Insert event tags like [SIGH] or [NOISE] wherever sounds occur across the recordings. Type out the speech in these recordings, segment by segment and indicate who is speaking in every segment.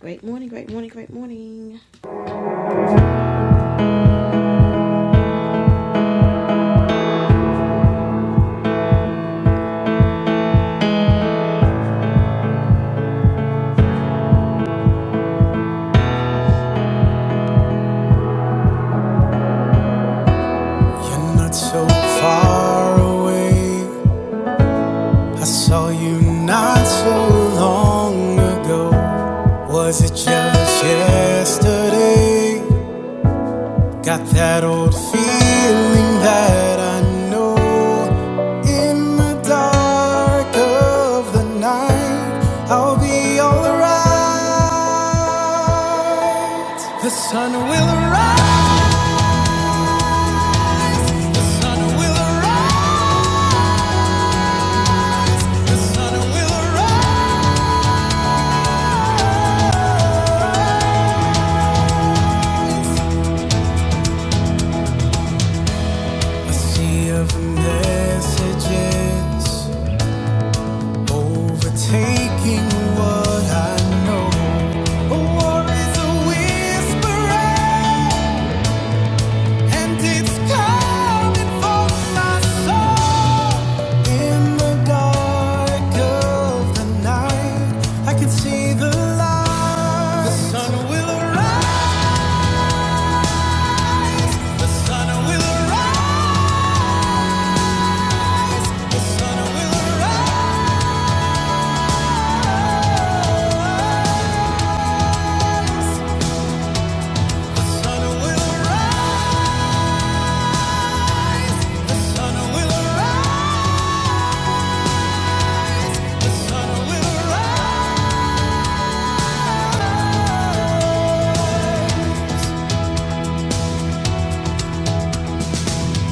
Speaker 1: Great morning, great morning, great morning. You're not so far away. I saw you not so long ago. Was it just yesterday? Got that old feeling that I know. In the dark of the night, I'll be alright. The sun will arise, will arise, will arise. A sea of messages overtaking what I know. A war is a whisper, and it's coming for my soul. In the dark of the night, I can see the light. The sun will arise. The sun will arise. The sun will arise. The sun will arise. The sun will arise.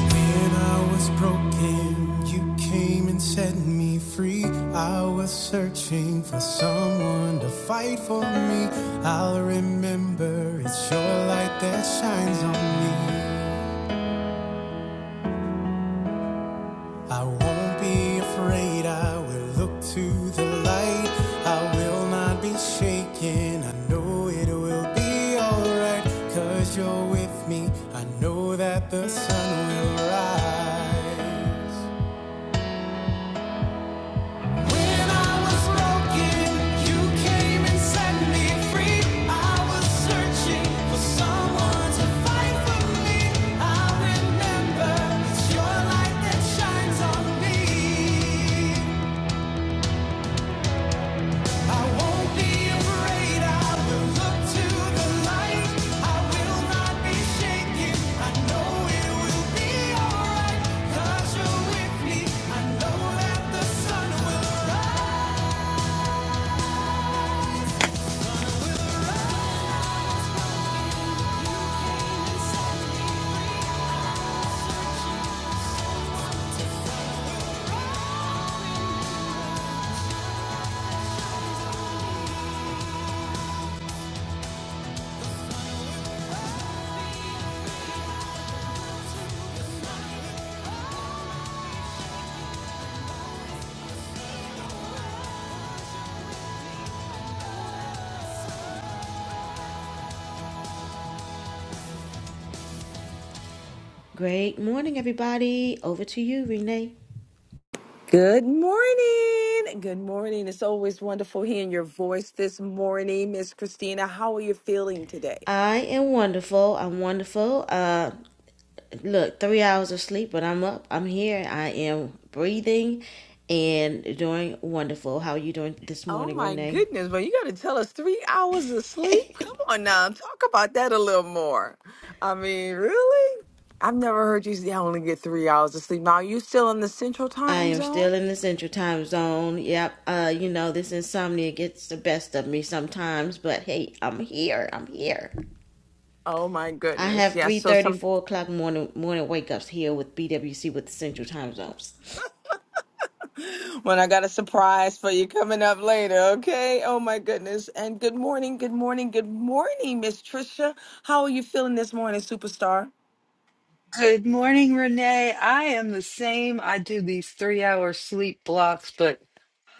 Speaker 1: When I was broken, you came and set me free. I was searching for someone to fight for me. I'll remember it's your light that shines on me. I won't be afraid, I will look to the light. I will not be shaken, I know it will be alright. Cause you're with me, I know that the sun will rise. I know that the sun will rise. Great morning, everybody. Over to you, Renee.
Speaker 2: Good morning. Good morning. It's always wonderful hearing your voice this morning, Miss Christina. How are you feeling today?
Speaker 1: I am wonderful. I'm wonderful. Uh, look, three hours of sleep, but I'm up. I'm here. I am breathing and doing wonderful. How are you doing this
Speaker 2: Oh
Speaker 1: morning,
Speaker 2: my
Speaker 1: Renee?
Speaker 2: goodness, but you got to tell us three hours of sleep? Come on now, talk about that a little more. I mean, really? I've never heard you say I only get three hours of sleep. Now, are you still in the central
Speaker 1: I
Speaker 2: time
Speaker 1: am
Speaker 2: zone?
Speaker 1: still in the central time zone. Yep. Uh, you know, this insomnia gets the best of me sometimes, but hey, I'm here. I'm here.
Speaker 2: Oh my
Speaker 1: I
Speaker 2: goodness.
Speaker 1: have
Speaker 2: Yes.
Speaker 1: three
Speaker 2: so
Speaker 1: thirty,
Speaker 2: some
Speaker 1: four o'clock morning morning wake ups here with BWC with the Central Time Zones.
Speaker 2: when I got a surprise for you coming up later, okay? Oh my goodness. And good morning, good morning, good morning, Miss Trisha. How are you feeling this morning, superstar?
Speaker 3: Good morning, Renee. I am the same. I do these three hour sleep blocks, but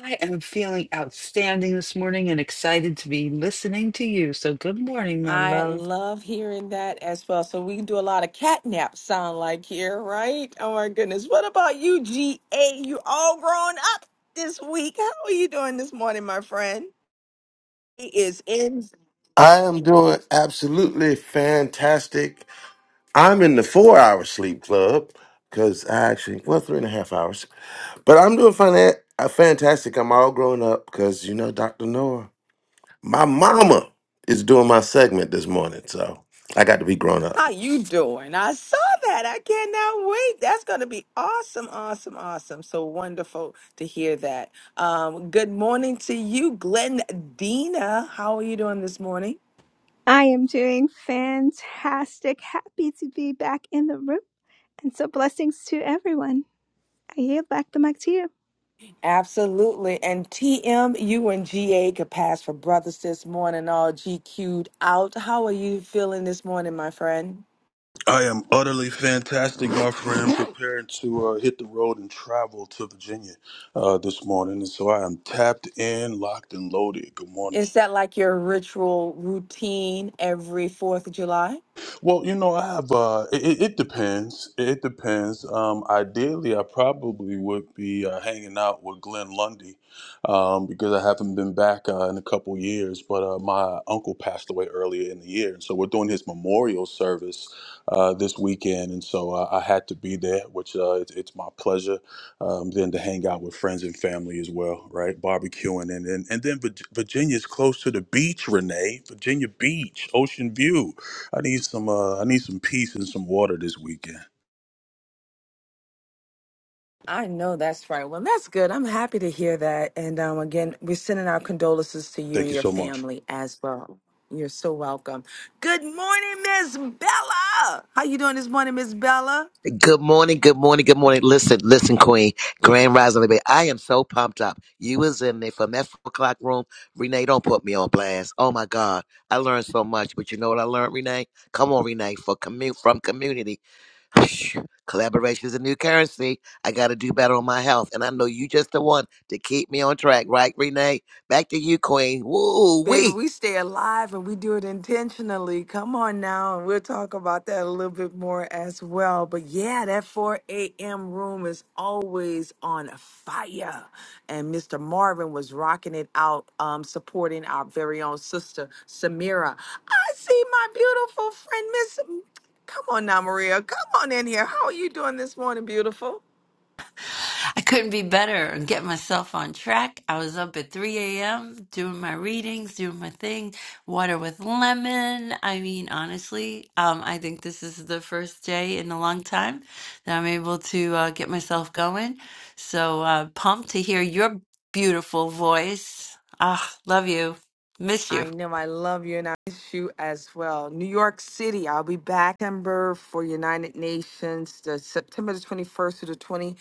Speaker 3: I am feeling outstanding this morning and excited to be listening to you. So, good morning, my
Speaker 2: I
Speaker 3: love.
Speaker 2: love hearing that as well. So we can do a lot of catnap sound like here, right? Oh my goodness. What about you, GA? You all grown up this week. How are you doing this morning, my friend? He is in.
Speaker 4: I am doing absolutely fantastic. I'm in the four hour sleep club because I actually, well, three and a half hours, but I'm doing fina- uh, fantastic. I'm all grown up because, you know, Dr. Noah, my mama is doing my segment this morning. So I got to be grown up.
Speaker 2: How you doing? I saw that. I cannot wait. That's going to be awesome, awesome, awesome. So wonderful to hear that. Um, good morning to you, Glenn Dina. How are you doing this morning?
Speaker 5: I am doing fantastic. Happy to be back in the room. And so, blessings to everyone. I yield back the mic to you.
Speaker 2: Absolutely. And TM, you and GA could pass for brothers this morning, all GQ'd out. How are you feeling this morning, my friend?
Speaker 6: I am utterly fantastic, my friend, preparing to uh, hit the road and travel to Virginia uh, this morning. And so I am tapped in, locked, and loaded. Good morning.
Speaker 2: Is that like your ritual routine every 4th of July?
Speaker 6: Well, you know, I have. Uh, it, it it depends. It depends. Um, ideally, I probably would be uh, hanging out with Glenn Lundy um, because I haven't been back uh, in a couple years. But uh, my uncle passed away earlier in the year, and so we're doing his memorial service uh, this weekend, and so uh, I had to be there, which uh, it's, it's my pleasure. Um, then to hang out with friends and family as well, right? Barbecuing, and and, and then Vir- Virginia's close to the beach, Renee. Virginia Beach, Ocean View. I need some uh I need some peace and some water this weekend.
Speaker 2: I know that's right. Well, that's good. I'm happy to hear that. And um, again, we're sending our condolences to you
Speaker 6: Thank
Speaker 2: and
Speaker 6: you
Speaker 2: your
Speaker 6: so much.
Speaker 2: family as well. You're so welcome. Good morning, Miss Bella. How you doing this morning, Miss Bella?
Speaker 7: Good morning, good morning, good morning. Listen, listen, Queen, Grand Rising Baby. I am so pumped up. You was in there from that four o'clock room. Renee, don't put me on blast. Oh my God. I learned so much. But you know what I learned, Renee? Come on, Renee, for commute from community. Phew. Collaboration is a new currency. I gotta do better on my health. And I know you just the one to keep me on track, right, Renee? Back to you, Queen. Woo
Speaker 2: Baby,
Speaker 7: wee.
Speaker 2: we stay alive and we do it intentionally. Come on now, and we'll talk about that a little bit more as well. But yeah, that 4 a.m. room is always on fire. And Mr. Marvin was rocking it out, um, supporting our very own sister, Samira. I see my beautiful friend, Miss. Come on now, Maria. Come on in here. How are you doing this morning, beautiful?
Speaker 8: I couldn't be better and get myself on track. I was up at 3 a.m. doing my readings, doing my thing, water with lemon. I mean, honestly, um, I think this is the first day in a long time that I'm able to uh, get myself going. So uh, pumped to hear your beautiful voice. Ah, love you. Miss you.
Speaker 2: I know I love you and I miss you as well. New York City, I'll be back in September for United Nations, the September the 21st to the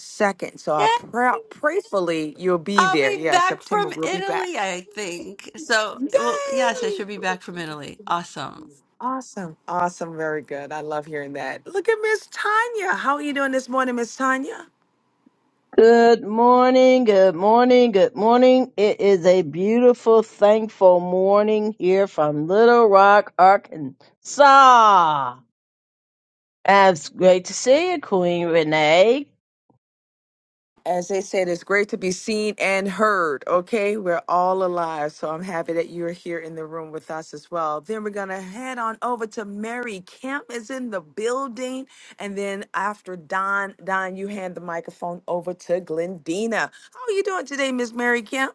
Speaker 2: 22nd. So
Speaker 8: Yay!
Speaker 2: I pray, prayfully you'll be
Speaker 8: I'll
Speaker 2: there.
Speaker 8: be
Speaker 2: Yeah,
Speaker 8: back
Speaker 2: September
Speaker 8: from
Speaker 2: we'll be back.
Speaker 8: Italy, I think. So, well, yes, I
Speaker 2: Yay!
Speaker 8: should be back from Italy. Awesome.
Speaker 2: Awesome. Awesome. Very good. I love hearing that. Look at Miss Tanya. How are you doing this morning, Miss Tanya?
Speaker 9: Good morning, good morning, good morning. It is a beautiful, thankful morning here from Little Rock, Arkansas. And It's great to see you, Queen Renee.
Speaker 2: As they said, it's great to be seen and heard. Okay, we're all alive, so I'm happy that you're here in the room with us as well. Then we're gonna head on over to Mary Camp is in the building, and then after Don, Don, you hand the microphone over to Glendina. How are you doing today, Miss Mary Camp?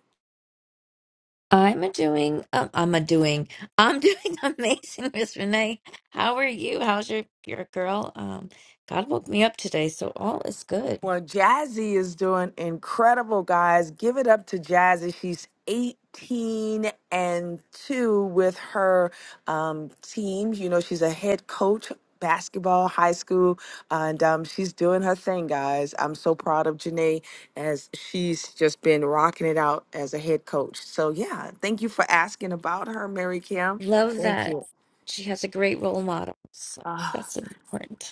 Speaker 10: I'm a doing. Um, I'm a doing. I'm doing [LAUGHS] amazing, Miss Renee. How are you? How's your your girl? Um, God woke me up today, so all is good.
Speaker 2: Well, Jazzy is doing incredible, guys. Give it up to Jazzy. She's 18 and 2 with her um, team. You know, she's a head coach, basketball, high school, and um, she's doing her thing, guys. I'm so proud of Janae as she's just been rocking it out as a head coach. So, yeah, thank you for asking about her, Mary Kim.
Speaker 10: Love
Speaker 2: Thank
Speaker 10: that
Speaker 2: you.
Speaker 10: she has a great role model. So that's important.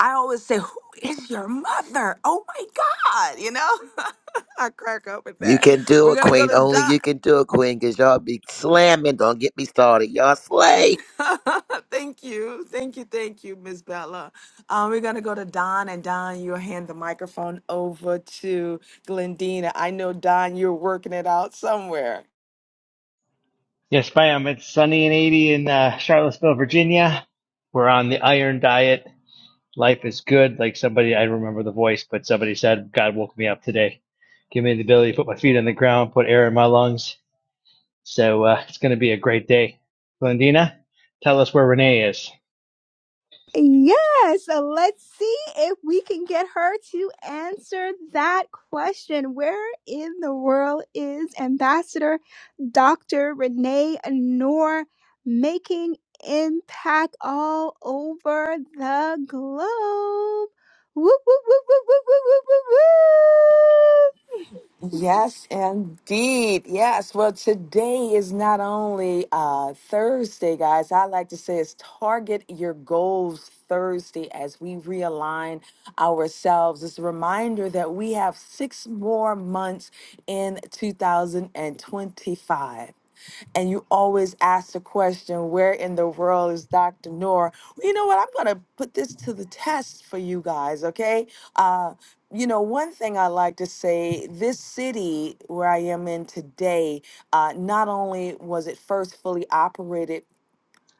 Speaker 2: I always say, Who is your mother? Oh my God, you know? [LAUGHS] I crack up at
Speaker 7: You
Speaker 2: that.
Speaker 7: can do
Speaker 2: We're
Speaker 7: it,
Speaker 2: gonna go
Speaker 7: Queen.
Speaker 2: to
Speaker 7: Only
Speaker 2: Don.
Speaker 7: you can do it, Queen, because y'all be slamming. Don't get me started. Y'all slay.
Speaker 2: [LAUGHS] thank you, thank you, thank you, Miss Bella. Um, we're gonna go to Don, and Don, you'll hand the microphone over to Glendina. I know Don, you're working it out somewhere.
Speaker 11: Yes, ma'am. It's sunny and 80 in uh, Charlottesville, Virginia. We're on the iron diet. Life is good. Like somebody, I don't remember the voice, but somebody said, God woke me up today. Give me the ability to put my feet on the ground, put air in my lungs. So uh, it's going to be a great day. Glendina, tell us where Renee is.
Speaker 5: Yes, so let's see if we can get her to answer that question. Where in the world is Ambassador Dr. Renee Noor making impact all over the globe? Woo, woo, woo, woo, woo, woo, woo, woo, woo.
Speaker 2: Yes, indeed. Yes. Well, today is not only uh, Thursday, guys. I like to say it's Target Your Goals Thursday as we realign ourselves. It's a reminder that we have six more months in 2025 and you always ask the question, where in the world is Dr. Noor? Well, you know what? I'm going to put this to the test for you guys, okay? Uh, you know, one thing I like to say this city where I am in today, uh, not only was it first fully operated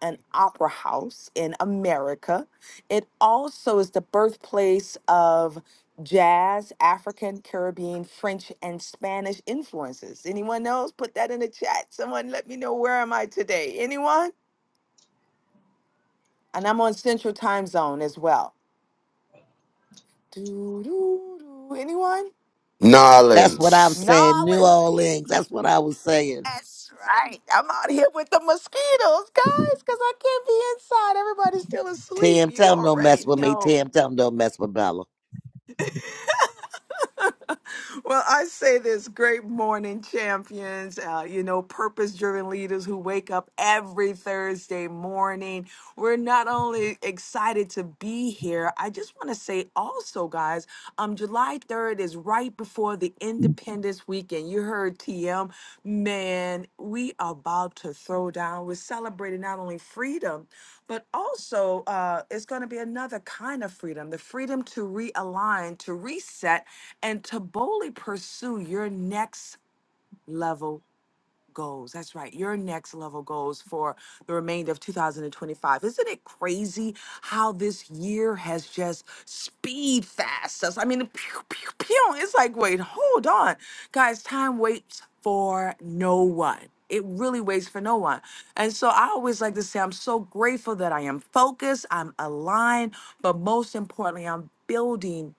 Speaker 2: an opera house in America, it also is the birthplace of jazz, African, Caribbean, French, and Spanish influences. Anyone else? Put that in the chat. Someone let me know where am I today? Anyone? And I'm on Central Time Zone as well. Doo-doo-doo. Anyone?
Speaker 7: That's what I'm
Speaker 4: Nolans.
Speaker 7: saying. New
Speaker 2: Nolens.
Speaker 7: Orleans. That's what I was saying.
Speaker 2: That's right. I'm out here with the mosquitoes, guys, because I can't be inside. Everybody's still asleep.
Speaker 7: Tim,
Speaker 2: You
Speaker 7: tell him don't
Speaker 2: already
Speaker 7: mess with me.
Speaker 2: know.
Speaker 7: Tim, tell him don't mess with Bella.
Speaker 2: Well, I say this great morning, champions, uh, you know, purpose driven leaders who wake up every Thursday morning. We're not only excited to be here, I just want to say also, guys, um, July 3rd is right before the Independence Weekend. You heard TM, man, we are about to throw down. We're celebrating not only freedom, but also uh, it's going to be another kind of freedom the freedom to realign, to reset and to boldly pursue your next level goals. That's right, your next level goals for the remainder of 2025. Isn't it crazy how this year has just speed fast us? I mean, pew, pew, pew. It's like, wait, hold on. Guys, time waits for no one. It really waits for no one. And so I always like to say, I'm so grateful that I am focused, I'm aligned, but most importantly, I'm building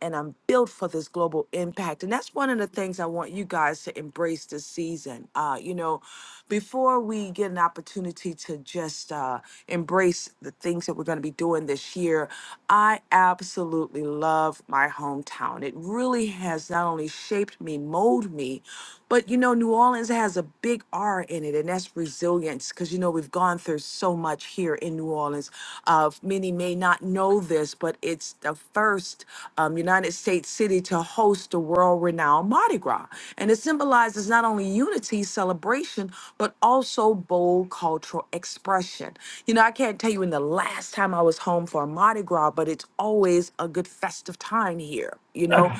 Speaker 2: and I'm built for this global impact. And that's one of the things I want you guys to embrace this season. Uh, you know, before we get an opportunity to just uh, embrace the things that we're going to be doing this year, I absolutely love my hometown. It really has not only shaped me, molded me, but you know, New Orleans has a big R in it, and that's resilience. because. You know, we've gone through so much here in New Orleans. Uh, many may not know this, but it's the first um, United States city to host the world renowned Mardi Gras. And it symbolizes not only unity, celebration, but also bold cultural expression. You know, I can't tell you when the last time I was home for a Mardi Gras, but it's always a good festive time here. You know,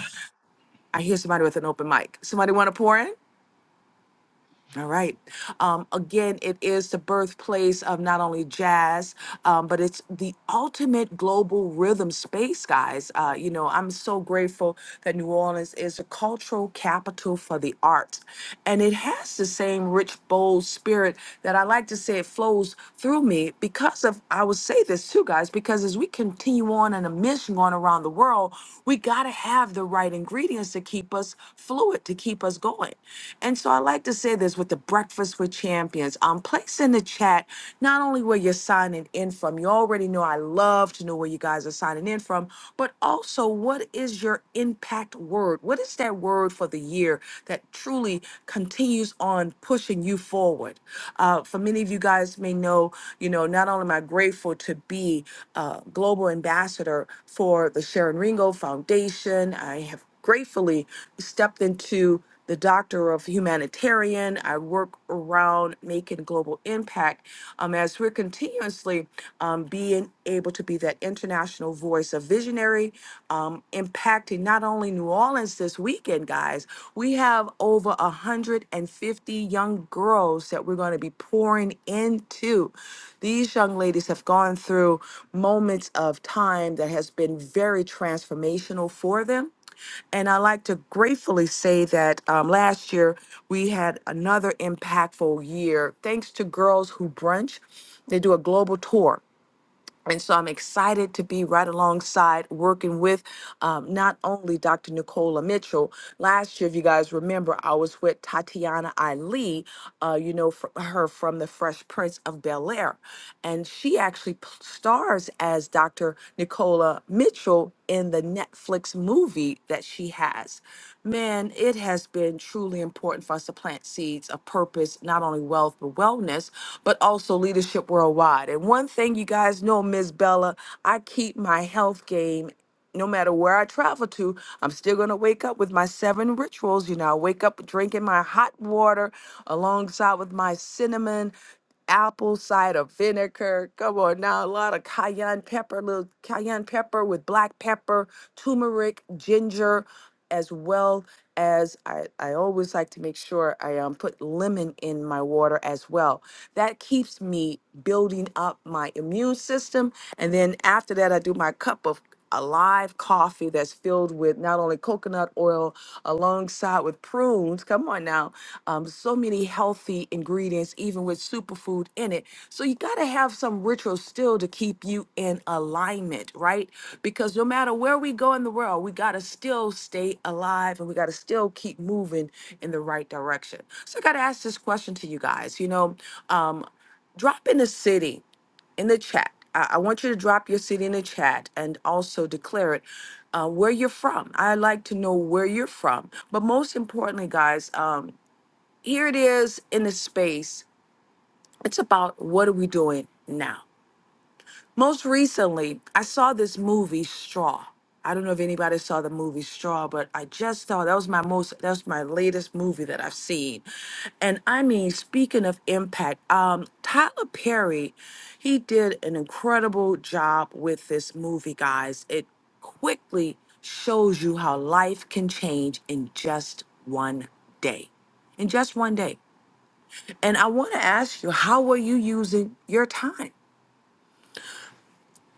Speaker 2: I hear somebody with an open mic. Somebody want to pour in? All right. Um, again, it is the birthplace of not only jazz, um, but it's the ultimate global rhythm space, guys. Uh, you know, I'm so grateful that New Orleans is a cultural capital for the arts. And it has the same rich, bold spirit that I like to say it flows through me because of, I will say this too, guys, because as we continue on in a mission going around the world, we got to have the right ingredients to keep us fluid, to keep us going. And so I like to say this with the Breakfast with Champions. Um, place in the chat not only where you're signing in from, you already know I love to know where you guys are signing in from, but also what is your impact word? What is that word for the year that truly continues on pushing you forward? Uh, for many of you guys may know, you know, not only am I grateful to be a global ambassador for the Sharon Ringo Foundation, I have gratefully stepped into the doctor of humanitarian. I work around making global impact um, as we're continuously um, being able to be that international voice of visionary, um, impacting not only New Orleans this weekend, guys, we have over 150 young girls that we're going to be pouring into. These young ladies have gone through moments of time that has been very transformational for them and I like to gratefully say that um, last year we had another impactful year thanks to Girls Who Brunch. They do a global tour and so I'm excited to be right alongside working with um, not only Dr. Nicola Mitchell. Last year, if you guys remember, I was with Tatiana Ali, uh, you know, fr- her from The Fresh Prince of Bel Air. And she actually p- stars as Dr. Nicola Mitchell in the Netflix movie that she has. Man, it has been truly important for us to plant seeds of purpose, not only wealth, but wellness, but also leadership worldwide. And one thing you guys know, Miss Bella, I keep my health game no matter where I travel to, I'm still going to wake up with my seven rituals. You know, I wake up drinking my hot water alongside with my cinnamon apple cider vinegar. Come on now, a lot of cayenne pepper, little cayenne pepper with black pepper, turmeric, ginger, as well as I, I always like to make sure I um, put lemon in my water as well. That keeps me building up my immune system. And then after that, I do my cup of a live coffee that's filled with not only coconut oil alongside with prunes come on now um, so many healthy ingredients even with superfood in it so you got to have some rituals still to keep you in alignment right because no matter where we go in the world we got to still stay alive and we got to still keep moving in the right direction so i got to ask this question to you guys you know um, drop in a city in the chat. I, I want you to drop your city in the chat and also declare it uh, where you're from. I like to know where you're from. But most importantly, guys, um, here it is in the space. It's about what are we doing now? Most recently, I saw this movie Straw. I don't know if anybody saw the movie Straw, but I just saw that was my most that's my latest movie that I've seen. And I mean, speaking of impact, um Tyler Perry, he did an incredible job with this movie, guys. It quickly shows you how life can change in just one day. In just one day. And I want to ask you, how are you using your time?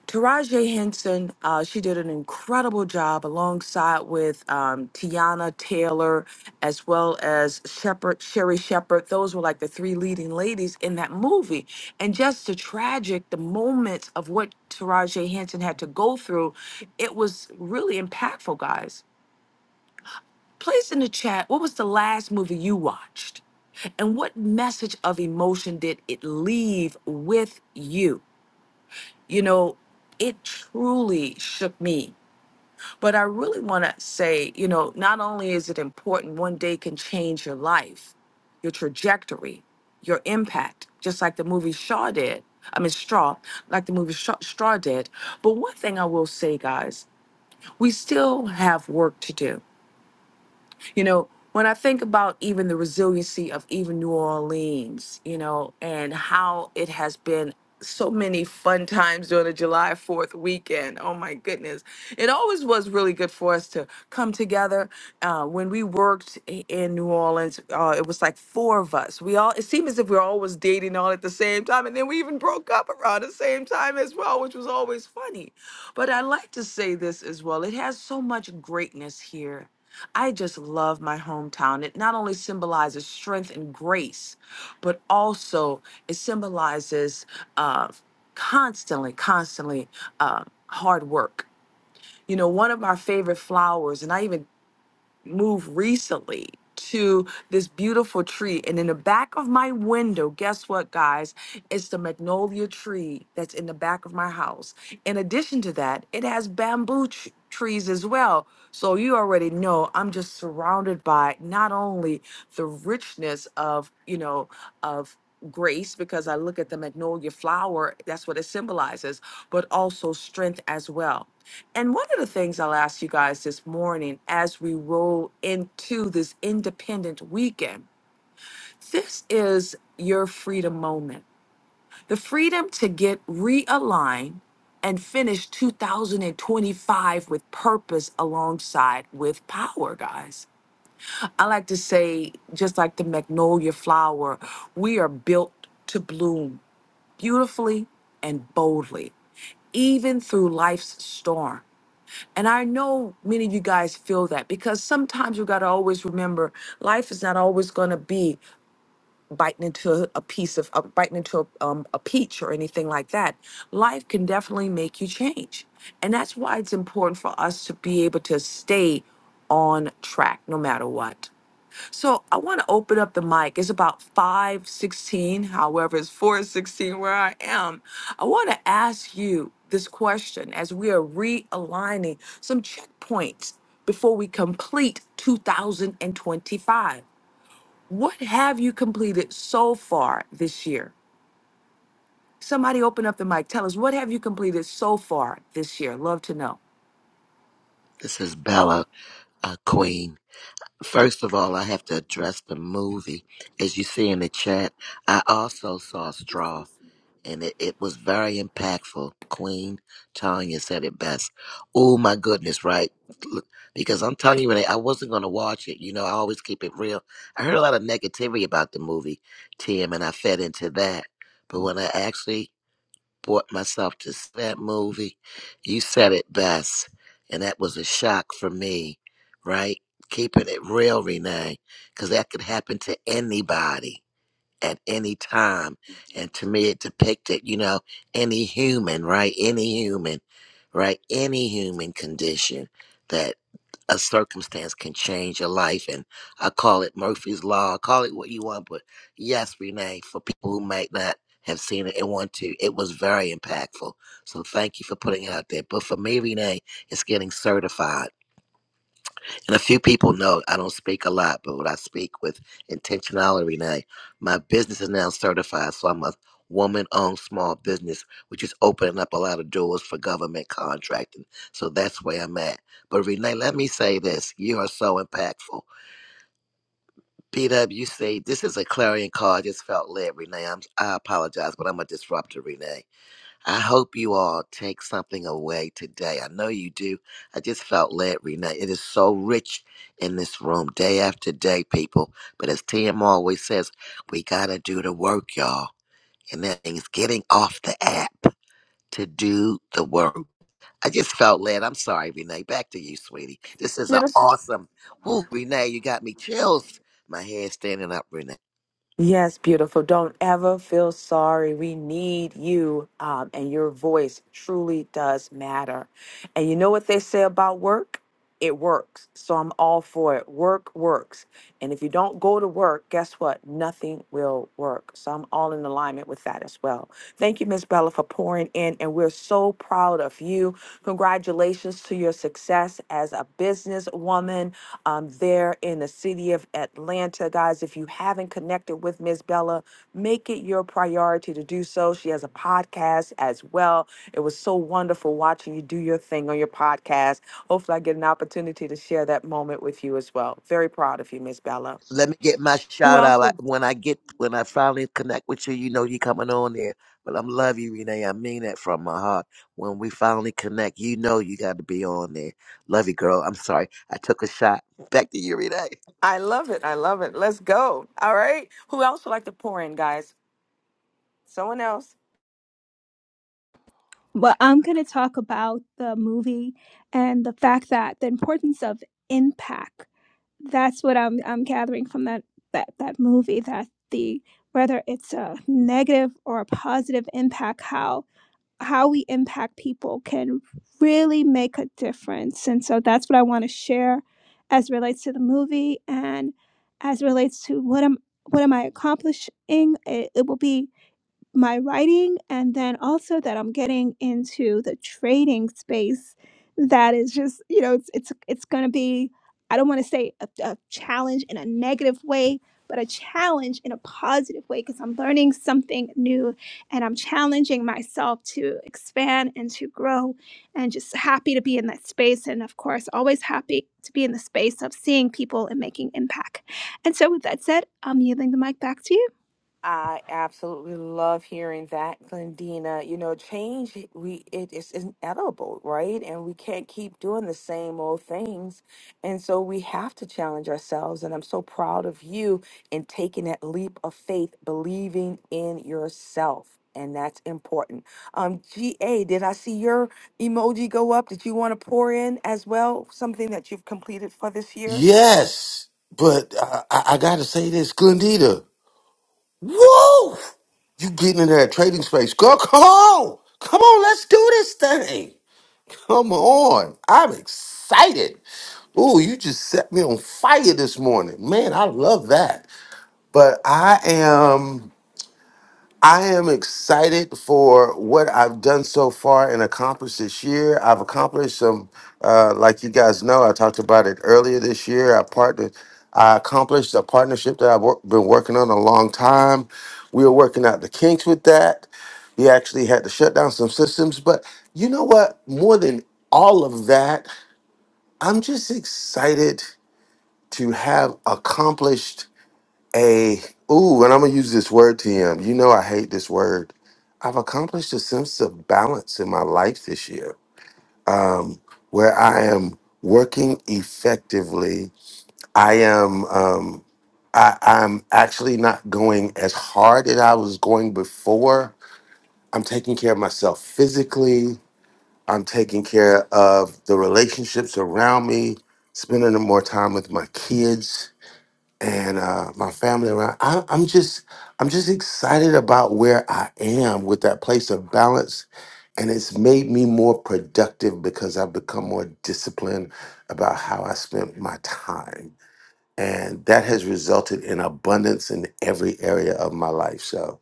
Speaker 2: Taraji Henson, uh, she did an incredible job alongside with um, Tiana Taylor, as well as Shepherd, Sherry Shepherd. Those were like the three leading ladies in that movie. And just the tragic, the moments of what Taraji Henson had to go through, it was really impactful, guys. Place in the chat, what was the last movie you watched? And what message of emotion did it leave with you? you know, it truly shook me. But I really want to say, you know, not only is it important, one day can change your life, your trajectory, your impact, just like the movie Shaw did. I mean, Straw, like the movie Shaw, Straw did. But one thing I will say, guys, we still have work to do. You know, when I think about even the resiliency of even New Orleans, you know, and how it has been so many fun times during the July 4th weekend. Oh my goodness. It always was really good for us to come together. Uh, when we worked i- in New Orleans, uh, it was like four of us. We all, it seemed as if we were always dating all at the same time. And then we even broke up around the same time as well, which was always funny. But I like to say this as well. It has so much greatness here I just love my hometown. It not only symbolizes strength and grace, but also it symbolizes uh, constantly, constantly uh, hard work. You know, one of our favorite flowers, and I even moved recently to this beautiful tree. And in the back of my window, guess what, guys? It's the magnolia tree that's in the back of my house. In addition to that, it has bamboo tr- trees as well. So you already know I'm just surrounded by not only the richness of, you know, of grace because I look at the magnolia flower, that's what it symbolizes, but also strength as well. And one of the things I'll ask you guys this morning as we roll into this independent weekend, this is your freedom moment. The freedom to get realigned and finish 2025 with purpose alongside with power, guys. I like to say, just like the magnolia flower, we are built to bloom beautifully and boldly, even through life's storm. And I know many of you guys feel that because sometimes you got to always remember life is not always going to be biting into a piece of, uh, biting into a, um, a peach or anything like that. Life can definitely make you change. And that's why it's important for us to be able to stay on track no matter what. So I want to open up the mic. It's about 516, however, it's 416 where I am. I want to ask you this question as we are realigning some checkpoints before we complete 2025. What have you completed so far this year? Somebody open up the mic. Tell us what have you completed so far this year? Love to know.
Speaker 7: This is Bella, a queen. First of all, I have to address the movie. As you see in the chat, I also saw Straw. and it, it was very impactful. Queen Tanya said it best. Oh my goodness, right? Look, Because I'm telling you, Renee, I wasn't going to watch it. You know, I always keep it real. I heard a lot of negativity about the movie, Tim, and I fed into that. But when I actually brought myself to see that movie, you said it best. And that was a shock for me, right? Keeping it real, Renee, because that could happen to anybody at any time. And to me, it depicted, you know, any human, right? Any human, right? Any human condition that a circumstance can change your life. And I call it Murphy's Law. I call it what you want. But yes, Renee, for people who might not have seen it and want to, it was very impactful. So thank you for putting it out there. But for me, Renee, it's getting certified and a few people know I don't speak a lot, but when I speak with intentionality now, my business is now certified. So I'm a woman owned small business, which is opening up a lot of doors for government contracting. So that's where I'm at. But Renee, let me say this. You are so impactful. PWC, this is a clarion call. I just felt led, Renee. I'm, I apologize, but I'm a disruptor, Renee. I hope you all take something away today. I know you do. I just felt led, Renee. It is so rich in this room, day after day, people. But as Tim always says, we got to do the work, y'all. And that means getting off the app to do the work. I just felt led. I'm sorry, Renee. Back to you, sweetie. This is an
Speaker 2: Yes.
Speaker 7: awesome. Woo, Renee, you got me chills. My hair standing up, Renee.
Speaker 2: Yes, beautiful. Don't ever feel sorry. We need you, um, and your voice truly does matter. And you know what they say about work? It works. So I'm all for it. Work works. And if you don't go to work, guess what? Nothing will work. So I'm all in alignment with that as well. Thank you, Miss Bella, for pouring in. And we're so proud of you. Congratulations to your success as a businesswoman. Um, there in the city of Atlanta. Guys, if you haven't connected with Miss Bella, make it your priority to do so. She has a podcast as well. It was so wonderful watching you do your thing on your podcast. Hopefully, I get an opportunity to share that moment with you as well. Very proud of you, Miss Bella.
Speaker 7: Let me get my
Speaker 2: Who
Speaker 7: shout
Speaker 2: else?
Speaker 7: out. I,
Speaker 2: would-
Speaker 7: when I get when I finally connect with you, you know you coming on there. But I'm love you, Renee. I mean that from my heart. When we finally connect, you know you got to be on there. Love you, girl. I'm sorry I took a shot. Back to you, Renee.
Speaker 2: I love it. I love it. Let's go. All right. Who else would like to pour in, guys? Someone else.
Speaker 5: But I'm going to talk about the movie and the fact that the importance of impact. That's what I'm I'm gathering from that that that movie that the whether it's a negative or a positive impact how how we impact people can really make a difference. And so that's what I want to share as it relates to the movie and as it relates to what am what am I accomplishing? It, it will be my writing and then also that I'm getting into the trading space that is just you know it's it's it's going to be I don't want to say a, a challenge in a negative way but a challenge in a positive way because I'm learning something new and I'm challenging myself to expand and to grow and just happy to be in that space and of course always happy to be in the space of seeing people and making impact. And so with that said, I'm yielding the mic back to you.
Speaker 2: I absolutely love hearing that, Glendina. You know, change we it is inevitable, right? And we can't keep doing the same old things. And so we have to challenge ourselves. And I'm so proud of you in taking that leap of faith, believing in yourself. And that's important. Um, GA, did I see your emoji go up? Did you want to pour in as well something that you've completed for this year?
Speaker 4: Yes, but I, I, I got to say this, Glendita. Whoa! You getting in that trading space. Girl, come on. Come on, let's do this thing. Come on. I'm excited. Ooh, you just set me on fire this morning. Man, I love that. But I am. I am excited for what I've done so far and accomplished this year. I've accomplished some, uh, like you guys know, I talked about it earlier this year. I partnered, I accomplished a partnership that I've wor- been working on a long time. We were working out the kinks with that. We actually had to shut down some systems. But you know what? More than all of that, I'm just excited to have accomplished a ooh, and I'm gonna use this word, TM. You know I hate this word. I've accomplished a sense of balance in my life this year, um, where I am working effectively. I am um, I, I'm actually not going as hard as I was going before. I'm taking care of myself physically. I'm taking care of the relationships around me, spending more time with my kids and uh, my family around. I, I'm just, I'm just excited about where I am with that place of balance, and it's made me more productive because I've become more disciplined about how I spent my time, and that has resulted in abundance in every area of my life. So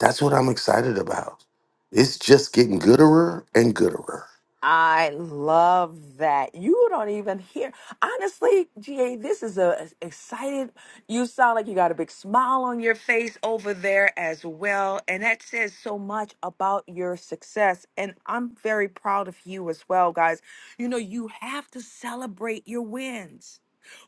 Speaker 4: that's what I'm excited about. It's just getting gooder and gooder.
Speaker 2: I love that. You don't even hear. Honestly, GA, this is a a excited. You sound like you got a big smile on your face over there as well, and that says so much about your success. And I'm very proud of you as well, guys. You know, you have to celebrate your wins.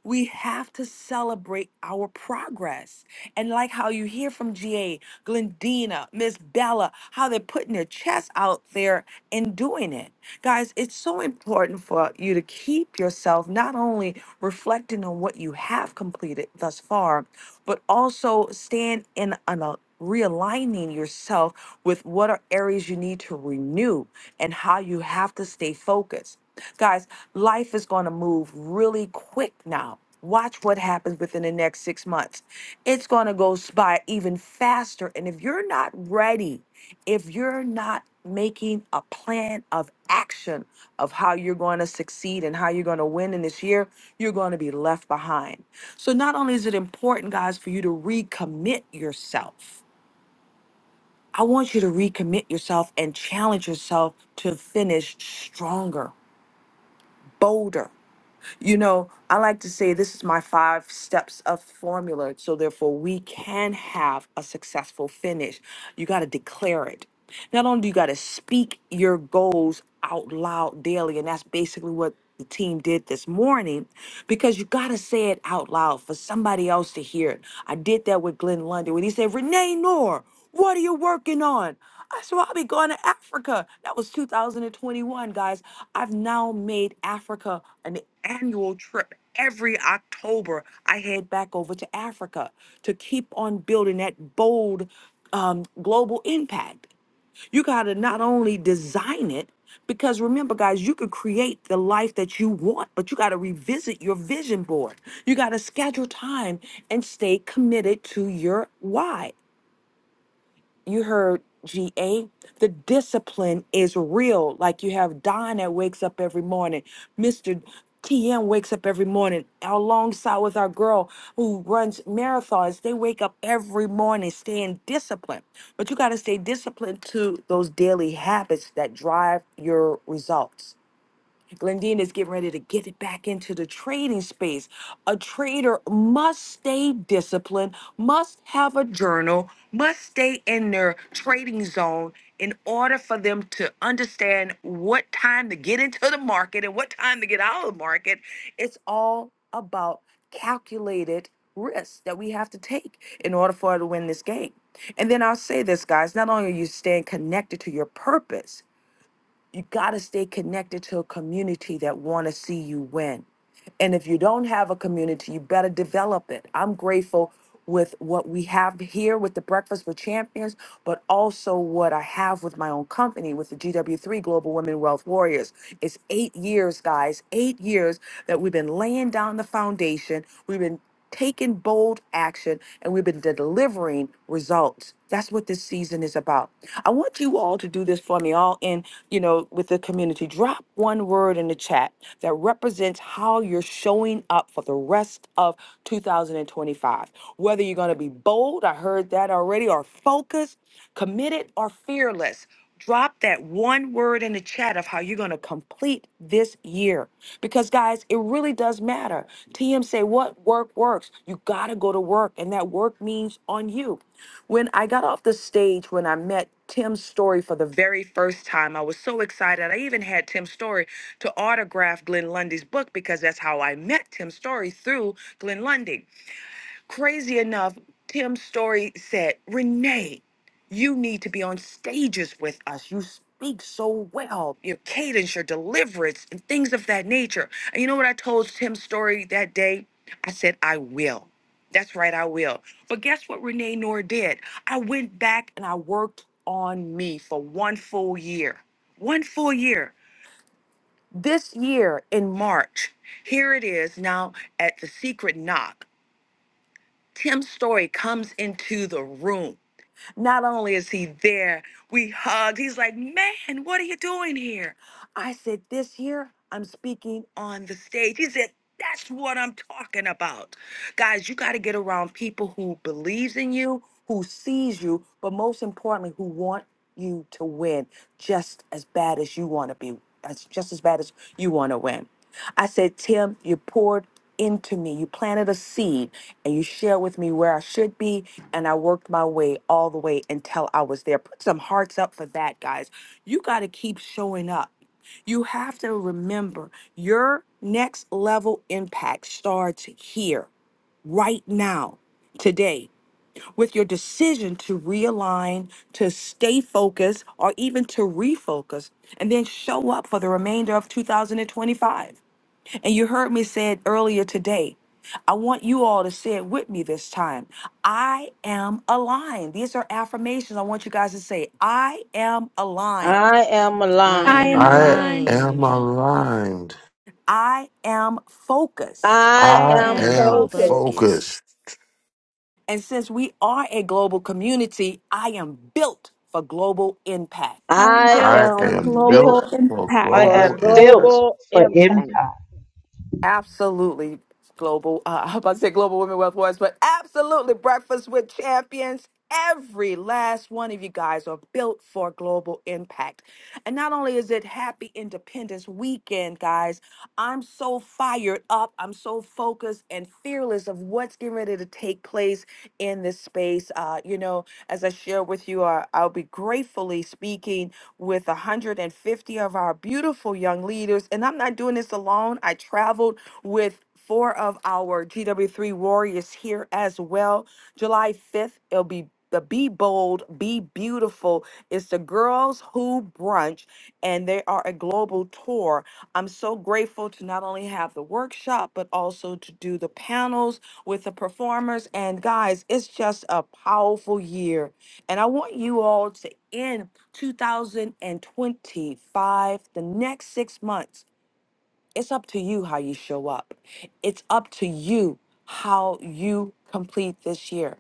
Speaker 2: We have to celebrate our progress. And like how you hear from GA, Glendina, Miss Bella, how they're putting their chest out there and doing it. Guys, it's so important for you to keep yourself not only reflecting on what you have completed thus far, but also stand in an a- realigning yourself with what are areas you need to renew and how you have to stay focused. Guys, life is going to move really quick now. Watch what happens within the next six months. It's going to go s- by even faster. And if you're not ready, if you're not making a plan of action of how you're going to succeed and how you're going to win in this year, you're going to be left behind. So, not only is it important, guys, for you to recommit yourself, I want you to recommit yourself and challenge yourself to finish stronger, bolder. You know, I like to say this is my five steps of formula. So, therefore, we can have a successful finish. You got to declare it. Not only do you got to speak your goals out loud daily, and that's basically what the team did this morning, because you got to say it out loud for somebody else to hear it. I did that with Glenn Lundy when he said, Renee Noor, what are you working on? That's why I will be going to Africa. That was 2021, guys. I've now made Africa an annual trip. Every October, I head back over to Africa to keep on building that bold um, global impact. You got to not only design it, because remember, guys, you could create the life that you want, but you got to revisit your vision board. You got to schedule time and stay committed to your why you heard GA, the discipline is real. Like you have Don that wakes up every morning, Mr. TM wakes up every morning alongside with our girl who runs marathons. They wake up every morning staying disciplined. But you got to stay disciplined to those daily habits that drive your results. Glendina is getting ready to get it back into the trading space. A trader must stay disciplined, must have a journal, must stay in their trading zone in order for them to understand what time to get into the market and what time to get out of the market. It's all about calculated risks that we have to take in order for us to win this game. And then I'll say this, guys, not only are you staying connected to your purpose, you got to stay connected to a community that want to see you win and if you don't have a community you better develop it i'm grateful with what we have here with the breakfast with champions but also what i have with my own company with the gw3 global women wealth warriors it's eight years guys eight years that we've been laying down the foundation we've been taken bold action and we've been delivering results. That's what this season is about. I want you all to do this for me, all in, you know, with the community. Drop one word in the chat that represents how you're showing up for the rest of 2025. Whether you're going to be bold, I heard that already, or focused, committed, or fearless. Drop that one word in the chat of how you're going to complete this year. Because, guys, it really does matter. TM say, What work works? You got to go to work, and that work means on you. When I got off the stage, when I met Tim Story for the very first time, I was so excited. I even had Tim Story to autograph Glenn Lundy's book because that's how I met Tim Story through Glenn Lundy. Crazy enough, Tim's story said, Renee, you need to be on stages with us. You speak so well, your cadence, your deliverance, and things of that nature. And you know what I told Tim's story that day? I said, I will. That's right, I will. But guess what Renee Noor did? I went back and I worked on me for one full year. One full year. This year in March, here it is now at the secret knock. Tim Story comes into the room. Not only is he there, we hugged. He's like, Man, what are you doing here? I said, This year, I'm speaking on the stage. He said, That's what I'm talking about. Guys, you got to get around people who believes in you, who sees you, but most importantly, who want you to win just as bad as you want to be, as, just as bad as you want to win. I said, Tim, you poured into me. You planted a seed and you shared with me where I should be. And I worked my way all the way until I was there. Put some hearts up for that, guys. You got to keep showing up. You have to remember your next level impact starts here, right now, today, with your decision to realign, to stay focused, or even to refocus, and then show up for the remainder of 2025. And you heard me say it earlier today. I want you all to say it with me this time. I am aligned. These are affirmations I want you guys to say. I am aligned.
Speaker 9: I am
Speaker 1: I
Speaker 5: I
Speaker 1: am
Speaker 5: am
Speaker 9: aligned.
Speaker 4: I
Speaker 5: aligned.
Speaker 4: am
Speaker 1: aligned.
Speaker 4: aligned.
Speaker 2: I am focused.
Speaker 9: I
Speaker 5: I
Speaker 4: I
Speaker 1: I
Speaker 9: am
Speaker 5: am
Speaker 1: am
Speaker 4: am
Speaker 9: focused.
Speaker 5: focused.
Speaker 4: focused.
Speaker 1: focused.
Speaker 2: And since we are a global community, I am built for global impact.
Speaker 5: I am
Speaker 9: I
Speaker 5: built
Speaker 4: I
Speaker 5: for
Speaker 4: am
Speaker 9: am built
Speaker 4: built
Speaker 5: global
Speaker 4: for
Speaker 12: I
Speaker 5: impact.
Speaker 9: for
Speaker 4: global
Speaker 12: am
Speaker 4: impact.
Speaker 12: built
Speaker 9: global
Speaker 12: for
Speaker 9: impact.
Speaker 12: impact.
Speaker 2: Absolutely global. Uh, [LAUGHS] I was about to say global women wealth wars, but absolutely breakfast with champions. Every last one of you guys are built for global impact. And not only is it happy independence weekend, guys, I'm so fired up. I'm so focused and fearless of what's getting ready to take place in this space. Uh, you know, as I share with you, uh, I'll be gratefully speaking with 150 like 50 of our beautiful young leaders. And I'm not doing this alone. I traveled with four of our GW3 warriors here as well. July 5th, it'll be the Be Bold, Be Beautiful. It's the Girls Who Brunch, and they are a global tour. I'm so grateful to not only have the workshop, but also to do the panels with the performers. And guys, it's just a powerful year. And I want you all to end 2025, the next six months. It's up to you how you show up. It's up to you how you complete this year.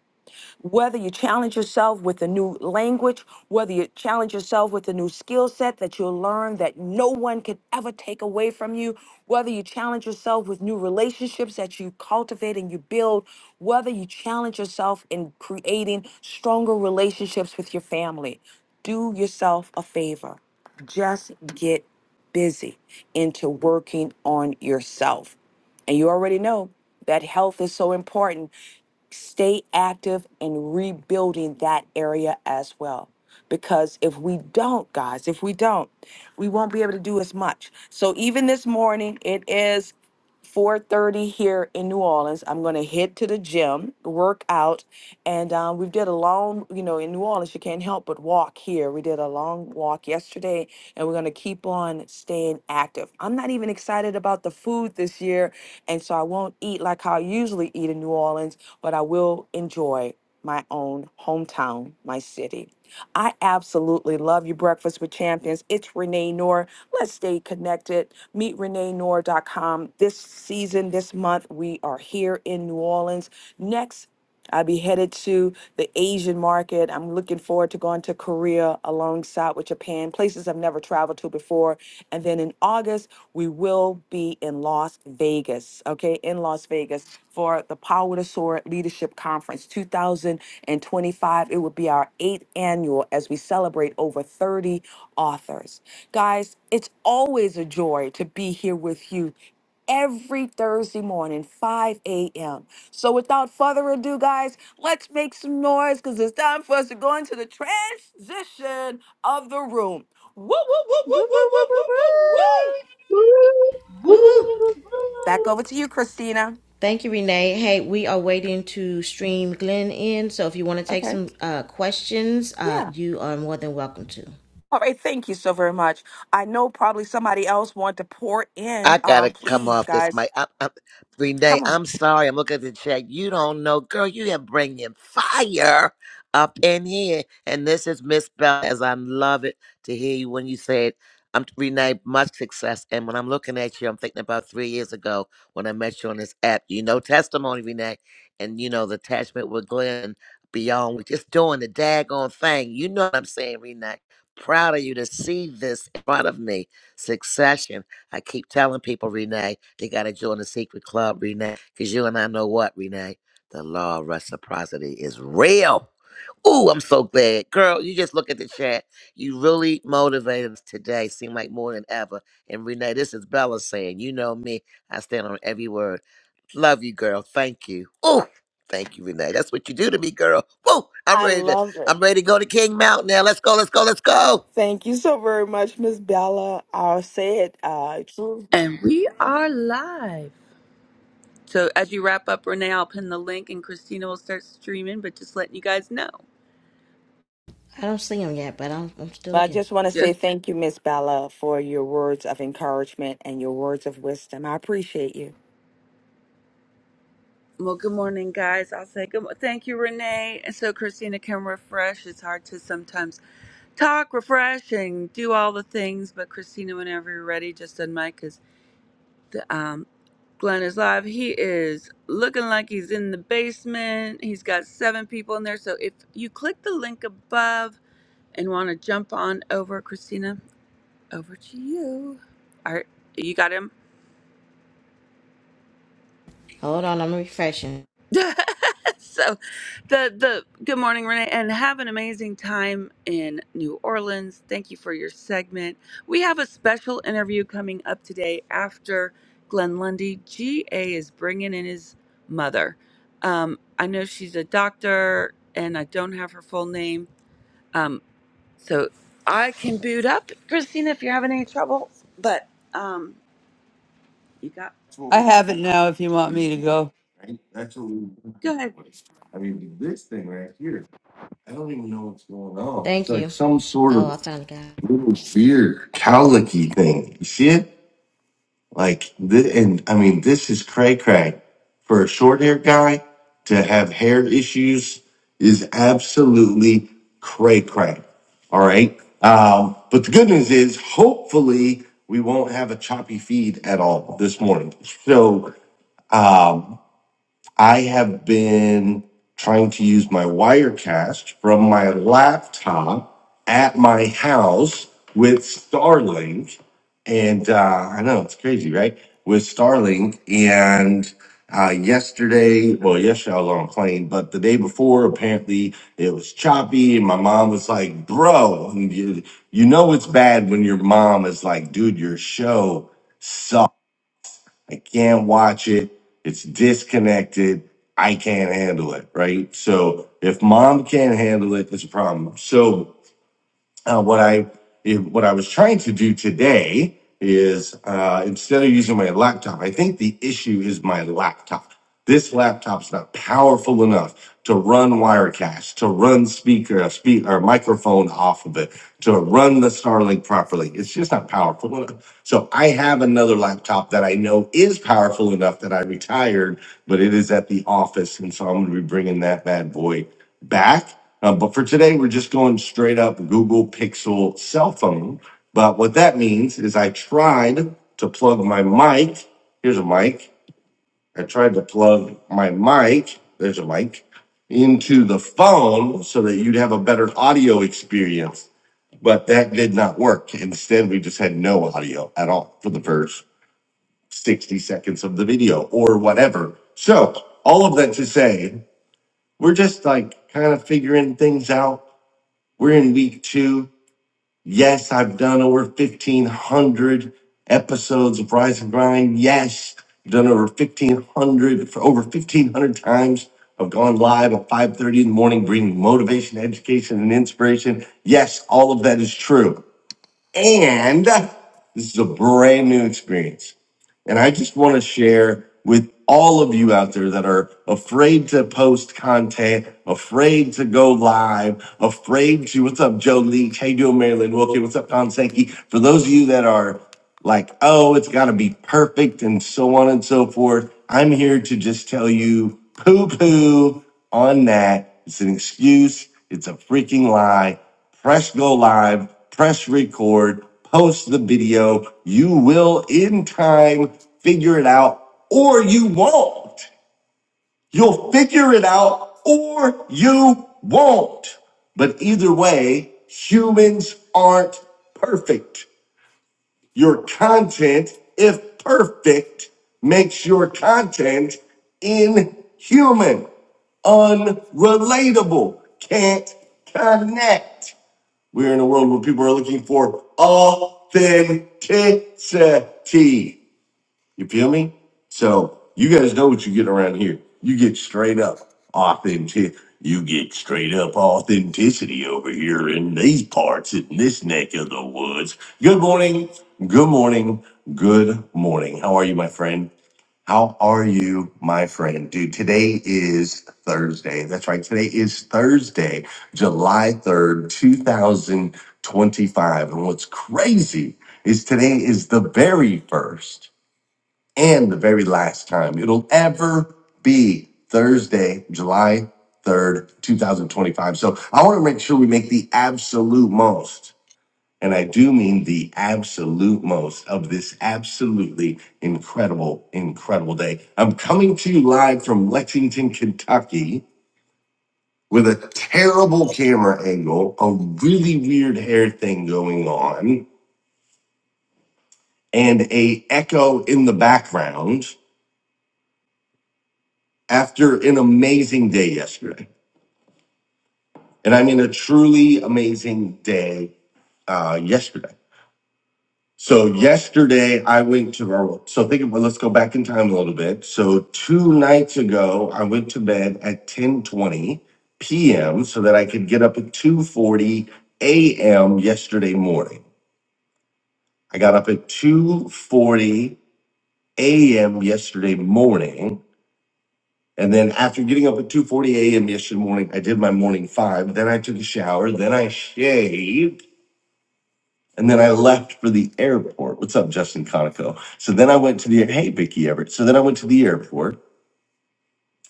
Speaker 2: Whether you challenge yourself with a new language, whether you challenge yourself with a new skill set that you'll learn that no one can ever take away from you, whether you challenge yourself with new relationships that you cultivate and you build, whether you challenge yourself in creating stronger relationships with your family, do yourself a favor. Just get busy into working on yourself. And you already know that health is so important stay active in rebuilding that area as well. Because if we don't, guys, if we don't, we won't be able to do as much. So even this morning, it is. 4:30 here in New Orleans. I'm gonna head to the gym, work out, and um, we did a long, you know, in New Orleans you can't help but walk here. We did a long walk yesterday, and we're gonna keep on staying active. I'm not even excited about the food this year, and so I won't eat like how I usually eat in New Orleans, but I will enjoy my own hometown, my city. I absolutely love you, Breakfast with Champions. It's Renee Noor. Let's stay connected. Meet MeetReneeNoor.com. This season, this month, we are here in New Orleans. Next, I'll be headed to the Asian market. I'm looking forward to going to Korea alongside with Japan can, places I've never traveled to before. And then in August, we will be in Las Vegas, okay, in Las Vegas for the Power to Soar Leadership Conference 2025. It will be our eighth annual as we celebrate over 30 authors. Guys, it's always a joy to be here with you every Thursday morning, 5 a.m. So without further ado, guys, let's make some noise because it's time for us to go into the transition of the room. Woo, woo, woo,
Speaker 5: Woo,
Speaker 2: woo,
Speaker 5: woo,
Speaker 2: woo,
Speaker 5: woo,
Speaker 2: woo,
Speaker 5: woo,
Speaker 2: woo, woo, woo.
Speaker 5: woo.
Speaker 9: Woo!
Speaker 1: Woo woo.
Speaker 12: [LAUGHS]
Speaker 2: Back over to you, Christina.
Speaker 1: Thank you, Renee. Hey, we are waiting to stream Glenn in. So if you want to take
Speaker 2: Okay.
Speaker 1: some uh, questions, uh,
Speaker 2: Yeah.
Speaker 1: you are more than welcome to.
Speaker 2: All right, thank you so very much. I know probably somebody else want to pour
Speaker 7: I
Speaker 2: in. Um,
Speaker 7: gotta come
Speaker 2: please,
Speaker 7: off this
Speaker 2: guys,
Speaker 7: mic. I, I, Renee,
Speaker 2: come on.
Speaker 7: I'm sorry. I'm looking at the chat. You don't know, girl. You have bringing fire up in here, and this is Miss Bell. As I love it to hear you when you said, "I'm Renee, much success." And when I'm looking at you, I'm thinking about three years ago when I met you on this app. You know, testimony, Renee, and you know the attachment with Glenn beyond. We're just doing the daggone thing. You know what I'm saying, Renee? Proud of you to see this in front of me. Succession. I keep telling people, Renee, they got to join the secret club, Renee, because you and I know what, Renee? The law of reciprocity is real. Ooh, I'm so glad. Girl, you just look at the chat. You really motivated us today, seem like more than ever. And Renee, this is Bella saying, you know me, I stand on every word. Love you, girl. Thank you. Ooh, thank you, Renee. That's what you do to me, girl. Woo, I'm
Speaker 2: I
Speaker 7: ready to,
Speaker 2: love it.
Speaker 7: I'm ready to go to King Mountain now. Let's go, let's go, let's go.
Speaker 2: Thank you so very much, Miss Bella. I'll say it. Uh,
Speaker 13: And we are live. So as you wrap up, Renee, I'll pin the link and Christina will start streaming, but just letting you guys know.
Speaker 1: I don't see him yet, but I'm, I'm still
Speaker 2: Well, I
Speaker 1: looking.
Speaker 2: just want to say
Speaker 13: Just
Speaker 2: thank you, Miss Bella, for your words of encouragement and your words of wisdom. I appreciate you.
Speaker 13: well, good morning, guys. I'll say good. mo- Thank you, Renee. And so Christina can refresh. It's hard to sometimes talk, refresh, and do all the things. But Christina, whenever you're ready, just unmic because the um, Glenn is live. He is looking like he's in the basement. He's got seven people in there. So if you click the link above and want to jump on over, Christina. over to you. Art, you got him.
Speaker 1: Hold on, I'm refreshing.
Speaker 13: [LAUGHS] so, the the good morning, Renee, and have an amazing time in New Orleans. Thank you for your segment. We have a special interview coming up today after Glenn Lundy. GA is bringing in his mother. Um, I know she's a doctor, and I don't have her full name. Um, so I can boot up Christina if you're having any trouble. But um, you got
Speaker 3: I have it now if you want me to go.
Speaker 13: go ahead.
Speaker 1: Thank you. Oh, I found a guy.
Speaker 3: Like, th- and I mean, this is cray cray. For a short haired guy to have hair issues is absolutely cray cray. All right. Um, but the good news is, hopefully, we won't have a choppy feed at all this morning. So, um, I have been trying to use my Wirecast from my laptop at my house with Starlink. And uh, I know it's crazy, right? With Starlink. And uh, yesterday, well, yesterday I was on a plane, but the day before, apparently it was choppy. And my mom was like, bro, and you, you know it's bad when your mom is like, dude, your show I can't watch it. It's disconnected. I can't handle it. Right. So if mom can't handle it, it's a problem. So uh, what I if- what I was trying to do today is uh, instead of using my laptop, I think the issue is my laptop. This laptop's not powerful enough to run Wirecast, to run speaker, speak or microphone off of it, to run the Starlink properly. It's just not powerful enough. So I have another laptop that I know is powerful enough that I retired, but it is at the office, and so I'm going to be bringing that bad boy back. Uh, but for today, we're just going straight up Google Pixel cell phone. But what that means is I tried to plug my mic. Here's a mic. I tried to plug my mic. There's a mic into the phone so that you'd have a better audio experience. But that did not work. Instead, we just had no audio at all for the first 60 seconds of the video or whatever. So, all of that to say, we're just like kind of figuring things out we're in week two. Yes, I've done over 1,500 episodes of Rise and Grind. Yes, I've done over 1,500, for over 1,500 times. I've gone live at 5.30 in the morning, bringing motivation, education, and inspiration. Yes, all of that is true. And this is a brand new experience. And I just want to share with all of you out there that are afraid to post content, afraid to go live, afraid to what's up, Joe Leach? Hey, doing Marilyn Wilkie? What's up, Tom Sankey? For those of you that are like, oh, it's got to be perfect and so on and so forth, I'm here to just tell you poo poo on that. It's an excuse, it's a freaking lie press go live, press record, post the video. You will in time figure it out or you won't. You'll figure it out or you won't. But either way, humans aren't perfect. Your content, if perfect, makes your content inhuman, unrelatable, can't connect. We're in a world where people are looking for authenticity. You feel me? So you guys know what you get around here. You get straight up authentic. You get straight up authenticity over here in these parts, in this neck of the woods. Good morning. Good morning. Good morning. How are you, my friend? How are you, my friend? Dude, today is Thursday. That's right. Today is Thursday, July 3rd, 2025. And what's crazy is today is the very first and the very last time it'll ever be Thursday, July 3rd, 2025. So I want to make sure we make the absolute most and I do mean the absolute most of this absolutely incredible, incredible day. I'm coming to you live from Lexington, Kentucky, with a terrible camera angle, a really weird hair thing going on, and a echo in the background after an amazing day yesterday. And I mean a truly amazing day uh, yesterday. So yesterday I went to our so think about let's go back in time a little bit. So two nights ago I went to bed at 10:20 p.m. so that I could get up at 2:40 a.m. yesterday morning. I got up at 2:40 a.m. yesterday morning. And then after getting up at 2:40 a.m. yesterday morning, I did my morning five. Then I took a shower. Then I shaved. And then I left for the airport. What's up, Justin Conico? So then I went to the hey Vicky Everett. So then I went to the airport.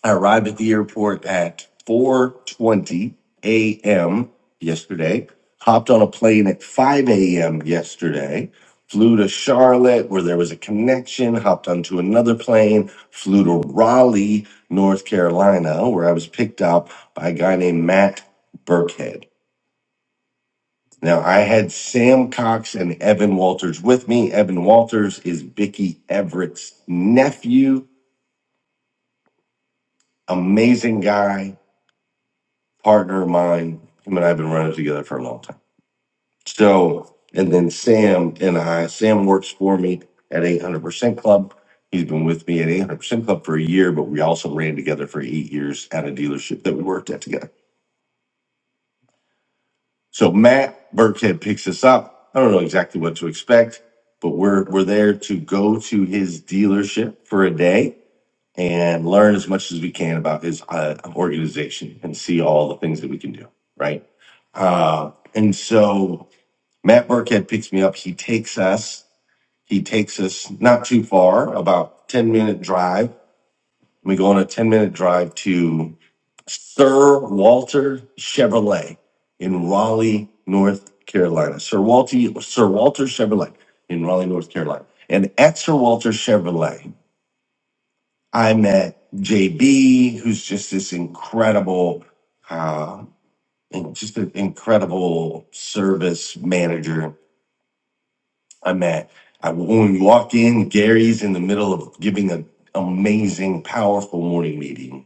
Speaker 3: I arrived at the airport at 4:20 a.m. yesterday. Hopped on a plane at 5 a.m. yesterday. Flew to Charlotte where there was a connection. Hopped onto another plane. Flew to Raleigh, North Carolina, where I was picked up by a guy named Matt Burkhead. Now I had Sam Cox and Evan Walters with me. Evan Walters is Bicky Everett's nephew, amazing guy, partner of mine. Him and I have been running together for a long time. So, and then Sam and I, Sam works for me at 800% Club. He's been with me at 800% Club for a year, but we also ran together for eight years at a dealership that we worked at together. So Matt Burkhead picks us up. I don't know exactly what to expect, but we're we're there to go to his dealership for a day and learn as much as we can about his uh, organization and see all the things that we can do. Right. Uh, and so Matt Burkhead picks me up. He takes us. He takes us not too far, about ten minute drive. We go on a ten minute drive to. Sir Walter Chevrolet in Raleigh, North Carolina. Sir Walter, Sir Walter Chevrolet in Raleigh, North Carolina. And at Sir Walter Chevrolet, I met JB, who's just this incredible, uh, and just an incredible service manager. I met. I, when we walked in, Gary's in the middle of giving an amazing, powerful morning meeting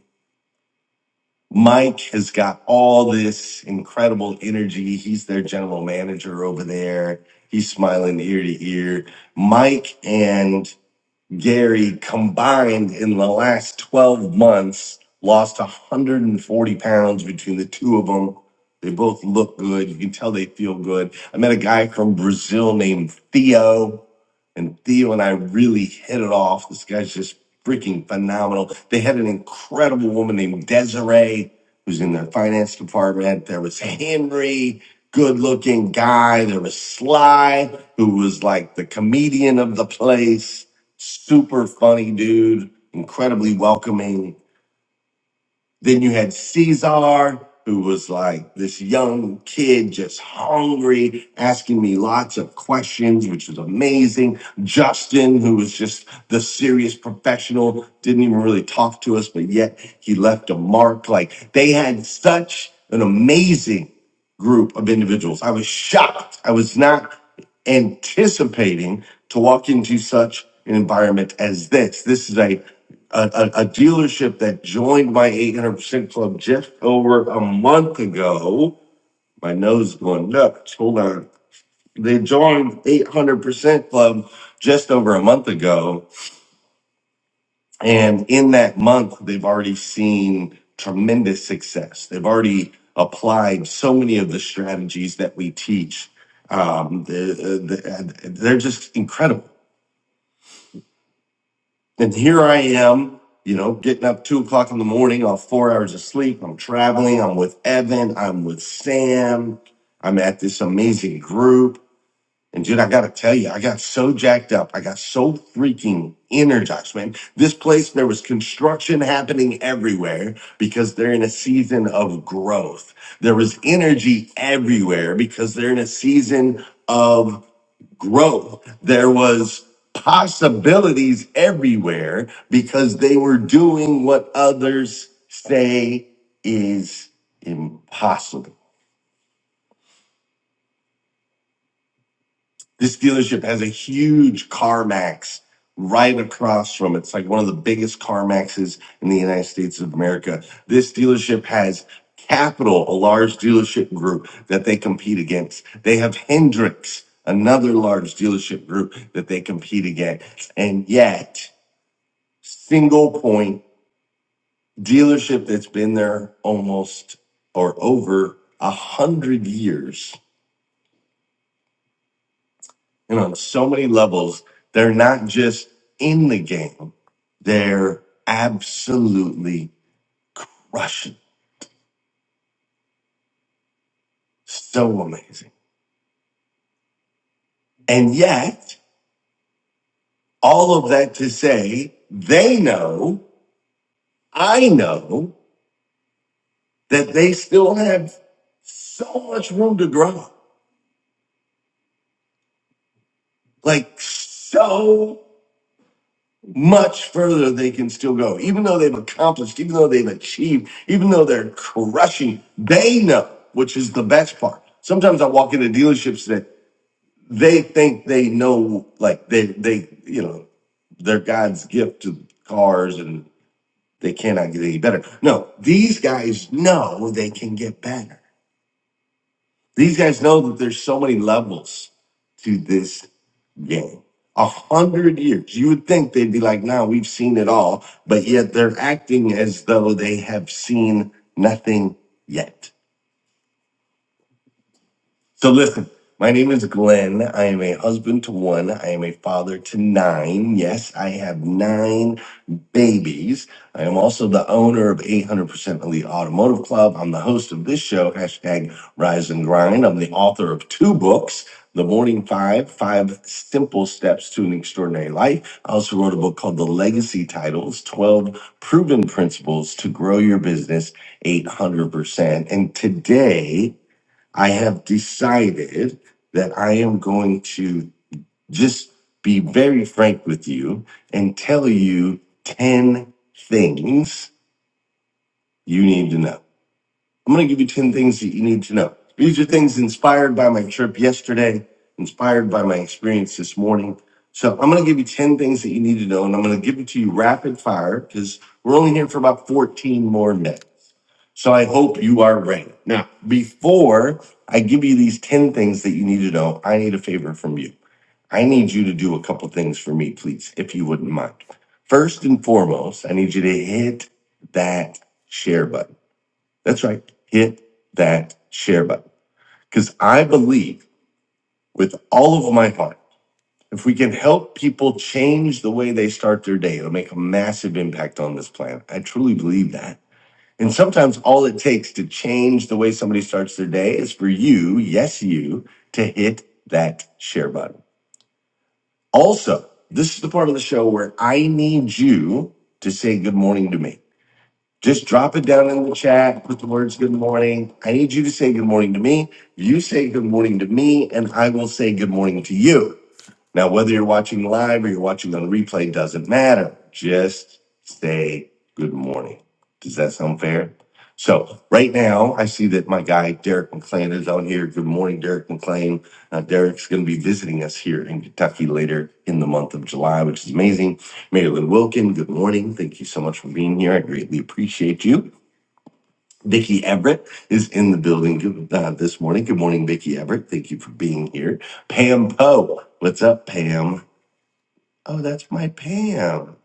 Speaker 3: Mike has got all this incredible energy. He's their general manager over there. He's smiling ear to ear. Mike and Gary combined in the last 12 months lost 140 pounds between the two of them. They both look good. You can tell they feel good. I met a guy from Brazil named Theo, and Theo and I really hit it off. This guy's just freaking phenomenal. They had an incredible woman named Desiree who's in their finance department. There was Henry, good looking guy. There was Sly, who was like the comedian of the place, super funny dude, incredibly welcoming then you had Caesar, who was like this young kid, just hungry, asking me lots of questions, which was amazing. Justin, who was just the serious professional, didn't even really talk to us, but yet he left a mark. Like they had such an amazing group of individuals. I was shocked. I was not anticipating to walk into such an environment as this. This is a a, a- a dealership that joined my 800% club just over a month ago. My nose is going nuts. Hold on. They joined 800% club just over a month ago and in that month, they've already seen tremendous success. They've already applied so many of the strategies that we teach. Um, the, the, and they're just incredible. And here I am, you know, getting up two o'clock in the morning off four hours of sleep. I'm traveling. I'm with Evan. I'm with Sam. I'm at this amazing group and dude, I gotta tell you, I got so jacked up. I got so freaking energized, man. This place, there was construction happening everywhere because they're in a season of growth. There was energy everywhere because they're in a season of growth. There was possibilities everywhere because they were doing what others say is impossible. This dealership has a huge CarMax right across from it. It's like one of the biggest CarMaxes in the United States of America. This dealership has Capital, a large dealership group that they compete against. They have Hendrix, another large dealership group that they compete against. And yet, single point dealership that's been there almost or over a hundred years And on so many levels, they're not just in the game, they're absolutely crushing. So amazing. And yet, all of that to say, they know, I know that they still have so much room to grow. Like, so much further they can still go. Even though they've accomplished, even though they've achieved, even though they're crushing, they know, which is the best part. Sometimes I walk into dealerships that they think they know, like they, they, you know, they're God's gift to cars and they cannot get any better. No, these guys know they can get better. These guys know that there's so many levels to this game. A hundred years. You would think they'd be like, nah, we've seen it all, but yet they're acting as though they have seen nothing yet. So listen, my name is Glenn. I am a husband to one. I am a father to nine. Yes, I have nine babies. I am also the owner of 800% Elite Automotive Club. I'm the host of this show, hashtag Rise and Grind. I'm the author of two books. The Morning Five, Five Simple Steps to an Extraordinary Life. I also wrote a book called The Legacy Titles 12 Proven Principles to Grow Your Business 800%. And today, I have decided that I am going to just be very frank with you and tell you 10 things you need to know. I'm going to give you 10 things that you need to know. These are things inspired by my trip yesterday, inspired by my experience this morning. So I'm going to give you 10 things that you need to know, and I'm going to give it to you rapid fire because we're only here for about 14 more minutes. So I hope you are ready Now, before I give you these 10 things that you need to know, I need a favor from you. I need you to do a couple things for me, please, if you wouldn't mind. First and foremost, I need you to hit that share button. That's right. Hit that share button. Because I believe with all of my heart, if we can help people change the way they start their day, it'll make a massive impact on this planet. I truly believe that. And sometimes all it takes to change the way somebody starts their day is for you, yes, you, to hit that share button. Also, this is the part of the show where I need you to say good morning to me. Just drop it down in the chat, put the words good morning. I need you to say good morning to me. You say good morning to me, and I will say good morning to you. Now, whether you're watching live or you're watching on replay doesn't matter. Just say good morning. Does that sound fair? So, right now, I see that my guy Derek McClain is on here. Good morning, Derek McClain. Uh, Derek's going to be visiting us here in Kentucky later in the month of July, which is amazing. Marilyn Wilkin, good morning. Thank you so much for being here. I greatly appreciate you. Vicki Everett is in the building good- uh, this morning. Good morning, Vicki Everett. Thank you for being here. Pam Poe, what's up, Pam? Oh, that's my Pam.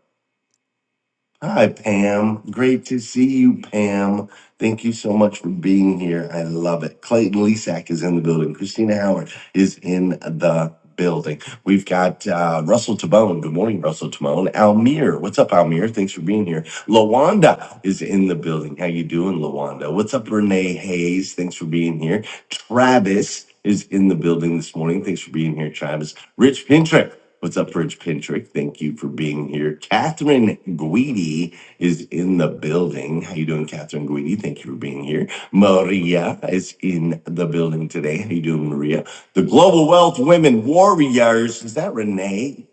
Speaker 3: Hi, Pam. Great to see you, Pam. Thank you so much for being here. I love it. Clayton Lisak is in the building. Christina Howard is in the building. We've got uh, Russell Tabone. Good morning, Russell Tabone. Almir, what's up, Almir? Thanks for being here. Lawanda is in the building. How you doing, Lawanda? What's up, Renee Hayes? Thanks for being here. Travis is in the building this morning. Thanks for being here, Travis. Rich Pintrick. What's up, Rich Pintrick? Thank you for being here. Catherine Guidi is in the building. How you doing, Catherine Guidi? Thank you for being here. Maria is in the building today. How you doing, Maria? The Global Wealth Women Warriors. Is that Renee?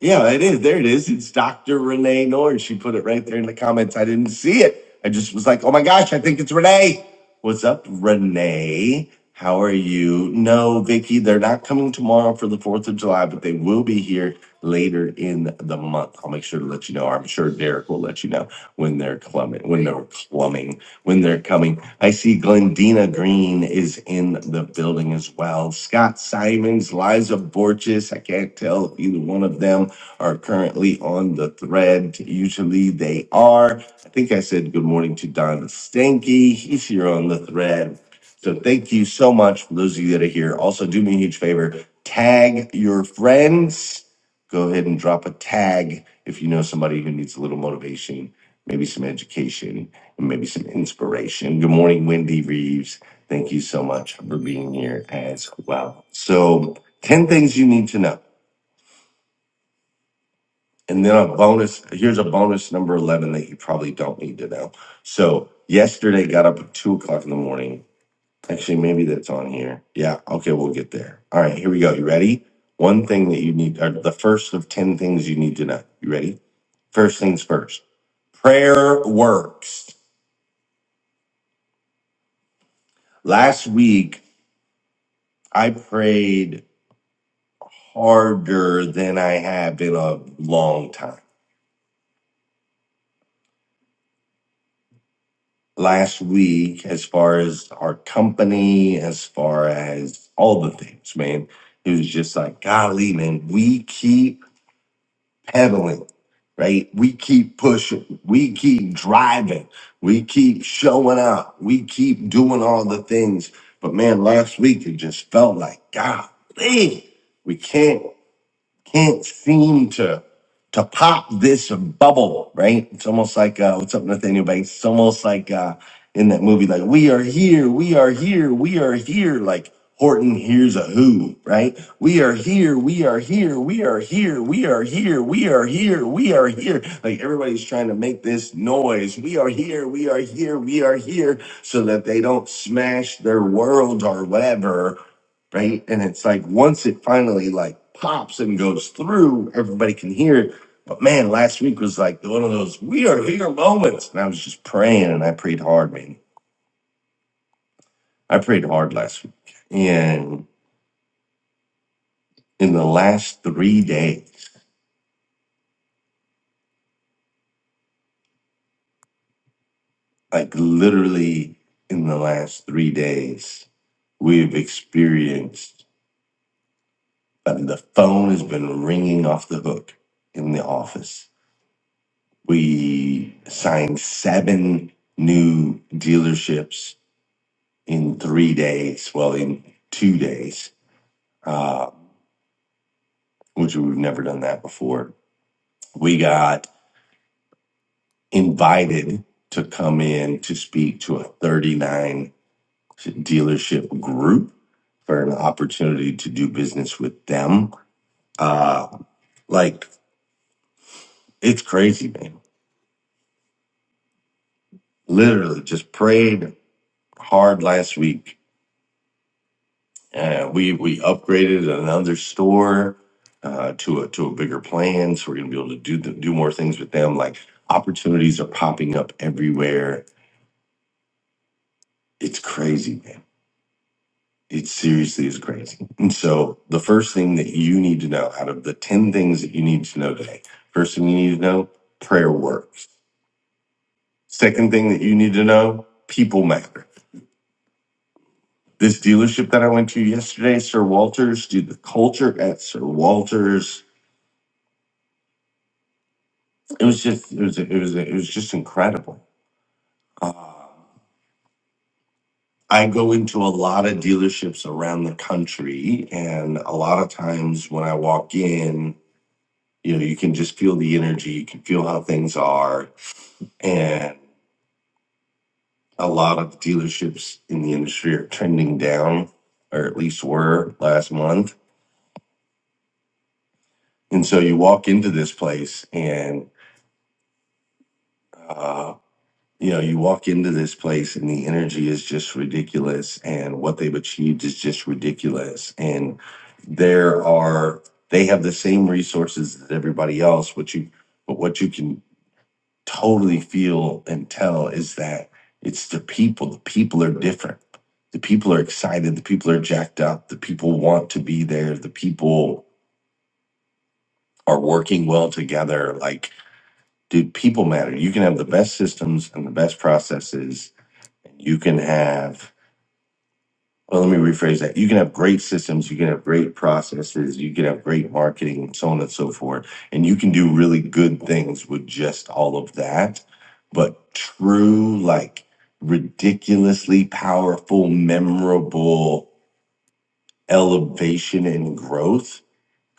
Speaker 3: Yeah, it is. There it is. It's Dr. Renee Norris. She put it right there in the comments. I didn't see it. I just was like, oh my gosh, I think it's Renee. What's up, Renee? How are you? No, Vicky, they're not coming tomorrow for the 4th of July, but they will be here later in the month. I'll make sure to let you know. I'm sure Derek will let you know when they're clumming, when they're clumming, when they're coming. I see Glendina Green is in the building as well. Scott Simons, Liza Borges. I can't tell if either one of them are currently on the thread. Usually they are. I think I said good morning to Don Stanky. He's here on the thread. So thank you so much for those of you that are here. Also, do me a huge favor tag your friends. Go ahead and drop a tag if you know somebody who needs a little motivation, maybe some education, and maybe some inspiration. Good morning, Wendy Reeves. Thank you so much for being here as well. So, 10 things you need to know. And then a bonus, here's a bonus number 11 that you probably don't need to know. So, yesterday got up at two o'clock in the morning. Actually, maybe that's on here. Yeah. Okay. We'll get there. All right. Here we go. You ready? One thing that you need, or the first of 10 things you need to know. You ready? First things first prayer works. Last week, I prayed harder than I have in a long time last week as far as our company, as far as all the things, man. It was just like, golly, man, we keep pedaling, right? We keep pushing, we keep driving, we keep showing up, we keep doing all the things. But man, last week it just felt like, golly, we can't can't seem to to pop this bubble, right? It's almost like uh, what's up, Nathaniel Banks? It's almost like uh, in that movie, like we are here, we are here, we are here. Like Horton hears a who, right? We are here, we are here, we are here, we are here, we are here, we are here. Like everybody's trying to make this noise. We are here, we are here, we are here, so that they don't smash their world or whatever right? And it's like once it finally like pops and goes through, everybody can hear it. But man, last week was like one of those we are here moments. And I was just praying and I prayed hard, man. I prayed hard last week. And in the last three days, like literally in the last three days, we've experienced uh, the phone has been ringing off the hook in the office We signed seven new dealerships in three days, well, in two days, uh, which we've never done that before. We got invited to come in to speak to a 39 dealership group for an opportunity to do business with them. Uh, like, it's crazy, man. Literally just prayed hard last week Uh, we we upgraded another store uh, to a to a bigger plan, so we're gonna be able to do the, do more things with them. Like opportunities are popping up everywhere. It's crazy, man. It seriously is crazy. And so the first thing that you need to know out of the ten things that you need to know today, first thing you need to know, prayer works. Second thing that you need to know, people matter. This dealership that I went to yesterday, Sir Walters, dude, the culture at Sir Walters it was just it was it was it was just incredible. Um, I go into a lot of dealerships around the country, and a lot of times when I walk in, you know, you can just feel the energy, you can feel how things are, and a lot of dealerships in the industry are trending down, or at least were last month. And so you walk into this place, and uh, you know, you walk into this place and the energy is just ridiculous, and what they've achieved is just ridiculous. And there are they have the same resources as everybody else, but you but what you can totally feel and tell is that it's the people. The people are different. The people are excited. The people are jacked up. The people want to be there. The people are working well together. Like, dude, people matter. You can have the best systems and the best processes you can have well let me rephrase that you can have great systems you can have great processes you can have great marketing and so on and so forth and you can do really good things with just all of that but true like ridiculously powerful memorable elevation and growth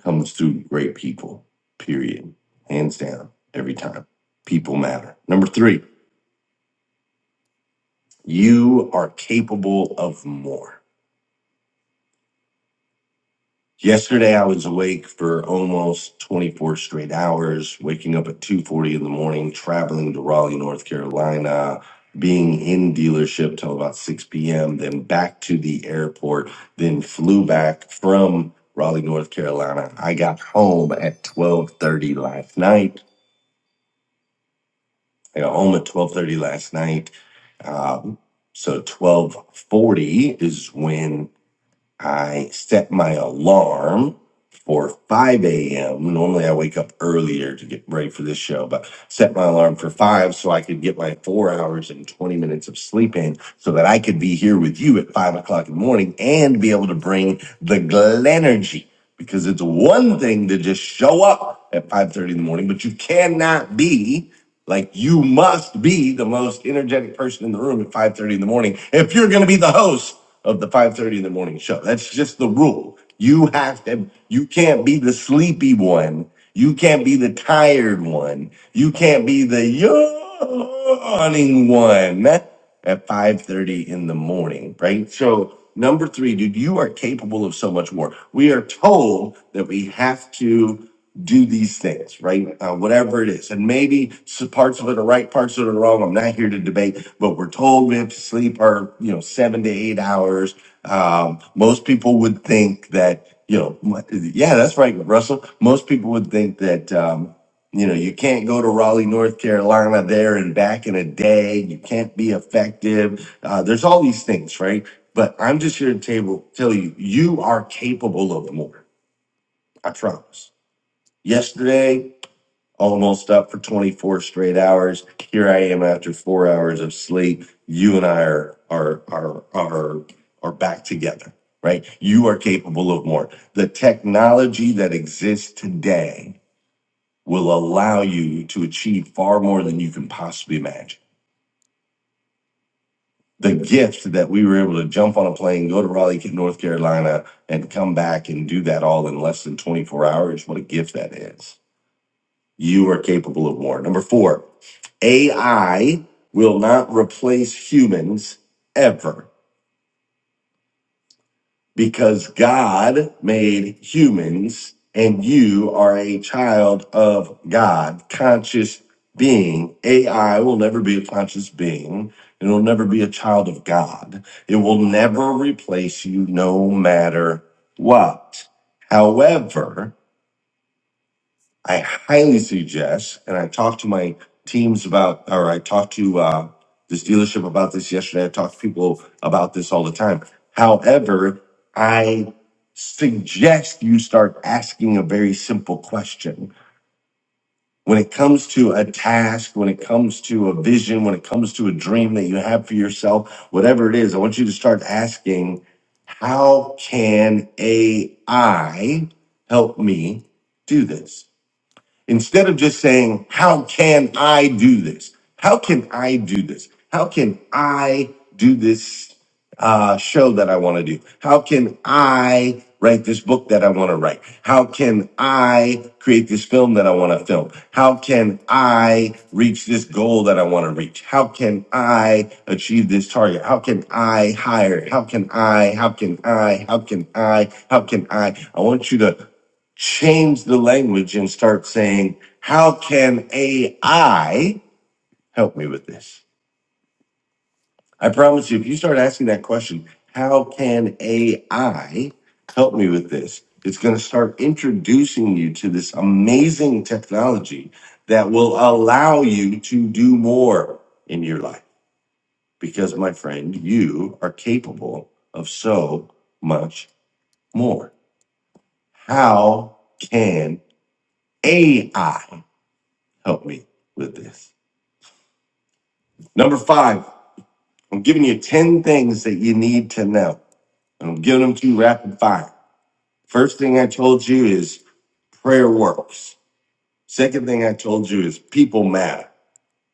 Speaker 3: comes through great people period hands down every time people matter number 3 you are capable of more Yesterday, I was awake for almost 24 straight hours, waking up at 2:40 in the morning, traveling to Raleigh, North Carolina, being in dealership till about 6 p.m., then back to the airport, then flew back from Raleigh, North Carolina. I got home at 12:30 last night. I got home at 12:30 last night. Um, so 12:40 is when I set my alarm for 5 a.m. Normally, I wake up earlier to get ready for this show, but set my alarm for 5 so I could get my four hours and 20 minutes of sleep in so that I could be here with you at 5 o'clock in the morning and be able to bring the Glenergy because it's one thing to just show up at 5.30 in the morning, but you cannot be like you must be the most energetic person in the room at 5:30 in the morning if you're going to be the host of the 5:30 in the morning show. That's just the rule. You have to you can't be the sleepy one. You can't be the tired one. You can't be the yawning one at 5:30 in the morning, right? So number three, dude, you are capable of so much more. We are told that we have to do these things, right? Uh, whatever it is. And maybe s- parts of it are right, parts of it are wrong. I'm not here to debate, but we're told we have to sleep our, you know, seven to eight hours. Um, most people would think that, you know, m- yeah, that's right, Russell. Most people would think that, um, you know, you can't go to Raleigh, North Carolina there and back in a day. You can't be effective. Uh, there's all these things, right? But I'm just here to table tell you, you are capable of more. I promise. Yesterday, almost up for 24 straight hours. Here I am after four hours of sleep. You and I are are are are are back together, right? You are capable of more. The technology that exists today will allow you to achieve far more than you can possibly imagine. The gift that we were able to jump on a plane, go to Raleigh, North Carolina, and come back and do that all in less than 24 hours, what a gift that is. You are capable of more. Number four, AI will not replace humans ever. because God made humans and you are a child of God, conscious being. AI will never be a conscious being. It will never be a child of God. It will never replace you no matter what. However, I highly suggest, and I talked to my teams about, or I talked to uh, this dealership about this yesterday. I talk to people about this all the time. However, I suggest you start asking a very simple question. When it comes to a task, when it comes to a vision, when it comes to a dream that you have for yourself, whatever it is, I want you to start asking, how can AI help me do this? Instead of just saying, How can I do this? How can I do this? How can I do this uh, show that I want to do? How can I write this book that I want to write? How can I create this film that I want to film? How can I reach this goal that I want to reach? How can I achieve this target? How can I hire? How can I? How can I? How can I? How can I? I want you to change the language and start saying, how can AI help me with this? I promise you, if you start asking that question, how can AI help me with this? It's going to start introducing you to this amazing technology that will allow you to do more in your life. Because, my friend, you are capable of so much more. How can AI? help me with this. Number five, I'm giving you 10 things that you need to know. I'm giving them to you rapid fire. First thing I told you is prayer works. Second thing I told you is people matter.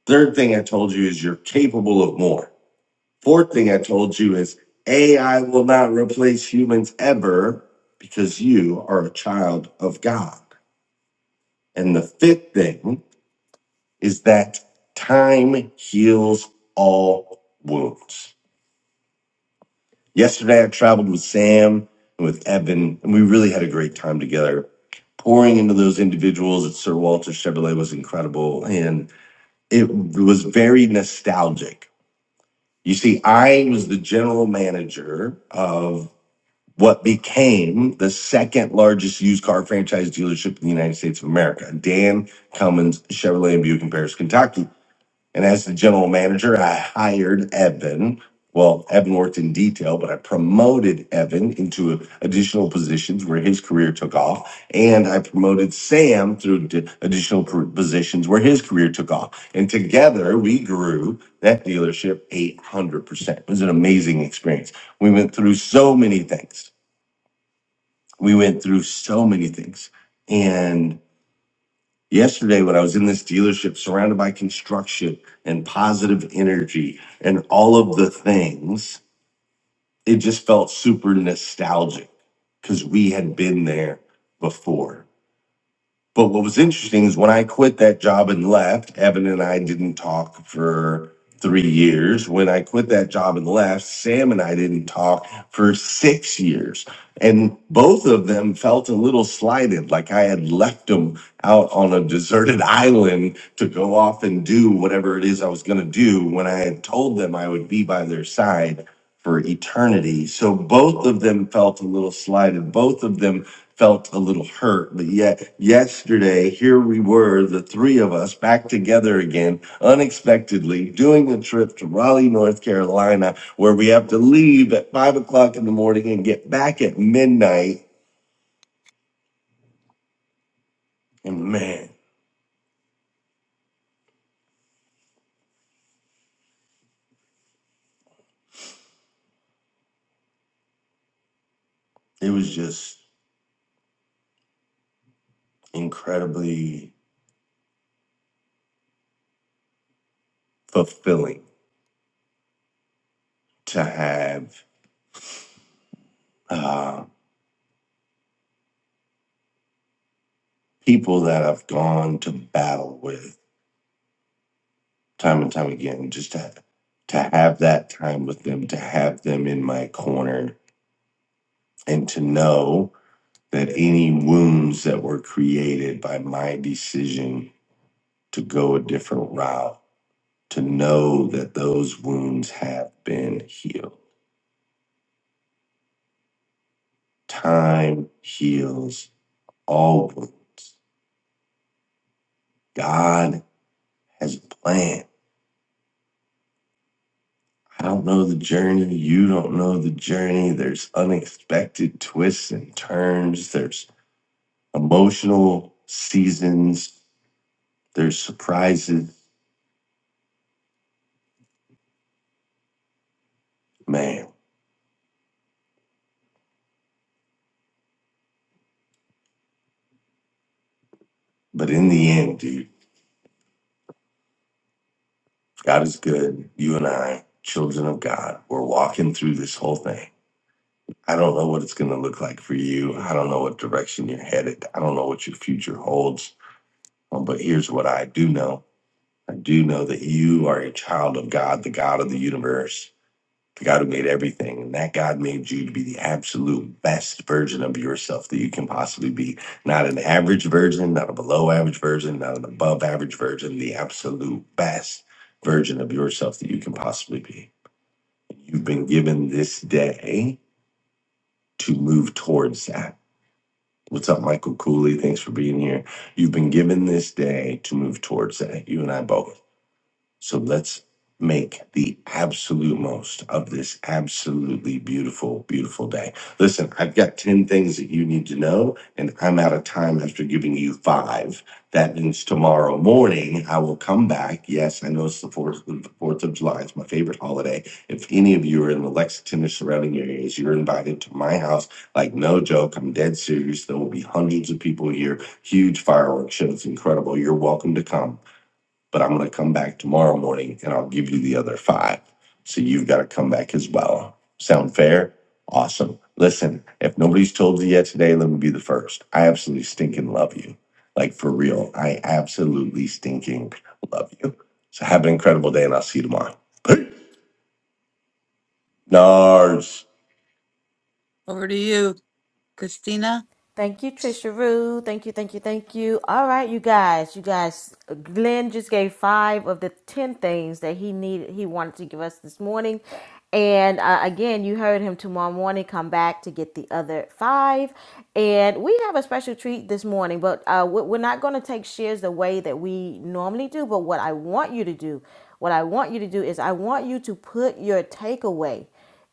Speaker 3: Third thing I told you is you're capable of more. Fourth thing I told you is AI will not replace humans ever because you are a child of God. And the fifth thing is that time heals all wounds. Yesterday, I traveled with Sam and with Evan, and we really had a great time together. Pouring into those individuals at Sir Walter Chevrolet was incredible, and it was very nostalgic. You see, I was the general manager of what became the second largest used car franchise dealership in the United States of America, Dan Cummins Chevrolet in Buick in Paris, Kentucky. And as the general manager, I hired Evan. Well, Evan worked in detail, but I promoted Evan into additional positions where his career took off. And I promoted Sam through d- additional pr- positions where his career took off. And together we grew that dealership 800%. It was an amazing experience. We went through so many things. We went through so many things. and. Yesterday, when I was in this dealership surrounded by construction and positive energy and all of the things, it just felt super nostalgic because we had been there before. But what was interesting is when I quit that job and left, Evan and I didn't talk for three years. When I quit that job and left, Sam and I didn't talk for six years. And both of them felt a little slighted, like I had left them out on a deserted [LAUGHS] island to go off and do whatever it is I was going to do when I had told them I would be by their side for eternity. So both of them felt a little slighted. Both of them felt a little hurt. But yet, yesterday, here we were, the three of us back together again, unexpectedly, doing a trip to Raleigh, North Carolina, where we have to leave at five o'clock in the morning and get back at midnight. And man, it was just incredibly fulfilling to have uh, people that I've gone to battle with time and time again, just to, to have that time with them, to have them in my corner and to know that any wounds that were created by my decision to go a different route, to know that those wounds have been healed. Time heals all wounds. God has a plan. I don't know the journey. You don't know the journey. There's unexpected twists and turns. There's emotional seasons. There's surprises. Man, but in the end, dude God is good. You and I, children of God, we're walking through this whole thing. I don't know what it's going to look like for you. I don't know what direction you're headed. I don't know what your future holds. Um, but here's what I do know I do know that you are a child of God, the God of the universe. The God who made everything, and that God made you to be the absolute best version of yourself that you can possibly be. Not an average version, not a below average version, not an above average version, the absolute best version of yourself that you can possibly be. You've been given this day to move towards that. What's up, Michael Cooley? Thanks for being here. You've been given this day to move towards that, you and I both so let's make the absolute most of this absolutely beautiful, beautiful day. Listen, I've got 10 things that you need to know, and I'm out of time after giving you five. That means tomorrow morning I will come back. Yes, I know it's the 4th, the 4th of July. It's my favorite holiday. If any of you are in the Lexington or surrounding areas, you're invited to my house. Like, no joke, I'm dead serious. There will be hundreds of people here. Huge fireworks show. It's incredible. You're welcome to come but I'm going to come back tomorrow morning and I'll give you the other five. So you've got to come back as well. Sound fair? Awesome. Listen, if nobody's told you yet today, let me be the first. I absolutely stinking love you. Like for real, I absolutely stinking love you. So have an incredible day and I'll see you tomorrow. Peace. Nars. Over to you, Christina.
Speaker 1: Thank you, Trisha Rue. Thank you, thank you, thank you. All right, you guys, you guys. Glenn just gave five of the ten things that he needed, he wanted to give us this morning, and uh, again, you heard him tomorrow morning. Come back to get the other five, and we have a special treat this morning. But uh, we- we're not going to take shares the way that we normally do. But what I want you to do, what I want you to do is, I want you to put your takeaway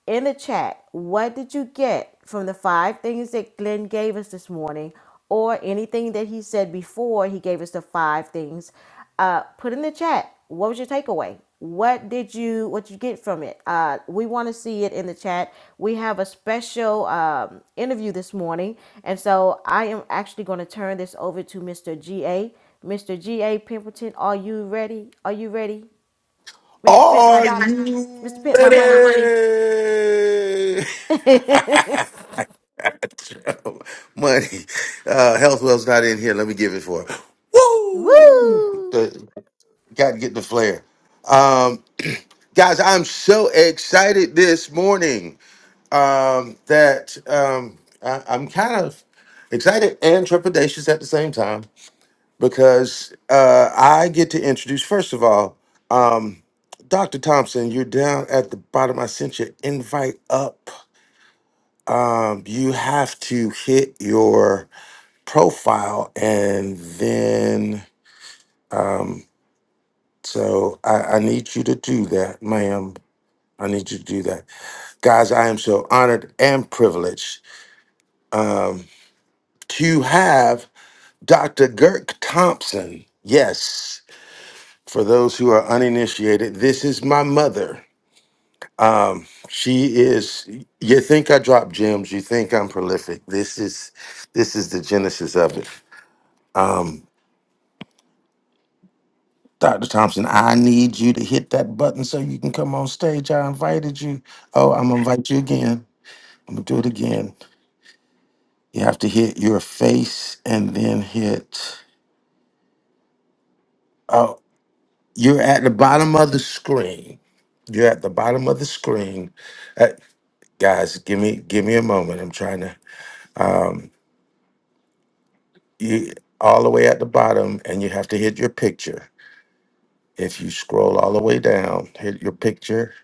Speaker 1: in the chat what did you get from the five things that glenn gave us this morning or anything that he said before he gave us the five things uh, put in the chat what was your takeaway what did you what you get from it uh, we want to see it in the chat we have a special um, interview this morning and so i am actually going to turn this over to mr ga mr ga pimpleton are you ready are you ready mr pimp my
Speaker 4: Are
Speaker 1: dollar Mr.
Speaker 4: you
Speaker 1: Pimp, my money.
Speaker 4: ready?
Speaker 1: [LAUGHS]
Speaker 4: [LAUGHS] Money. Uh, Health Well's not in here. Let me give it for her. Woo!
Speaker 1: Woo!
Speaker 4: The, got to get the flare, Um, guys, I'm so excited this morning um, that um, I, I'm kind of excited and trepidatious at the same time because uh, I get to introduce, first of all, um, Dr. Thompson, you're down at the bottom. I sent your invite up. Um, you have to hit your profile and then, um, so I, I need you to do that, ma'am. I need you to do that. Guys, I am so honored and privileged um, to have Dr. Girk Thompson. Yes, for those who are uninitiated, this is my mother. Um, she is. You think I drop gems? You think I'm prolific? This is, this is the genesis of it. Um, Dr. Thompson, I need you to hit that button so you can come on stage. I invited you. Oh, I'm gonna invite you again. I'm gonna do it again. You have to hit your face and then hit. Oh, you're at the bottom of the screen. You're at the bottom of the screen. Uh, guys, give me give me a moment. I'm trying to. Um, you all the way at the bottom and you have to hit your picture if you scroll all the way down hit your picture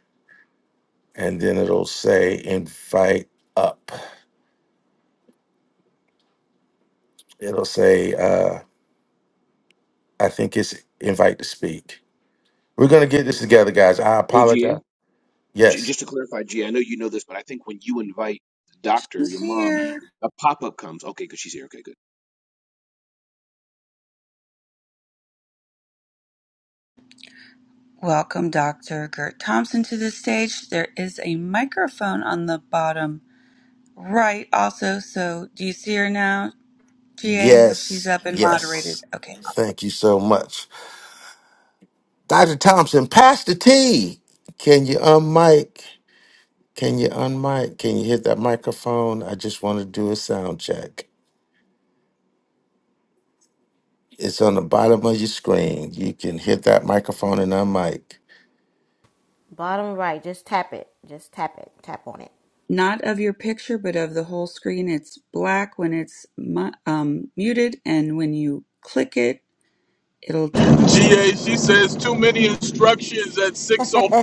Speaker 4: and then it'll say invite up it'll say uh i think it's invite to speak we're gonna get this together guys i
Speaker 14: Hey,
Speaker 4: apologize
Speaker 14: GA,
Speaker 4: yes
Speaker 14: just to clarify, GA, know you know this, but I think when you invite the doctor,
Speaker 13: He's
Speaker 14: your mom,
Speaker 13: here.
Speaker 14: a pop up comes. Okay, because she's here. Okay, good.
Speaker 13: Welcome Dr. Gert Thompson to the stage. There is a microphone on the bottom right also. So do you see her now, GA? She's
Speaker 4: yes
Speaker 13: up and moderated.
Speaker 4: yes
Speaker 13: Okay, awesome.
Speaker 4: thank you so much dr thompson pass the tea can you unmic can you unmic can you hit that microphone i just want to do a sound check It's on the bottom of your screen. You can hit that microphone and unmic.
Speaker 1: Bottom right, just tap it. Just tap it. Tap on it.
Speaker 13: Not of your picture, but of the whole screen. It's black when it's mu- um, muted, and when you click it, it'll turn white.
Speaker 6: GA, she says too many instructions at 6.05.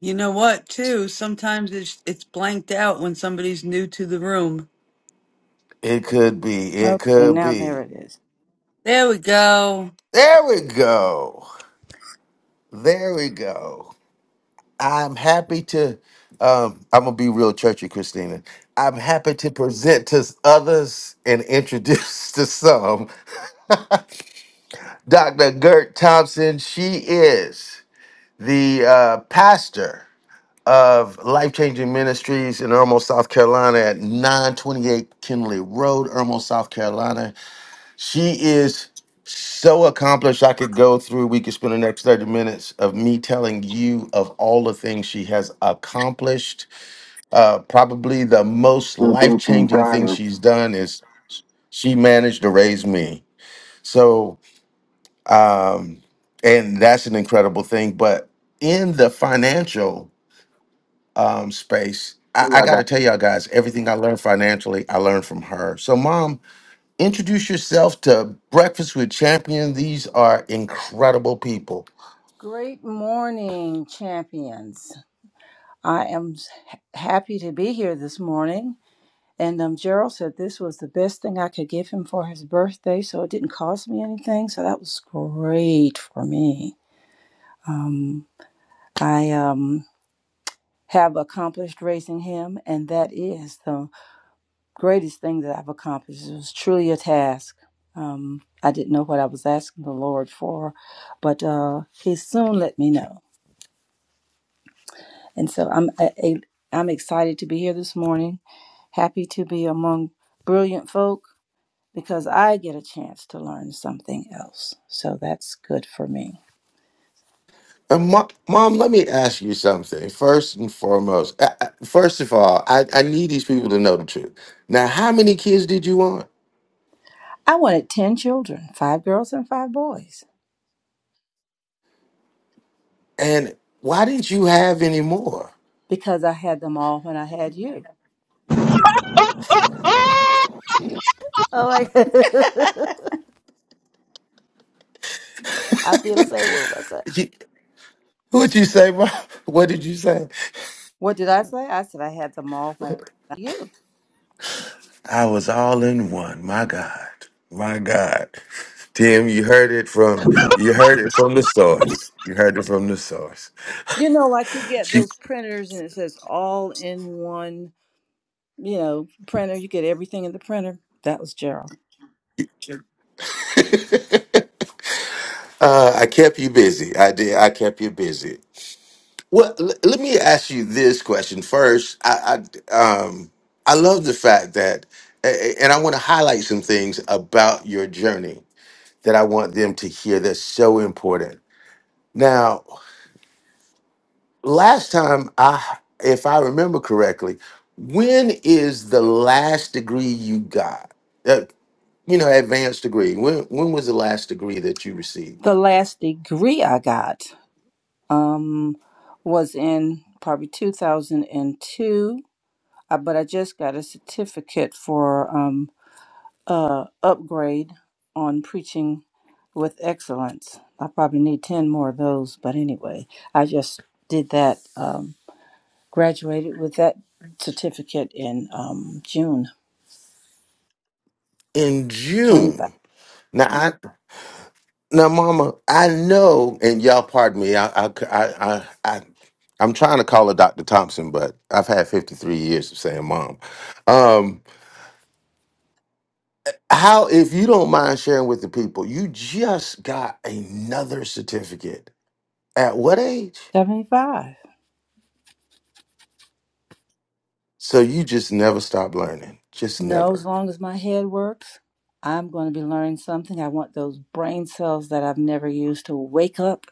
Speaker 3: You know what, too? Sometimes it's it's blanked out when somebody's new to the room.
Speaker 4: It could be. It
Speaker 15: Okay,
Speaker 4: could
Speaker 15: now there
Speaker 4: be.
Speaker 15: it is.
Speaker 3: There we go.
Speaker 4: There we go. There we go. I'm happy to. Um, I'm gonna be real churchy, Christina. I'm happy to present to others and introduce [LAUGHS] to some Dr. Gert Thompson. She is the uh, pastor of Life Changing Ministries in Irmo, South Carolina at 928 Kinley Road, Irmo, South Carolina. She is so accomplished. I could go through, we could spend the next 30 minutes of me telling you of all the things she has accomplished. Uh, probably the most life changing thing she's done is she managed to raise me. So, um, and that's an incredible thing. But in the financial, um, space.
Speaker 15: Hey,
Speaker 4: I, I
Speaker 15: I
Speaker 4: got to
Speaker 15: got
Speaker 4: tell y'all guys, everything I learned financially, I learned from her. So, mom, introduce yourself to Breakfast with Champion. These are incredible people.
Speaker 15: Great morning, champions. I am s- happy to be here this morning. And um, Gerald said this was the best thing I could give him for his birthday, so it didn't cost me anything. So that was great for me. Um, I um, have accomplished raising him, and that is the greatest thing that I've accomplished. It was truly a task. Um, I didn't know what I was asking the Lord for, but uh, He soon let me know. And so I'm a, a, I'm excited to be here this morning. Happy to be among brilliant folk because I get a chance to learn something else. So that's good for me.
Speaker 4: And mo- mom, let me ask you something first and foremost. I, I- first of all, I, I need these people to know the truth. Now, how many kids did you want,
Speaker 15: I wanted ten children, five girls and five boys,
Speaker 4: and why didn't you have any more?
Speaker 15: because I had them all when I had you.
Speaker 1: Oh my god. [LAUGHS] I feel the same way with myself.
Speaker 4: [LAUGHS] you- What'd you say, mom? [LAUGHS] What did you say?
Speaker 15: What did I say? I said I had them all when I had you
Speaker 4: I was all in one. My God. My God. Tim, you heard it from you heard it from the source. You heard it from the source.
Speaker 15: You know, like you get
Speaker 4: She,
Speaker 15: those printers and it says all in one, you know, printer. You get everything in the printer. That was Gerald.
Speaker 4: uh, I kept you busy. I did. I kept you busy. Well, l- let me ask you this question first. I, I um I love the fact that, a- and I want to highlight some things about your journey that I want them to hear. That's so important. Now, last time I if I remember correctly, when is the last degree you got? Uh, you know, advanced degree. When when was the last degree that you received?
Speaker 15: The last degree I got um, was in probably 2002, uh, but I just got a certificate for um, uh, upgrade on preaching with excellence. I probably need 10 more of those, but anyway, I just did that, um, graduated with that certificate in um, June
Speaker 4: In
Speaker 15: Twenty-five,
Speaker 4: June. Now I now mama, I know and y'all pardon me. I I I I, I I'm trying to call her Dr. Thompson, but I've had 53 years of saying mom. Um, how, if you don't mind sharing with the people, you just got another certificate. At what age?
Speaker 15: seventy-five.
Speaker 4: So you just never stop learning. Just
Speaker 15: No, as
Speaker 4: never.
Speaker 15: long as my head works, I'm going to be learning something. I want those brain cells that I've never used to wake up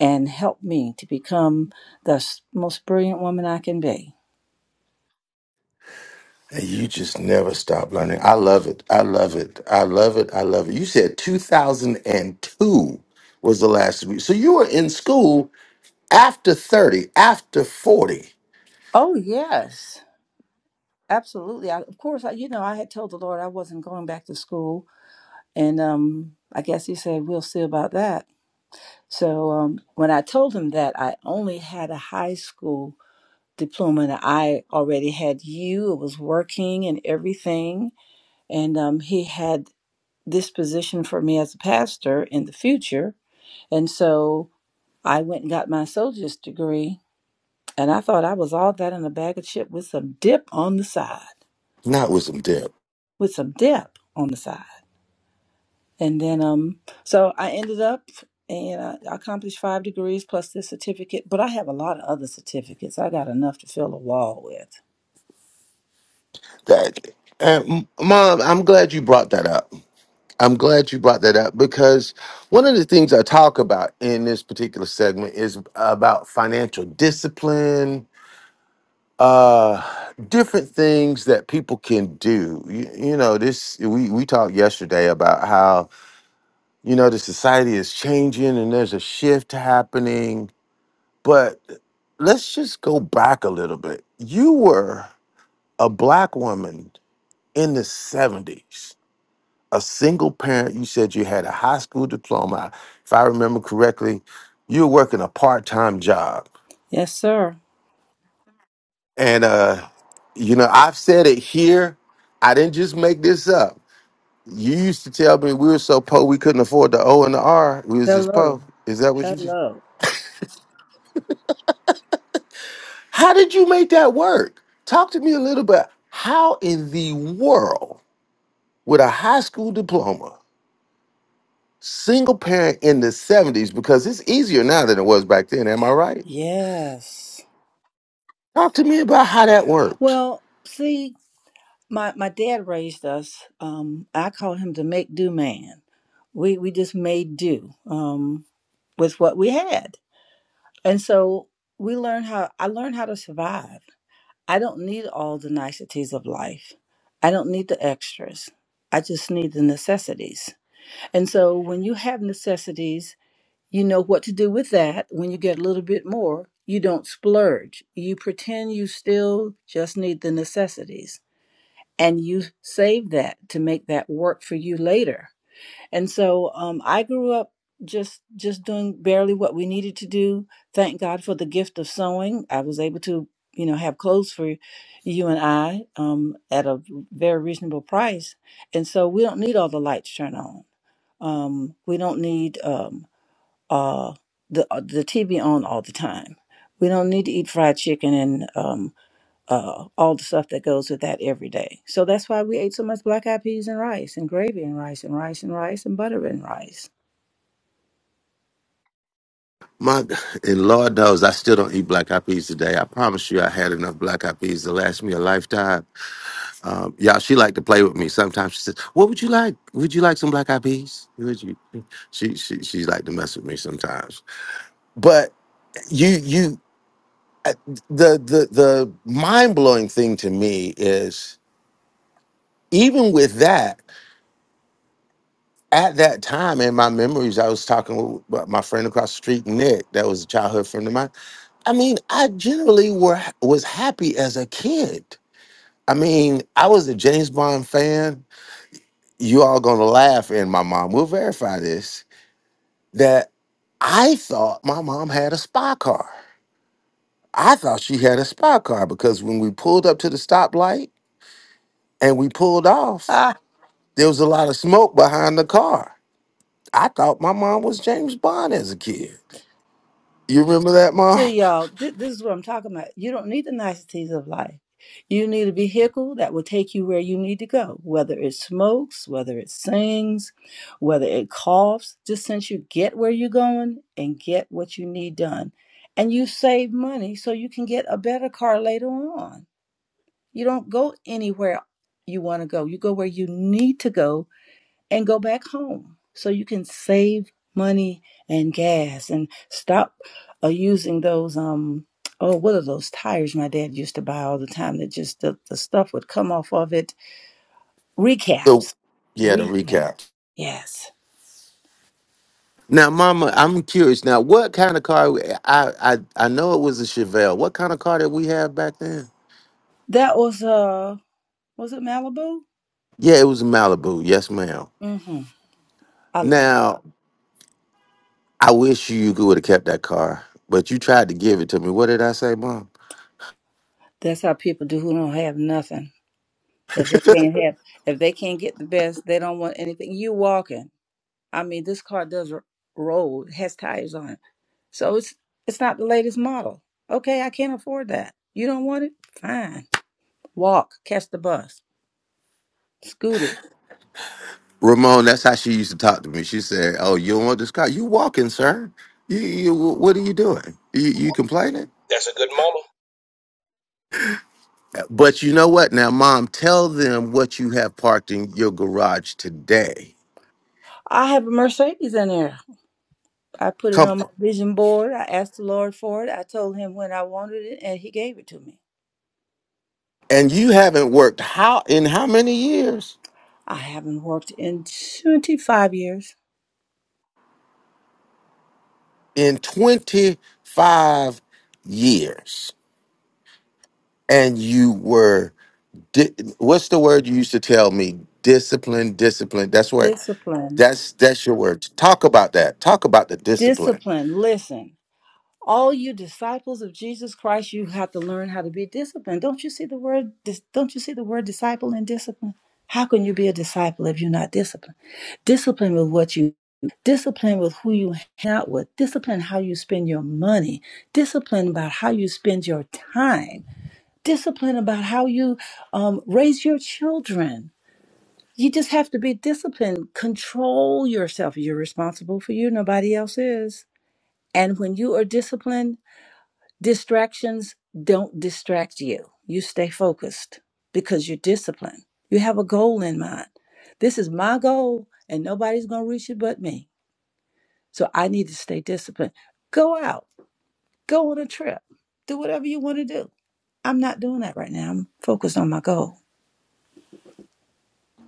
Speaker 15: and help me to become the most brilliant woman I can be.
Speaker 4: And you just never stop learning. I love it. I love it. I love it. I love it. You said 2002 was the last week. So you were in school after 30, after 40.
Speaker 15: Oh, yes. Absolutely. I, of course, I, you know, I had told the Lord I wasn't going back to school. And um, I guess he said, we'll see about that. So um, when I told him that, I only had a high school diploma and I already had you. It was working and everything. And um, he had this position for me as a pastor in the future. And so I went and got my soldier's degree. And I thought I was all that in a bag of chips with some dip on the side,
Speaker 4: Not with some dip.
Speaker 15: with some dip on the side. And then, um, so I ended up and I accomplished five degrees plus this certificate. But I have a lot of other certificates. I got enough to fill a wall with.
Speaker 4: That and mom, I'm glad you brought that up. I'm glad you brought that up because one of the things I talk about in this particular segment is about financial discipline uh different things that people can do you, you know this we we talked yesterday about how you know the society is changing and there's a shift happening but let's just go back a little bit you were a black woman in the 70s a single parent you said you had a high school diploma if i remember correctly you were working a part-time job
Speaker 15: Yes, sir.
Speaker 4: and uh you know i've said it here i didn't just make this up You used to tell me we were so poor we couldn't afford the O and the R. We was just
Speaker 15: Hello.
Speaker 4: poor. Is that what you just?
Speaker 15: Hello.
Speaker 4: How did you make that work? Talk to me a little bit. How in the world with a high school diploma, single parent in the 70s, because it's easier now than it was back then, am I right?
Speaker 15: Yes.
Speaker 4: Talk to me about how that works.
Speaker 15: Well, see, my, my dad raised us. Um, I call him the make do man. We we just made do um, with what we had, and so we learned how. I learned how to survive. I don't need all the niceties of life. I don't need the extras. I just need the necessities. And so when you have necessities You know what to do with that when you get a little bit more. You don't splurge. You pretend you still just need the necessities and you save that to make that work for you later. And so um, I grew up just just doing barely what we needed to do. Thank God for the gift of sewing. I was able to, you know, have clothes for you and I um, at a very reasonable price. And so we don't need all the lights turned on. Um, we don't need um, uh, the uh, the TV on all the time. We don't need to eat fried chicken and um, uh, all the stuff that goes with that every day. So that's why we ate so much black eyed peas and rice and gravy and rice and rice and rice and butter and rice. [LAUGHS]
Speaker 4: My and Lord knows I still don't eat black eyed peas today. I promise you I had enough black eyed peas to last me a lifetime. Um, y'all, she liked to play with me. Sometimes she says, "What would you like? Would you like some black eyed peas?" Would you? She she she like to mess with me sometimes. But you you the the the mind blowing thing to me is even with that at that time in my memories, I was talking with my friend across the street, Nick, that was a childhood friend of mine. I mean, I generally were was happy as a kid. I mean, I was a James Bond fan. You all gonna laugh, and my mom will verify this that I thought my mom had a spy car. I thought she had a spy car because when we pulled up to the stoplight and we pulled off,
Speaker 15: Ah,
Speaker 4: there was a lot of smoke behind the car. I thought my mom was James Bond as a kid. You remember that, mom?
Speaker 15: See,
Speaker 4: [LAUGHS]
Speaker 15: y'all, thi- this is what I'm talking about. You don't need the niceties of life. You need a vehicle that will take you where you need to go, whether it smokes, whether it sings, whether it coughs, just since you get where you're going and get what you need done. And you save money so you can get a better car later on. You don't go anywhere you want to go, you go where you need to go and go back home so you can save money and gas and stop uh, using those um oh what are those tires my dad used to buy all the time that just the, the stuff would come off of it
Speaker 4: So,
Speaker 15: recaps
Speaker 4: yeah, to
Speaker 15: recap
Speaker 4: recap.
Speaker 15: yes
Speaker 4: Now, mama, I'm curious. Now, what kind of car? we- I I I know it was a Chevelle. What kind of car did we have back then?
Speaker 15: that was uh was it malibu
Speaker 4: Yeah, it was a Malibu. Yes, ma'am.
Speaker 15: mm-hmm I,
Speaker 4: Now, I wish you would have kept that car, but you tried to give it to me. What did I say, Mom?
Speaker 15: that's how people do who don't have nothing if they can't have if they can't get the best they don't want anything you walking i mean this car does roll it has tires on it So it's it's not the latest model. Okay, I can't afford that. You don't want it? Fine. Walk, catch the bus, scooter.
Speaker 4: Ramon, that's how she used to talk to me. She said, "Oh, you don't want this car? You walking, sir? You, you what are you doing? You, you complaining?"
Speaker 14: That's a good mama.
Speaker 4: Uh, But you know what? Now, Mom, tell them what you have parked in your garage today.
Speaker 15: I have a Mercedes in there. I put it
Speaker 4: Come
Speaker 15: on my
Speaker 4: on.
Speaker 15: vision board. I asked the Lord for it. I told him when I wanted it and he gave it to me.
Speaker 4: And you haven't worked how in how many years?
Speaker 15: I haven't worked in 25 years.
Speaker 4: In twenty five years, and you were Di- what's the word you used to tell me? Discipline, discipline. That's where
Speaker 15: Discipline.
Speaker 4: that's that's your word. Talk about that. Talk about the discipline.
Speaker 15: Discipline. Listen. all you disciples of Jesus Christ, you have to learn how to be disciplined. Don't you see the word? Don't you see the word disciple and discipline? How can you be a disciple if you're not disciplined? Discipline with what you do. discipline with who you hang out with, discipline how you spend your money, discipline about how you spend your time, discipline about how you um, raise your children. You just have to be disciplined. Control yourself. You're responsible for you. Nobody else is. And when you are disciplined, Distractions don't distract you. You stay focused because you're disciplined. You have a goal in mind. This is my goal, and nobody's going to reach it but me. So I need to stay disciplined. Go out, go on a trip, do whatever you want to do. I'm not doing that right now. I'm focused on my goal.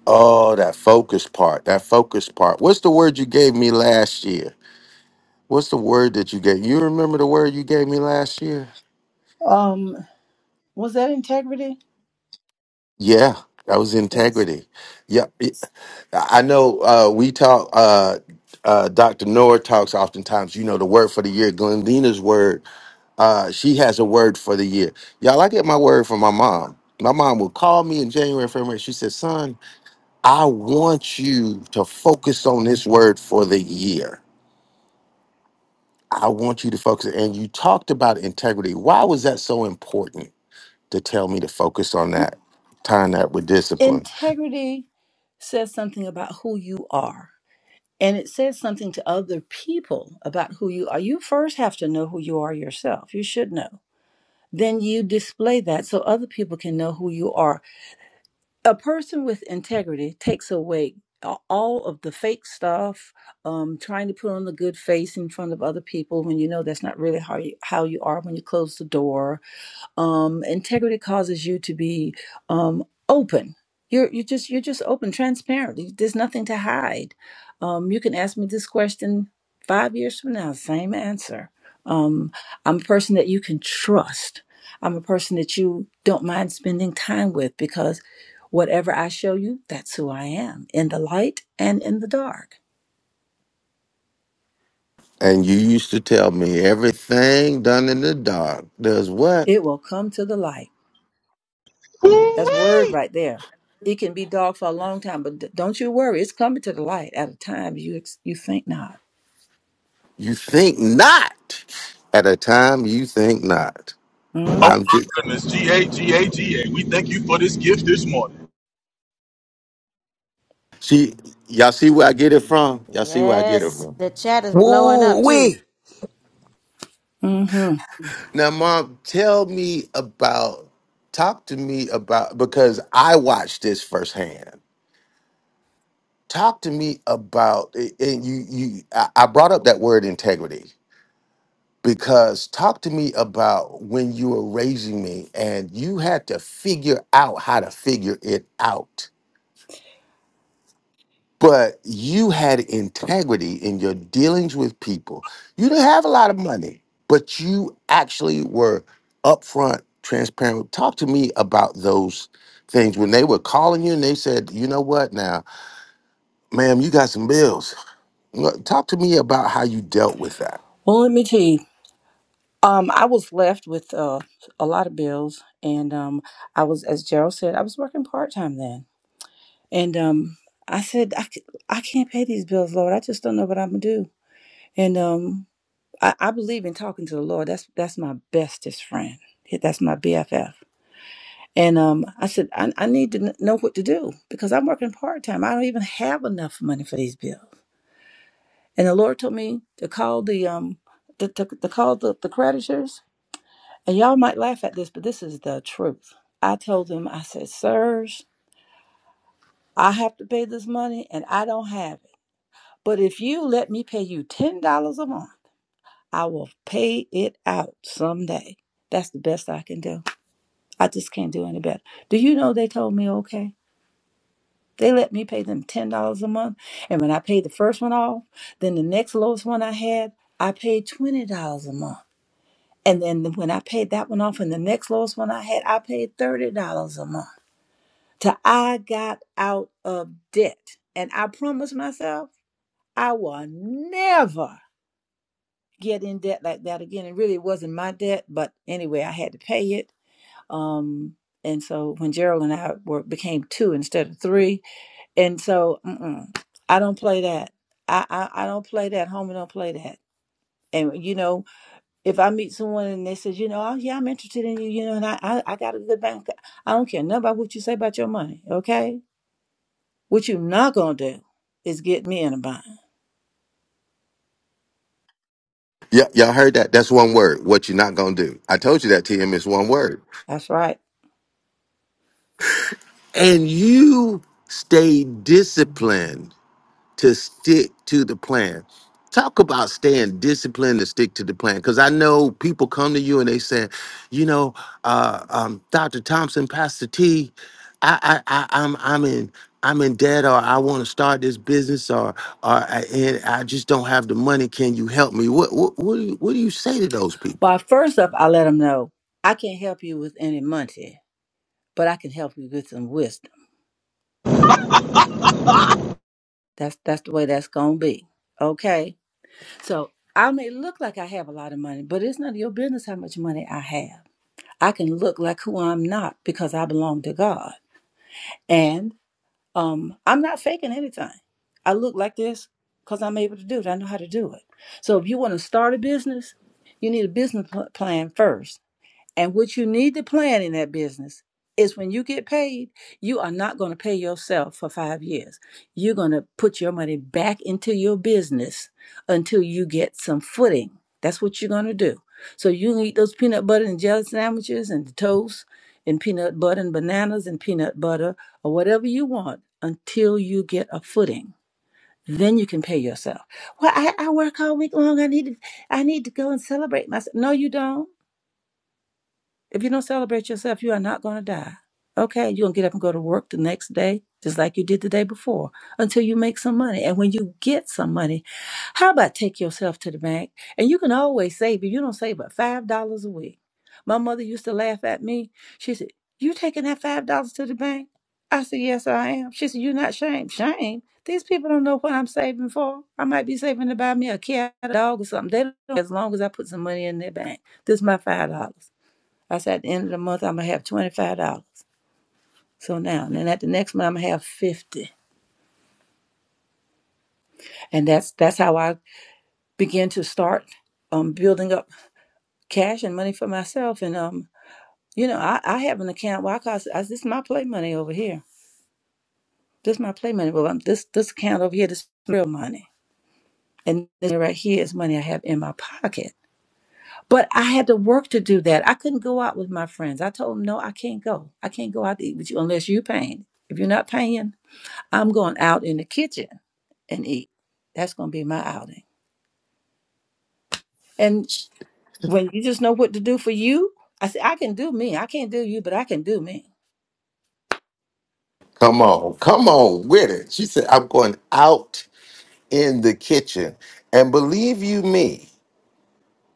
Speaker 4: Oh, that focus part. That focus part. What's the word you gave me last year? What's the word that you gave? You remember the word you gave me last year?
Speaker 15: Um, was that integrity?
Speaker 4: Yeah, that was
Speaker 15: Yes.
Speaker 4: integrity. Yeah, it- I I know. Uh, we talk. Uh, uh, Dr. Noor talks oftentimes. You know, the word for the year, Glendina's word Uh, she has a word for the year. Y'all, I get my word from my mom. My mom would call me in January, February. She said, Son, I want you to focus on this word for the year. I want you to focus. And you talked about integrity. Why was that so important to tell me to focus on that, tying that with discipline?
Speaker 15: Integrity says something about who you are. and it says something to other people about who you are. You first have to know who you are yourself. You should know. Then you display that so other people can know who you are. A person with integrity takes away all of the fake stuff, um, trying to put on the good face in front of other people when you know that's not really how you, how you are when you close the door um, integrity causes you to be um, open you're, you're just you're just open transparent there's nothing to hide um, you can ask me this question five years from now same answer um, i'm a person that you can trust i'm a person that you don't mind spending time with because whatever i show you that's who i am in the light and in the dark
Speaker 4: And you used to tell me everything done in the dark does what?
Speaker 15: it will come to the light That's word
Speaker 6: Woo-wee!
Speaker 15: right there. It can be dark for a long time, but d- don't you worry. It's coming to the light at a time you ex- you think not.
Speaker 4: You think not at a time you think not.
Speaker 15: hmm
Speaker 6: Oh my
Speaker 4: I'm just
Speaker 6: goodness, G A G A G A. we thank you for this gift this morning.
Speaker 4: See, y'all see where I get it from? Y'all see where I get it
Speaker 1: Yes.
Speaker 4: from?
Speaker 1: The chat is blowing up
Speaker 7: Woo
Speaker 1: too.
Speaker 7: wee!
Speaker 15: hmm
Speaker 4: Now, mom, tell me about, talk to me about, because I watched this firsthand. Talk to me about, and you, you, I I brought up that word integrity because talk to me about when you were raising me and you had to figure out how to figure it out but you had integrity in your dealings with people. You didn't have a lot of money, but you actually were upfront, transparent. Talk to me about those things when they were calling you and they said, "You know what? Now, ma'am, you got some bills." Look, Talk to me about how you dealt with that.
Speaker 15: Well, let me tell you. Um, I was left with uh, a lot of bills, and um, I was, as Gerald said, I was working part time then, and um, I said, I, c- I can't pay these bills, Lord. I just don't know what I'm gonna do. And um, I, I believe in talking to the Lord. That's that's my bestest friend. That's my BFF And um, I said, I, I need to know what to do because I'm working part time. I don't even have enough money for these bills. And the Lord told me to call the um to, to, to call the, the creditors. And y'all might laugh at this, but this is the truth. I told them, I said, sirs, I have to pay this money and I don't have it. But if you let me pay you ten dollars a month, I will pay it out someday. That's the best I can do. I just can't do any better. Do you know they told me okay? They let me pay them ten dollars a month, and when I paid the first one off, then the next lowest one I had, I paid twenty dollars a month, and then when I paid that one off, and the next lowest one I had, I paid thirty dollars a month. Till I got out of debt, and I promised myself I will never get in debt like that again. It really wasn't my debt, but anyway, I had to pay it. Um, and so when Gerald and I were, became two instead of three, And so mm-mm, I don't play that. I, I I don't play that. Homie don't play that. And you know, if I meet someone and they says, you know, oh yeah, I'm interested in you, you know, and I I, I got a good bank, account," I don't care nothing about what you say about your money, okay? What you not gonna do is get me in a bind.
Speaker 4: Yeah, y'all heard that. That's one word. What you're not gonna do. I told you that, TM. It's one word.
Speaker 15: That's right.
Speaker 4: And you stayed disciplined to stick to the plan. Talk about staying disciplined to stick to the plan. Because I know people come to you and they say, you know, uh, um, Dr. Thompson, Pastor T, I, I, I, I'm, I'm in, I'm in debt, or I want to start this business, or, or I, and I just don't have the money. Can you help me? What, what, what do you, what do you say to those
Speaker 15: Well,
Speaker 4: people?
Speaker 15: first up, I let them know I can't help you with any money, but I can help you with some wisdom. That's that's the way that's gonna be, okay? So I may look like I have a lot of money, but it's none of your business how much money I have I can look like who I'm not because I belong to God. And um, I'm not faking anything. I look like this because I'm able to do it. I know how to do it. So if you want to start a business, you need a business plan first and what you need to plan in that business is when you get paid, you are not going to pay yourself for five years. You're going to put your money back into your business until you get some footing. That's what you're going to do. So you can eat those peanut butter and jelly sandwiches and the toast and peanut butter and bananas and peanut butter or whatever you want until you get a footing. Then you can pay yourself. Well, I, I work all week long. I need to, I need to go and celebrate myself. No, you don't if you don't celebrate yourself, you are not going to die. Okay, you're going to get up and go to work the next day, just like you did the day before, until you make some money. And when you get some money, how about take yourself to the bank? And you can always save if you don't save but $5 a week. My mother used to laugh at me. She said, You taking that $5 to the bank? I said, Yes, I am. She said, You're not shame. Shame. These people don't know what I'm saving for. I might be saving to buy me a cat, a dog, or something. They don't know as long as I put some money in their bank. This is my $5. I said at the end of the month I'm gonna have twenty five dollars. So now and then at the next month I'm gonna have fifty. dollars. And that's that's how I begin to start um building up cash and money for myself. And um, you know, I, I have an account why cause I, this is my play money over here. This is my play money. Well I'm, this this account over here, this is real money. And this right here is money I have in my pocket. But I had to work to do that. I couldn't go out with my friends. I told them, no, I can't go. I can't go out to eat with you unless you're paying. If you're not paying, I'm going out in the kitchen. and eat. That's gonna be my outing. And when you just know what to do for you, I say I can do me. I can't do you, but I can do me.
Speaker 4: Come on, come on with it. She said, I'm going out in the kitchen, and believe you me.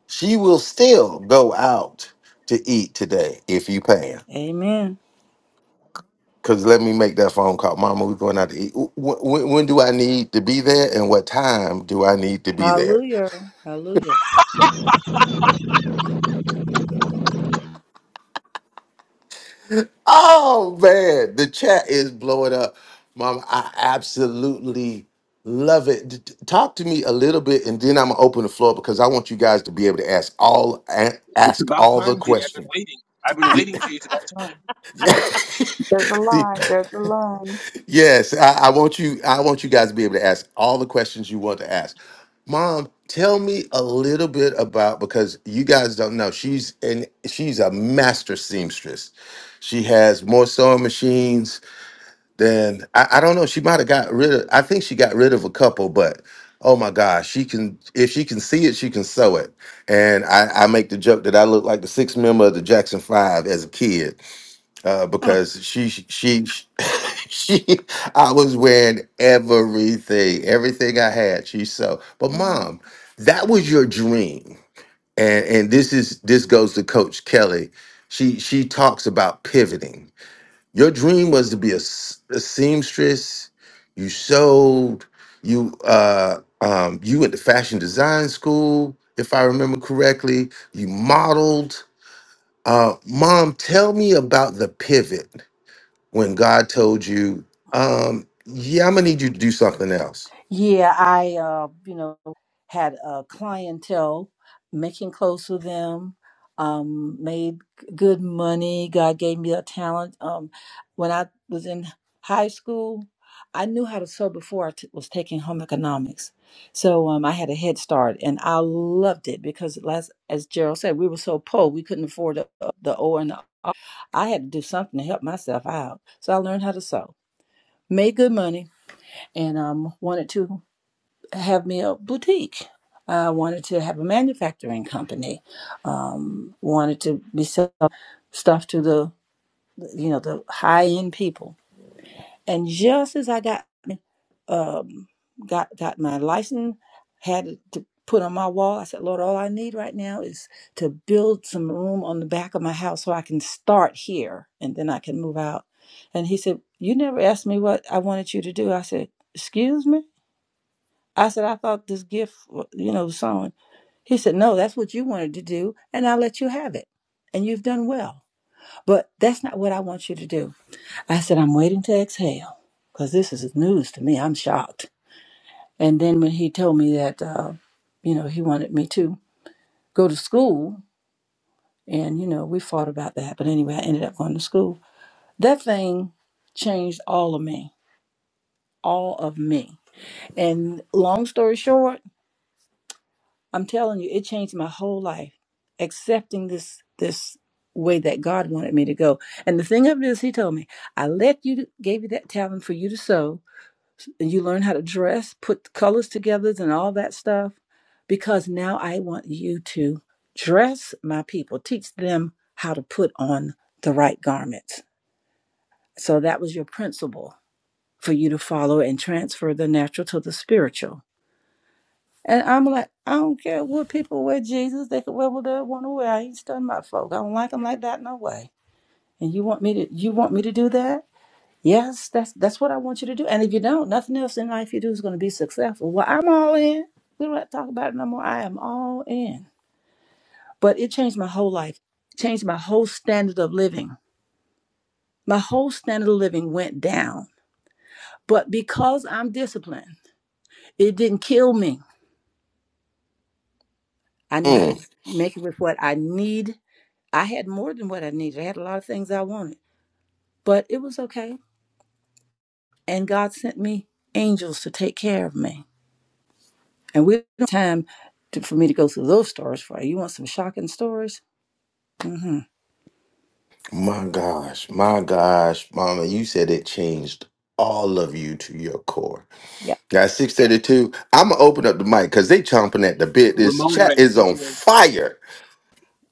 Speaker 4: She will still go out to eat today if you pay her.
Speaker 15: Amen.
Speaker 4: Cause let me make that phone call, Mama. We're going out to eat. When, when do I need to be there, and what time do I need to be there?
Speaker 15: Hallelujah. Hallelujah.
Speaker 4: Oh man, the chat is blowing up, Mama. I absolutely love it. D- d- Talk to me a little bit, and then I'm gonna open the floor because I want you guys to be able to ask all a-
Speaker 14: It's
Speaker 4: ask
Speaker 14: about
Speaker 4: all the
Speaker 14: time, GA. have been
Speaker 4: questions.
Speaker 14: waiting. I've been
Speaker 4: Yeah.
Speaker 14: waiting, GA. It's about time.
Speaker 4: [LAUGHS]
Speaker 13: There's a
Speaker 4: See,
Speaker 13: line. There's a line.
Speaker 4: Yes, I, I want you. I want you guys to be able to ask all the questions you want to ask. Mom, tell me a little bit about because you guys don't know. She's and she's a master seamstress. She has more sewing machines than I, I don't know. She might have got rid of. I think she got rid of a couple, but oh my gosh, she can. If she can see it, she can sew it. And I, I make the joke that I look like the sixth member of the Jackson Five as a kid uh,
Speaker 15: [LAUGHS]
Speaker 4: because she she [LAUGHS] she I was wearing everything, everything I had. She so, but
Speaker 15: Mhm.
Speaker 4: mom, that was your dream, and and this is this goes to Coach Kelly. She she talks about pivoting. Your dream was to be a, s- a seamstress. You sewed. You uh um you went to fashion design school, if I remember correctly. You modeled. Uh, mom, tell me about the pivot when God told you, um, yeah, I'm gonna need you to do something else.
Speaker 15: Yeah, I uh, you know, had a clientele, making clothes for them, um, made g- good money. God gave me a talent. Um, when I was in high school, I knew how to sew before I t- was taking home economics. So um, I had a head start, and I loved it because, last, as Gerald said, we were so poor we couldn't afford the, the O and the, I had to do something to help myself out. So I learned how to sew, made good money, and um, wanted to have me a boutique. I wanted to have a manufacturing company. Um, wanted to be selling stuff to the you know the high end people. And just as I got um, got got my license, had it to put on my wall, I said, Lord, all I need right now is to build some room on the back of my house so I can start here and then I can move out. And he said, You never asked me what I wanted you to do. I said, Excuse me. I said, I thought this gift, you know, sewing. He said, No, that's what you wanted to do, and I'll let you have it. And you've done well. But that's not what I want you to do. I said, I'm waiting to exhale because this is news to me. I'm shocked. And then when he told me that, uh, you know, he wanted me to go to school, and, you know, we fought about that. But anyway, I ended up going to school. That thing changed all of me, all of me. And long story short, I'm telling you, it changed my whole life. Accepting this this way that God wanted me to go. And the thing of it is, He told me, I let you gave you that talent for you to sew, and you learn how to dress, put colors together, and all that stuff, because now I want you to dress my people, teach them how to put on the right garments. So that was your principle for you to follow and transfer the natural to the spiritual and I'm like, I don't care what people wear Jesus, they can wear what they want to wear. I ain't studying my folk. I don't like them like that no way. And you want me to you want me to do that? Yes, that's that's what I want you to do. And if you don't, nothing else in life you do is going to be successful. Well, I'm all in. We don't have to talk about it no more. I am all in. But it changed my whole life. It changed my whole standard of living. My whole standard of living went down. But because I'm disciplined, it didn't kill me. I know how to
Speaker 4: Mm,
Speaker 15: make it with what I need I had more than what I needed. I had a lot of things I wanted, but it was okay. And God sent me angels to take care of me. And we don't have time to, for me to go through those stories for you. You want some shocking stories? Mm-hmm.
Speaker 4: my gosh, my gosh, mama, you said it changed all of you to your core.
Speaker 15: Yeah.
Speaker 4: Guys, 632, I'm gonna open up the mic because they chomping at the bit. This
Speaker 14: Ramon
Speaker 4: chat
Speaker 14: Ray.
Speaker 4: is
Speaker 14: Hey,
Speaker 4: on
Speaker 14: GA.
Speaker 4: fire.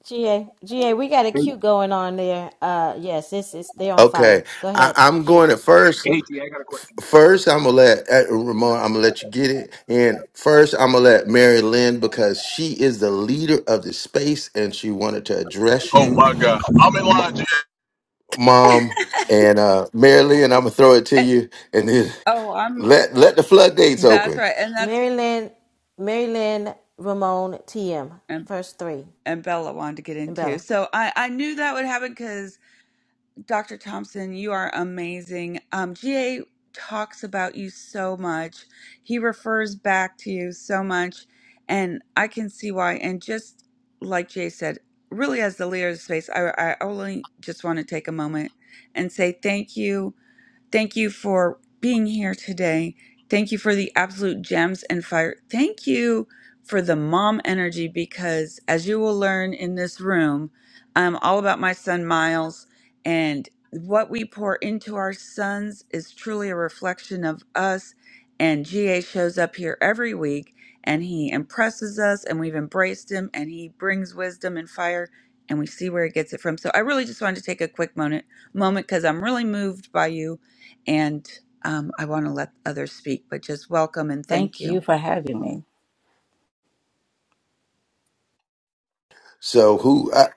Speaker 1: GA. GA, we got a
Speaker 14: Hey,
Speaker 1: queue going on there. Uh yes, it's it's they're on fire.
Speaker 4: Okay,
Speaker 1: Go
Speaker 4: I,
Speaker 1: ahead,
Speaker 4: I'm going
Speaker 1: GA.
Speaker 4: to first.
Speaker 14: hey, GA, got a
Speaker 4: f-
Speaker 14: question.
Speaker 4: First, I'm gonna let uh, Ramon. I'm gonna let you get it. And first, I'm gonna let Mary Lynn because she is the leader of the space, and she wanted to address
Speaker 6: Oh
Speaker 4: you.
Speaker 6: my God. I'm in line, GA.
Speaker 4: mom and uh Marilyn, and I'm gonna throw it to
Speaker 13: And-
Speaker 4: you and then
Speaker 13: oh, I'm.
Speaker 4: let let the floodgates
Speaker 13: That's
Speaker 4: open.
Speaker 13: right, and that's
Speaker 1: Maryland Maryland Ramon TM.
Speaker 13: and,
Speaker 1: First three.
Speaker 13: and Bella wanted to get in
Speaker 1: And
Speaker 13: too.
Speaker 1: Bella.
Speaker 13: So I I knew that would happen because. Dr. Thompson, you are amazing. Um, GA talks about you so much. He refers back to you so much. And I can see why. And just like Jay said, really, as the leader of the space, I, I only just want to take a moment and say thank you Thank you for being here today. Thank you for the absolute gems and fire. Thank you for the mom energy because, as you will learn in this room, I'm all about my son Miles, and what we pour into our sons is truly a reflection of us. And GA shows up here every week and he impresses us, and we've embraced him, and he brings wisdom and fire, and we see where he gets it from. So, I really just wanted to take a quick moment moment because I'm really moved by you and um, I want to let others speak, but just welcome and thank
Speaker 15: Thank you
Speaker 13: you.
Speaker 15: for having me.
Speaker 4: So who I,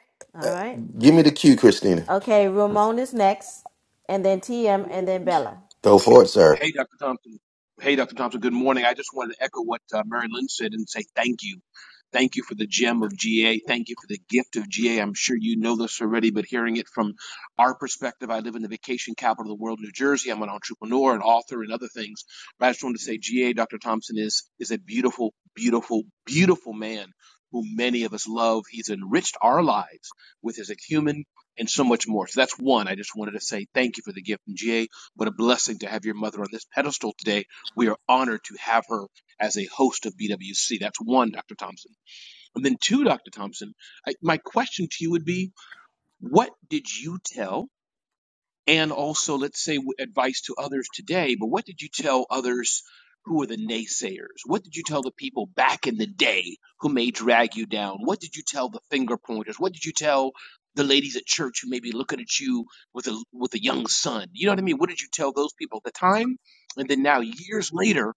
Speaker 4: uh,
Speaker 1: All right.
Speaker 4: give me the cue, Christina.
Speaker 1: Okay, Ramon is next. And then TM and then Bella.
Speaker 4: Go for it, sir.
Speaker 14: Hey, Dr. Thompson. Hey, Dr. Thompson. Good morning. I just wanted to echo what uh, Mary Lynn said and say thank you. Thank you for the gem of GA. Thank you for the gift of GA. I'm sure you know this already, but hearing it from our perspective, I live in the vacation capital of the world, New Jersey. I'm an entrepreneur, an author, and other things. But I just wanted to say GA, Dr. Thompson, is, is a beautiful, beautiful, beautiful man who many of us love. He's enriched our lives with his acumen and so much more. So that's one. I just wanted to say thank you for the gift from GA. What a blessing to have your mother on this pedestal today. We are honored to have her as a host of BWC. That's one, Dr. Thompson. And then two, Dr. Thompson, I, my question to you would be what did you tell? and also let's say advice to others today but what did you tell others who were the naysayers what did you tell the people back in the day who may drag you down what did you tell the finger pointers what did you tell the ladies at church who may be looking at you with a with a young son you know what i mean what did you tell those people at the time and then now years later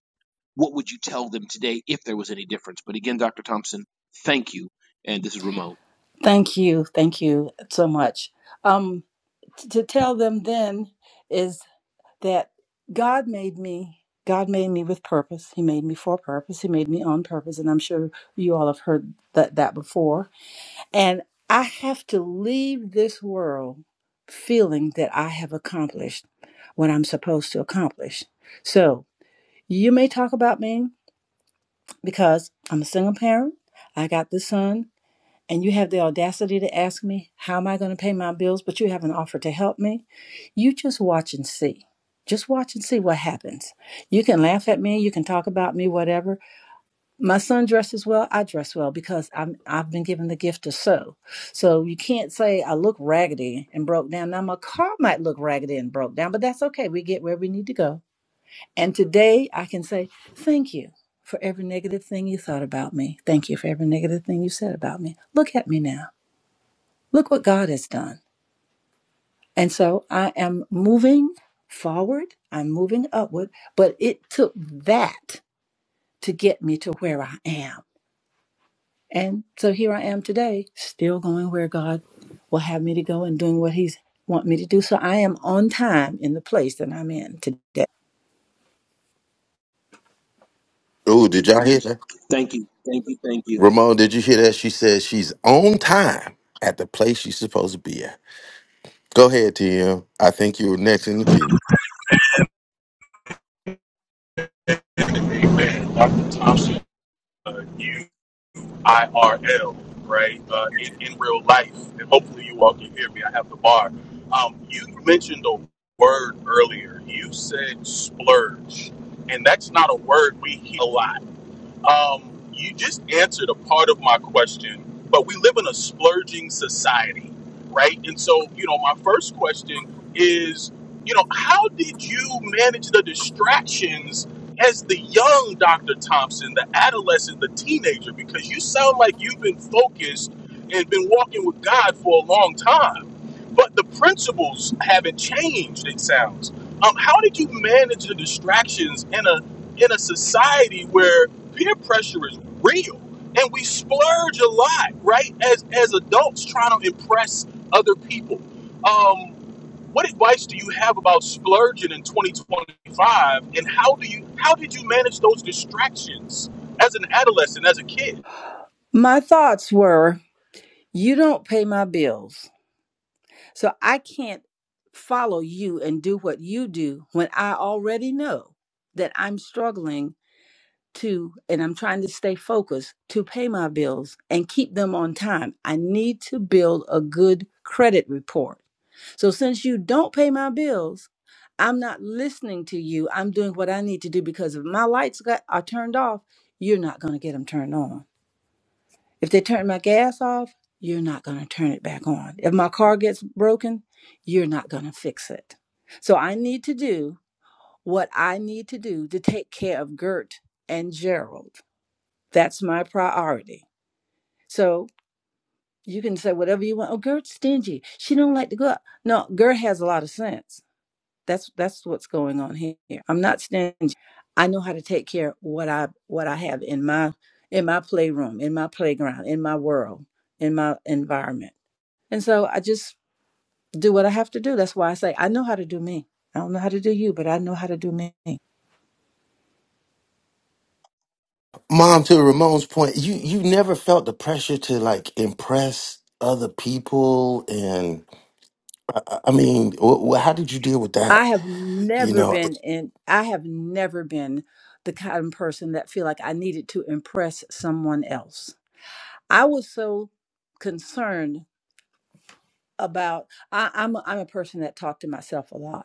Speaker 14: what would you tell them today if there was any difference but again dr thompson thank you and this is ramon
Speaker 15: Thank you. Thank you so much. Um, t- to tell them then is that God made me. God made me with purpose. He made me for a purpose. He made me on purpose. And I'm sure you all have heard that, that before And I have to leave this world feeling that I have accomplished what I'm supposed to accomplish. So you may talk about me because I'm a single parent, I got the son, and you have the audacity to ask me, How am I going to pay my bills? But you haven't offered to help me. You just watch and see. Just watch and see what happens. You can laugh at me, you can talk about me, whatever, my son dresses well i dress well because I'm, i've been given the gift to sew so you can't say i look raggedy and broke down now my car might look raggedy and broke down but that's okay we get where we need to go and today i can say thank you for every negative thing you thought about me thank you for every negative thing you said about me look at me now look what god has done and so i am moving forward i'm moving upward but it took that to get me to where i am And so here I am today, still going where God will have me to go and doing what He's want me to do. So I am on time in the place that I'm in today.
Speaker 4: Oh, did y'all hear that?
Speaker 14: thank you thank you thank you
Speaker 4: Ramon, did you hear that? She says she's on time at the place she's supposed to be at. Go ahead, TM. I think you were next in the queue.
Speaker 6: Amen. Dr. Thompson, uh, you IRL, right? Uh, in, in real life. And hopefully you all can hear me. I have the bar. Um, you mentioned a word earlier. You said splurge. And that's not a word we hear a lot. Um, you just answered a part of my question, but we live in a splurging society, right? And so, you know, my first question is, you know, how did you manage the distractions as the young Dr. Thompson, the adolescent, the teenager? Because you sound like you've been focused and been walking with God for a long time, but the principles haven't changed, it sounds. Um, how did you manage the distractions in a in a society where peer pressure is real and we splurge a lot right as as adults trying to impress other people um what advice do you have about splurging in 2025 and how do you how did you manage those distractions as an adolescent as a kid
Speaker 15: My thoughts were, you don't pay my bills. So I can't follow you and do what you do when I already know that I'm struggling to and I'm trying to stay focused to pay my bills and keep them on time. I need to build a good credit report So since you don't pay my bills, I'm not listening to you. I'm doing what I need to do because if my lights got, are turned off, you're not going to get them turned on. If they turn my gas off, you're not going to turn it back on. If my car gets broken, you're not going to fix it. So I need to do what I need to do to take care of Gert and Gerald. That's my priority. So you can say whatever you want. Oh, Gert's stingy. She don't like to go out. No, Gert has a lot of sense That's that's what's going on here. I'm not stingy. I know how to take care of what I what I have in my in my playroom, in my playground, in my world, in my environment. And so I just do what I have to do. That's why I say I know how to do me. I don't know how to do you, but I know how to do me.
Speaker 4: Mom, to Ramon's point, you you never felt the pressure to like impress other people, and I, I I mean, wh- wh- how did you deal with
Speaker 15: I
Speaker 4: that?
Speaker 15: have
Speaker 4: You
Speaker 15: never
Speaker 4: know,
Speaker 15: been in I have never been the kind of person that feel like I needed to impress someone else. I was so concerned about I, I'm a, I'm a person that talked to myself a lot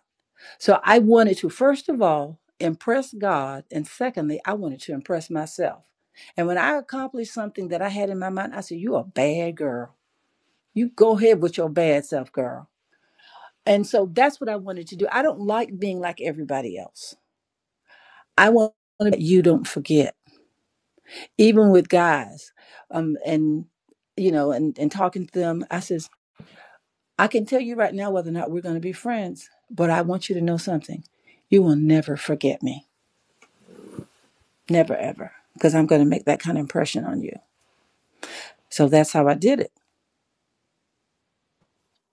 Speaker 15: So I wanted to, first of all, impress God. And secondly, I wanted to impress myself. And when I accomplished something that I had in my mind, I said, You a bad girl. You go ahead with your bad self, girl. And so that's what I wanted to do. I don't like being like everybody else. I want to you don't forget, even with guys. Um, and you know, and, and talking to them, I says, I can tell you right now whether or not we're gonna be friends, but I want you to know something. You will never forget me Never ever, because I'm going to make that kind of impression on you. So that's how I did it.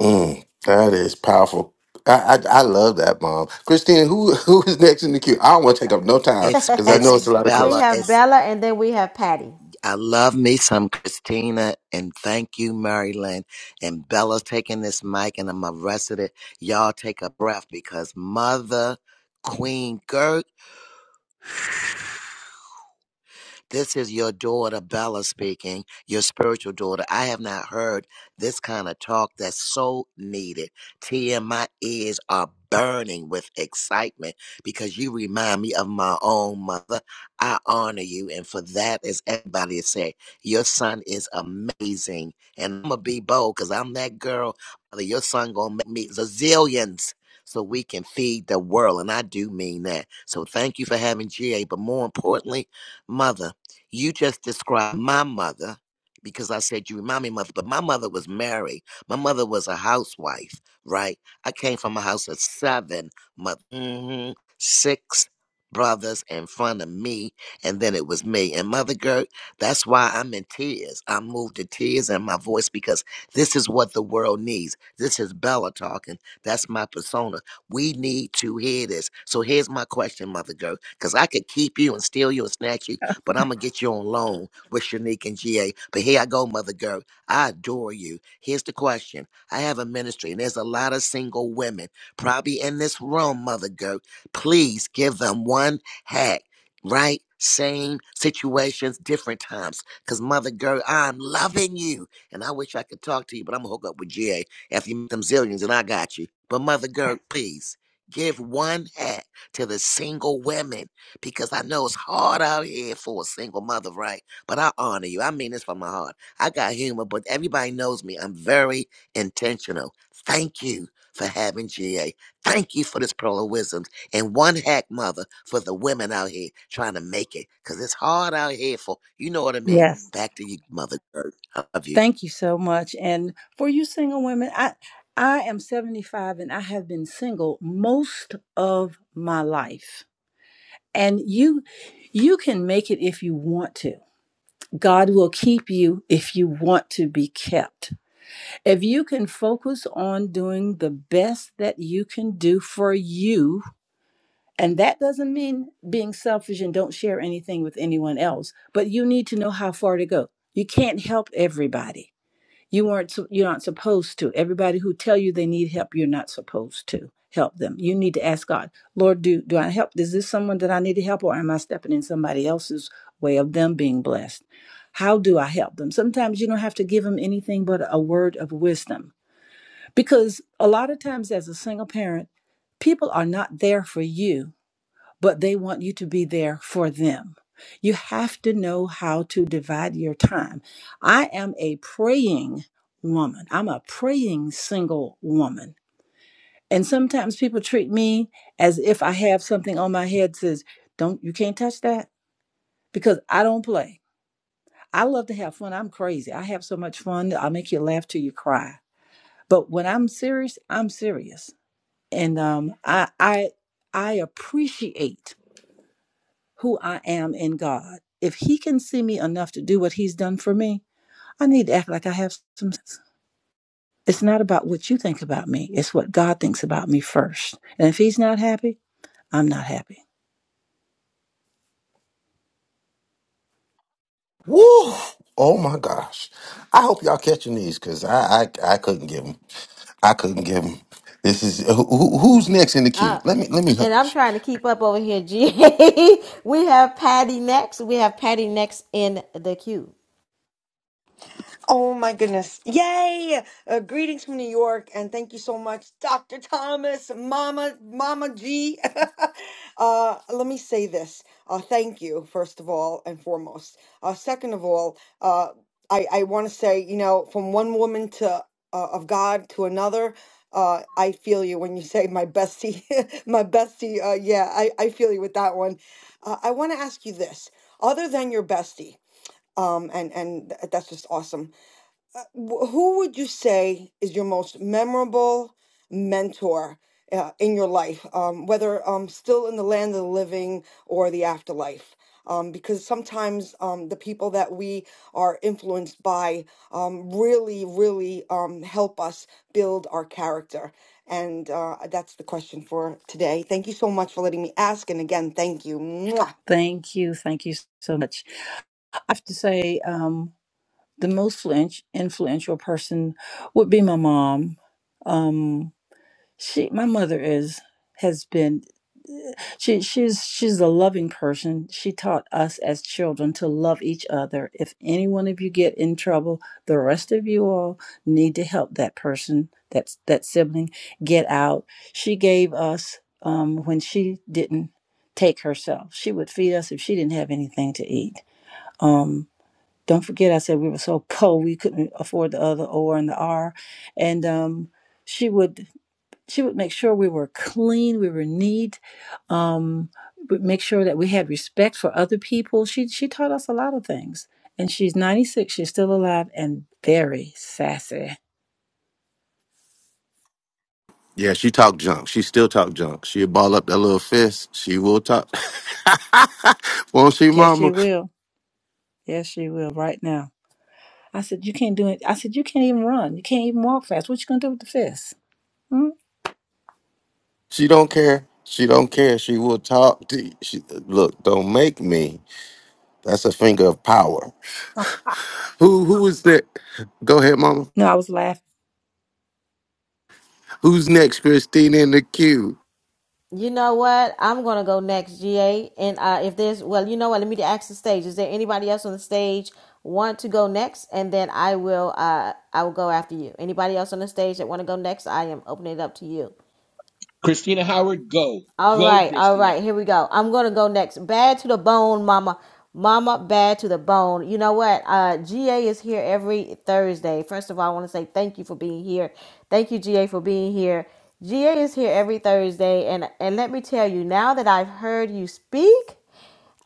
Speaker 4: Mm, that is powerful. I, I I love that, Mom. Christina, who [LAUGHS] who is next in the queue? I don't want to take up no time
Speaker 7: It's
Speaker 4: because I
Speaker 7: it's
Speaker 1: [LAUGHS]
Speaker 4: know it's a lot of
Speaker 1: we
Speaker 7: Bella.
Speaker 4: questions.
Speaker 1: have
Speaker 7: It's
Speaker 1: Bella and then we have Patty.
Speaker 7: I love me some Christina and thank you, Marilyn. And Bella's taking this mic and I'm arrested it. Y'all take a breath because Mother Queen Gert this is your daughter, Bella, speaking, your spiritual daughter. I have not heard this kind of talk that's so needed. Tia, my ears are burning with excitement because you remind me of my own mother. I honor you. And for that, as everybody is saying, your son is amazing. And I'm going to be bold because I'm that girl. Mother, Your son going to make me zillions so we can feed the world. And I do mean that. So thank you for having GA. But more importantly, mother. You just described my mother because I said you remind me of mother, but my mother was married. My mother was a housewife, right? I came from a house of seven mother, hmm six brothers in front of me, and then it was me. And mother Gert. that's why I'm in tears. I moved to tears in my voice because this is what the world needs. This is Bella talking. That's my persona. We need to hear this. So here's my question, mother Gert, because I could keep you and steal you and snatch you but I'm gonna get you on loan with Shanique and GA. But here I go, Mother Girl. I adore you. Here's the question. I have a ministry, and there's a lot of single women probably in this room, Mother Girl. Please give them one hack, right? Same situations, different times. Cause Mother Girl, I'm loving you. And I wish I could talk to you, but I'm gonna hook up with GA after you meet them zillions, and I got you. But Mother Girl, please give one hack to the single women because I know it's hard out here for a single mother, right? But I honor you. I mean this from my heart. I got humor, but everybody knows me. I'm very intentional. Thank you for having GA. Thank you for this pearl of wisdoms. And one hack mother for the women out here trying to make it. Cause it's hard out here for you know what I mean.
Speaker 15: Yes.
Speaker 7: Back to you, mother. Gertrude. I love you.
Speaker 15: Thank you so much. And for you single women, I I am 75 and I have been single most of my life. And you you can make it if you want to. God will keep you if you want to be kept. If you can focus on doing the best that you can do for you And that doesn't mean being selfish and don't share anything with anyone else, but you need to know how far to go. You can't help everybody. You aren't you're not supposed to. Everybody who tell you they need help, you're not supposed to help them. You need to ask God, Lord, do do I help? Is this someone that I need to help, or am I stepping in somebody else's way of them being blessed? How do I help them? Sometimes you don't have to give them anything but a word of wisdom, because a lot of times as a single parent, people are not there for you but they want you to be there for them. You have to know how to divide your time. I am a praying woman, I'm a praying single woman. And sometimes people treat me as if I have something on my head that says, don't, you can't touch that because I don't play. I love to have fun. I'm crazy. I have so much fun. I'll make you laugh till you cry. But when I'm serious, I'm serious. And um, I, I, I appreciate who I am in God. If He can see me enough to do what He's done for me, I need to act like I have some sense. It's not about what you think about me, it's what God thinks about me first. And if He's not happy, I'm not happy.
Speaker 4: Woo! Oh my gosh! I hope y'all catching these because I, I I couldn't give them. I couldn't give them. This is who, who-
Speaker 1: Come
Speaker 4: who's
Speaker 1: on.
Speaker 4: next in the queue.
Speaker 1: Uh,
Speaker 4: Let me let me.
Speaker 1: and I'm
Speaker 4: hush.
Speaker 1: trying to keep up over here, G. [LAUGHS] we have Patty next. We have Patty next in the queue.
Speaker 16: Oh my goodness. Yay! Uh, greetings from New York and thank you so much, Dr. Thomas, Mama, Mama G. [LAUGHS] uh, let me say this. Uh, thank you, first of all and foremost. Uh, second of all, uh, I, I want to say, you know, from one woman to uh, of God to another, uh, I feel you when you say my bestie, [LAUGHS] my bestie. Uh, yeah, I, I feel you with that one. Uh, I want to ask you this. Other than your bestie, um, and and th- that's just awesome uh, wh- who would you say is your most memorable mentor uh, in your life, um, whether um, still in the land of the living or the afterlife? Um, because sometimes um, the people that we are influenced by um, really, really um, help us build our character. And uh, that's the question for today. Thank you so much for letting me ask. And again, thank you. Mwah.
Speaker 15: Thank you. Thank you so much. I have to say, um, the most influen- influential person would be my mom. Um, she, my mother is, has been She she's she's a loving person. She taught us as children to love each other. If any one of you get in trouble, the rest of you all need to help that person, that that sibling, get out. She gave us um, when she didn't take herself. She would feed us if she didn't have anything to eat. Um, don't forget, I said we were so [LAUGHS] poor we couldn't afford the other O and the R, and um, she would she would make sure we were clean, we were neat, um, would make sure that we had respect for other people. She she taught us a lot of things. And she's 96, she's still alive and very sassy.
Speaker 4: Yeah, she talk junk. She still talk junk. She ball up that little fist. She will talk. [LAUGHS] Won't she,
Speaker 15: Yes, she
Speaker 4: Mama?
Speaker 15: will. Yes, she will right now. I said, You can't do it. I said, You can't even run. You can't even walk fast. What you gonna do with the fist? Hmm?
Speaker 4: She don't care. She don't care. She will talk. To you. She, look, don't make me. That's a finger of power. Who who is that? Go ahead, mama.
Speaker 15: No, I was laughing.
Speaker 4: Who's next, Christina in the queue?
Speaker 1: You know what? I'm gonna go next, GA. And uh, if there's, well, you know what? Let me ask the stage. Is there anybody else on the stage want to go next? And then I will, uh, I will go after you. Anybody else on the stage that want to go next? I am opening it up to you.
Speaker 14: christina howard go
Speaker 1: All
Speaker 14: go
Speaker 1: right, all
Speaker 14: christina
Speaker 1: right, here we go. I'm gonna go next. Bad to the bone, mama. Mama, bad to the bone. You know what? Uh GA is here every Thursday. First of all, I want to say thank you for being here. Thank you, GA, for being here. GA is here every Thursday, and and let me tell you, now that I've heard you speak.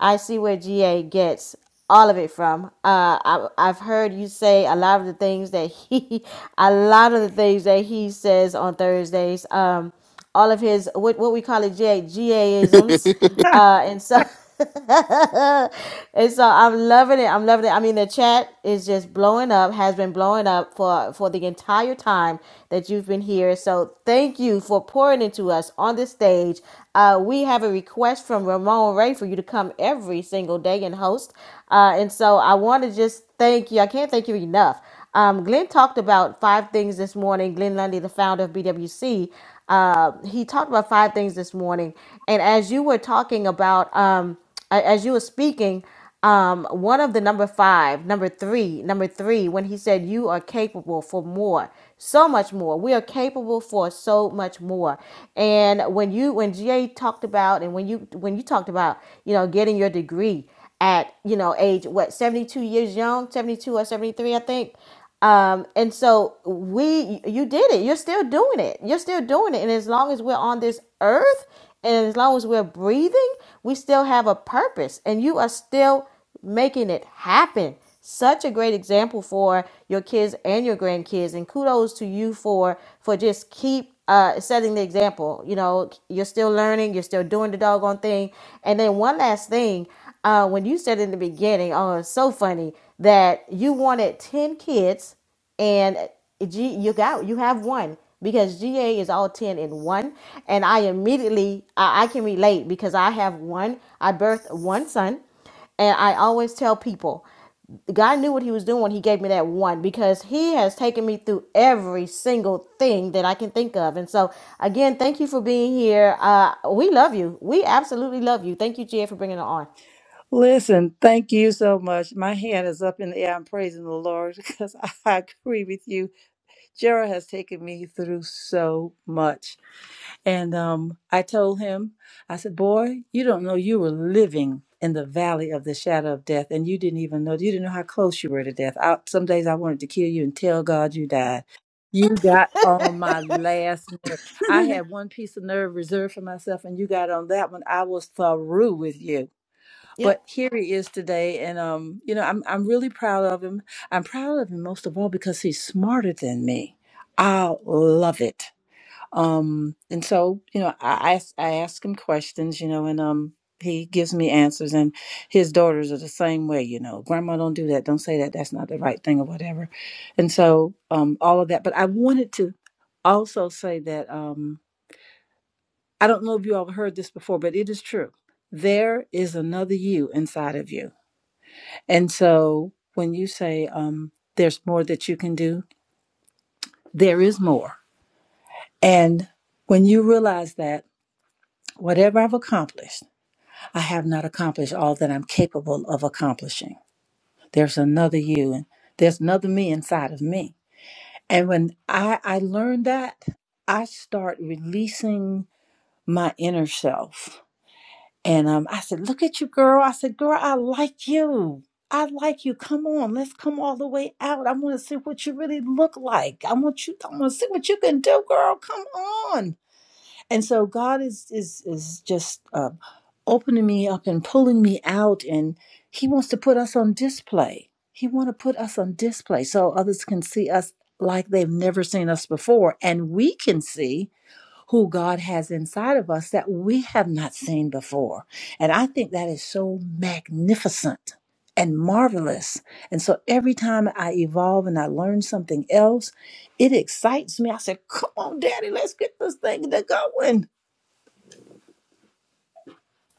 Speaker 1: I see where GA gets all of it from. Uh, I, I've heard you say a lot of the things that he, [LAUGHS] a lot of the things that he says on Thursdays. Um, all of his what what we call it GA
Speaker 4: [LAUGHS]
Speaker 1: GAisms, uh, and so. [LAUGHS] and so I'm loving it. I'm loving it. I mean, the chat is just blowing up, has been blowing up for for the entire time that you've been here. So so thank you for pouring into us on this stage. Uh, we have a request from Ramon Ray for you to come every single day and host. Uh, and so I want to just thank you. I can't thank you enough. Um, Glenn talked about five things this morning. Glenn Lundy, the founder of BWC, uh, he talked about five things this morning. And as you were talking about, um, a- as you were speaking, um one of the number five number three number three when he said you are capable for more so much more we are capable for so much more and when you when jay talked about and when you when you talked about you know getting your degree at you know age what 72 years young 72 or 73 i think um, and so we, you did it. You're still doing it. You're still doing it. And as long as we're on this earth and as long as we're breathing, we still have a purpose and you are still making it happen. Such a great example for your kids and your grandkids. And kudos to you for, for just keep, uh, setting the example, you know, you're still learning, you're still doing the doggone thing. And then one last thing, uh, when you said in the beginning, oh, it's so funny that you wanted 10 kids and G, you got you have one because GA is all 10 in one and I immediately I, I can relate because I have one I birthed one son and I always tell people God knew what he was doing when he gave me that one because he has taken me through every single thing that I can think of. And so, again, thank you for being here. Uh, we love you. We absolutely love you. Thank you, GA, for bringing it on.
Speaker 15: Listen, thank you so much. My hand is up in the air. I'm praising the Lord [LAUGHS] because I agree with you. Gerald has taken me through so much. And um, I told him, I said, Boy, you don't know you were living in the valley of the shadow of death, and you didn't even know, you didn't know how close you were to death. I, some days I wanted to kill you and tell God you died. You got on my last nerve.
Speaker 13: [LAUGHS]
Speaker 15: I had one piece of nerve reserved for myself, and you got on that one. I was through with you
Speaker 1: Yep.
Speaker 15: but here he is today and um you know i'm i'm really proud of him i'm proud of him most of all because he's smarter than me i love it um and so you know i i, I ask him questions you know and um he gives me answers and his daughters are the same way you know grandma don't do that don't say that that's not the right thing or whatever and so um all of that but i wanted to also say that um i don't know if you all heard this before but it is true there is another you inside of you and so when you say um, there's more that you can do, there is more. And when you realize that whatever I've accomplished, I have not accomplished all that I'm capable of accomplishing. There's another you and there's another me inside of me. And when I, I learned that, I start releasing my inner self And um, I said, Look at you, girl. I said, Girl, I like you. I like you. Come on, let's come all the way out. I want to see what you really look like. I want you. I want to see what you can do, girl. Come on. And so God is is is just uh, opening me up and pulling me out, and He wants to put us on display. He wants to put us on display so others can see us like they've never seen us before, and we can see who God has inside of us that we have not seen before. And I think that is so magnificent and marvelous. And so every time I evolve and I learn something else, it excites me. I said, Come on, Daddy, let's get this thing to going.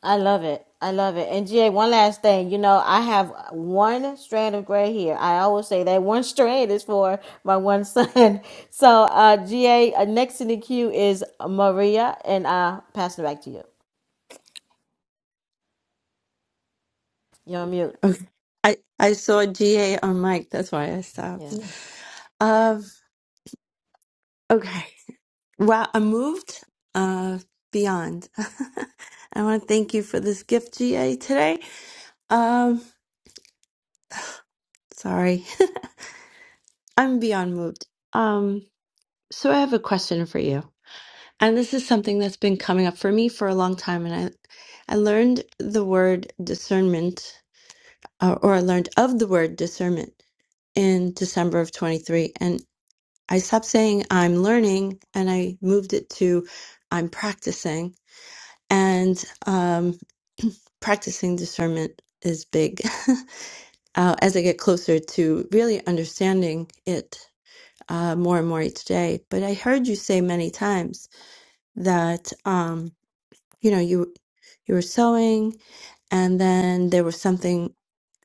Speaker 1: I love it. I love it. And GA, one last thing. You know, I have one strand of gray hair. I always say that one strand is for my one son. [LAUGHS] So, uh, GA, uh, next in the queue is Maria, and uh, passing it back to you. You're on mute.
Speaker 8: Okay. I, I saw GA on mic. That's why I
Speaker 1: Yeah,
Speaker 8: stopped.
Speaker 15: Yeah.
Speaker 8: Uh, okay. Well, I moved uh, beyond. [LAUGHS] I want to thank you for this gift, GA, today. Um, sorry. [LAUGHS] I'm beyond moved. Um, so I have a question for you. And this is something that's been coming up for me for a long time. And I, I learned the word discernment, uh, or I learned of the word discernment in December of 23. And I stopped saying I'm learning and I moved it to I'm practicing. And um, practicing discernment is big [LAUGHS] uh, as I get closer to really understanding it uh, more and more each day. But I heard you say many times that um, you know you. you were sewing and then there was something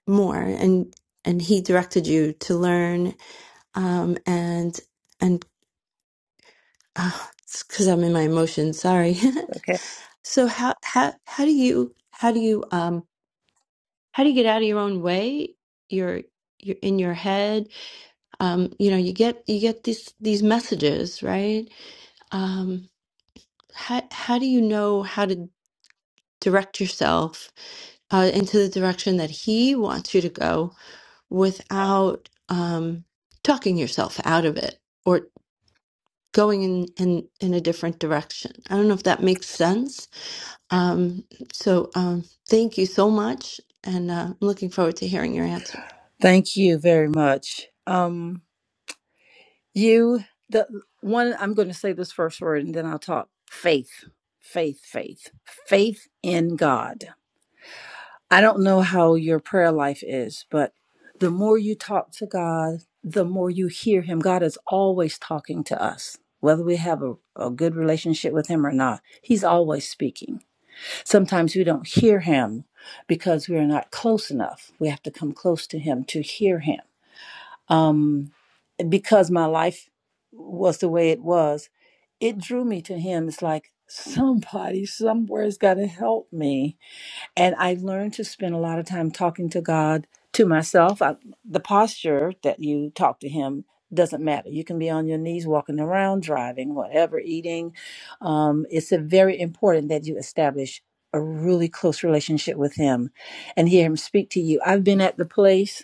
Speaker 8: more and and he directed you to learn um and and because i'm in my emotions sorry
Speaker 15: Okay.
Speaker 8: [LAUGHS] so how how how do you how do you um how do you get out of your own way you're you're in your head um you know you get you get these these messages right um how how do you know how to direct yourself uh, into the direction that he wants you to go without um, talking yourself out of it or going in, in in a different direction. I don't know if that makes sense um, so um, thank you so much, and uh, I'm looking forward to hearing your answer.
Speaker 15: Thank you very much. Um, you the one I'm going to say this first word and then I'll talk. Faith, faith, faith, faith in God. I don't know how your prayer life is, but the more you talk to God, the more you hear Him. God is always talking to us, whether we have a, a good relationship with Him or not. He's always speaking. Sometimes we don't hear Him because we're not close enough. We have to come close to Him to hear Him. Um, because my life was the way it was, it drew me to Him. It's like somebody somewhere's got to help me and I learned to spend a lot of time talking to God, to myself. I, the posture that you talk to Him doesn't matter. You can be on your knees, walking around, driving, whatever, eating. Um, it's a very important that you establish a really close relationship with Him and hear Him speak to you. I've been at the place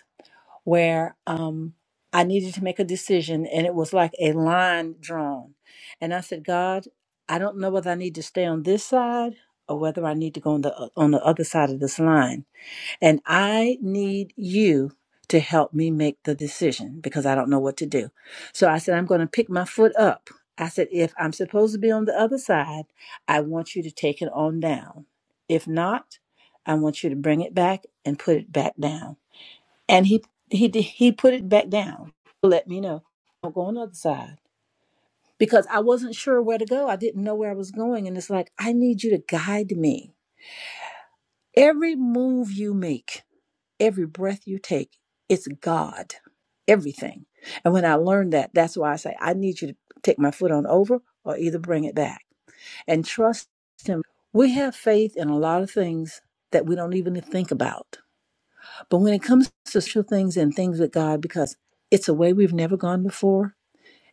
Speaker 15: where um, I needed to make a decision, and it was like a line drawn. And I said, God, I don't know whether I need to stay on this side or whether I need to go on the on the other side of this line. And I need you to help me make the decision because I don't know what to do. So I said, I'm going to pick my foot up. I said, if I'm supposed to be on the other side, I want you to take it on down. If not, I want you to bring it back and put it back down and he he he put it back down to let me know i'll go on the other side because i wasn't sure where to go i didn't know where i was going and it's like i need you to guide me every move you make every breath you take it's god everything and when i learned that that's why i say i need you to take my foot on over or either bring it back and trust him we have faith in a lot of things that we don't even think about But when it comes to spiritual things and things with God, because it's a way we've never gone before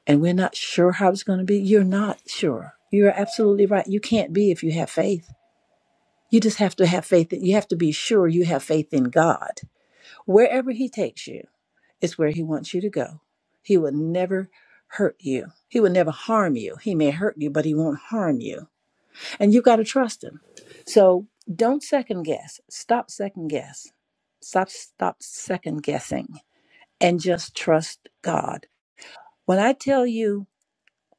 Speaker 15: and we're not sure how it's going to be, you're not sure. You're absolutely right. You can't be if you have faith. You just have to have faith. You have to be sure you have faith in God. Wherever He takes you is where He wants you to go. He will never hurt you. He will never harm you. He may hurt you, but He won't harm you. And you've got to trust Him. So don't second guess. Stop second guess. Stop, stop second guessing and just trust God. When I tell you,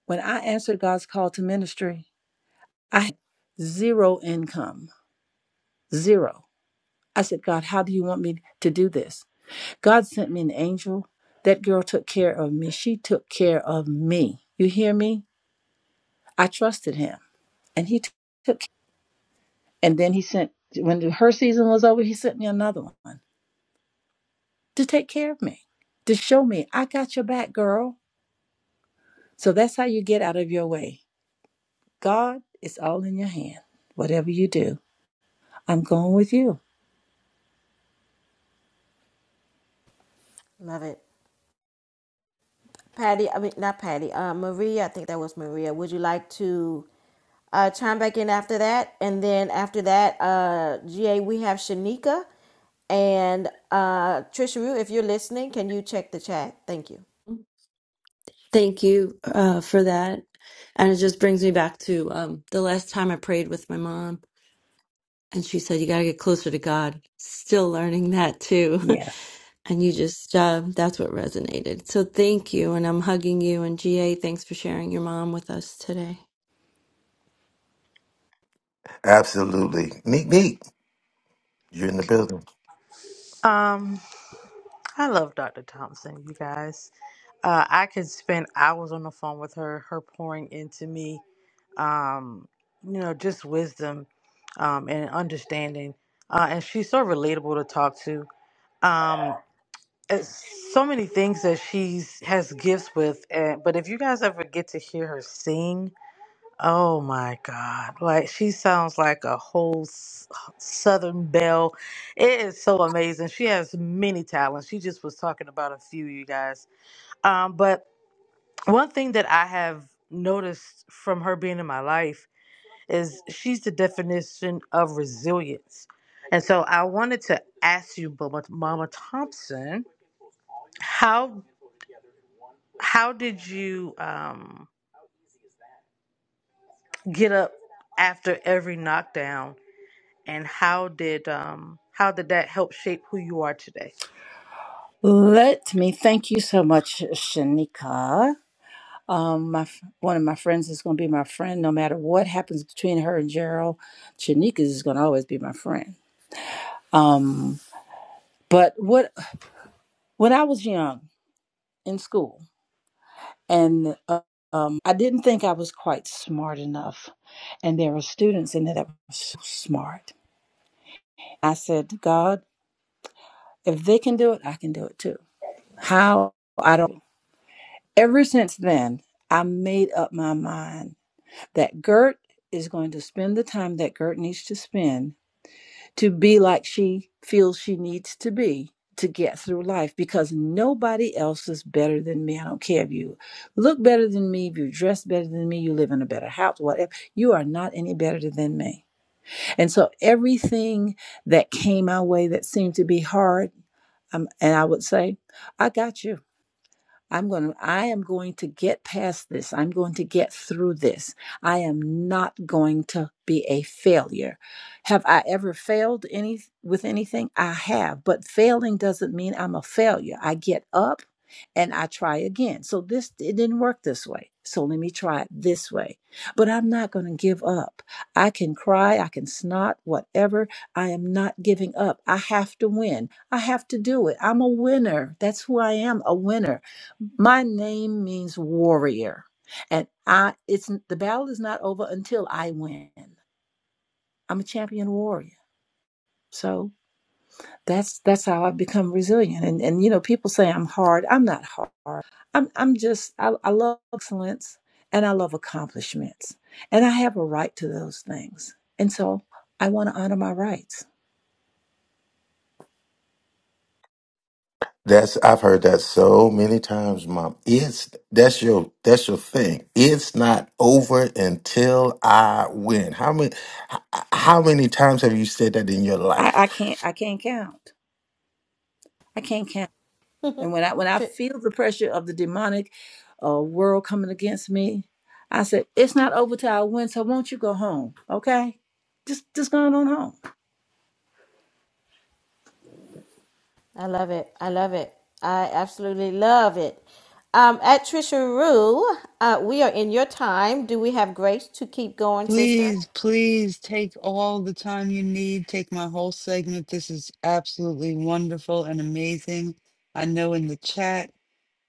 Speaker 15: when I answered God's call to ministry, I had zero income, zero. I said, God, how do you want me to do this? God sent me an angel. That girl took care of me. She took care of me. You hear me? I trusted him, and he t- took. care. And then he sent. When her season was over, he sent me another one to take care of me, to show me I got your back, girl. So that's how you get out of your way God, it's all in your hand. Whatever you do, I'm going with you.
Speaker 1: love it. Patty, I mean, not Patty, uh, Maria, I think that was Maria. Would you like to uh, chime back in after that? And then after that, uh, GA, we have Shanika. And uh, Trisha Rue, if you're listening, can you check the chat? Thank you.
Speaker 8: Thank you uh, for that. And it just brings me back to um, the last time I prayed with my mom, and she said, You got to get closer to God. Still learning that too.
Speaker 15: Yes.
Speaker 8: [LAUGHS] and you just, uh, that's what resonated. So thank you. And I'm hugging you. And GA, thanks for sharing your mom with us today.
Speaker 4: Absolutely. Meek Meek, you're in the building.
Speaker 17: Um, I love Dr. Thompson, you guys. Uh, I could spend hours on the phone with her, her pouring into me, um, you know, just wisdom um, and understanding. Uh, and she's so relatable to talk to. Um, it's so many things that she's has gifts with. And, but if you guys ever get to hear her sing, Oh my God. Like she sounds like a whole s- Southern belle. It is so amazing. She has many talents. She just was talking about a few, you guys. Um, but one thing that I have noticed from her being in my life is she's the definition of resilience. And so I wanted to ask you, Mama, Mama Thompson, how how did you um, get up after every knockdown and how did um how did that help shape who you are today?
Speaker 15: Let me thank you so much, Shanika. Um, my one of my friends is going to be my friend no matter what happens between her and Gerald. Shanika is going to always be my friend. Um, but what when I was young in school, and uh, um, I didn't think I was quite smart enough, and there were students in there that were so smart. I said, God, if they can do it, I can do it too How I don't. Ever since then, I made up my mind that Gert is going to spend the time that Gert needs to spend to be like she feels she needs to be to get through life because nobody else is better than me. I don't care if you look better than me, if you dress better than me, you live in a better house, whatever. You are not any better than me. And so everything that came my way that seemed to be hard, um, and I would say, I got you. I'm going to, I am going to get past this. I'm going to get through this. I am not going to be a failure. Have I ever failed any with anything? I have, but failing doesn't mean I'm a failure. I get up and I try again. So this it didn't work this way. So let me try it this way. But I'm not going to give up. I can cry, I can snot, whatever. I am not giving up. I have to win. I have to do it. I'm a winner. That's who I am, a winner. My name means warrior, and I it's the battle is not over until I win. I'm a champion warrior. So that's that's how I've become resilient. And and you know, people say I'm hard. I'm not hard. I'm I'm just I, I love excellence and I love accomplishments. And I have a right to those things. And so I want to honor my rights.
Speaker 4: That's I've heard that so many times, Mom. It's that's your that's your thing. It's not over until I win. How many h- how many times have you said that in your
Speaker 15: I,
Speaker 4: life?
Speaker 15: I can't I can't count. I can't count
Speaker 1: [LAUGHS]
Speaker 15: And when I when I
Speaker 1: Tri-
Speaker 15: feel the pressure of the demonic uh, world coming against me, I said, "It's not over till I win. So won't you go home? Okay, just just going on home."
Speaker 1: I love it. I love it. I absolutely love it. Um, at Trisha Rue, uh, we are in your time. Do we have grace to keep going, sister?
Speaker 3: Please, please take all the time you need. Take my whole segment. This is absolutely wonderful and amazing. I know in the chat,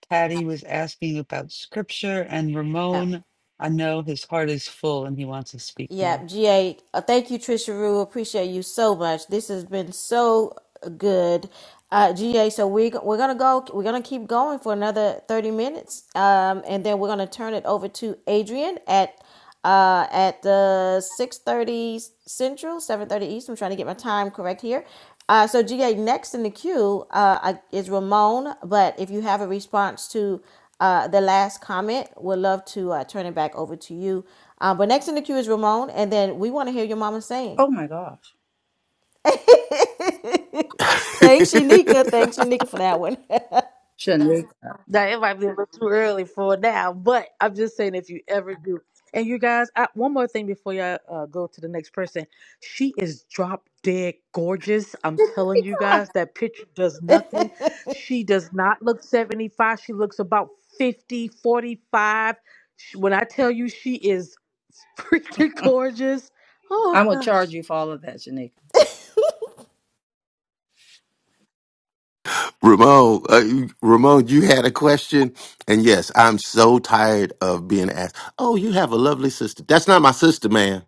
Speaker 3: Patty was asking about scripture, and
Speaker 1: Yep.
Speaker 3: Ramon, I know his heart is full and he wants to speak
Speaker 1: Yep,
Speaker 3: more.
Speaker 1: GA. Uh, thank you, Trisha Rue. Appreciate you so much. This has been so good. Uh, GA, so we, we're going to go, we're going to keep going for another 30 minutes. Um, and then we're going to turn it over to Adrian at uh, at the 6.30 Central, 7.30 East. I'm trying to get my time correct here. Uh, so GA, next in the queue uh, I- is Ramon. But if you have a response to uh, the last comment, we'd love to uh, turn it back over to you. Uh, but next in the queue is Ramon, and then we want to hear your mama sing.
Speaker 15: Oh my gosh,
Speaker 1: [LAUGHS] Thanks, Shanika.
Speaker 4: [LAUGHS]
Speaker 1: Thanks, Shanika, for that one.
Speaker 15: Shanika,
Speaker 17: Now it might be a little too early for now, but I'm just saying if you ever do. And you guys, I, one more thing before y'all uh, go to the next person. She is drop dead gorgeous. I'm telling you guys, that picture does nothing. She does not look 75. She looks about 50, 45. She- When I tell you she is [LAUGHS] freaking gorgeous, oh
Speaker 15: I'm gonna charge
Speaker 17: gosh.
Speaker 15: you for all of that, Shanika.
Speaker 1: [LAUGHS]
Speaker 4: Ramon, uh, Ramon, you had a question, and yes, I'm so tired of being asked. Oh, you have a lovely sister. That's not my sister, man.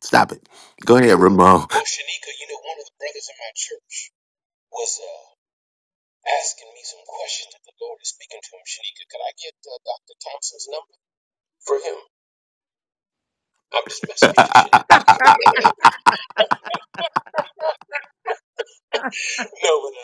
Speaker 4: Stop it. Go ahead, Ramon.
Speaker 14: Well, Shanika, you know, one of the brothers in my church was uh, asking me some questions that the Lord is speaking to him. Shanika, could I get uh, Dr. Thompson's number for him? I'm just messing with you, Shanika. No, but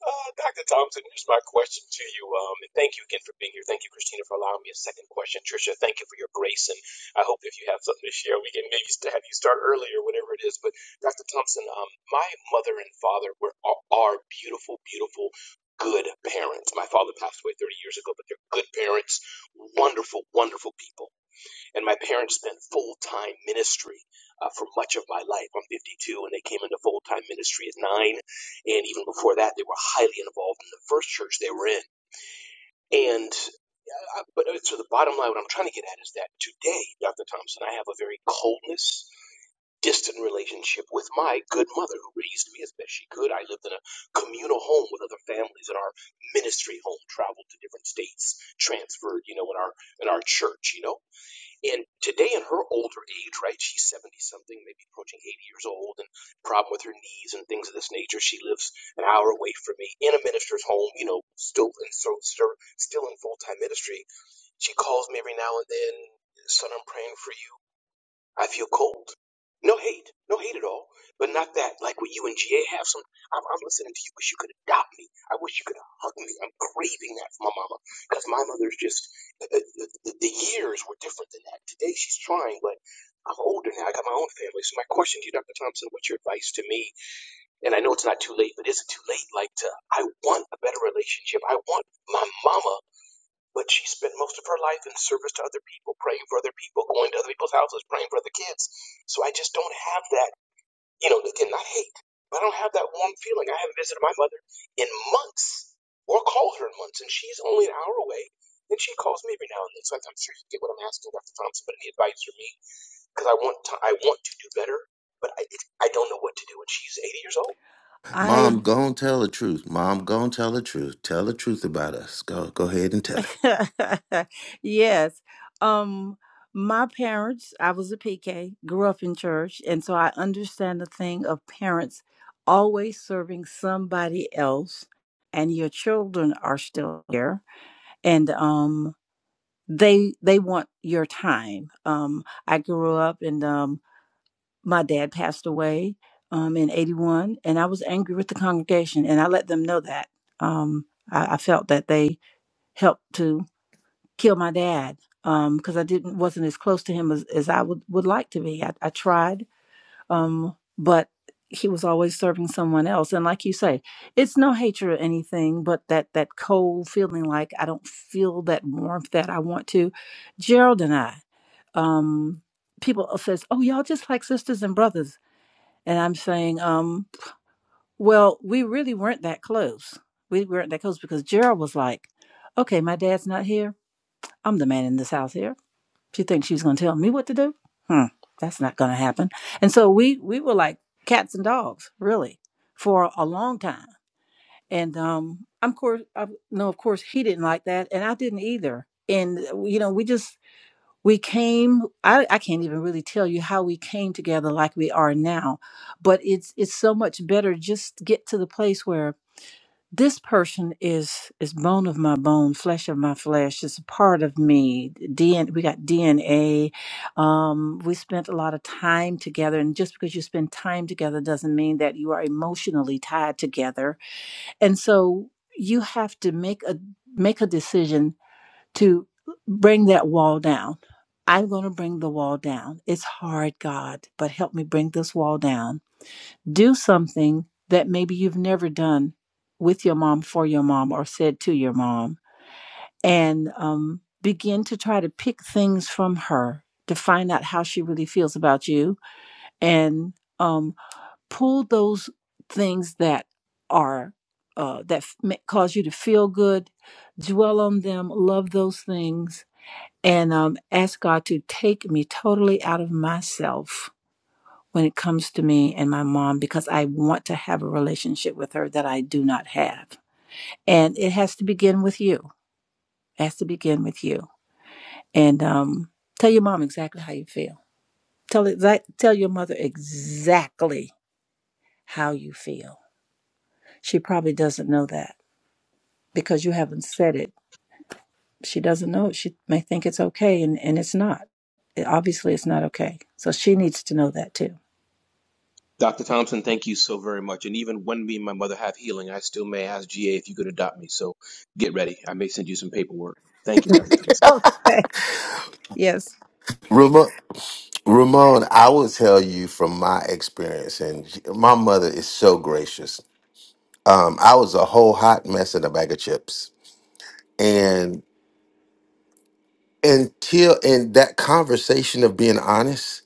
Speaker 14: Uh, Dr. Thompson, here's my question to you. Um, and thank you again for being here. Thank you, Christina, for allowing me a second question. Tricia, thank you for your grace. And I hope if you have something to share, we can maybe st- have you start early or whatever it is. But Dr. Thompson, um, my mother and father were are, are beautiful, beautiful, good parents. My father passed away 30 years ago, but they're good parents, wonderful, wonderful people. And my parents spent full time ministry uh, for much of my life. I'm 52, and they came into full time ministry at nine. And even before that, they were highly involved in the first church they were in. And uh, but uh, so the bottom line, what I'm trying to get at is that today, Dr. Thompson, I have a very coldness, distant relationship with my good mother who raised me as best she could. I lived in a communal home with other families, and our ministry home traveled to different states, transferred, you know, in our in our church, you know. And today, in her older age, right, she's 70 something, maybe approaching 80 years old, and problem with her knees and things of this nature. She lives an hour away from me in a minister's home, you know, still in, so, still in full time ministry. She calls me every now and then, son, I'm praying for you. I feel cold. No hate, no hate at all, but not that. Like what you and GA have. Some, I'm, I'm listening to you. Wish you could adopt me. I wish you could hug me. I'm craving that from my mama because my mother's just the, the, the the years were different than that. Today she's trying, but I'm older now. I got my own family. So my question to you, Dr. Thompson, what's your advice to me? And I know it's not too late, but is it too late? Like to, I want a better relationship. I want my mama. But she spent most of her life in service to other people, praying for other people, going to other people's houses, praying for other kids. So I just don't have that, you know, again, not hate, but I don't have that warm feeling. I haven't visited my mother in months or called her in months, and she's only an hour away. And she calls me every now and then. So I'm sure you get what I'm asking, Dr. Thompson, but any advice for me? Because I want to, I want to do better, but I, I don't know what to do. And she's 80 years old.
Speaker 15: I
Speaker 4: Mom, go and tell the truth. Mom, go and tell the truth. Tell the truth about us. Go, go ahead and tell it.
Speaker 15: [LAUGHS] yes, um, my parents. I was a PK, grew up in church, and so I understand the thing of parents always serving somebody else, and your children are still here and um they they want your time um i grew up and um my dad passed away um in 81 and i was angry with the congregation and i let them know that um i, I felt that they helped to kill my dad um because um, i didn't wasn't as close to him as, as i would, would like to be I, I tried um, but he was always serving someone else. And like you say, it's no hatred or anything, but that that cold feeling like I don't feel that warmth that I want to. Gerald and I, um, people says, "Oh, y'all just like sisters and brothers," and I'm saying, um, "Well, we really weren't that close. We weren't that close because Gerald was like, okay, my dad's not here. I'm the man in this house here.'" She thinks she's going to tell me what to do. Hmm, that's not going to happen. And so we we were like cats and dogs, really, for a long time. And um, I'm course, I know of course he didn't like that, and I didn't either. And you know, we just we came. I I can't even really tell you how we came together like we are now, but it's it's so much better just to get to the place where this person is is bone of my bone, flesh of my flesh. It's a part of me. DNA, we got DNA. Um, we spent a lot of time together, and just because you spend time together doesn't mean that you are emotionally tied together. And so you have to make a make a decision to bring that wall down. I'm going to bring the wall down. It's hard, God, but help me bring this wall down do something that maybe you've never done with your mom, for your mom, or said to your mom, and um, begin to try to pick things from her to find out how she really feels about you and um, pull those things that are. Uh, that f- cause you to feel good, dwell on them, love those things, and um, ask God to take me totally out of myself when it comes to me and my mom because I want to have a relationship with her that I do not have. And it has to begin with you. It has to begin with you. And um, tell your mom exactly how you feel. Tell exact, tell your mother exactly how you feel. She probably doesn't know that because you haven't said it. She doesn't know. it. She may think it's okay, and, and it's not. It- obviously, it's not okay. So she needs to know that too.
Speaker 14: Dr. Thompson, thank you so very much. And even when me and my mother have healing, I still may ask GA if you could adopt me. So get ready. I may send you some paperwork. Thank you, Dr. Thompson.
Speaker 15: [LAUGHS] yes.
Speaker 4: Ramon, Ramon, I will tell you from my experience, and my mother is so gracious. Um, I was a whole hot mess in a bag of chips, and until and that conversation of being honest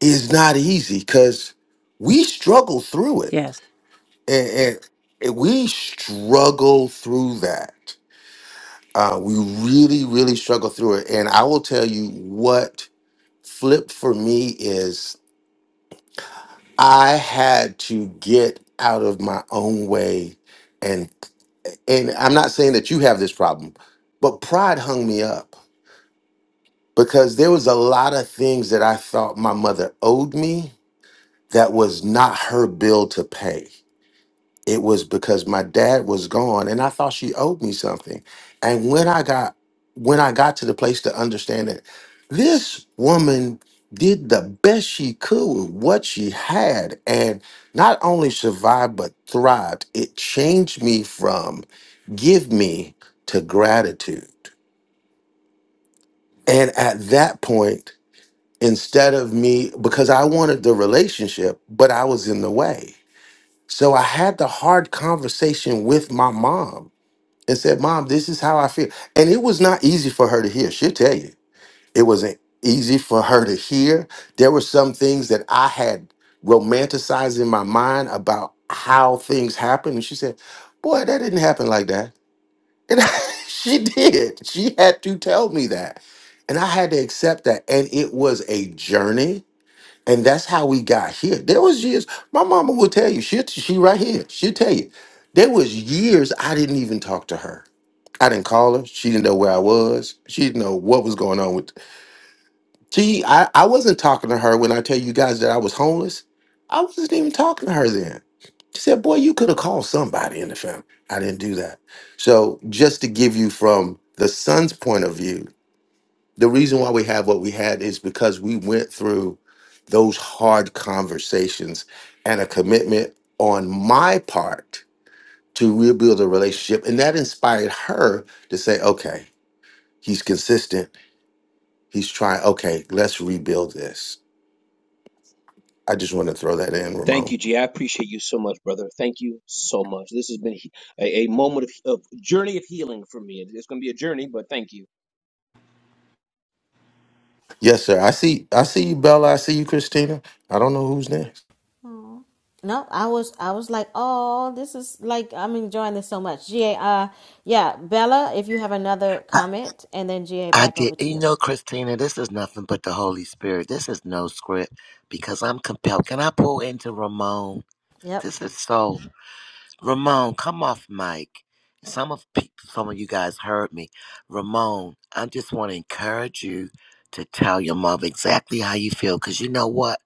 Speaker 4: is not easy because we struggle through it
Speaker 15: Yes.
Speaker 4: and, and- and we struggle through that uh, we really really struggle through it and i will tell you what flipped for me is i had to get out of my own way and and i'm not saying that you have this problem but pride hung me up because there was a lot of things that i thought my mother owed me that was not her bill to pay it was because my dad was gone and i thought she owed me something and when i got when i got to the place to understand that this woman did the best she could with what she had and not only survived but thrived it changed me from give me to gratitude and at that point instead of me because i wanted the relationship but i was in the way so i had the hard conversation with my mom and said, Mom, this is how I feel. And it was not easy for her to hear. She'll tell you. It wasn't easy for her to hear. There were some things that I had romanticized in my mind about how things happened. And she said, Boy, that didn't happen like that. And [LAUGHS] she did. She had to tell me that. And I had to accept that. And it was a journey. And that's how we got here. There was years, my mama will tell you, she, she right here, she'll tell you, there was years I didn't even talk to her I didn't call her. She didn't know where I was. She didn't know what was going on with. She, I, I wasn't talking to her when I tell you guys that I was homeless. I wasn't even talking to her then. She said, "Boy, you could have called somebody in the family." I didn't do that. So, just to give you from the son's point of view, the reason why we have what we had is because we went through those hard conversations and a commitment on my part to rebuild a relationship, and that inspired her to say, "Okay." He's consistent. He's trying. Okay, let's rebuild this. I just want to throw that in,
Speaker 14: Thank
Speaker 4: Ramon.
Speaker 14: you, GA. I appreciate you so much, brother. Thank you so much. This has been he- a, a moment of, of journey of healing for me. It's going to be a journey, but thank you.
Speaker 4: Yes, sir. I see. I see you, Bella. I see you, Christina. I don't know who's next.
Speaker 1: Aw. No, I was I was like, oh, this is like I'm enjoying this so much. GA, uh, yeah, Bella, if you have another comment, and then GA
Speaker 7: I
Speaker 1: back
Speaker 7: did.
Speaker 1: over to
Speaker 7: You
Speaker 1: you.
Speaker 7: know, Christina, this is nothing but the Holy Spirit. This is no script because I'm compelled. Can I pull into Ramon?
Speaker 1: Yep.
Speaker 7: This is so Ramon, come off mic. Some of pe- some of you guys heard me. Ramon, I just want to encourage you to tell your mother exactly how you feel, cause you know what,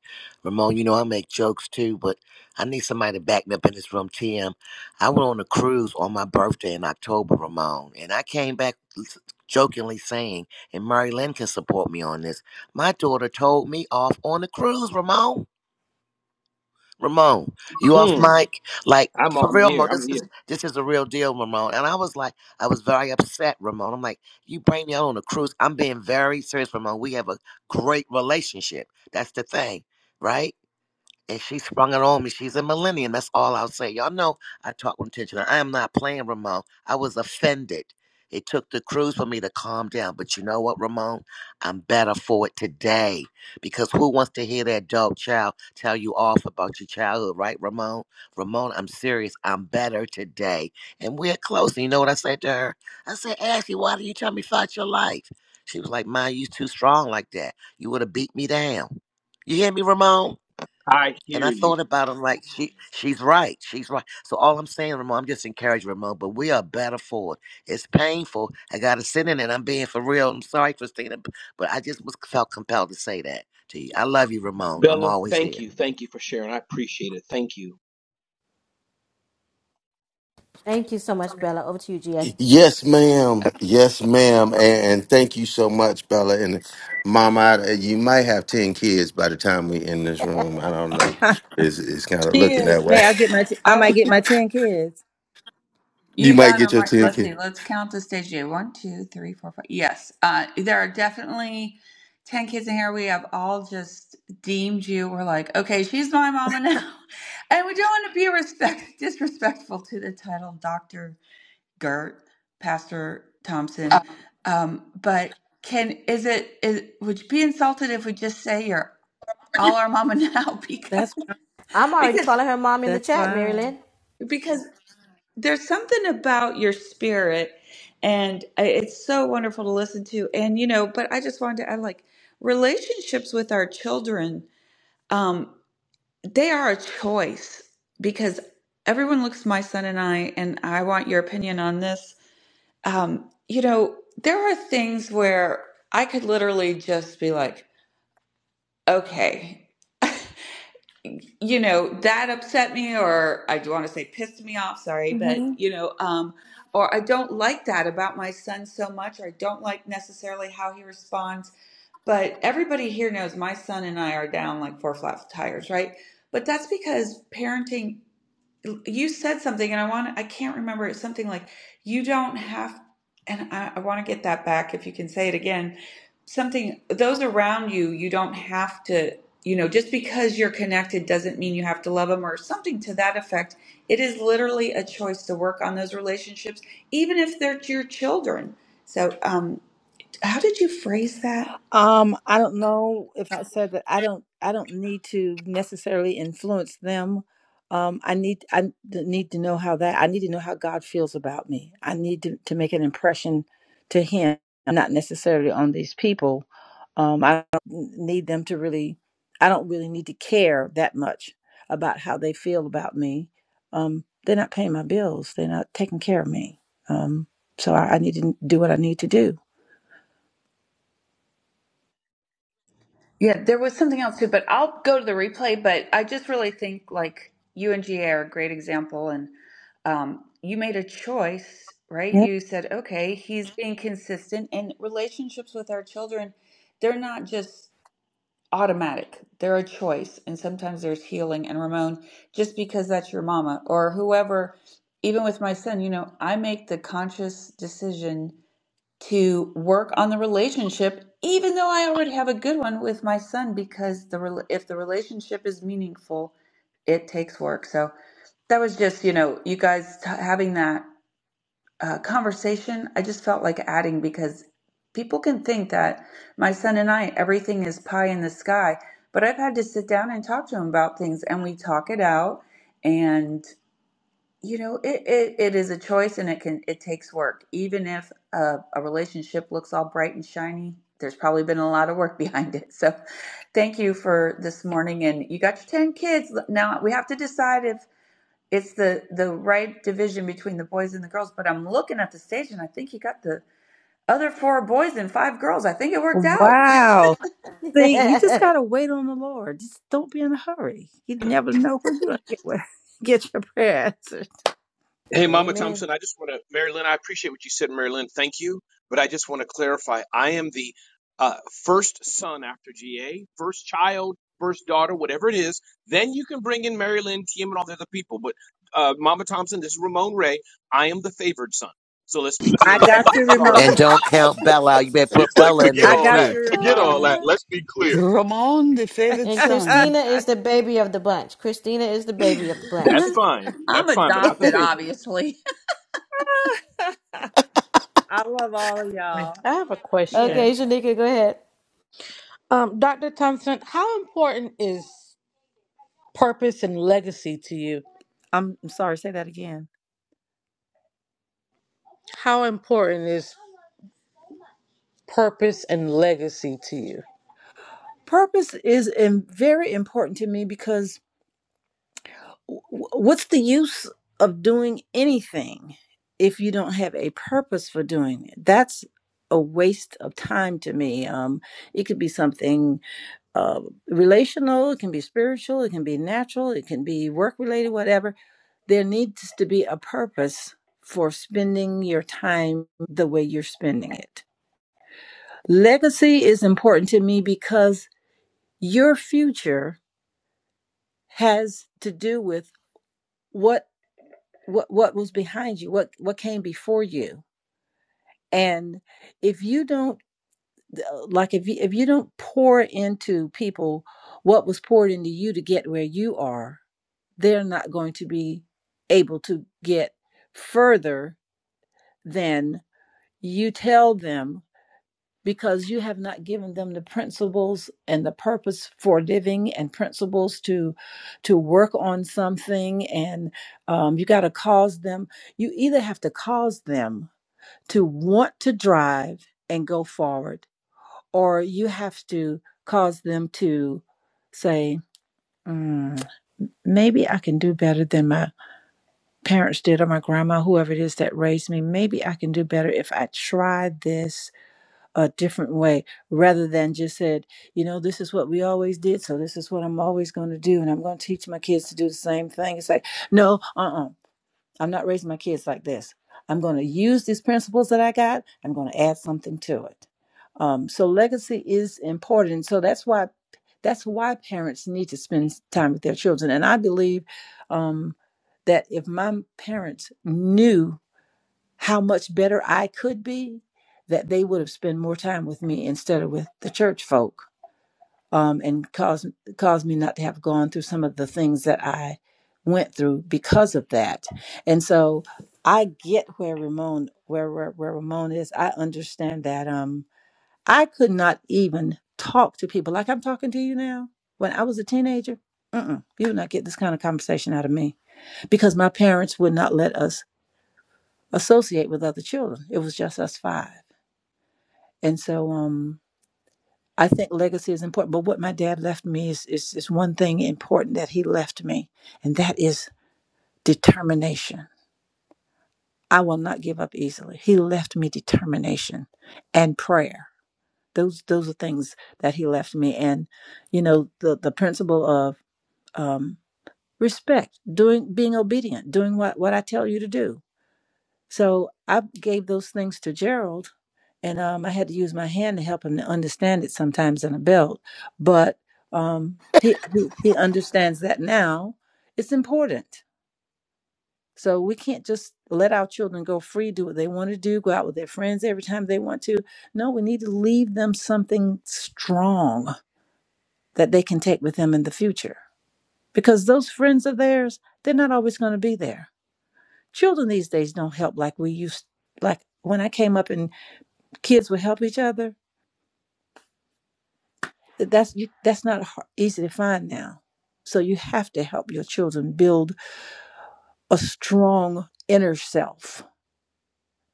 Speaker 7: Ramon, you know I make jokes too, but I need somebody to back me up in this room. TM, I went on a cruise on my birthday in October, Ramon, and I came back s- jokingly saying, and Mary Lynn can support me on this. My daughter told me off on the cruise, Ramon. Ramon, you off
Speaker 14: Mm,
Speaker 7: mic? Like
Speaker 14: I'm,
Speaker 7: for
Speaker 14: I'm
Speaker 7: real, Mo,
Speaker 14: here. I'm
Speaker 7: this is
Speaker 14: here.
Speaker 7: this is a real deal, Ramon. And I was like, I was very upset, Ramon. I'm like, you bring me out on a cruise. I'm being very serious, Ramon. We have a great relationship. That's the thing, right? and she sprung it on me. She's a millennium. That's all I'll say. Y'all know I talk with intention. I am not playing Ramon. I was offended. It took the cruise for me to calm down. But you know what, Ramon? I'm better for it today. Because who wants to hear that dope child tell you off about your childhood, right, Ramon? Ramon, I'm serious. I'm better today. And we're close. And you know what I said to her? I said, Ashley, why do you tell me about your life? She was like, Ma, you too strong like that. You would have beat me down. You hear me, Ramon?
Speaker 14: I
Speaker 7: And
Speaker 14: hear
Speaker 7: I
Speaker 14: you.
Speaker 7: thought about him like she she's right. She's right. So all I'm saying, Ramon, I'm just encouraging Ramon, but we are better for it. It's painful. I gotta sit in it. I'm being for real. I'm sorry, Christina, b- but I just was felt compelled to say that to you. I love you, Ramon. I'm
Speaker 14: Bella,
Speaker 7: always
Speaker 14: thank
Speaker 7: here.
Speaker 14: you. Thank you for sharing. I appreciate it. Thank you.
Speaker 1: Thank you so much, Bella. Over to you, GA.
Speaker 4: Yes, ma'am. Yes, ma'am. And, and thank you so much, Bella. And Mama, I- you might have ten kids by the time we in this room. I don't know. It's it's kind of
Speaker 13: she
Speaker 4: looking that
Speaker 13: is.
Speaker 4: way. [LAUGHS]
Speaker 15: May I get my? T- I
Speaker 13: I
Speaker 15: might
Speaker 13: don't
Speaker 15: get my
Speaker 13: know.
Speaker 15: ten kids.
Speaker 13: You
Speaker 4: You might
Speaker 13: got
Speaker 4: get
Speaker 13: them.
Speaker 4: your
Speaker 13: right.
Speaker 4: ten
Speaker 13: Let's
Speaker 4: kids.
Speaker 13: see. Let's count the stage. here. One, two, three, four, five. Yes. Uh, there are definitely 10 kids in here. We have all just deemed you. We're like, okay, she's my mama now. [LAUGHS] And we don't want to be respect disrespectful to the title Dr. Gert, Pastor Thompson. Um, but can is it is would you be insulted if we just say you're all our mama [LAUGHS] now because
Speaker 15: That's
Speaker 1: I'm already
Speaker 13: because
Speaker 1: calling her mom in the
Speaker 15: That's
Speaker 1: chat,
Speaker 15: fine.
Speaker 1: Marilyn.
Speaker 13: because there's something about your spirit and it's so wonderful to listen to and you know but i just wanted to add like relationships with our children um they are a choice because everyone looks at my son and i and i want your opinion on this um you know there are things where i could literally just be like okay you know that upset me or i do want to say pissed me off sorry but
Speaker 15: hmm
Speaker 13: you know um or i don't like that about my son so much or i don't like necessarily how he responds but everybody here knows my son and i are down like four flat tires right but that's because parenting you said something and I want I can't remember it's something like you don't have and I, I want to get that back if you can say it again something those around you you don't have to you know just because you're connected doesn't mean you have to love them or something to that effect it is literally a choice to work on those relationships even if they're your children so um how did you phrase that
Speaker 15: Um, I don't know if I said that. I don't. I don't need to necessarily influence them. Um, I need. I n- need to know how that. I need to know how God feels about me. I need to, to make an impression to Him, not necessarily on these people. Um, I don't need them to really. I don't really need to care that much about how they feel about me. Um, they're not paying my bills. They're not taking care of me. Um, so I, I need to do what I need to do.
Speaker 13: Yeah, there was something else too, but I'll go to the replay. But I just really think like you and GA are a great example, and um, you made a choice, right? You said, okay, he's being consistent, and relationships with our children, they're not just automatic; they're a choice, and sometimes there's healing. And Ramon, just because that's your mama or whoever, even with my son, you know, I make the conscious decision to work on the relationship even though I already have a good one with my son because the rel- if the relationship is meaningful it takes work so that was just you know you guys t- having that uh, conversation I just felt like adding because people can think that my son and I everything is pie in the sky but I've had to sit down and talk to him about things and we talk it out and. You know, it, it, it is a choice and it can it takes work. Even if a, a relationship looks all bright and shiny, there's probably been a lot of work [LAUGHS] behind it. So thank you for this morning. And you got your 10 kids. Now we have to decide if it's the, the right division between the boys and the girls. But I'm looking at the stage and I think you got the other four boys and five girls. I think it worked out.
Speaker 15: Wow.
Speaker 1: [LAUGHS]
Speaker 15: See, you just gotta wait on the Lord. Just don't be in a hurry. You never know when you're gonna get where, [LAUGHS] get your prayer answered.
Speaker 14: Hey, Mama
Speaker 1: Amen.
Speaker 14: Thompson, I just want to, Mary Lynn, I appreciate what you said, Mary Lynn. Thank you. But I just want to clarify I am the uh, first son after GA, first child, first daughter, whatever it is. Then you can bring in Mary Lynn, TM, and all the other people. But uh, Mama Thompson, this is Ramon Ray. I am the favored son. So let's be clear,
Speaker 15: I
Speaker 14: Mary
Speaker 15: got
Speaker 14: Lynn.
Speaker 15: you,
Speaker 14: I'm
Speaker 15: Ramon.
Speaker 14: sorry.
Speaker 7: And don't count Bella out. You better put
Speaker 6: It's like
Speaker 7: Bella in
Speaker 6: forget
Speaker 7: there
Speaker 15: I
Speaker 6: all
Speaker 15: got
Speaker 7: too.
Speaker 6: that.
Speaker 15: you,
Speaker 6: Forget
Speaker 1: Oh
Speaker 6: all
Speaker 1: my God.
Speaker 6: that.
Speaker 15: Ramon.
Speaker 6: Let's be clear.
Speaker 3: Ramon, the favorite
Speaker 1: And
Speaker 15: [LAUGHS]
Speaker 1: Christina
Speaker 3: son.
Speaker 1: is the baby of the bunch. Christina is the
Speaker 13: [LAUGHS]
Speaker 1: baby of the
Speaker 14: That's
Speaker 1: bunch.
Speaker 14: fine.
Speaker 13: I'm
Speaker 14: That's fine, but
Speaker 1: [LAUGHS]
Speaker 14: not the
Speaker 13: adopted,
Speaker 1: okay,
Speaker 14: favorite.
Speaker 13: obviously.
Speaker 15: I love all of y'all.
Speaker 17: I have a question.
Speaker 15: Yes.
Speaker 1: Shanika, go ahead.
Speaker 17: Um, Dr. Thompson, how important is purpose and legacy to you?
Speaker 15: I'm I'm sorry, say that again.
Speaker 17: How important is purpose and legacy to you?
Speaker 15: Purpose is im- very important to me because what's the use of doing anything if you don't have a purpose for doing it? That's a waste of time to me. Um, it could be something uh, relational, it can be spiritual, it can be natural, it can be work related, whatever. There needs to be a purpose for spending your time the way you're spending it. Legacy is important to me because your future has to do with what what what was behind you what what came before you and if you don't like if you if you don't pour into people what was poured into you to get where you are they're not going to be able to get further than you tell them because you have not given them the principles and the purpose for living and principles to to work on something and um, you got to cause them you either have to cause them to want to drive and go forward, or you have to cause them to say, "Mm, maybe I can do better than my parents did, or my grandma, whoever it is that raised me. Maybe I can do better if I try this a different way rather than just said, you know, this is what we always did, so this is what I'm always going to do, and I'm going to teach my kids to do the same thing. It's like, no, uh uh I'm not raising my kids like this. I'm going to use these principles that I got. I'm going to add something to it. Um, so legacy is important. So that's why that's why parents need to spend time with their children. And I believe um, that if my parents knew how much better I could be, that they would have spent more time with me instead of with the church folk um, and caused caused me not to have gone through some of the things that I went through because of that. And so I get where Ramon where where, where Ramon is. I understand that. Um, I could not even talk to people like I'm talking to you now. When I was a teenager, mm-mm, you would not get this kind of conversation out of me because my parents would not let us associate with other children. It was just us five. And so, um, I think legacy is important, but what my dad left me is, is, is one thing important that he left me, and that is determination. I will not give up easily. He left me determination and prayer. Those those are things that he left me, and you know the the principle of um, respect, doing being obedient, doing what what I tell you to do. So I gave those things to Gerald, and um, I had to use my hand to help him to understand it sometimes in a belt. But um, he, he he understands that now. It's important, so we can't just let our children go free, do what they want to do, go out with their friends every time they want to. No, we need to leave them something strong that they can take with them in the future, because those friends of theirs, they're not always going to be there. Children these days don't help like we used like when I came up and kids would help each other That's you, that's not har easy to find now. So you have to help your children build a strong inner self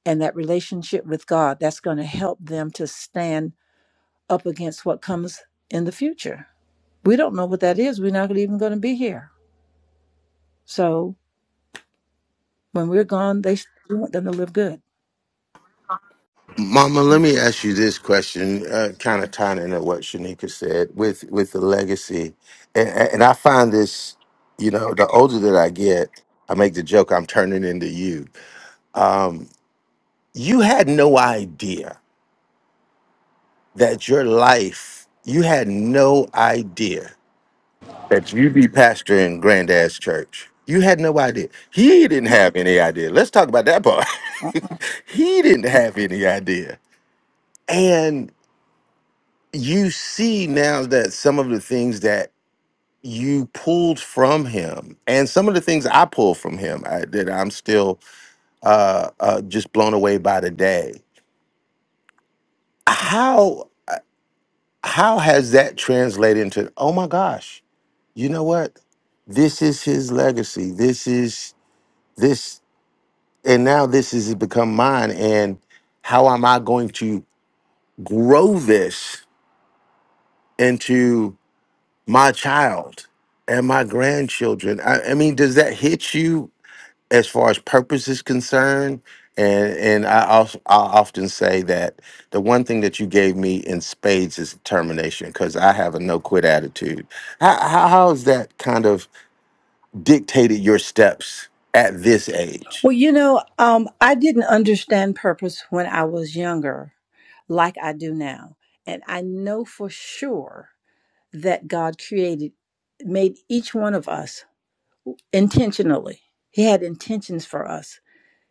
Speaker 15: and that relationship with God. That's going to help them to stand up against what comes in the future. We don't know what that is. We're not even going to be here. So when we're gone, they we want them to live good.
Speaker 4: Mama, let me ask you this question, uh, kind of tying into what Shanika said with with the legacy, and, and I find this, you know, the older that I get, I make the joke I'm turning into you. Um, you had no idea that your life, you had no idea that you'd be pastoring Granddad's church. You had no idea. He didn't have any idea. Let's talk about that part.
Speaker 15: Uh-uh.
Speaker 4: [LAUGHS] he didn't have any idea, and you see now that some of the things that you pulled from him and some of the things I pulled from him I, that I'm still uh, uh, just blown away by today. How uh, how has that translated into? Oh my gosh! You know what? This is his legacy. This is this, and now this has become mine. And how am I going to grow this into? my child and my grandchildren. I, I mean, does that hit you as far as purpose is concerned? And and I, also, I often say that the one thing that you gave me in spades is determination because I have a no quit attitude. How, how how has that kind of dictated your steps at this age?
Speaker 15: Well, you know, um, I didn't understand purpose when I was younger like I do now. And I know for sure that God created made each one of us intentionally. He had intentions for us,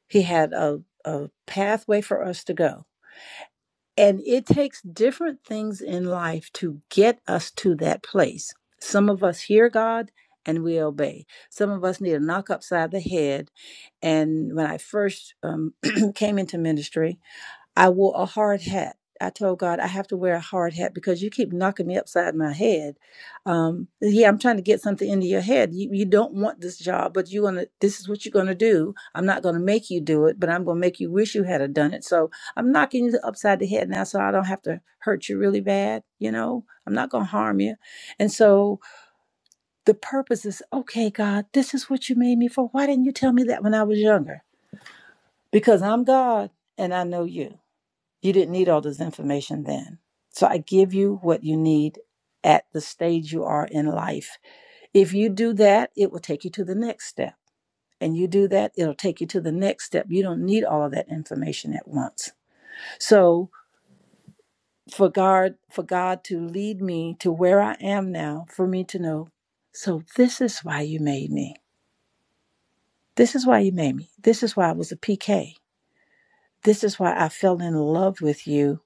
Speaker 15: He had a, a pathway for us to go. And it takes different things in life to get us to that place. Some of us hear God and we obey. Some of us need a knock upside the head. And when I first um, [CLEARS THROAT] came into ministry, I wore a hard hat. I told God I have to wear a hard hat because you keep knocking me upside my head. Um, yeah, I'm trying to get something into your head. You, you don't want this job, but you want to. This is what you're going to do. I'm not going to make you do it, but I'm going to make you wish you had done it. So I'm knocking you upside the head now, so I don't have to hurt you really bad. You know, I'm not going to harm you. And so the purpose is okay, God. This is what you made me for. Why didn't you tell me that when I was younger? Because I'm God and I know you. You didn't need all this information then. So I give you what you need at the stage you are in life. If you do that, it will take you to the next step. And you do that, it'll take you to the next step. You don't need all of that information at once. So for God, for God to lead me to where I am now, for me to know, so this is why you made me. This is why you made me. This is why I was a PK. This is why I fell in love with you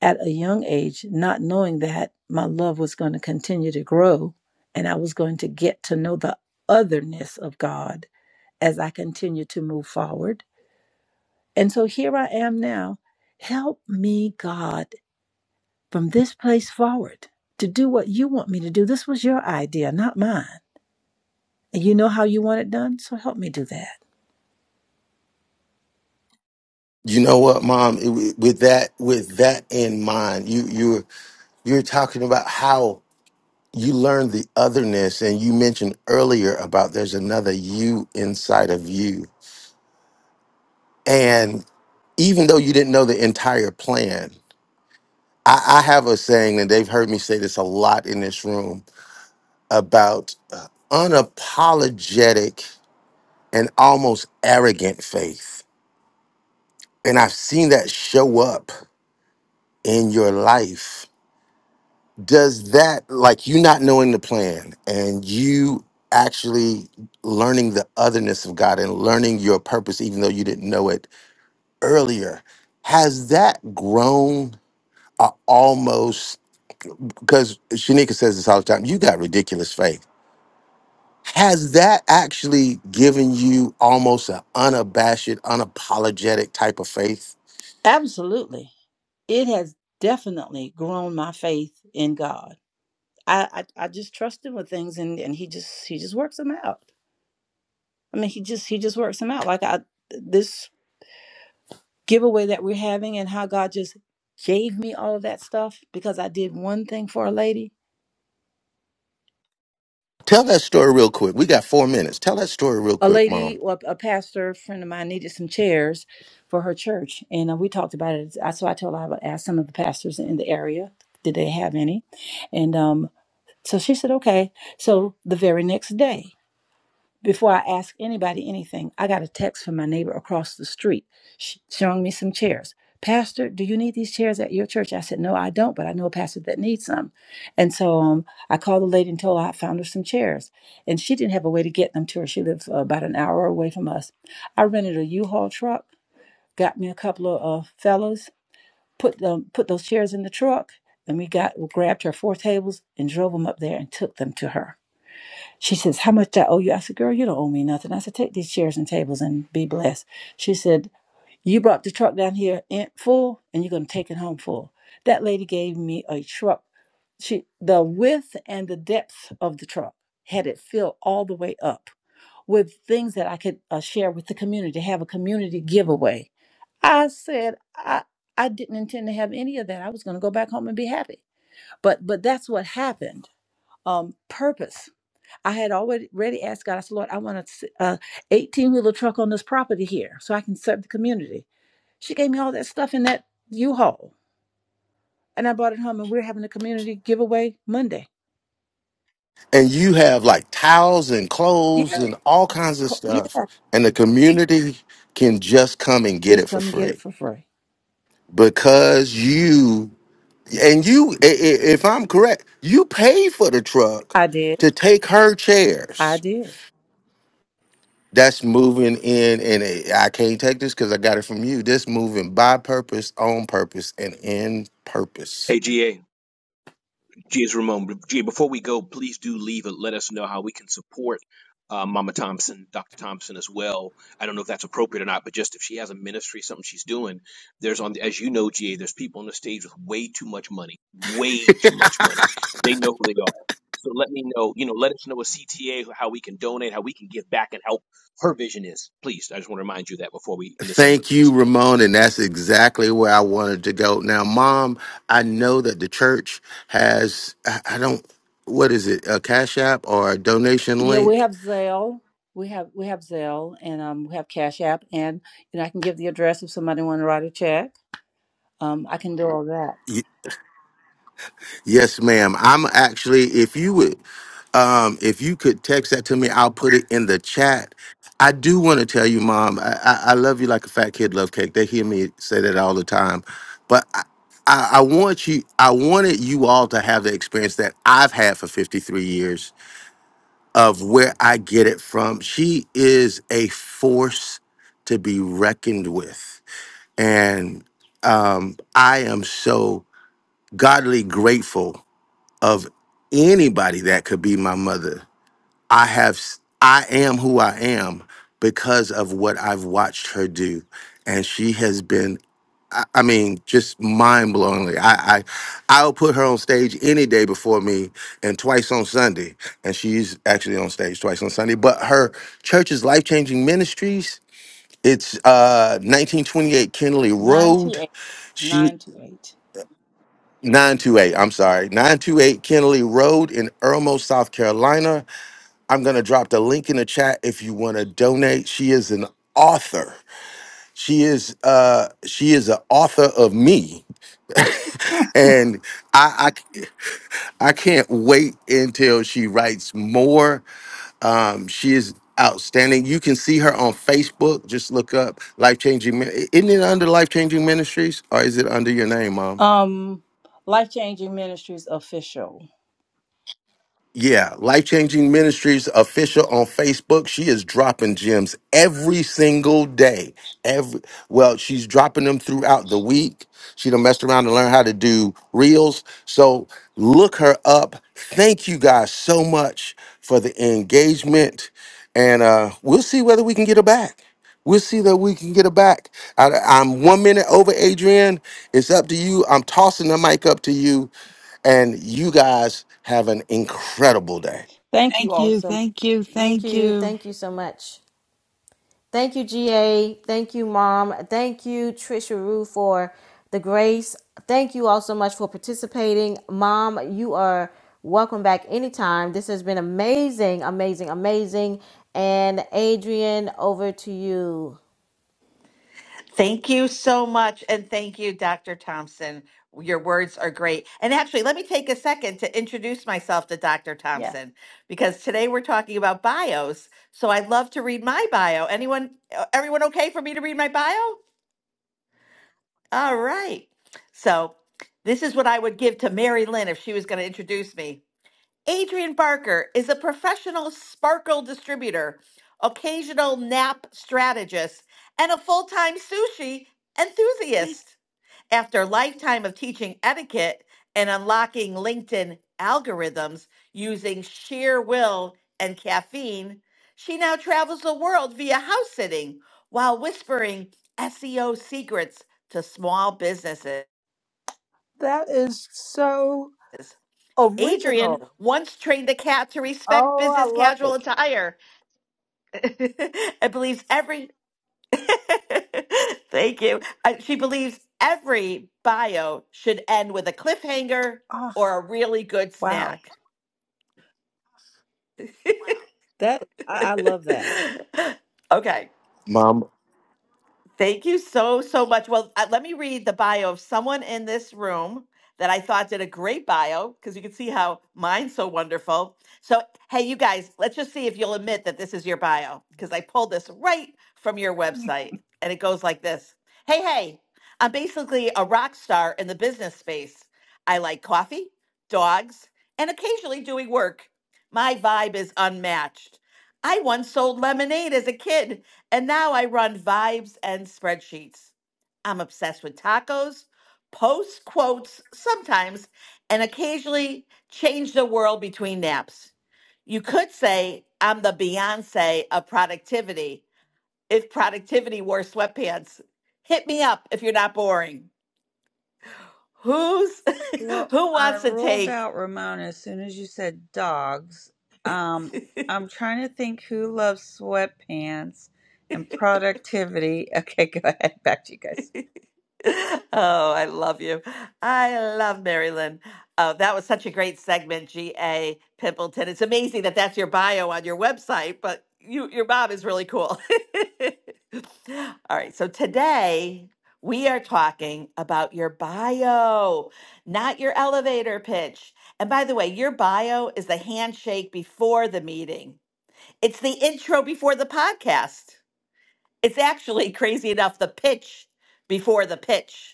Speaker 15: at a young age, not knowing that my love was going to continue to grow and I was going to get to know the otherness of God as I continue to move forward. And so here I am now. Help me, God, from this place forward to do what you want me to do. This was your idea, not mine. And you know how you want it done, so help me do that.
Speaker 4: You know what, Mom? It- With that with that in mind, you you you're talking about how you learn the otherness and you mentioned earlier about there's another you inside of you and even though you didn't know the entire plan i, I have a saying and they've heard me say this a lot in this room about uh, unapologetic and almost arrogant faith and i've seen that show up in your life does that like you not knowing the plan and you actually learning the otherness of God and learning your purpose even though you didn't know it earlier has that grown uh, almost because Shanika says this all the time you got ridiculous faith has that actually given you almost an unabashed unapologetic type of faith
Speaker 15: Absolutely. It has definitely grown my faith in God. I, I I just trust him with things, and and he just he just works them out. I mean, he just he just works them out. Like I this giveaway that we're having, and how God just gave me all of that stuff because I did one thing for a lady.
Speaker 4: tell that story real quick we got 4 minutes tell that story real
Speaker 15: A
Speaker 4: quick mom
Speaker 15: lady, well, a pastor friend of mine needed some chairs for her church, and uh, we talked about it. I, so I told her I would ask some of the pastors in the area, did they have any? And um, so she said, okay. So the very next day. Before I ask anybody anything, I got a text from my neighbor across the street showing me some chairs. Pastor, do you need these chairs at your church? I said, No, I don't, but I know a pastor that needs some. And so um, I called the lady and told her I found her some chairs. And she didn't have a way to get them to her. She lived uh, about an hour away from us. I rented a U-Haul truck, got me a couple of uh, fellows, put them, put those chairs in the truck, and we got grabbed her four tables and drove them up there and took them to her. She says, How much do I owe you? I said, Girl, you don't owe me nothing. I said, Take these chairs and tables and be blessed. She said, You brought the truck down here in full and you're going to take it home full. That lady gave me a truck. She, the width and the depth of the truck had it filled all the way up with things that I could uh, share with the community, have a community giveaway. I said, I, I didn't intend to have any of that. I was going to go back home and be happy. But, but that's what happened. Um, purpose I had already asked God, I said, Lord, I want a uh, 18 wheeler truck on this property here so I can serve the community. She gave me all that stuff in that U Haul. And I brought it home, and we're having a community giveaway Monday.
Speaker 4: and you have like towels and
Speaker 15: Yeah.
Speaker 4: clothes and all kinds of
Speaker 15: Yeah.
Speaker 4: stuff and the community can just come and get
Speaker 15: Just
Speaker 4: it for
Speaker 15: come and get it
Speaker 4: free
Speaker 15: for free.
Speaker 4: because you and you i- i- if i'm correct you paid for the truck
Speaker 15: I did.
Speaker 4: to take her
Speaker 15: I
Speaker 4: chairs
Speaker 15: did.
Speaker 4: that's moving in and it- i can't take this because i got it from you this moving by purpose on purpose and in purpose
Speaker 14: AGA. Geez, Ramon. Gee, before we go, please do leave and let us know how we can support uh, Mama Thompson, Dr. Thompson as well. I don't know if that's appropriate or not, but just if she has a ministry, something she's doing, there's on, as you know, Ga. there's people on the stage with way too much money, way too much money. They know who they are. So let me know, you know, let us know a CTA, how we can donate, how we can give back and help her vision is. Please, I just want to remind you that before we end the segment,
Speaker 4: Thank you,
Speaker 14: please.
Speaker 4: Ramon. And that's exactly where I wanted to go. Now, mom, I know that the church has, I I don't, what is it, a Cash App or a donation
Speaker 15: Yeah, we
Speaker 4: link?
Speaker 15: have Zelle. We have we have Zelle and um we have Cash App and you know I can give the address if somebody want to write a check. Um I can do all that.
Speaker 4: Y- yes, ma'am. I'm actually, if you would, um, if you could text that to me, I'll put it in the chat. I do want to tell you, mom, I, I, I love you like a fat kid love cake. They hear me say that all the time. But I, I, I want you, I wanted you all to have the experience that I've had for 53 years of where I get it from. She is a force to be reckoned with. And um, I am so godly grateful of anybody that could be my mother I have s- I am who I am because of what I've watched her do. And she has been I I mean, just mind blowingly. I, I I'll put her on stage any day before me and twice on Sunday. And she's actually on stage twice on Sunday. But her church is life changing ministries. It's uh 1928 Kennelly Road.
Speaker 15: 928.
Speaker 4: She
Speaker 15: 928.
Speaker 4: 928, I'm sorry, 928 Kennelly Road in Irmo, South Carolina. I'm going to drop the link in the chat if you want to donate. She is an author. She is uh she is an author of me and I I I can't wait until she writes more. Um she is outstanding. You can see her on Facebook. Just look up Life Changing Min- isn't it under Life Changing Ministries or is it under your name, mom?
Speaker 15: Um, Life Changing Ministries official.
Speaker 4: Yeah, Life Changing Ministries official on Facebook. She is dropping gems every single day. Every well, she's dropping them throughout the week. She done messed around and learned how to do reels. So look her up. Thank you guys so much for the engagement, and uh, we'll see whether we can get her back. We'll see that we can get her back. I, am one minute over, Adrian. It's up to you. I'm tossing the mic up to you and you guys have an incredible day.
Speaker 15: Thank you
Speaker 3: Thank
Speaker 15: all
Speaker 3: you,
Speaker 15: so much.
Speaker 3: thank you,
Speaker 1: Thank
Speaker 3: thank
Speaker 1: you.
Speaker 3: you.
Speaker 1: Thank you so much. Thank you, GA. Thank you, Mom. Thank you, Trisha Rue, for the grace. Thank you all so much for participating. Mom, you are welcome back anytime. This has been amazing, amazing, amazing. And Adrian, over to you.
Speaker 18: Thank you so much. And thank you, Dr. Thompson. Your words are great. And actually, let me take a second to introduce myself to Dr.
Speaker 15: Yeah.
Speaker 18: Thompson because today we're talking about bios. So I'd love to read my bio. Anyone, uh, everyone okay for me to read my bio? All right. So this is what I would give to Mary Lynn if she was going to introduce me. Adrian Barker is a professional sparkle distributor, occasional nap strategist, and a full time sushi enthusiast. After a lifetime of teaching etiquette and unlocking LinkedIn algorithms using sheer will and caffeine, she now travels the world via house sitting while whispering SEO secrets to small businesses.
Speaker 15: That is so
Speaker 18: Adrian
Speaker 15: original.
Speaker 18: once trained a cat to respect
Speaker 15: Oh, I
Speaker 18: business
Speaker 15: love
Speaker 18: casual
Speaker 15: it.
Speaker 18: attire [LAUGHS] and believes every [LAUGHS] Thank you. Uh, she believes every bio should end with a cliffhanger
Speaker 15: Ah,
Speaker 18: or a really good
Speaker 15: wow.
Speaker 18: snack.
Speaker 15: That I, I love that.
Speaker 18: [LAUGHS] okay.
Speaker 4: Mom,
Speaker 18: Thank you so, so much. Well, uh, let me read the bio of someone in this room that I thought did a great bio because you can see how mine's so wonderful. So, hey, you guys, let's just see if you'll admit that this is your bio because I pulled this right from your website and it goes like this Hey, hey, I'm basically a rock star in the business space. I like coffee, dogs, and occasionally doing work. My vibe is unmatched. I once sold lemonade as a kid and now I run vibes and spreadsheets. I'm obsessed with tacos, post quotes sometimes, and occasionally change the world between naps. You could say I'm the Beyonce of productivity if productivity wore sweatpants. Hit me up if you're not boring. Who's
Speaker 13: Well,
Speaker 18: [LAUGHS] who
Speaker 13: I
Speaker 18: wants to
Speaker 13: ruled
Speaker 18: take?
Speaker 13: out Ramona as soon as you said dogs. Um, I'm trying to think who loves sweatpants
Speaker 18: [LAUGHS]
Speaker 13: and productivity. [LAUGHS] Okay, go ahead. Back to you guys.
Speaker 18: [LAUGHS] Oh, I love you. I love Marilyn. Oh, that was such a great segment, G.A. Pimpleton. It's amazing that that's your bio on your website, but you, your mom is really cool. [LAUGHS] All right, so today we are talking about your bio, not your elevator pitch. And by the way, your bio is the handshake before the meeting, it's the intro before the podcast. It's actually crazy enough the pitch before the pitch.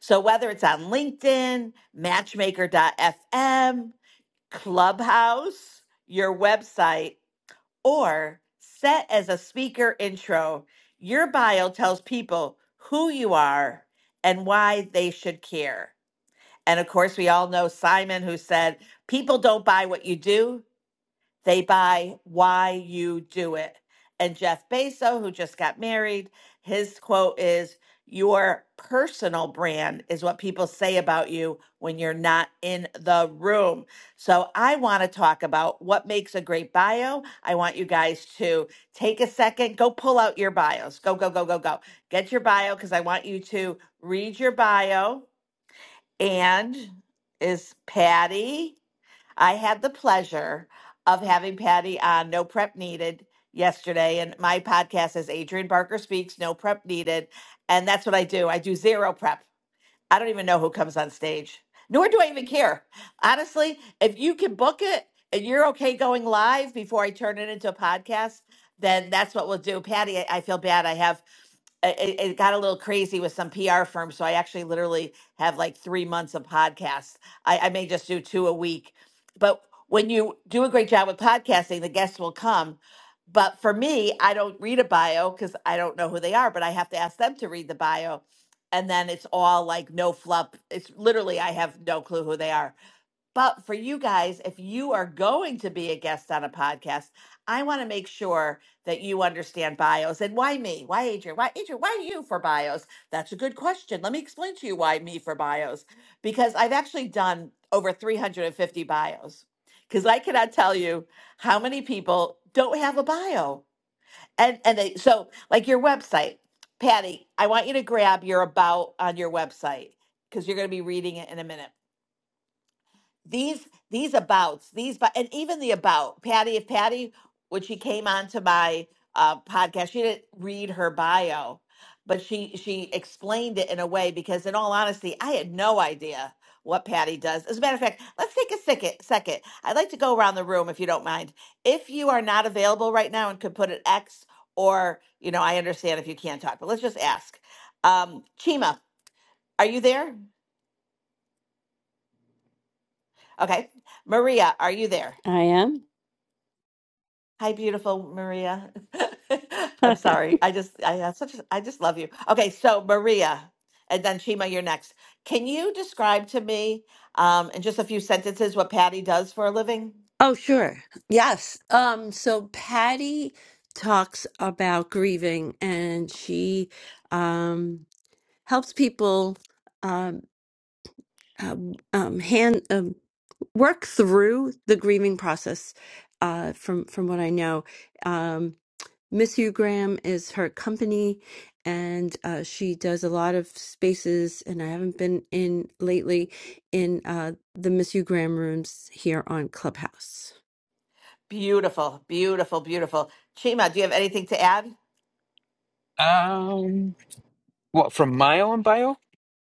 Speaker 18: So whether it's on LinkedIn, Matchmaker FM, Clubhouse, your website, or set as a speaker intro, your bio tells people who you are and why they should care. And of course, we all know Simon who said, People don't buy what you do, they buy why you do it. And Jeff Bezos, who just got married, his quote is Your personal brand is what people say about you when you're not in the room. So I want to talk about what makes a great bio. I want you guys to take a second, go pull out your bios. Go, go, go, go, go. Get your bio because I want you to read your bio. And is Patty? I had the pleasure of having Patty on No Prep Needed yesterday. And my podcast is Adrian Barker Speaks, No Prep Needed. And that's what I do. I do zero prep. I don't even know who comes on stage, nor do I even care. Honestly, if you can book it and you're okay going live before I turn it into a podcast, then that's what we'll do. Patty, I I feel bad. I have it, it got a little crazy with some PR firms. So I actually literally have like three months of podcasts. I, I may just do two a week. But when you do a great job with podcasting, the guests will come. But for me, I don't read a bio because I don't know who they are, but I have to ask them to read the bio and then it's all like no fluff. It's literally I have no clue who they are. But for you guys, if you are going to be a guest on a podcast, I want to make sure that you understand bios. And why me? Why Adrian? Why Adrian? Why you for bios? That's a good question. Let me explain to you why me for bios. Because I've actually done over 350 bios. Because I cannot tell you how many people don't have a bio and and they so like your website patty i want you to grab your about on your website because you're going to be reading it in a minute these these abouts these bu- and even the about patty if patty when she came onto my uh, podcast she didn't read her bio but she she explained it in a way because in all honesty i had no idea what patty does as a matter of fact let's take a second second i'd like to go around the room if you don't mind if you are not available right now and could put an x or you know i understand if you can't talk but let's just ask um chima are you there okay maria are you there
Speaker 8: I am.
Speaker 18: Hi, beautiful Maria. [LAUGHS]
Speaker 8: [LAUGHS]
Speaker 18: I'm sorry. I just, I have such, a- I just love you. Okay, so Maria, and then Chima, you're next. Can you describe to me, um, in just a few sentences, what Patty does for a living?
Speaker 8: Oh, sure. Yes. Um, so Patty talks about grieving and she um helps people. Um um, um, hand um, work through the grieving process uh, from from what I know. Um, Miss Hugh Graham is her company, and uh, she does a lot of spaces. And I haven't been in lately in uh, the Miss Hugh Graham rooms here on Clubhouse.
Speaker 18: Beautiful, beautiful, beautiful. Chima, do you have anything to add?
Speaker 19: Um, what from my own bio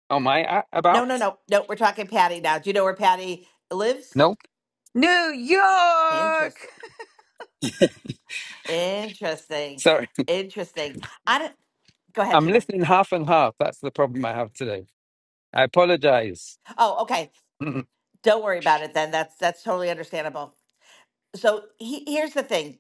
Speaker 19: Oh my a-
Speaker 18: No,
Speaker 19: about?
Speaker 18: no, no, no. We're talking Patty now. Do you know where Patty lives?
Speaker 19: No,
Speaker 13: New York!
Speaker 18: Interest, interesting,
Speaker 19: sorry,
Speaker 18: interesting. I don't. Go
Speaker 19: [LAUGHS]
Speaker 18: ahead,
Speaker 19: I'm
Speaker 18: Chima.
Speaker 19: listening half and half. That's the problem I have today. I apologize.
Speaker 18: Oh, okay.
Speaker 19: [LAUGHS] Can
Speaker 18: Don't worry about it then. That's that's totally understandable. so he, here's the thing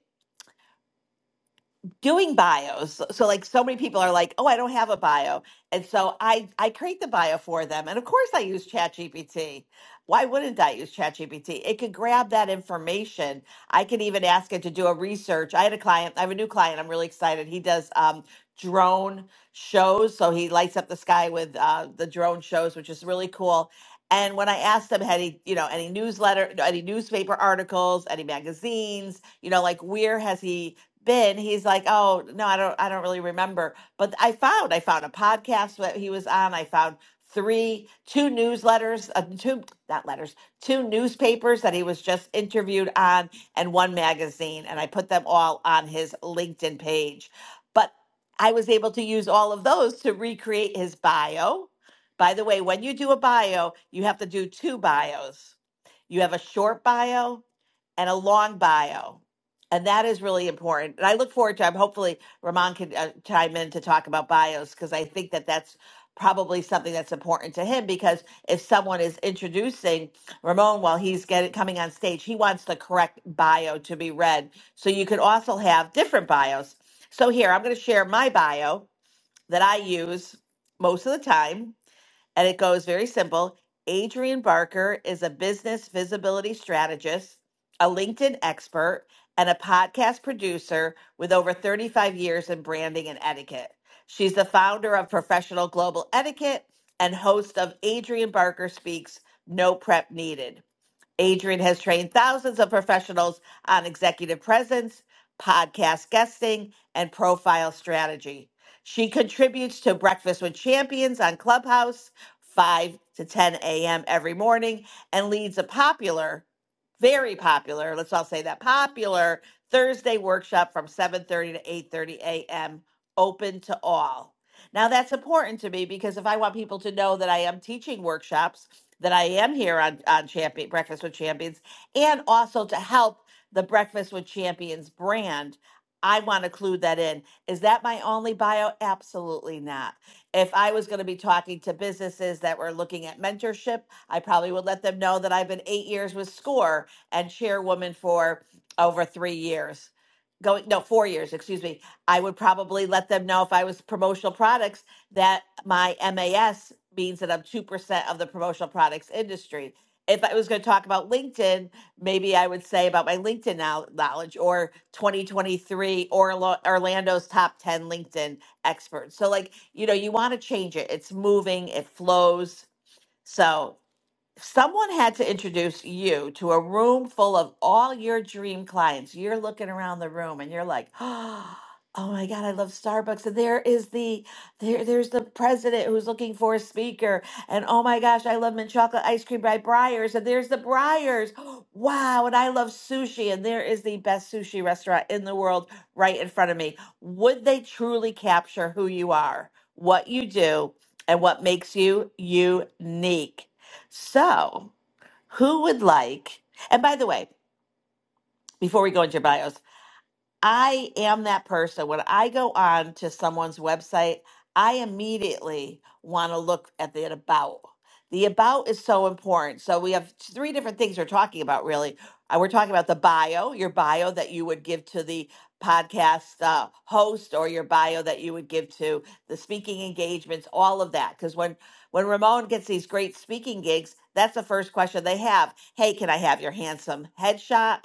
Speaker 18: doing bios so so, like so many people are like oh i don't have a bio and so i i create the bio for them and of course i use chatgpt why wouldn't i use chatgpt it could grab that information i could even ask it to do a research i had a client i have a new client i'm really excited he does um drone shows so he lights up the sky with uh, the drone shows which is really cool and when i asked him had he you know any newsletter any newspaper articles any magazines you know like where has he been he's like oh no i don't i don't really remember but i found i found a podcast that he was on i found three two newsletters uh, two not letters two newspapers that he was just interviewed on and one magazine and i put them all on his linkedin page but i was able to use all of those to recreate his bio by the way when you do a bio you have to do two bios you have a short bio and a long bio. And that is really important. And I look forward to, I'm hopefully Ramon can uh, chime in to talk about bios because I think that that's probably something that's important to him because if someone is introducing Ramon while he's getting coming on stage, he wants the correct bio to be read. So you could also have different bios. So here, I'm going to share my bio that I use most of the time and it goes very simple. Adrian Barker is a business visibility strategist, a LinkedIn expert, and a podcast producer with over 35 years in branding and etiquette. She's the founder of Professional Global Etiquette and host of Adrian Barker Speaks No Prep Needed. Adrian has trained thousands of professionals on executive presence, podcast guesting, and profile strategy. She contributes to Breakfast with Champions on Clubhouse 5 to 10 a.m. every morning and leads a popular, very popular, let's all say that popular Thursday workshop from 7:30 to 8:30 a.m. open to all. Now that's important to me because if I want people to know that I am teaching workshops that I am here on, on Champion Breakfast with Champions and also to help the Breakfast with Champions brand. I want to clue that in. Is that my only bio? Absolutely not. If I was going to be talking to businesses that were looking at mentorship, I probably would let them know that I've been eight years with SCORE and chairwoman for over three years. Going, no, four years, excuse me. I would probably let them know if I was promotional products that my MAS means that I'm 2% of the promotional products industry. If I was going to talk about LinkedIn, maybe I would say about my LinkedIn knowledge or 2023 or Orlando's top 10 LinkedIn experts. So, like, you know, you want to change it. It's moving, it flows. So, someone had to introduce you to a room full of all your dream clients. You're looking around the room and you're like, [GASPS] oh my God, I love Starbucks. And there is the there there's the president who's looking for a speaker. And oh my gosh, I love mint chocolate ice cream by Briars. And there's the Briars. [GASPS] Wow, and I love sushi. And there is the best sushi restaurant in the world right in front of me. Would they truly capture who you are, what you do, and what makes you unique? So, who would like? And by the way, before we go into your bios, I am that person. When I go on to someone's website, I immediately want to look at the about. The about is so important. So we have three different things we're talking about, really. Uh, We're talking about the bio, your bio that you would give to the podcast uh, host or your bio that you would give to the speaking engagements, all of that. Because when, when Ramon gets these great speaking gigs, that's the first question they have. Hey, can I have your handsome headshot?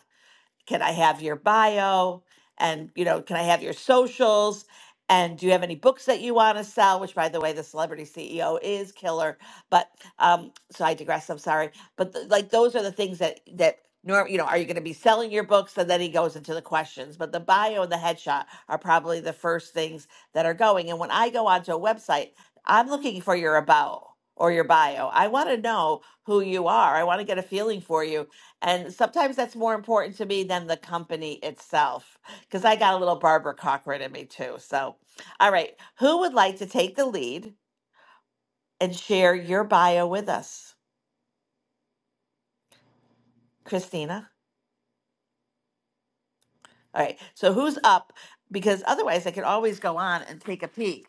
Speaker 18: can I have your bio? And, you know, can I have your socials? And do you have any books that you want to sell? Which, by the way, the celebrity CEO is killer. But um, so I digress. I'm sorry. But th- like those are the things that that norm. You know, are you going to be selling your books? And then he goes into the questions. But the bio and the headshot are probably the first things that are going. And when I go onto a website, I'm looking for your about or your bio. I want to know who you are. I want to get a feeling for you and sometimes that's more important to me than the company itself, because I got a little Barbara Cochran in me too. So, all right, who would like to take the lead and share your bio with us? Christina? All right, so who's up? Because otherwise, I could always go on and take a peek.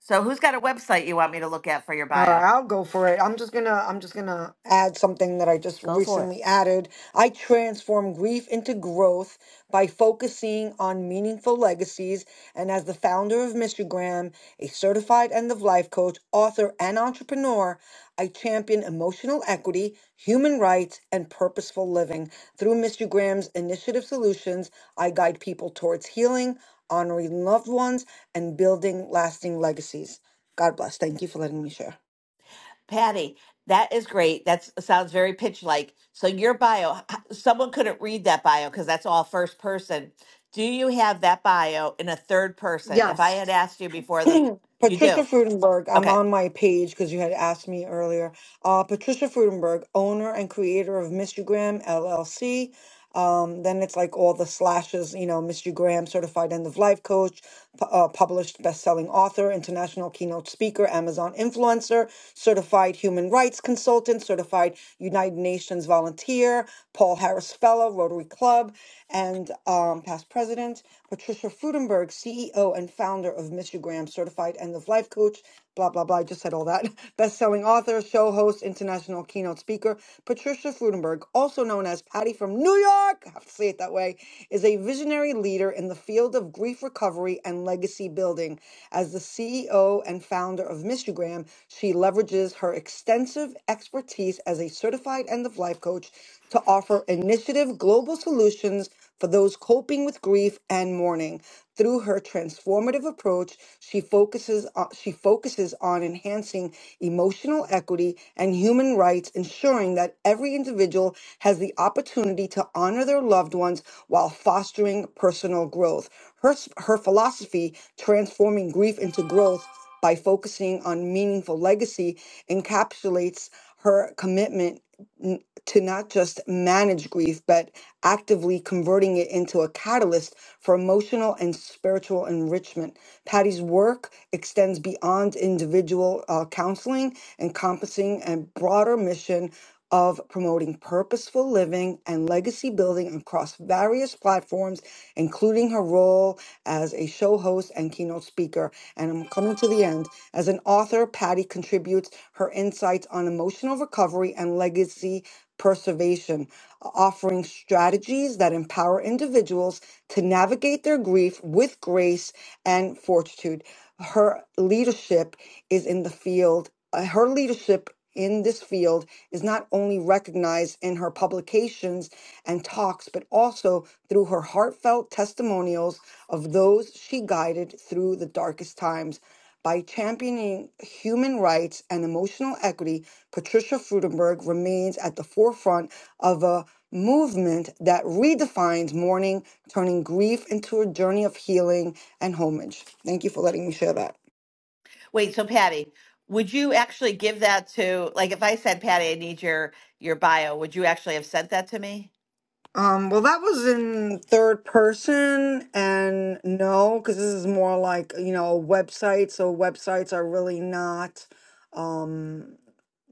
Speaker 18: So, who's got a website you want me to look at for your
Speaker 16: All right,
Speaker 18: bio?
Speaker 16: I'll go for it. I'm just gonna I'm just gonna add something that I just
Speaker 1: Go for it.
Speaker 16: recently added. I transform grief into growth by focusing on meaningful legacies. And as the founder of Michigram, a certified end of life coach, author, and entrepreneur, I champion emotional equity, human rights, and purposeful living. Through Mischigram's initiative solutions, I guide people towards healing, honoring loved ones, and building lasting legacies. God bless. Thank you for letting me share.
Speaker 18: Patty, that is great. That sounds very pitch like. So, your bio, h- someone couldn't read that bio because that's all first person. Do you have that bio in a third person? If I had
Speaker 16: Yes.
Speaker 18: asked you
Speaker 16: [CLEARS THROAT]
Speaker 18: before the, you
Speaker 16: Patricia
Speaker 18: do.
Speaker 16: Frudenberg, I'm
Speaker 18: Okay.
Speaker 16: on my page because you had asked me earlier. Uh, Patricia Frudenberg, owner and creator of Mr. Graham LLC. Um, then it's like all the slashes, you know, Mr. Graham, certified end of life coach, pu- uh, published best selling author, international keynote speaker, Amazon influencer, certified human rights consultant, certified United Nations volunteer, Paul Harris Fellow, Rotary Club, and um, past president. Patricia Frudenberg, CEO and founder of Mr. Graham Certified End of Life Coach, blah, blah, blah. I just said all that. [LAUGHS] Best selling author, show host, international keynote speaker. Patricia Frudenberg, also known as Patty from New York, [LAUGHS] I have to say it that way, is a visionary leader in the field of grief recovery and legacy building. As the CEO and founder of Mr. Graham, she leverages her extensive expertise as a certified end of life coach to offer initiative global solutions for those coping with grief and mourning. Through her transformative approach, she focuses on, she focuses on enhancing emotional equity and human rights, ensuring that every individual has the opportunity to honor their loved ones while fostering personal growth. Her, s- her philosophy, transforming grief into growth by focusing on meaningful legacy, encapsulates her commitment to not just manage grief, but actively converting it into a catalyst for emotional and spiritual enrichment. Patty's work extends beyond individual uh, counseling, encompassing a broader mission of promoting purposeful living and legacy building across various platforms, including her role as a show host and keynote speaker. And I'm coming to the end. As an author, Patty contributes her insights on emotional recovery and legacy Preservation, uh, offering strategies that empower individuals to navigate their grief with grace and fortitude. Her leadership is in the field, uh, her leadership in this field is not only recognized in her publications and talks, but also through her heartfelt testimonials of those she guided through the darkest times. By championing human rights and emotional equity, Patricia Frudenberg remains at the forefront of a movement that redefines mourning, turning grief into a journey of healing and homage. Thank you for letting me share that.
Speaker 18: Wait, so Patty, would you actually give that to, like, if I said, Patty, I need your your bio, would you actually have sent that to me?
Speaker 16: Um, well, that was in third person, and no, because this is more like, you know, a website. So websites are really not, um,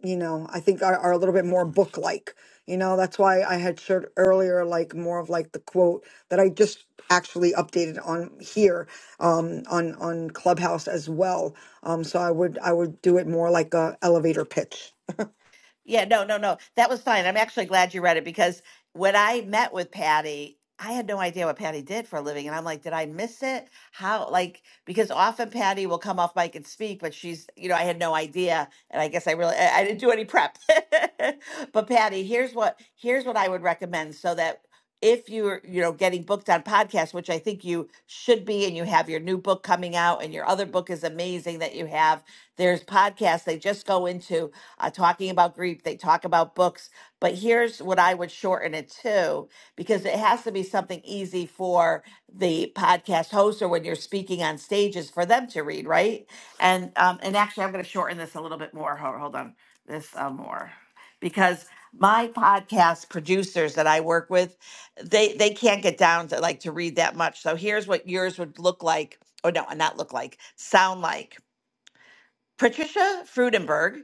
Speaker 16: you know, I think are, are a little bit more book-like. You know, that's why I had shared earlier, like more of like the quote that I just actually updated on here, um, on on Clubhouse as well. Um, so I would I would do it more like a elevator pitch.
Speaker 18: Yeah, no, no, no. That was fine. I'm actually glad you read it because when I met with Patty, I had no idea what Patty did for a living. And I'm like, did I miss it? How? Like, because often Patty will come off mic and speak, but she's, you know, I had no idea. And I guess I really, I I didn't do any prep. [LAUGHS] But Patty, here's what, here's what I would recommend so that if you're, you know, getting booked on podcasts, which I think you should be, and you have your new book coming out and your other book is amazing that you have, there's podcasts they just go into uh, talking about grief. They talk about books, but here's what I would shorten it to because it has to be something easy for the podcast host or when you're speaking on stages for them to read, right? And um, and actually, I'm going to shorten this a little bit more. Hold, hold on, this uh, more because my podcast producers that I work with, they they can't get down to like to read that much. So here's what yours would look like. or no, not look like, sound like Patricia Frudenberg.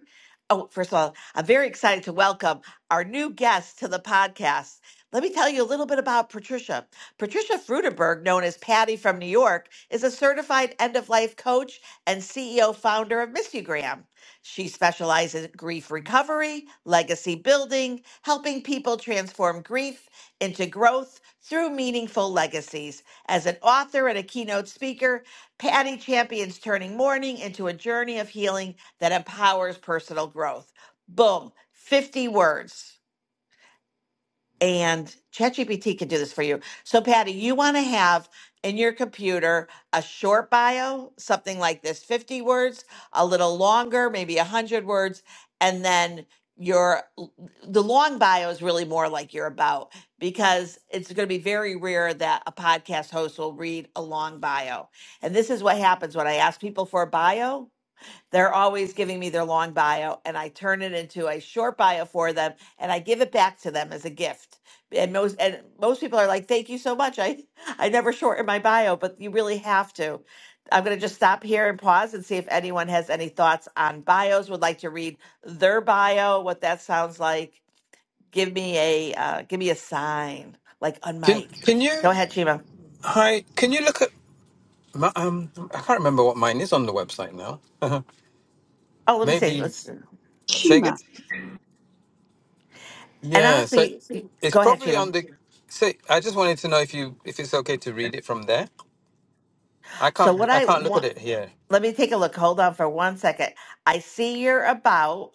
Speaker 18: Oh, first of all, I'm very excited to welcome our new guest to the podcast. Let me tell you a little bit about Patricia. Patricia Frudenberg, known as Patty from New York, is a certified end of life coach and CEO founder of Missugram. She specializes in grief recovery, legacy building, helping people transform grief into growth through meaningful legacies. As an author and a keynote speaker, Patty champions turning mourning into a journey of healing that empowers personal growth. Boom, 50 words and ChatGPT can do this for you. So, Patty, you want to have in your computer a short bio, something like this 50 words, a little longer, maybe 100 words, and then your the long bio is really more like you're about because it's going to be very rare that a podcast host will read a long bio. And this is what happens when I ask people for a bio they're always giving me their long bio, and I turn it into a short bio for them, and I give it back to them as a gift. And most and most people are like, "Thank you so much." I [LAUGHS] I never shorten my bio, but you really have to. I'm going to just stop here and pause and see if anyone has any thoughts on bios. Would like to read their bio, what that sounds like. Give me a uh, give me a sign, like unmic.
Speaker 19: can you
Speaker 18: Go ahead, Chima.
Speaker 19: hi? Can you look at my, um? I can't remember what mine is on the website now.
Speaker 18: Oh, let me see.
Speaker 19: Maybe
Speaker 18: Let's and
Speaker 19: say again.
Speaker 13: Shima,
Speaker 19: Yeah, so
Speaker 18: honestly,
Speaker 19: it's
Speaker 18: go ahead,
Speaker 19: probably on
Speaker 18: Chima.
Speaker 19: the. Say, I just wanted to know if you if it's okay to read it from there. I
Speaker 18: So
Speaker 19: can't
Speaker 18: what
Speaker 19: I
Speaker 18: I
Speaker 19: can't look at
Speaker 18: want.
Speaker 19: it here.
Speaker 18: Let me take a look. Hold on for one second. I see your about.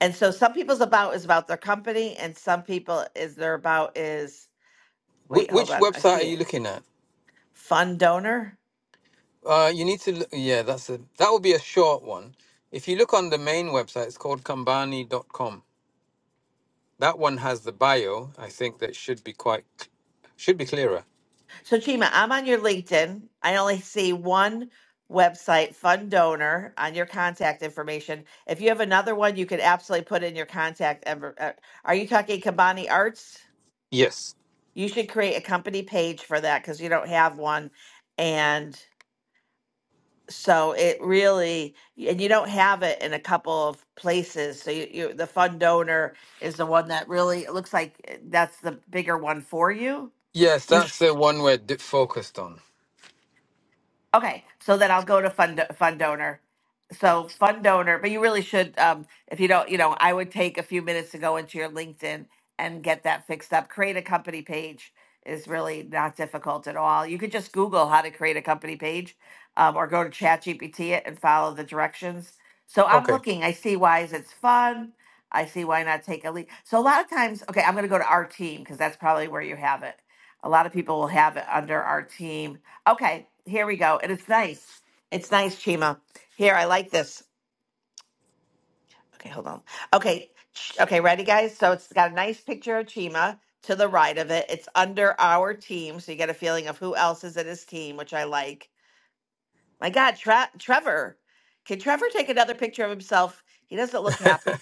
Speaker 18: And so some people's about is about their company, and some people is their about is
Speaker 19: Wh-
Speaker 18: wait, hold
Speaker 19: which
Speaker 18: on. I
Speaker 19: website
Speaker 18: see
Speaker 19: are you
Speaker 18: it.
Speaker 19: looking at?
Speaker 18: Fund donor.
Speaker 19: Uh, you need to. l- Yeah, that's a that will be a short one. If you look on the main website, it's called kambani dot com. That one has the bio. I think that should be quite c- should be clearer.
Speaker 18: So Chima, I'm on your LinkedIn. I only see one website, fund donor, on your contact information. If you have another one, you could absolutely put in your contact. ever- uh, Are you talking Kabani Arts?
Speaker 19: Yes.
Speaker 18: You should create a company page for that because you don't have one. And so it really and you don't have it in a couple of places so you, you the fund donor is the one that really it looks like eh, that's the bigger one for you
Speaker 19: Yes, that's the one we're di- focused on.
Speaker 18: Okay, so then I'll go to fund fund donor. So fund donor, but you really should, um, if you don't, you know, I would take a few minutes to go into your LinkedIn and get that fixed up. Create a company page is really not difficult at all. You could just Google how to create a company page, um, or go to ChatGPT it and follow the directions. So I'm
Speaker 19: Okay. [LAUGHS]
Speaker 18: looking. I see why is it's fun. I see why not take a lead. So a lot of times, okay, I'm going to go to our team because that's probably where you have it. A lot of people will have it under our team Okay, here we go. And it's nice. It's nice, Chima. Here, I like this. Okay, hold on. Okay, ch- okay, ready, guys? So it's got a nice picture of Chima to the right of it. It's under our team, so you get a feeling of who else is in his team, which I like. My God, Tre- Trevor. Can Trevor take another picture of himself? He doesn't look happy.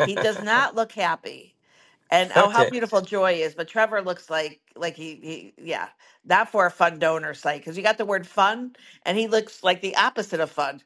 Speaker 18: He does not look happy. And oh, how
Speaker 19: Okay.
Speaker 18: beautiful Joy is! But Trevor looks like like he he yeah, not for a fun donor site because you got the word fun, and he looks like the opposite of fun.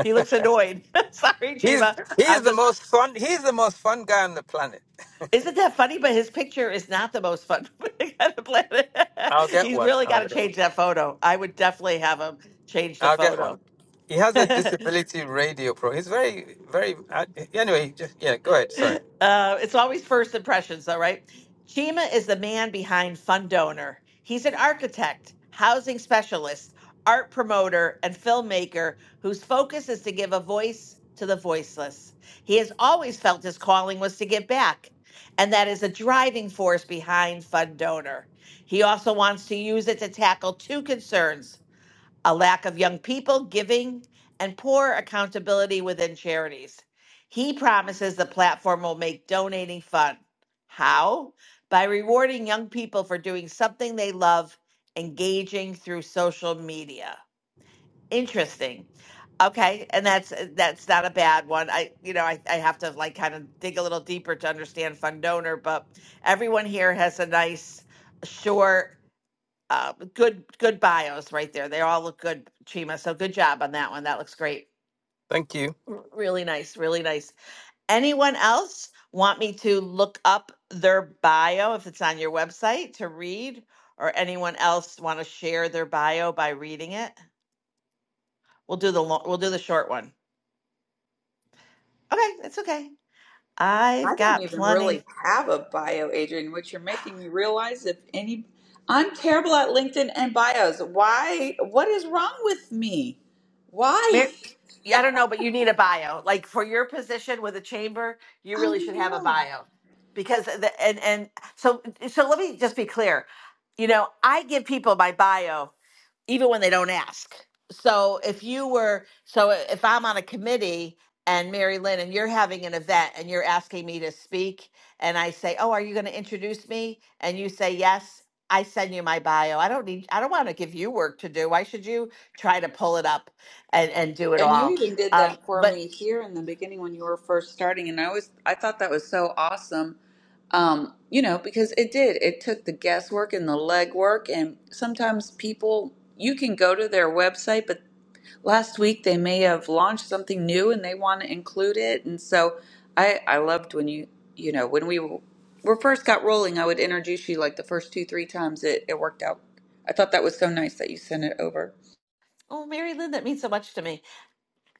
Speaker 18: He looks annoyed. [LAUGHS] Sorry,
Speaker 19: He's
Speaker 18: Chima.
Speaker 19: he's
Speaker 18: I'm
Speaker 19: the
Speaker 18: just
Speaker 19: most fun. He's the most fun guy on the planet.
Speaker 18: isn't that funny? But his picture is not the most fun [LAUGHS] thing on the planet.
Speaker 19: I'll
Speaker 18: [LAUGHS]
Speaker 19: get
Speaker 18: He's
Speaker 19: one.
Speaker 18: really got
Speaker 19: I'll
Speaker 18: to
Speaker 19: get. One.
Speaker 18: change that photo. I would definitely have him change the
Speaker 19: I'll get one.
Speaker 18: photo.
Speaker 19: He has a
Speaker 18: [LAUGHS]
Speaker 19: disability radio pro. He's very very. Uh, anyway, just yeah. Go ahead. Sorry.
Speaker 18: Uh, it's always first impressions, though, right? Chima is the man behind Fund Donor. He's an architect, housing specialist, art promoter, and filmmaker whose focus is to give a voice to the voiceless. He has always felt his calling was to give back, and that is a driving force behind Fund Donor. He also wants to use it to tackle two concerns a lack of young people giving, and poor accountability within charities. He promises the platform will make donating fun. How? By rewarding young people for doing something they love, engaging through social media. Interesting. Okay, and that's that's not a bad one. I you know, I, I have to like kind of dig a little deeper to understand fund donor, but everyone here has a nice short uh, good good bios right there. They all look good, Chima. So good job on that one. That looks great.
Speaker 19: Thank you.
Speaker 18: R- really nice, really nice. Anyone else want me to look up their bio if it's on your website to read, or anyone else want to share their bio by reading it? We'll do the lo- we'll do the short one. Okay, that's okay.
Speaker 13: I
Speaker 18: I've
Speaker 13: don't
Speaker 18: got
Speaker 13: even
Speaker 18: plenty.
Speaker 13: really have a bio, Adrian, which you're making me realize if any. I'm terrible at LinkedIn and bios. Why? What is wrong with me? Why?
Speaker 18: Mar- yeah, I don't know, but you need a bio. Like for your position with a chamber, you
Speaker 13: I
Speaker 18: really should have a
Speaker 13: know.
Speaker 18: bio because the, and and so so let me just be clear. You know, I give people my bio even when they don't ask. So if you were so if I'm on a committee and Mary Lynn and you're having an event and you're asking me to speak and I say, "Oh, are you going to introduce me?" and you say yes, I send you my bio. I don't need I don't want to give you work to do. Why should you try to pull it up? and and do it
Speaker 13: And you
Speaker 18: all.
Speaker 13: even did
Speaker 18: Um,
Speaker 13: that for
Speaker 18: but
Speaker 13: me here in the beginning when you were first starting, and I was I thought that was so awesome. Um, you know, because it did. It took the guesswork and the legwork, and sometimes people you can go to their website, but last week they may have launched something new and they want to include it. And so I I loved when you you know when we were were first got rolling, I would introduce you like the first two three times. It it worked out. I thought that was so nice that you sent it over.
Speaker 18: oh, Mary Lynn, that means so much to me.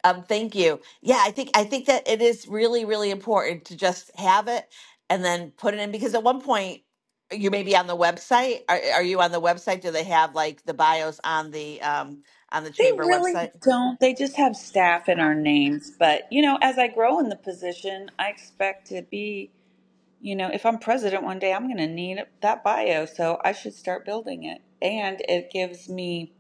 Speaker 18: Um, thank you. Yeah, I think I think that it is really really important to just have it and then put it in because at one point you may be on the website. Are, are you on the website? Do they have like the bios on the um, on the
Speaker 13: They
Speaker 18: chamber
Speaker 13: really
Speaker 18: website?
Speaker 13: don't. They just have staff in our names. But, you know, as I grow in the position, I expect to be, you know, if I'm president one day, I'm going to need that bio. So I should start building it. And it gives me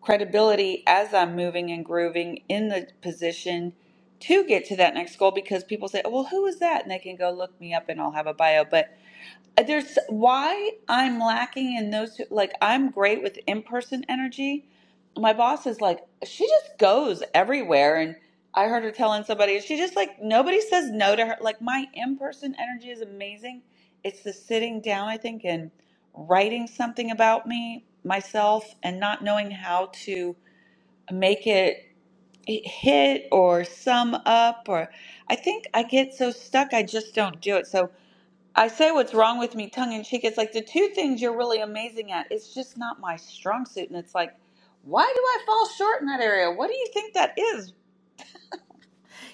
Speaker 13: credibility as I'm moving and grooving in the position to get to that next goal because people say, well, who is that? And they can go look me up and I'll have a bio. But there's why I'm lacking in those two. Like, I'm great with in person energy. My boss is like, she just goes everywhere. And I heard her telling somebody, she just like, nobody says no to her. Like, my in person energy is amazing. It's the sitting down, I think, and writing something about me, myself, and not knowing how to make it hit or sum up. Or I think I get so stuck, I just don't do it. So, I say what's wrong with me tongue in cheek. It's like the two things you're really amazing at, it's just not my strong suit. And it's like, why do I fall short in that area? What do you think that is?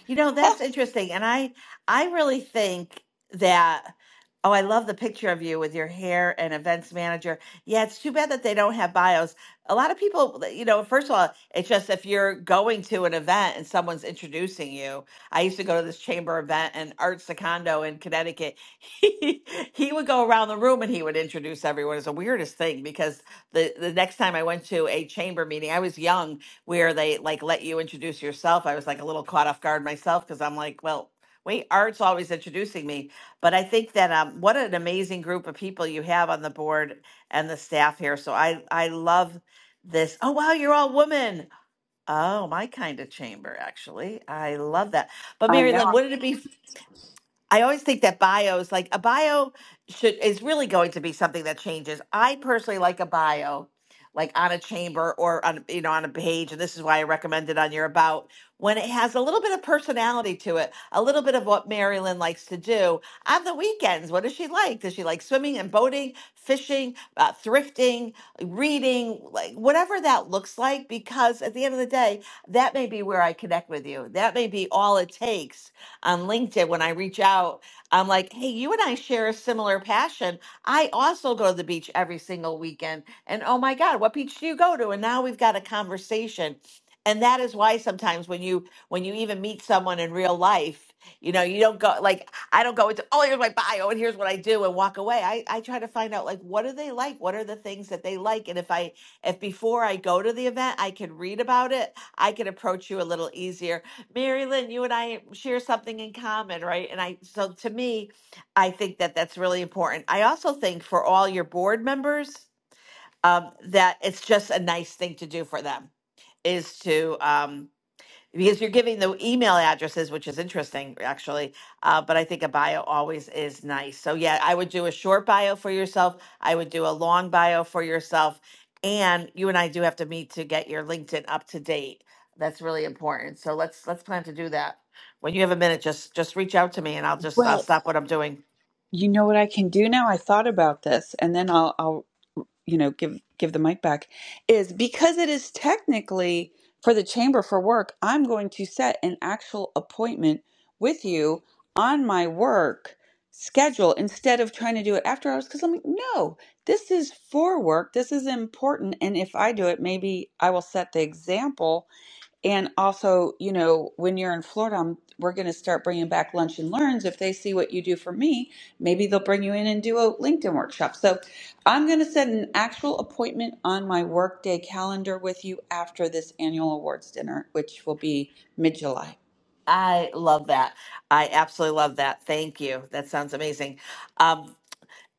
Speaker 18: You know, that's
Speaker 13: [LAUGHS]
Speaker 18: interesting. And I I really think that oh, I love the picture of you with your hair and events manager. Yeah, it's too bad that they don't have bios. A lot of people, you know, first of all, it's just if you're going to an event and someone's introducing you. I used to go to this chamber event and Art Secondo in Connecticut. [LAUGHS] He, he would go around the room and he would introduce everyone. It's the weirdest thing because the, the next time I went to a chamber meeting, I was young where they like let you introduce yourself. I was like a little caught off guard myself because I'm like, well, wait, Art's always introducing me. But I think that um, what an amazing group of people you have on the board and the staff here. So I I love this. Oh wow, you're all women. Oh, my kind of chamber, actually. I love that. But
Speaker 13: I
Speaker 18: Mary Lynn,
Speaker 13: know.
Speaker 18: wouldn't it be I always think that bios, like a bio, should is really going to be something that changes. I personally like a bio, like on a chamber or on you know on a page, and this is why I recommend it on your about when it has a little bit of personality to it, a little bit of what Marilyn likes to do on the weekends. What does she like? Does she like swimming and boating, fishing, uh, thrifting, reading, like whatever that looks like? Because at the end of the day, that may be where I connect with you. That may be all it takes on LinkedIn when I reach out. I'm like, hey, you and I share a similar passion. I also go to the beach every single weekend. And oh my God, what beach do you go to? And now we've got a conversation. And that is why sometimes when you when you even meet someone in real life, you know, you don't go like I don't go into oh here's my bio and here's what I do and walk away. I, I try to find out like what do they like? What are the things that they like? And if I if before I go to the event I can read about it, I can approach you a little easier Mary Lynn, you and I share something in common, right? And I, so to me, I think that that's really important. I also think for all your board members, um, that it's just a nice thing to do for them is to, um, because you're giving the email addresses, which is interesting actually. Uh, but I think a bio always is nice. So yeah, I would do a short bio for yourself. I would do a long bio for yourself, and you and I do have to meet to get your LinkedIn up to date. That's really important. So let's let's plan to do that. When you have a minute, just just reach out to me, and I'll just I'll
Speaker 13: Right.
Speaker 18: stop what I'm doing.
Speaker 13: You know what I can do now? I thought about this, and then I'll, I'll, you know, give give the mic back. Is because it is technically for the chamber for work. I'm going to set an actual appointment with you on my work schedule instead of trying to do it after hours. Because I'm like, no, this is for work. This is important, and if I do it, maybe I will set the example and also, you know, when you're in Florida, I'm- we're going to start bringing back lunch and learns. If they see what you do for me, maybe they'll bring you in and do a LinkedIn workshop. So I'm going to set an actual appointment on my workday calendar with you after this annual awards dinner, which will be mid July.
Speaker 18: I love that. I absolutely love that. Thank you. That sounds amazing. Um,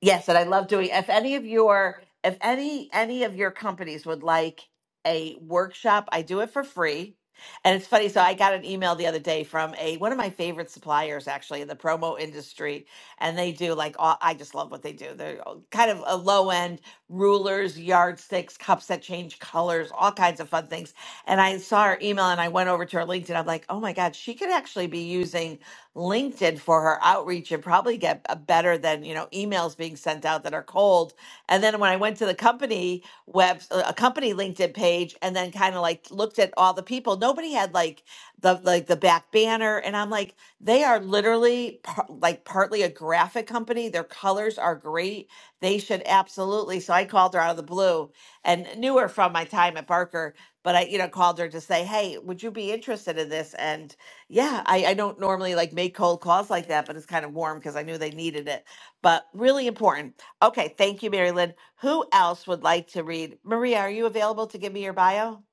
Speaker 18: Yes, and I love doing. If any of your, if any any of your companies would like a workshop, I do it for free. And it's funny. So I got an email the other day from a one of my favorite suppliers, actually in the promo industry, and they do like all, I just love what they do. They're uh, kind of a low end rulers, yardsticks, cups that change colors, all kinds of fun things. And I saw her email, and I went over to her LinkedIn. I'm like, oh my god, she could actually be using LinkedIn for her outreach and probably get a better than, you know, emails being sent out that are cold. And then when I went to the company web, uh, a company LinkedIn page and then kind of like looked at all the people, nobody had like the, like the back banner. And I'm like, they are literally par- like partly a graphic company. Their colors are great. They should absolutely. So I called her out of the blue and knew her from my time at Barker but I, you know, called her to say, "Hey, would you be interested in this?" And yeah, I, I don't normally like make cold calls like that, but it's kind of warm because I knew they needed it. But really important. Okay, thank you, Mary Lynn. Who else would like to read? Maria, are you available to give me your bio?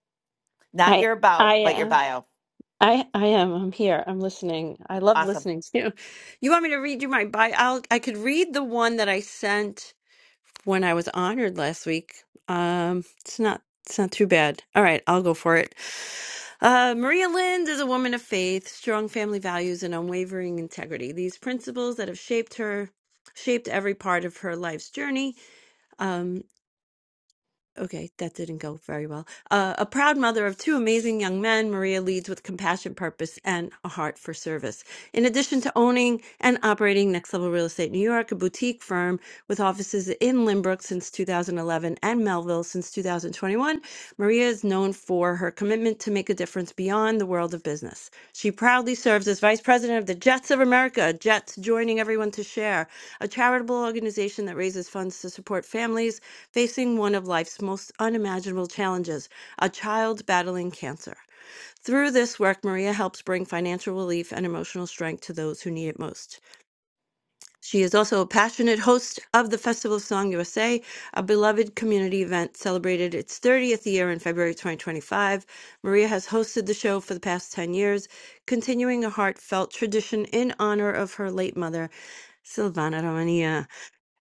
Speaker 18: Not
Speaker 8: I
Speaker 18: your
Speaker 8: I
Speaker 18: about, but your
Speaker 8: am
Speaker 18: bio.
Speaker 8: I I am I'm here. I'm listening. I love
Speaker 18: Awesome.
Speaker 8: listening to you. You want me to read you my bio? I'll, I could read the one that I sent when I was honored last week. Um, it's not it's not too bad. All right, I'll go for it. Uh, Maria Lind is a woman of faith, strong family values, and unwavering integrity. These principles that have shaped her, shaped every part of her life's journey. um, Okay, that didn't go very well. Uh, a proud mother of two amazing young men, Maria leads with compassion, purpose, and a heart for service. In addition to owning and operating Next Level Real Estate New York, a boutique firm with offices in Limbrook since 2011 and Melville since 2021, Maria is known for for her commitment to make a difference beyond the world of business. She proudly serves as vice president of the Jets of America, Jets Joining Everyone to Share, a charitable organization that raises funds to support families facing one of life's most unimaginable challenges a child battling cancer. Through this work, Maria helps bring financial relief and emotional strength to those who need it most. She is also a passionate host of the Festival of Song USA, a a beloved community event celebrated its 30th year in February 2025. Maria has hosted the show for the past 10 years, continuing a heartfelt tradition in honor of her late mother, Silvana Romania.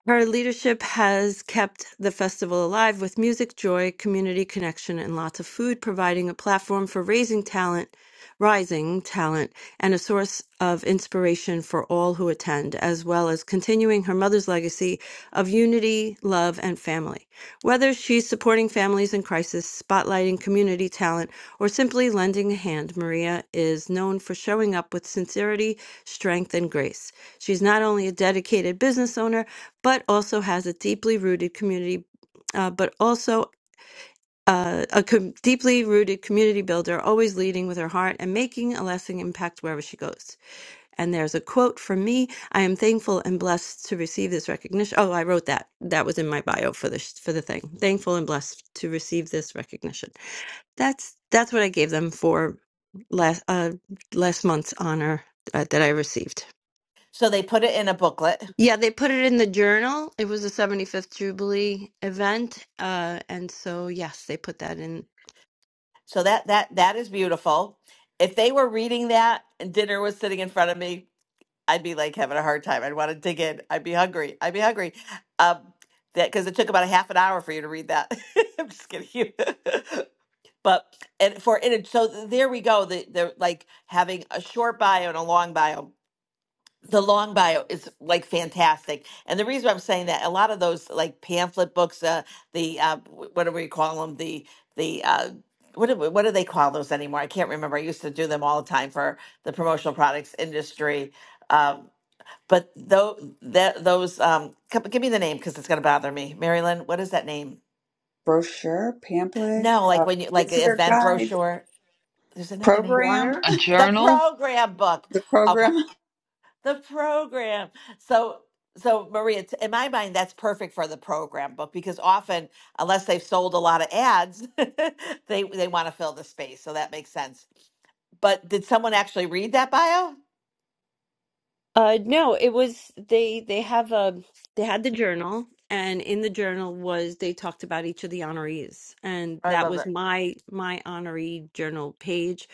Speaker 8: Her leadership has kept the festival alive with music, joy, community connection, and lots of food, providing a platform for raising talent, rising talent, and a source of inspiration for all who attend, as well as continuing her mother's legacy of unity, love, and family. Whether she's supporting families in crisis, spotlighting community talent, or simply lending a hand, Maria is known for showing up with sincerity, strength, and grace. She's not only a dedicated business owner, but also has a deeply rooted community, uh, but also uh, a com- deeply rooted community builder, always leading with her heart and making a lasting impact wherever she goes. And there's a quote from me: "I am thankful and blessed to receive this recognition." Oh, I wrote that. That was in my bio for the sh- for the thing. Thankful and blessed to receive this recognition. That's that's what I gave them for last uh, last month's honor uh, that I received.
Speaker 18: So they put it in a booklet.
Speaker 8: Yeah, they put it in the journal. It was the 75th Jubilee event. Uh, and so, yes, they put that in.
Speaker 18: So that that that is beautiful. If they were reading that and dinner was sitting in front of me, I'd be like having a hard time. I'd want to dig in. I'd be hungry. I'd be hungry. Um, that because it took about a half an hour for you to read that. [LAUGHS] I'm just kidding you. [LAUGHS] But and for in it, so there we go. The the like having a short bio and a long bio. The long bio is like fantastic, and the reason I'm saying that a lot of those like pamphlet books, uh, the uh, wh- what do we call them? The the uh, what do, what do they call those anymore? I can't remember. I used to do them all the time for the promotional products industry. Um, but though that those um, c- give me the name because it's gonna bother me, Marilyn. What is that name?
Speaker 13: Brochure, pamphlet,
Speaker 18: No, like
Speaker 13: uh,
Speaker 18: when you like
Speaker 13: visitor
Speaker 18: event
Speaker 13: guide,
Speaker 18: brochure. There's another name for. it.
Speaker 13: program,
Speaker 3: A
Speaker 18: the
Speaker 3: journal?
Speaker 18: program book
Speaker 13: [LAUGHS] the
Speaker 18: okay
Speaker 13: program.
Speaker 18: the program so so maria t- in my mind that's perfect for the program book because often unless they've sold a lot of ads [LAUGHS] they they want to fill the space so that makes sense but did someone actually read that bio
Speaker 8: Uh, no, it was they they have a they had the journal and in the journal was they talked about each of the honorees and
Speaker 18: i
Speaker 8: that
Speaker 18: love
Speaker 8: was
Speaker 18: that
Speaker 8: my my honoree journal page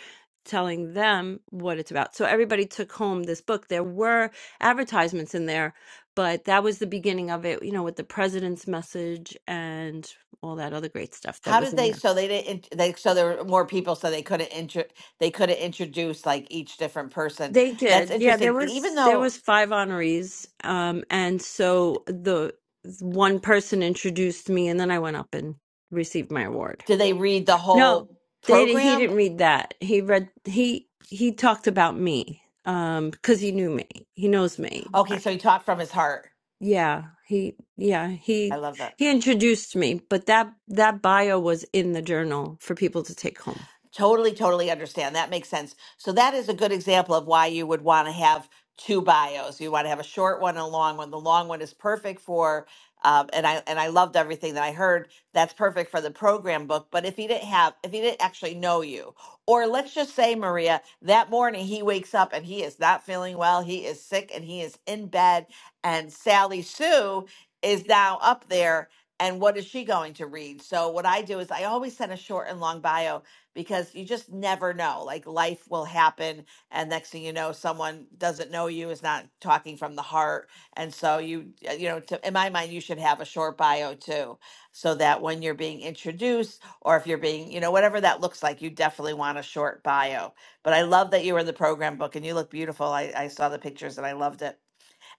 Speaker 8: telling them what it's about. So everybody took home this book. There were advertisements in there, but that was the beginning of it, you know, with the president's message and all that other great stuff that
Speaker 18: How
Speaker 8: was
Speaker 18: did
Speaker 8: in
Speaker 18: they?
Speaker 8: there.
Speaker 18: So they didn't. int- They so there were more people, so they couldn't intro. They could have introduced like each different person.
Speaker 8: They
Speaker 18: That's
Speaker 8: did. Yeah, there
Speaker 18: interesting. Even
Speaker 8: was there
Speaker 18: though,
Speaker 8: was five honorees. Um and so the one person introduced me and then I went up and received my award.
Speaker 18: did they read the
Speaker 8: No,
Speaker 18: whole
Speaker 8: they di- he
Speaker 18: program?
Speaker 8: didn't read that. He read he he talked about me um because he knew me. He knows me.
Speaker 18: Okay, so he taught from his heart.
Speaker 8: Yeah, he yeah,
Speaker 18: I
Speaker 8: he
Speaker 18: love that.
Speaker 8: he introduced me, but that that bio was in the journal for people to take home.
Speaker 18: Totally, totally understand. That makes sense. So that is a good example of why you would want to have two bios. You want to have a short one and a long one. The long one is perfect for, um, and I and I loved everything that I heard. That's perfect for the program book. But if he didn't have, if he didn't actually know you, or let's just say Maria, that morning he wakes up and he is not feeling well. He is sick and he is in bed. And Sally Sue is now up there. And what is she going to read? So what I do is I always send a short and long bio because you just never know. Like life will happen, and next thing you know, someone doesn't know you, is not talking from the heart, and so you, uh, you know, to, in my mind, you should have a short bio too, so that when you're being introduced, or if you're being, you know, whatever that looks like, you definitely want a short bio. But I love that you were in the program book, and you look beautiful. I, I saw the pictures, and I loved it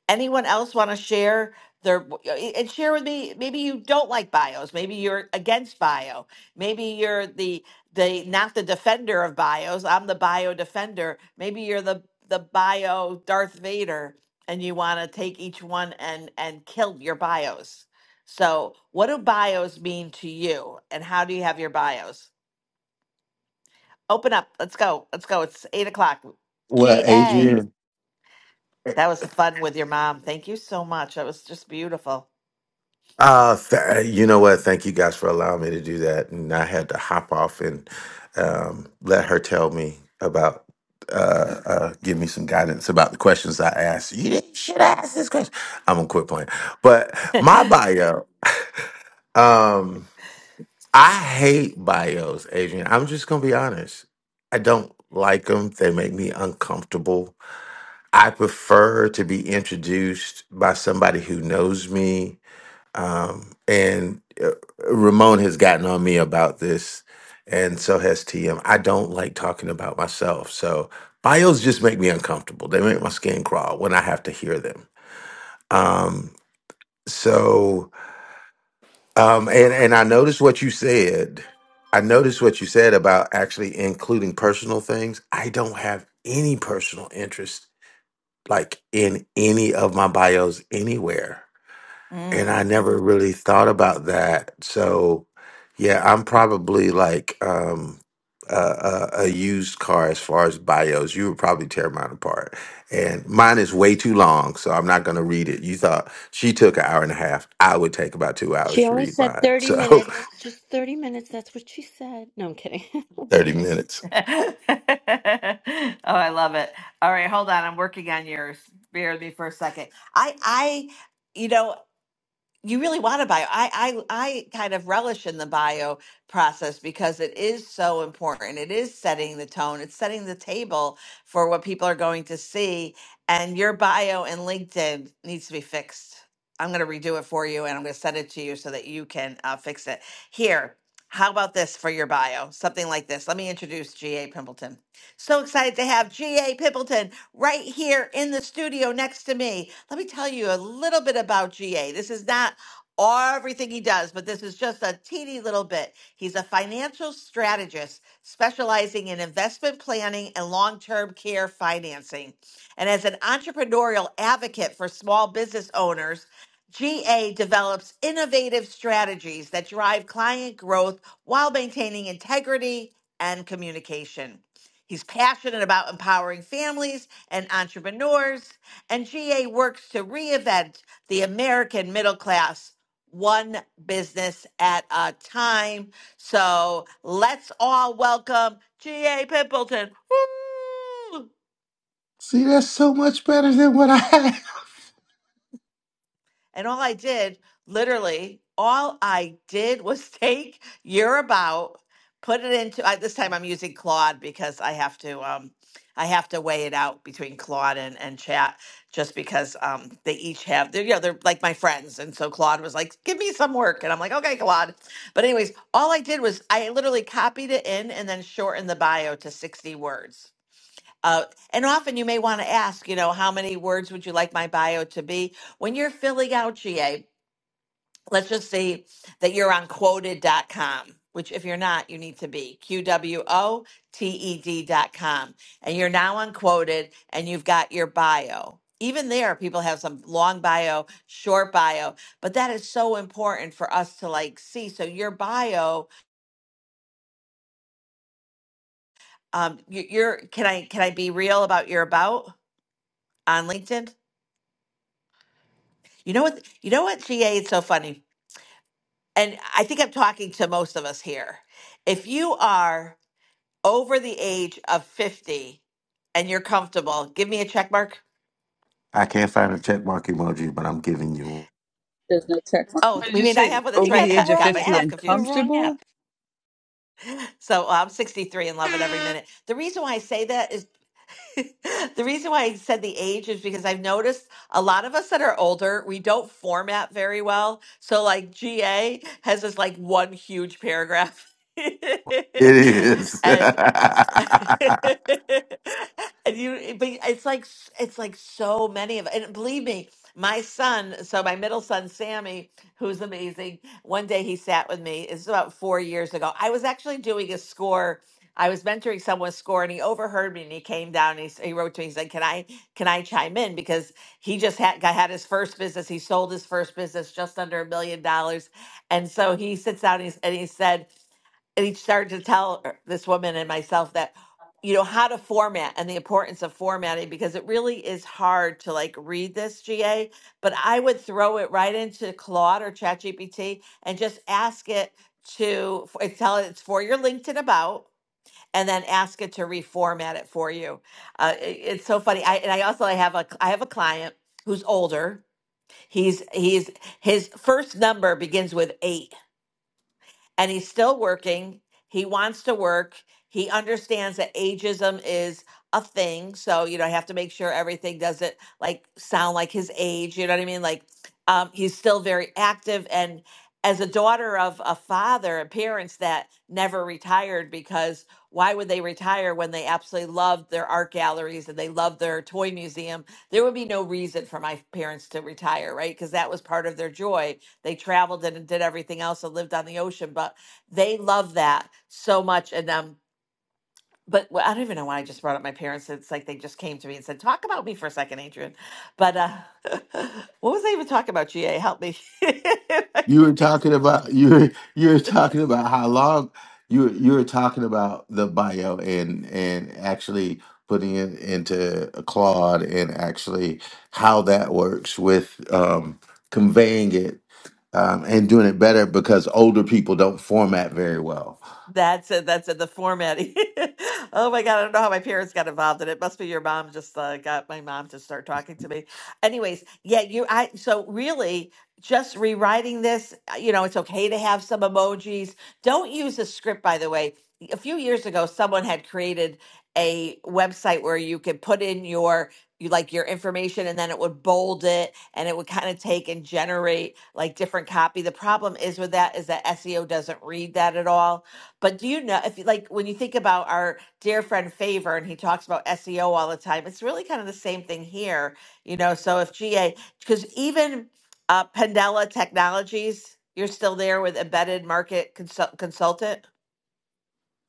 Speaker 18: anyone else want to share their and share with me maybe you don't like bios maybe you're against bio maybe you're the the not the defender of bios i'm the bio defender maybe you're the the bio darth vader and you want to take each one and and kill your bios so what do bios mean to you and how do you have your bios open up let's go let's go it's eight o'clock
Speaker 4: Well,
Speaker 18: ga
Speaker 4: Adrian,
Speaker 18: that was a fun with your mom thank you so much that was just beautiful
Speaker 4: Uh, th- uh, you know what? Thank you guys for allowing me to do that. And I had to hop off and um, let her tell me about, uh, uh, give me some guidance about the questions I asked. You didn't, should
Speaker 18: Mm.
Speaker 4: ask this question. I'm gonna quit playing. But my
Speaker 18: [LAUGHS]
Speaker 4: bio, [LAUGHS] um, I hate bios, Adrian. I'm just gonna be honest. I don't like them. They make me uncomfortable. I prefer to be introduced by somebody who knows me. Um, and uh, Ramon has gotten on me about this, and so has TM. I don't like talking about myself. So bios just make me uncomfortable. They make my skin crawl when I have to hear them. Um, so, um, and, and I noticed what you said. I noticed what you said about actually including personal things. I don't have any personal interest like in any of my bios anywhere. And
Speaker 18: Mm.
Speaker 4: I never really thought about that. So, yeah, I'm probably like um, a, a, a used car as far as bios. You would probably tear mine apart. And mine is way too long, so I'm not going to read it. You thought she took an hour and a half. I would take about two
Speaker 8: She
Speaker 4: hours to
Speaker 8: only
Speaker 4: read
Speaker 8: said
Speaker 4: mine.
Speaker 8: 30
Speaker 4: So,
Speaker 8: minutes, just 30 minutes, that's what she said. No, I'm kidding. [LAUGHS]
Speaker 4: [LAUGHS] 30 minutes.
Speaker 18: [LAUGHS] oh, I love it. All right, hold on. I'm working on yours. Bear with me for a second. I I you know, you really want to bio. I, I I kind of relish in the bio process because it is so important. It is setting the tone. It's setting the table for what people are going to see. And your bio in LinkedIn needs to be fixed. I'm going to redo it for you, and I'm going to send it to you so that you can uh, fix it. Here, how about this for your bio? Something like this. Let me introduce G.A. Pimpleton. So excited to have G.A. Pimpleton right here in the studio next to me. Let me tell you a little bit about GA. This is not everything he does, but this is just a teeny little bit. He's a financial strategist specializing in investment planning and long term care financing. And as an entrepreneurial advocate for small business owners, GA develops innovative strategies that drive client growth while maintaining integrity and communication. He's passionate about empowering families and entrepreneurs, and GA works to reinvent the American middle class one business at a time. So let's all welcome G.A. Pimpleton. Woo!
Speaker 4: See, that's so much better than what I had.
Speaker 18: And all I did, literally, all I did [LAUGHS] was take Year about, put it into. I, this time I'm using Claude because I have to. Um, I have to weigh it out between Claude and, and Chat just because um, they each have they're you know they're like my friends and so Claude was like give me some work and I'm like okay Claude but anyways all I did was I literally copied it in and then shortened the bio to 60 words uh, and often you may want to ask, you know, how many words would you like my bio to be? When you're filling out GA, let's just say that you're on quoted.com, which if you're not, you need to be Q W O T E D.com. And you're now on quoted and you've got your bio. Even there, people have some long bio, short bio, but that is so important for us to like see. So your bio, um, you- you're can I can I be real about your about on LinkedIn? You know what? You know what, GA? It's so funny. And I think I'm talking to most of us here. If you are over the age of 50 and you're comfortable, give me a check mark.
Speaker 4: I can't find a check mark emoji, but I'm giving you one.
Speaker 13: There's no check mark.
Speaker 18: Oh,
Speaker 3: What did
Speaker 18: we
Speaker 3: you
Speaker 18: mean I
Speaker 3: say?
Speaker 18: have one. That's
Speaker 8: You
Speaker 3: Over
Speaker 8: got
Speaker 18: right.
Speaker 3: the
Speaker 8: the
Speaker 3: age
Speaker 18: [LAUGHS]
Speaker 3: of
Speaker 18: Got
Speaker 8: wrong
Speaker 3: 50
Speaker 18: myself
Speaker 8: app,
Speaker 3: and
Speaker 8: the
Speaker 18: confused.
Speaker 8: wrong
Speaker 3: comfortable?
Speaker 8: app.
Speaker 18: So uh, I'm 63 and love it every minute. The reason why I say that is [LAUGHS] the reason why I said the age is because I've noticed a lot of us that are older, we don't format very well. So like GA has this like one huge paragraph. [LAUGHS]
Speaker 4: It is. [LAUGHS]
Speaker 18: and [LAUGHS] and you, eh, but it's like it's like so many of, and believe me, my son. So my middle son Sammy, who's amazing. One day he sat with me. It's about four years ago. I was actually doing a score. I was mentoring someone's score, and he overheard me, and he came down. And he, s- he wrote to me. He said, "Can I can I chime in?" Because he just had got, had his first business. He sold his first business just under a million dollars, and so he sits down and, he's, and he said and he started to tell her- this woman and myself that you know how to format and the importance of formatting because it really is hard to like read this GA but I would throw it right into Claude or ChatGPT and just ask it to f- tell it it's for your LinkedIn about and then ask it to reformat it for you. Uh, it- it's so funny. I and I also I have a I have a client who's older. He's he's his first number begins with 8 and he's still working. He wants to work. He understands that ageism is a thing. So, you know, I have to make sure everything doesn't like sound like his age. You know what I mean? Like, um, he's still very active. And as a daughter of a father and parents that never retired, because why would they retire when they absolutely loved their art galleries and they loved their toy museum? There would be no reason for my parents to retire, right? Because that was part of their joy they traveled and did everything else and lived on the ocean, but they love that so much. And um, but well, I don't even know why I just brought up my parents. It's like they just came to me and said, "Talk about me for a second, Adrian." But uh, [LAUGHS] what was I even talking about? Ga, help me.
Speaker 4: you
Speaker 18: [LAUGHS]
Speaker 4: were talking about you were you were talking about how long you you were talking about the bio and and actually putting it into Claude and actually how that works with um, conveying it um, and doing it better because older people don't format very well.
Speaker 18: That's it. That's it. The formatting. [LAUGHS] Oh my God. I don't know how my parents got involved in it. Must be your mom just uh, got my mom to start talking to me. Anyways, yeah, you, I, so really just rewriting this, uh, you know, it's okay to have some emojis. Don't use a script, by the way. A few years ago, someone had created a website where you could put in your, you like your information and then it would bold it and it would kind of take and generate like different copy. The problem is with that is that SEO doesn't read that at all but do you know if you- like when you think about our dear friend Favor and he talks about SEO all the time, it's really kind of the same thing here, you know. So if GA because even uh Pandela Technologies, you're still there with embedded market consult- consultant.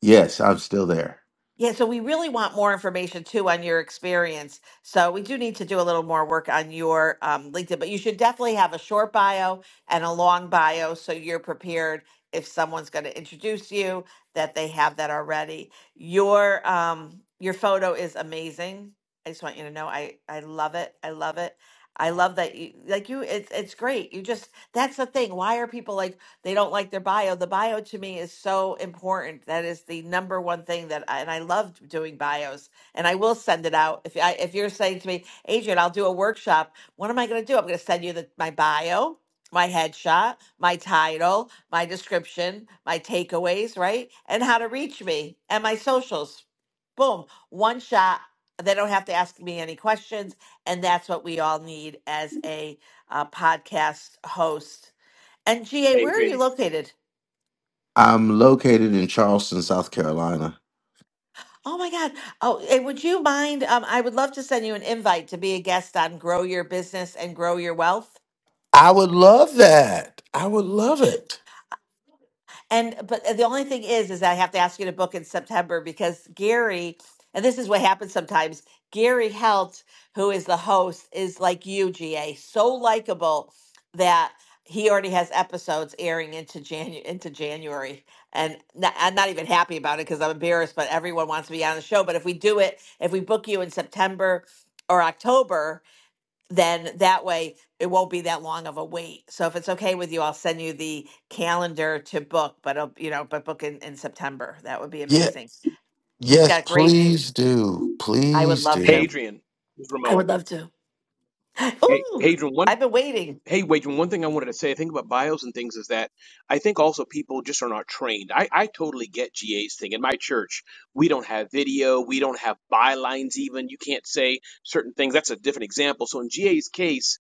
Speaker 4: Yes, I'm still there.
Speaker 18: Yeah, so we really want more information too on your experience. So we do need to do a little more work on your um, LinkedIn, but you should definitely have a short bio and a long bio so you're prepared if someone's going to introduce you that they have that already. Your um, your photo is amazing. I just want you to know I I love it. I love it. I love that you like you. It's it's great. You just that's the thing. Why are people like? they don't like their bio. The bio to me is so important. That is the number one thing that I, and I love doing bios. And I will send it out. If I, if you're saying to me, Adrian, I'll do a workshop. What am I going to do? I'm going to send you the, my bio, my headshot, my title, my description, my takeaways, right? And how to reach me and my socials. Boom, one shot. They don't have to ask me any questions. And that's what we all need as a uh, podcast host and GA, where are
Speaker 14: Adrian,
Speaker 18: you located?
Speaker 4: I'm located in Charleston, South Carolina.
Speaker 18: Oh my God. Oh, and would you mind? Um, I would love to send you an invite to be a guest on Grow Your Business and Grow Your Wealth.
Speaker 4: I would love that. I would love it.
Speaker 18: And but uh, the only thing is, is that I have to ask you to book in September because Gary, and this is what happens sometimes. Gary Helt, who is the host, is like you, GA, so likable that he already has episodes airing into Janu- into January, and n- I'm not even happy about it because I'm embarrassed. But everyone wants to be on the show. But if we do it, if we book you in September or October, then that way it won't be that long of a wait. So if it's okay with you, I'll send you the calendar to book, but uh, you know, but book in, in September. That would be
Speaker 4: Yeah.
Speaker 18: amazing. He's
Speaker 4: Yes,
Speaker 18: got great views.
Speaker 4: please do.
Speaker 18: I would
Speaker 4: Please
Speaker 18: love
Speaker 14: hey,
Speaker 18: to.
Speaker 4: do.
Speaker 14: Adrian, this is
Speaker 18: I
Speaker 14: Ramon.
Speaker 18: would love to.
Speaker 14: Hey,
Speaker 18: Ooh,
Speaker 14: Adrian, one
Speaker 18: I've been waiting.
Speaker 14: Hey, wait, one thing I wanted to say, I think about bios and things is that I think also people just are not trained. I, I totally get GA's thing. In my church, we don't have video, we don't have bylines even. You can't say certain things. That's a different example. So in GA's case,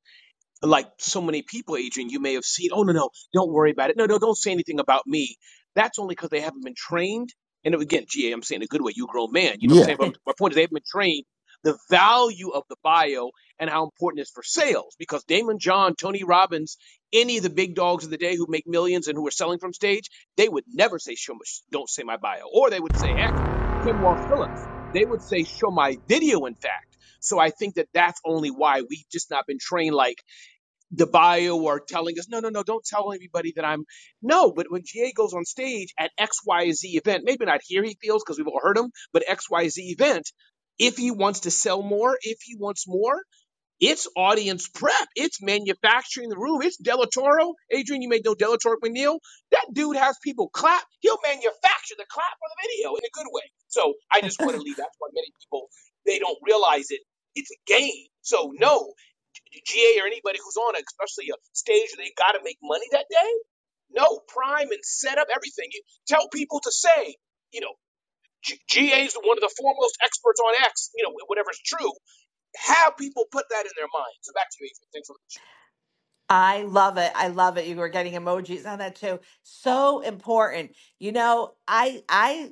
Speaker 14: like so many people, Adrian, you may have seen, oh, no, no, don't worry about it. No, no, don't say anything about me. That's only because they haven't been trained. And again, G. am saying it a good way. You grown man. You know what
Speaker 4: Yeah.
Speaker 14: I'm saying? But
Speaker 18: [LAUGHS]
Speaker 14: my point is they haven't been trained the value of the bio and how important it is for sales because Damon John, Tony Robbins, any of the big dogs of the day who make millions and who are selling from stage, they would never say, show my, don't say my bio. Or they would say, heck, Kim Wall Phillips. They would say, show my video, in fact. So I think that that's only why we've just not been trained like, the bio are telling us, no, no, no, don't tell anybody that I'm. No, but when GA goes on stage at XYZ event, maybe not here he feels because we've all heard him, but XYZ event, if he wants to sell more, if he wants more, it's audience prep. It's manufacturing the room. It's Del Toro. Adrian, you may know Delatoro McNeil. That dude has people clap. He'll manufacture the clap for the video in a good way. So I just want to leave. That's why many people they don't realize it. It's a game. So no, GA or anybody who's on, it, especially a stage where they got to make money that day. No, prime and set up everything. You tell people to say, you know, GA is one of the foremost experts on X, you know, whatever's true. Have people put that in their minds. So back to you, Adrian. Thanks so much.
Speaker 18: I love it. I love it. You were getting emojis on that too. So important. You know, I I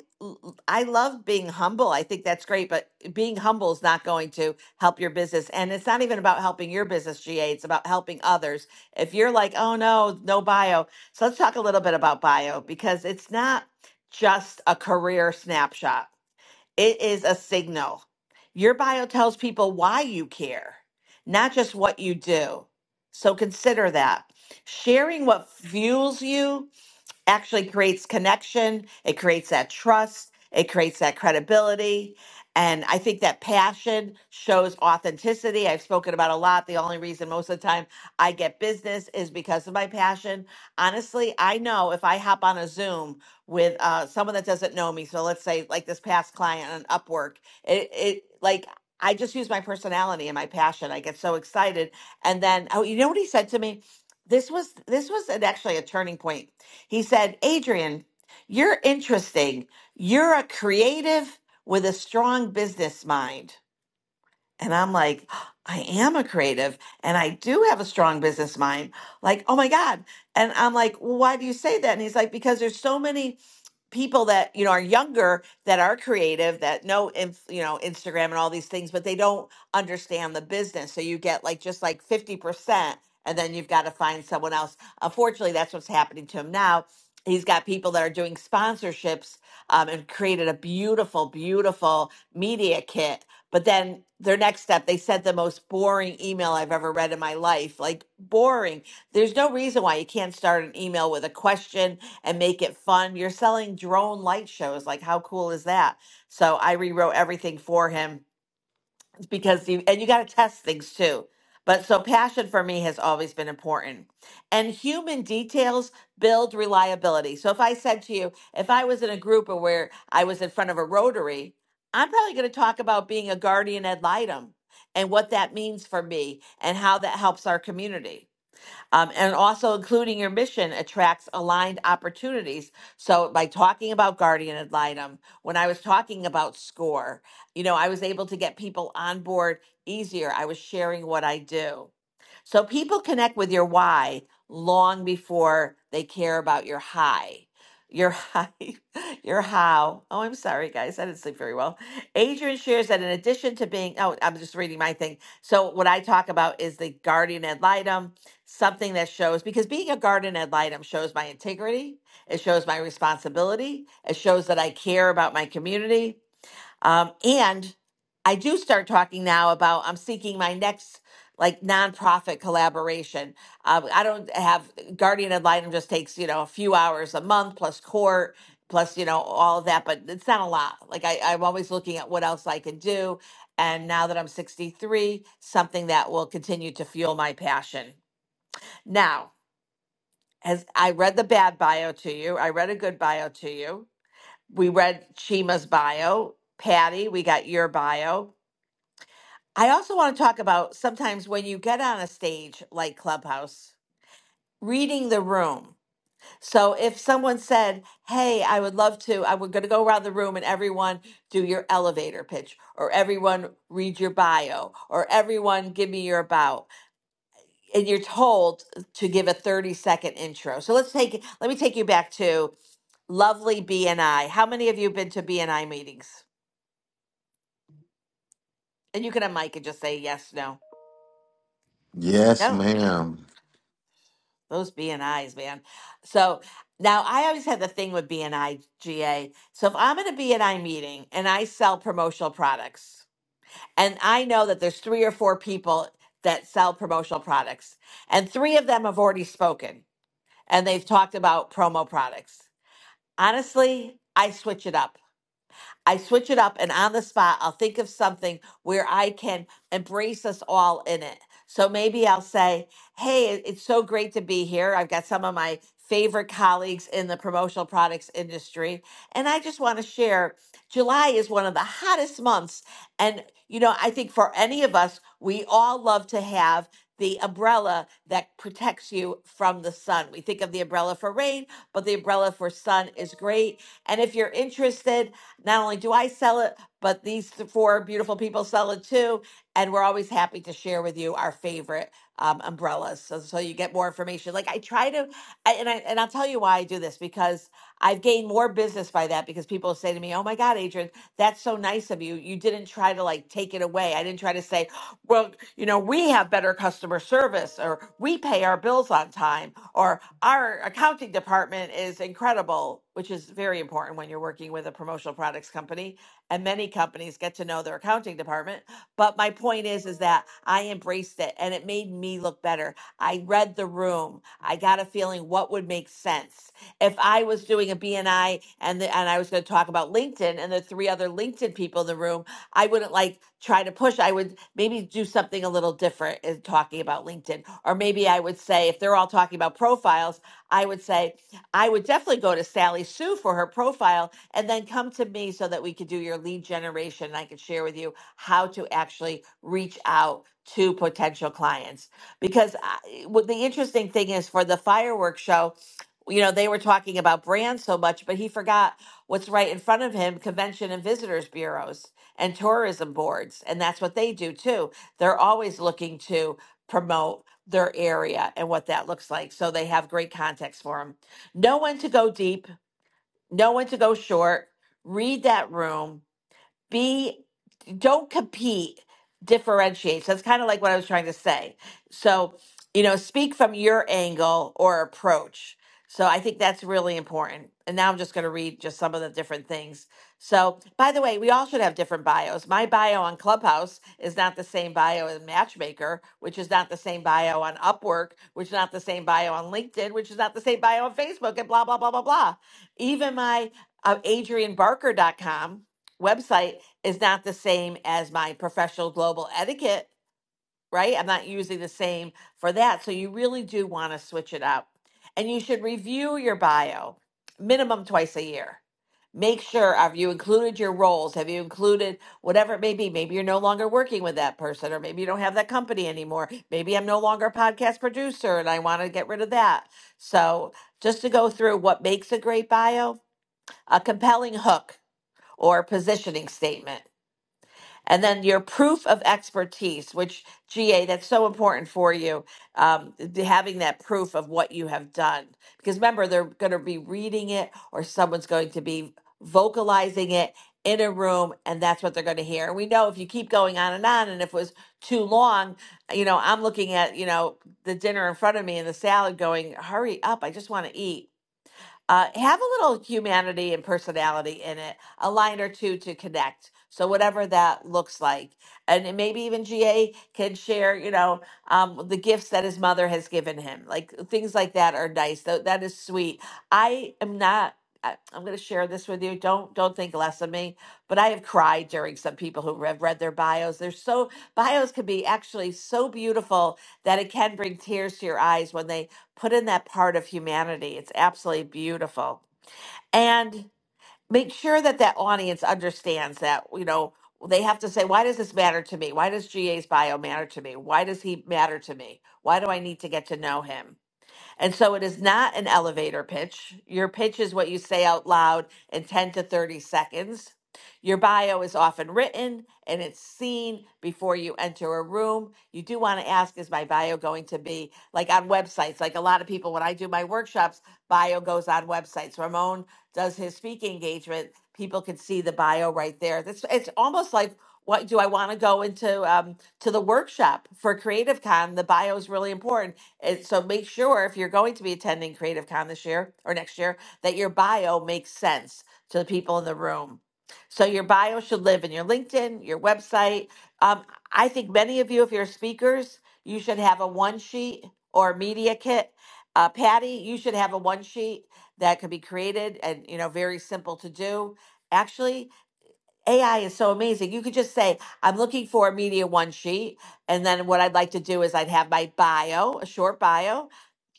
Speaker 18: I love being humble. I think that's great, but being humble is not going to help your business. And it's not even about helping your business, GA. It's about helping others. If you're like, "Oh no, no bio." So let's talk a little bit about bio because it's not just a career snapshot it is a signal. Your bio tells people why you care, not just what you do. So consider that. Sharing what fuels you actually creates connection, it creates that trust, it creates that credibility. And I think that passion shows authenticity. I've spoken about a lot. The only reason most of the time I get business is because of my passion. Honestly, I know if I hop on a Zoom with uh, someone that doesn't know me, so let's say like this past client on Upwork, it, it like I just use my personality and my passion. I get so excited, and then oh, you know what he said to me? This was this was an, actually a turning point he said, Adrian, you're interesting. You're a creative with a strong business mind. And I'm like, I am a creative and I do have a strong business mind. Like, oh my God. And I'm like, well, why do you say that? And he's like, because there's so many people that you know are younger that are creative that know inf- you know Instagram and all these things, but they don't understand the business. So you get like just like fifty percent, and then you've got to find someone else. Unfortunately, that's what's happening to him now. He's got people that are doing sponsorships um, and created a beautiful, beautiful media kit. But then their next step, they sent the most boring email I've ever read in my life. Like boring. There's no reason why you can't start an email with a question and make it fun. You're selling drone light shows. Like, how cool is that? So I rewrote everything for him because you, and you got to test things too. But so passion for me has always been important. And human details build reliability. So if I said to you, if I was in a group or where I was in front of a rotary, I'm probably going to talk about being a guardian ad litem and what that means for me and how that helps our community um, and also including your mission attracts aligned opportunities. So by talking about guardian ad litem, when I was talking about score, you know, I was able to get people on board easier. I was sharing what I do. So people connect with your why long before they care about your high. Your high, [LAUGHS] your how. Oh, I'm sorry, guys. I didn't sleep very well. Adrian shares that in addition to being, oh, I'm just reading my thing. So, what I talk about is the guardian ad litem, something that shows, because being a guardian ad litem shows my integrity, it shows my responsibility, it shows that I care about my community, um, and I do start talking now about I'm seeking my next like nonprofit collaboration. Um, I don't have Guardian Ad Litem just takes you know a few hours a month plus court plus you know all of that, but it's not a lot. Like I, I'm always looking at what else I can do. And now that I'm 63, something that will continue to fuel my passion. Now, as I read the bad bio to you, I read a good bio to you. We read Chima's bio, Patty. We got your bio I also want to talk about sometimes when you get on a stage like Clubhouse, reading the room. So if someone said, Hey, I would love to, I would going to go around the room and everyone do your elevator pitch, or everyone read your bio, or everyone give me your about. And you're told to give a 30 second intro. So let's take, let me take you back to lovely BNI. How many of you have been to BNI meetings? And you can unmic and just say yes, no.
Speaker 4: Yes,
Speaker 18: No,
Speaker 4: ma'am.
Speaker 18: Those B and I's, man. So now I always had the thing with B and I G A. So if I'm at a B and I meeting and I sell promotional products, and I know that there's three or four people that sell promotional products, and three of them have already spoken and they've talked about promo products. Honestly, I switch it up. I switch it up and on the spot, I'll think of something where I can embrace us all in it. So maybe I'll say, Hey, it- it's so great to be here. I've got some of my favorite colleagues in the promotional products industry. And I just want to share July is one of the hottest months. And, you know, I think for any of us, we all love to have the umbrella that protects you from the sun. We think of the umbrella for rain, but the umbrella for sun is great. And if you're interested, not only do I sell it, but these four beautiful people sell it too. And we're always happy to share with you our favorite um, umbrellas. So, so you get more information. Like I try to, I, and, I, and I'll tell you why I do this because I've gained more business by that because people say to me, Oh my God, Adrian, that's so nice of you. You didn't try to like take it away. I didn't try to say, well, you know, we have better customer service or we pay our bills on time or our accounting department is incredible, which is very important when you're working with a promotional products company and many companies get to know their accounting department. But my point is is that I embraced it and it made me look better. I read the room. I got a feeling what would make sense. If I was doing a BNI and the, and I was going to talk about LinkedIn and the three other LinkedIn people in the room I wouldn't like try to push. I would maybe do something a little different in talking about LinkedIn. Or maybe I would say, if they're all talking about profiles, I would say, I would definitely go to Sally Sue for her profile and then come to me so that we could do your lead generation. And I could share with you how to actually reach out to potential clients. Because I, what the interesting thing is for the fireworks show, you know, they were talking about brands so much, but he forgot what's right in front of him convention and visitors bureaus and tourism boards, and that's what they do too. They're always looking to promote their area and what that looks like. So they have great context for them. Know when to go deep, know when to go short, read that room, be don't compete differentiates that's kind of like what i was trying to say so you know speak from your angle or approach so i think that's really important and now i'm just going to read just some of the different things so by the way we all should have different bios my bio on clubhouse is not the same bio in matchmaker which is not the same bio on upwork which is not the same bio on linkedin which is not the same bio on facebook and blah blah blah blah blah even my uh, adrianbarker.com website is not the same as my professional global etiquette, right? I'm not using the same for that. So you really do want to switch it up. And you should review your bio minimum twice a year. Make sure have you included your roles? Have you included whatever it may be? Maybe you're no longer working with that person, or maybe you don't have that company anymore. Maybe I'm no longer a podcast producer and I want to get rid of that. So, just to go through what makes a great bio, a compelling hook or positioning statement and then your proof of expertise, which GA, that's so important for you, um, th- having that proof of what you have done. Because remember, they're going to be reading it or someone's going to be vocalizing it in a room, and that's what they're going to hear. And we know if you keep going on and on, and if it was too long, you know, I'm looking at, you know, the dinner in front of me and the salad going, hurry up, I just want to eat uh, have a little humanity and personality in it, a line or two to connect. So whatever that looks like, and then maybe even GA can share, you know, um, the gifts that his mother has given him, like things like that are nice. That that is sweet. I am not. I- I'm going to share this with you. Don't don't think less of me. But I have cried during some people who have read their bios. They're so bios can be actually so beautiful that it can bring tears to your eyes when they put in that part of humanity. It's absolutely beautiful. And make sure that that audience understands that, you know, they have to say, why does this matter to me? Why does GA's bio matter to me? Why does he matter to me? Why do I need to get to know him? And so it is not an elevator pitch. Your pitch is what you say out loud in 10 to 30 seconds. Your bio is often written and it's seen before you enter a room. You do want to ask, is my bio going to be like on websites? Like a lot of people, when I do my workshops, bio goes on websites. Ramon does his speaking engagement. People can see the bio right there. That's it's almost like what do I want to go into um, to the workshop for Creative Con? The bio is really important and so make sure if you're going to be attending Creative Con this year or next year, that your bio makes sense to the people in the room. So your bio should live in your LinkedIn, your website. Um, I think many of you, if you're speakers, you should have a one sheet or media kit. Uh, Patty, you should have a one sheet that could be created and you know very simple to do. Actually, AI is so amazing. You could just say, I'm looking for a media one sheet. And then what I'd like to do is I'd have my bio, a short bio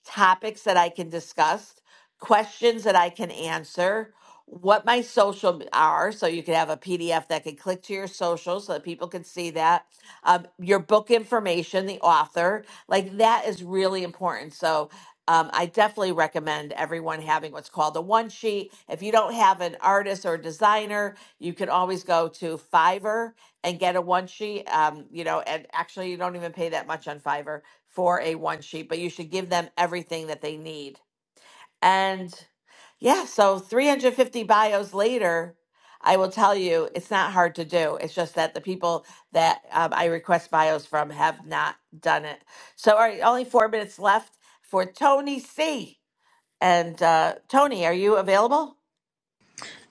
Speaker 18: topics that I can discuss, questions that I can answer, what my social are. So you can have a PDF that can click to your social so that people can see that. Um, your book information, the author, like that is really important. So um, I definitely recommend everyone having what's called a one sheet. If you don't have an artist or designer, you can always go to Fiverr and get a one sheet. Um, you know, and actually, you don't even pay that much on Fiverr for a one sheet, but you should give them everything that they need. And yeah, so 350 bios later, I will tell you it's not hard to do. It's just that the people that um, I request bios from have not done it. So, all right, only four minutes left for Tony C. And uh, Tony, are you available?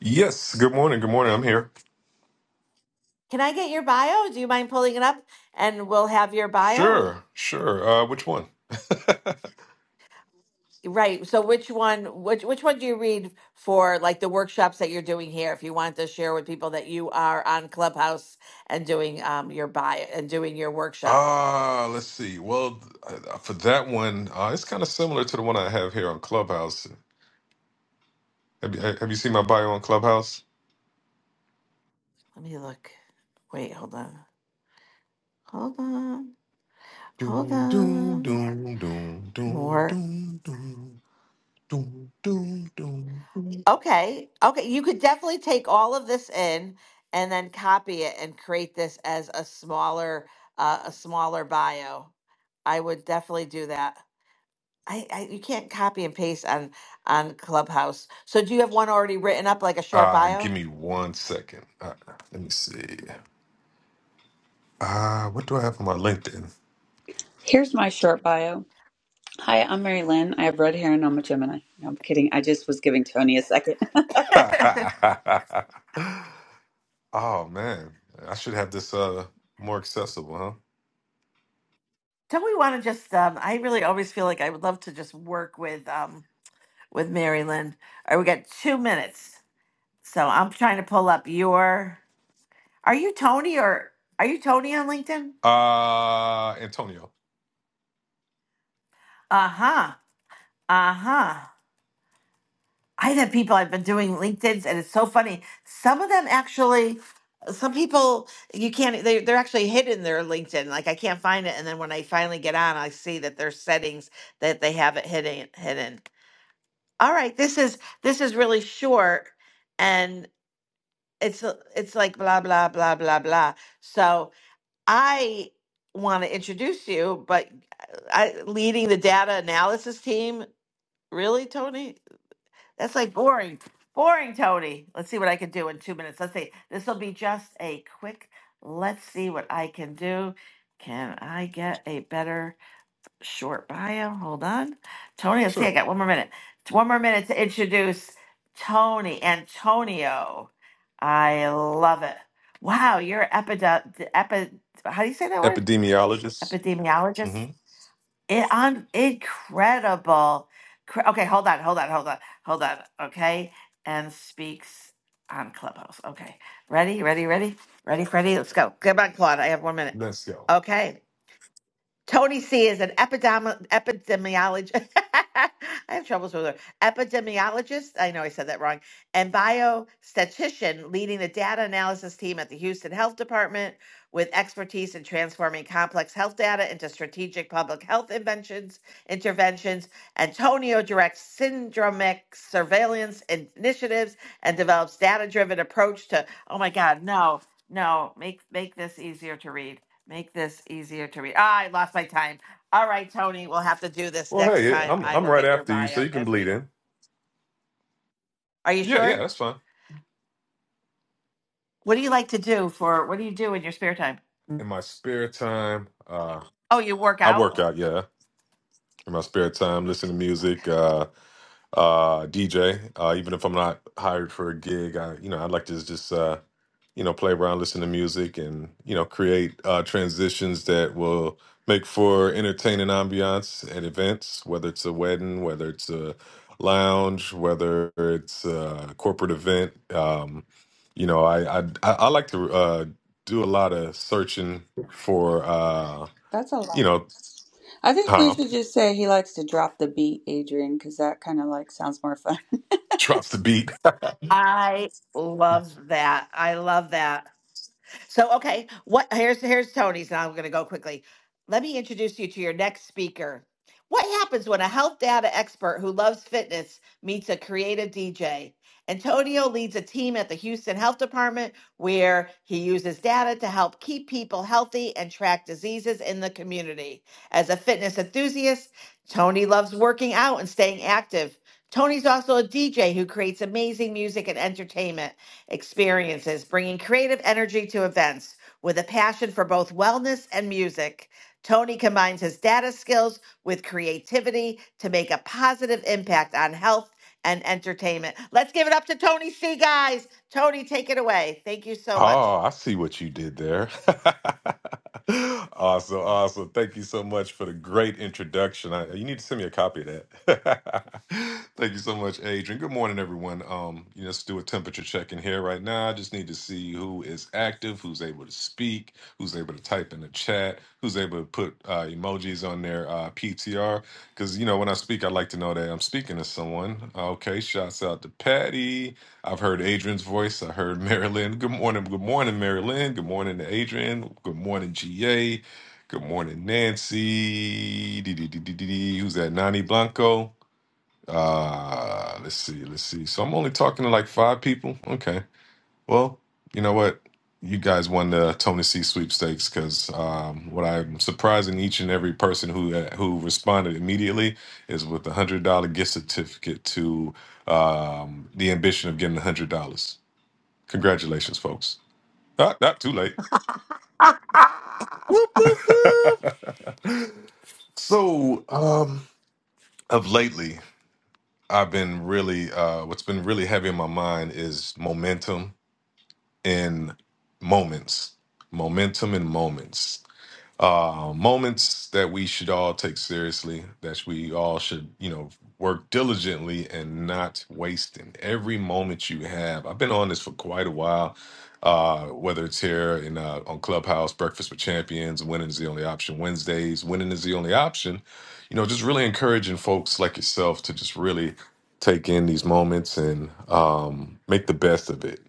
Speaker 20: Yes, good morning. Good morning. I'm here.
Speaker 18: Can I get your bio? Do you mind pulling it up? And we'll have your bio.
Speaker 20: Sure, sure. Uh, which one?
Speaker 18: Right. So which one which which one do you read for like the workshops that you're doing here if you want to share with people that you are on Clubhouse and doing um your bio and doing your workshop?
Speaker 20: Ah, let's see. Well, uh, for that one, uh, it's kind of similar to the one I have here on Clubhouse. Have you, have you seen my bio on Clubhouse?
Speaker 18: Let me look. Wait, hold on. Hold on. Hold
Speaker 20: Doom, doom,
Speaker 18: on.
Speaker 20: doom, doom, doom,
Speaker 18: More.
Speaker 20: doom, doom, doom, doom, doom. doom.
Speaker 18: Okay. Okay, you could definitely take all of this in and then copy it and create this as a smaller uh, a smaller bio. I would definitely do that. I, I you can't copy and paste on on Clubhouse. So do you have one already written up, like a short
Speaker 20: Uh, give
Speaker 18: bio?
Speaker 20: me one second. Uh, let me see. Uh, what do I have on my LinkedIn?
Speaker 13: Here's my short bio. Hi, I'm Mary Lynn. I have red hair and I'm a Gemini. No, I'm kidding. I just was giving Tony a second. [LAUGHS]
Speaker 20: [LAUGHS] Oh man, I should have this uh more accessible,
Speaker 18: Don't we want to just? Um, I really always feel like I would love to just work with um with Mary Lynn. All right, we got two minutes, so I'm trying to pull up your. Are you Tony or are you Tony on LinkedIn?
Speaker 20: huh? Uh Antonio,
Speaker 18: Uh huh. Uh huh. I've had people I've been doing LinkedIn's, and it's so funny. Some of them actually, some people you can't. They they're actually hidden their LinkedIn. Like I can't find it, and then when I finally get on, I see that there's settings that they have it hidden. Hidden. All right, this is this is really short, and it's it's like blah blah blah blah blah. So I want to introduce you, but I leading the data analysis team. Really, Tony? That's like boring. Boring, Tony. Let's see what I can do in two minutes. Let's see. This will be just a quick, let's see what I can do. Can I get a better short bio? Hold on. Tony, let's see.
Speaker 20: sure.
Speaker 18: I got one more minute. One more minute to introduce Tony Antonio. I love it. Wow, you're epid, epi, how do you say that word?
Speaker 20: Epidemiologist.
Speaker 18: epidemiologist.
Speaker 20: Mm-hmm.
Speaker 18: It, I'm incredible. Cr- Okay, hold on, hold on, hold on, hold on. Okay, and speaks on Clubhouse. Okay, ready, ready, ready, ready, Freddie. Let's go. Come on, Claude. I have one minute.
Speaker 20: Let's go.
Speaker 18: Okay. Tony C is an epidemi- epidemiologist. [LAUGHS] I have troubles with her. Epidemiologist, I know I said that wrong, and biostatistician leading the data analysis team at the Houston Health Department with expertise in transforming complex health data into strategic public health inventions, interventions. Antonio directs syndromic surveillance initiatives and develops data-driven approach to, oh my God, no, no, make make this easier to read. Make this easier to read. Ah, I lost my time. All right, Tony, we'll have to do this
Speaker 20: Well,
Speaker 18: next
Speaker 20: hey,
Speaker 18: time.
Speaker 20: I'm
Speaker 18: I
Speaker 20: I'm
Speaker 18: will
Speaker 20: right
Speaker 18: get your
Speaker 20: after you, so
Speaker 18: bio
Speaker 20: you can
Speaker 18: and
Speaker 20: bleed
Speaker 18: read it.
Speaker 20: in.
Speaker 18: Are you
Speaker 20: Yeah, yeah,
Speaker 18: sure?
Speaker 20: that's fine.
Speaker 18: What do you like to do for what do you do in your spare time?
Speaker 20: In my spare time, uh,
Speaker 18: Oh, you work
Speaker 20: I work
Speaker 18: out?
Speaker 20: out. Yeah, in my spare time, listen to music, uh, uh, DJ. Uh, even if I'm not hired for a gig, I you know I like to just. uh. you know, play around, listen to music, and you know, create uh, transitions that will make for entertaining ambiance at events, whether it's a wedding, whether it's a lounge, whether it's a corporate event. Um, you know, I I, I I like to uh, do a lot of searching for uh,
Speaker 13: That's a
Speaker 20: you
Speaker 13: lot.
Speaker 20: know,
Speaker 13: I think we
Speaker 20: huh? [LAUGHS]
Speaker 13: should just say he likes to drop the beat, Adrian, because that kind of like sounds more fun. [LAUGHS]
Speaker 20: Drops the beat. [LAUGHS]
Speaker 18: I love that. I love that. So okay, what here's here's Tony's, and I'm going to go quickly. Let me introduce you to your next speaker. What happens when a health data expert who loves fitness meets a creative DJ? Antonio leads a team at the Houston Health Department where he uses data to help keep people healthy and track diseases in the community. As a fitness enthusiast, Tony loves working out and staying active. Tony's also a DJ who creates amazing music and entertainment experiences, bringing creative energy to events with a passion for both wellness and music. Tony combines his data skills with creativity to make a positive impact on health and entertainment. Let's give it up to Tony C, guys. Tony, take it away. Thank you so much.
Speaker 20: Oh, I see what you did there. [LAUGHS] awesome, awesome. Thank you so much for the great introduction. I, you need to send me a copy of that. [LAUGHS] Thank you so much, Adrian. Good morning, everyone. Um, you know, let's do a temperature check in here right now. I just need to see who is active, who's able to speak, who's able to type in the chat, who's able to put uh, emojis on their uh, PTR. Because you know, when I speak, I like to know that I'm speaking to someone. Okay, shouts out to Patty. I've heard Adrian's voice. I heard Marilyn. Good morning. Good morning, Marilyn. Good morning to Adrian. Good morning, GA. Good morning, Nancy. Dee, dee, dee, dee, dee, dee. Who's that? Nani Blanco. Uh, let's see. Let's see. So I'm only talking to like five people. Okay. Well, you know what? You guys won the Tony C sweepstakes because um, what I'm surprising each and every person who uh, who responded immediately is with a hundred dollar gift certificate to um, the ambition of getting a hundred dollars. Congratulations, folks. Not not too late.
Speaker 3: Whoop, whoop, whoop.
Speaker 20: So, um, of lately, I've been really uh what's been really heavy in my mind is momentum in moments. Momentum in moments. uh, moments that we should all take seriously, that we all should, you know, work diligently and not wasting every moment you have. I've been on this for quite a while, uh, whether it's here in uh, on Clubhouse, Breakfast with Champions, Winning is the Only Option Wednesdays, Winning is the Only Option. You know, just really encouraging folks like yourself to just really take in these moments and um, make the best of it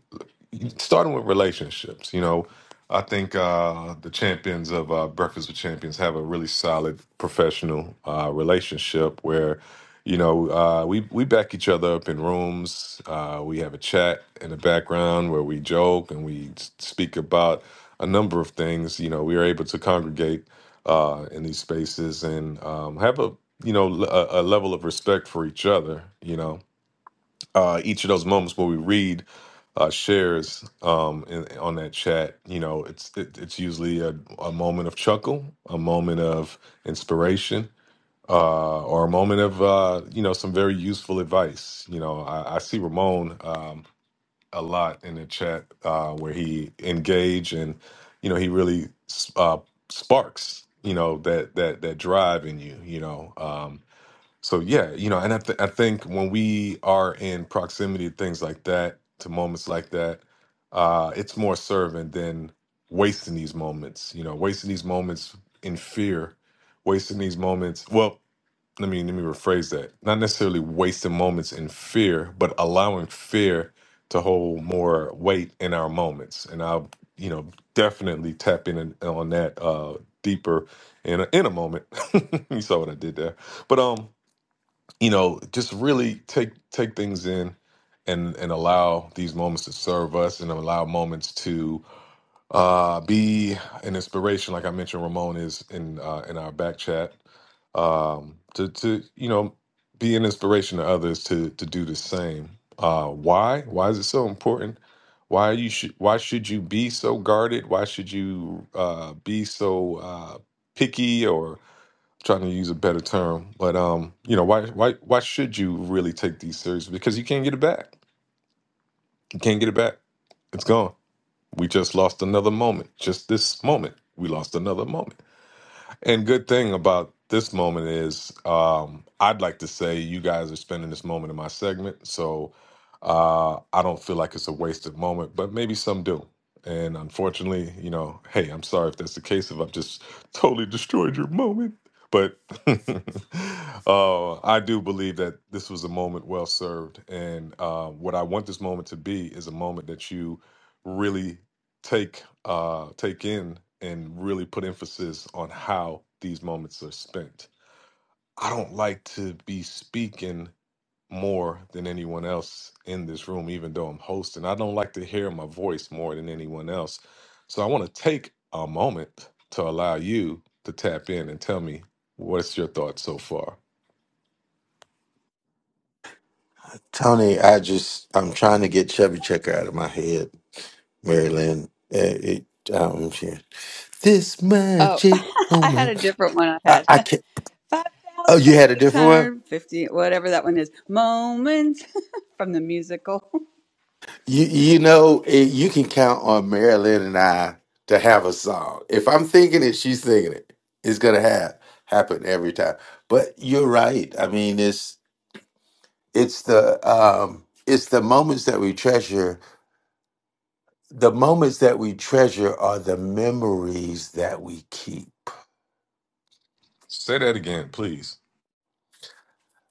Speaker 20: starting with relationships you know I think uh, the champions of uh, Breakfast with Champions have a really solid professional uh, relationship where, you know, uh, we we back each other up in rooms. Uh, we have a chat in the background where we joke and we s- speak about a number of things. You know, we are able to congregate uh, in these spaces and um, have a you know l- a, a level of respect for each other. You know, uh, each of those moments where we read uh, shares um, in, on that chat, you know, it's it, it's usually a, a moment of chuckle, a moment of inspiration, uh, or a moment of uh, you know some very useful advice. You know, I, I see Ramon um, a lot in the chat uh, where he engage and you know he really s- uh, sparks you know that that that drive in you. You know. Um, so yeah, you know, and I, th- I think when we are in proximity to things like that, to moments like that, uh, it's more serving than wasting these moments. You know, wasting these moments in fear, wasting these moments. Well, let me let me rephrase that. Not necessarily wasting moments in fear, but allowing fear to hold more weight in our moments. And I'll you know definitely tap in on that uh, deeper in a, in a moment. [LAUGHS] you saw what I did there, but um you know, just really take take things in and and allow these moments to serve us and allow moments to uh be an inspiration like I mentioned Ramon is in uh in our back chat um to to you know be an inspiration to others to to do the same. Uh why? Why is it so important? Why you should why should you be so guarded? Why should you uh be so uh picky trying to use a better term, but um, you know, why why why should you really take these seriously? Because you can't get it back. You can't get it back. It's gone. We just lost another moment. Just this moment, we lost another moment. And good thing about this moment is, um, I'd like to say you guys are spending this moment in my segment, so uh, I don't feel like it's a wasted moment, but maybe some do. And unfortunately, you know, hey, I'm sorry if that's the case, if I've just [LAUGHS] totally destroyed your moment. But [LAUGHS] uh, I do believe that this was a moment well served. And uh, what I want this moment to be is a moment that you really take uh take in and really put emphasis on how these moments are spent. I don't like to be speaking more than anyone else in this room even though I'm hosting. I don't like to hear my voice more than anyone else. So I want to take a moment to allow you to tap in and tell me what's your thoughts so far.
Speaker 4: Tony, I just I'm trying to get Chubby Checker out of my head, Mary Lynn. Eh, it- um, she- this
Speaker 13: Oh, [LAUGHS]
Speaker 4: magic
Speaker 13: I had a
Speaker 4: moment.
Speaker 13: different one. I
Speaker 4: I,
Speaker 13: had [LAUGHS]
Speaker 4: I
Speaker 13: five
Speaker 4: can't. Oh,
Speaker 13: thousand
Speaker 4: you had a
Speaker 13: six
Speaker 4: different one.
Speaker 13: hundred fifty, whatever that one is, moments [LAUGHS] from the musical.
Speaker 4: You you know eh, you can count on Mary Lynn and I to have a song. If I'm thinking it, she's thinking it. It's gonna have happen every time. But you're right. I mean, it's. it's the um it's the moments that we treasure the moments that we treasure are the memories that we keep
Speaker 20: Say that again, please.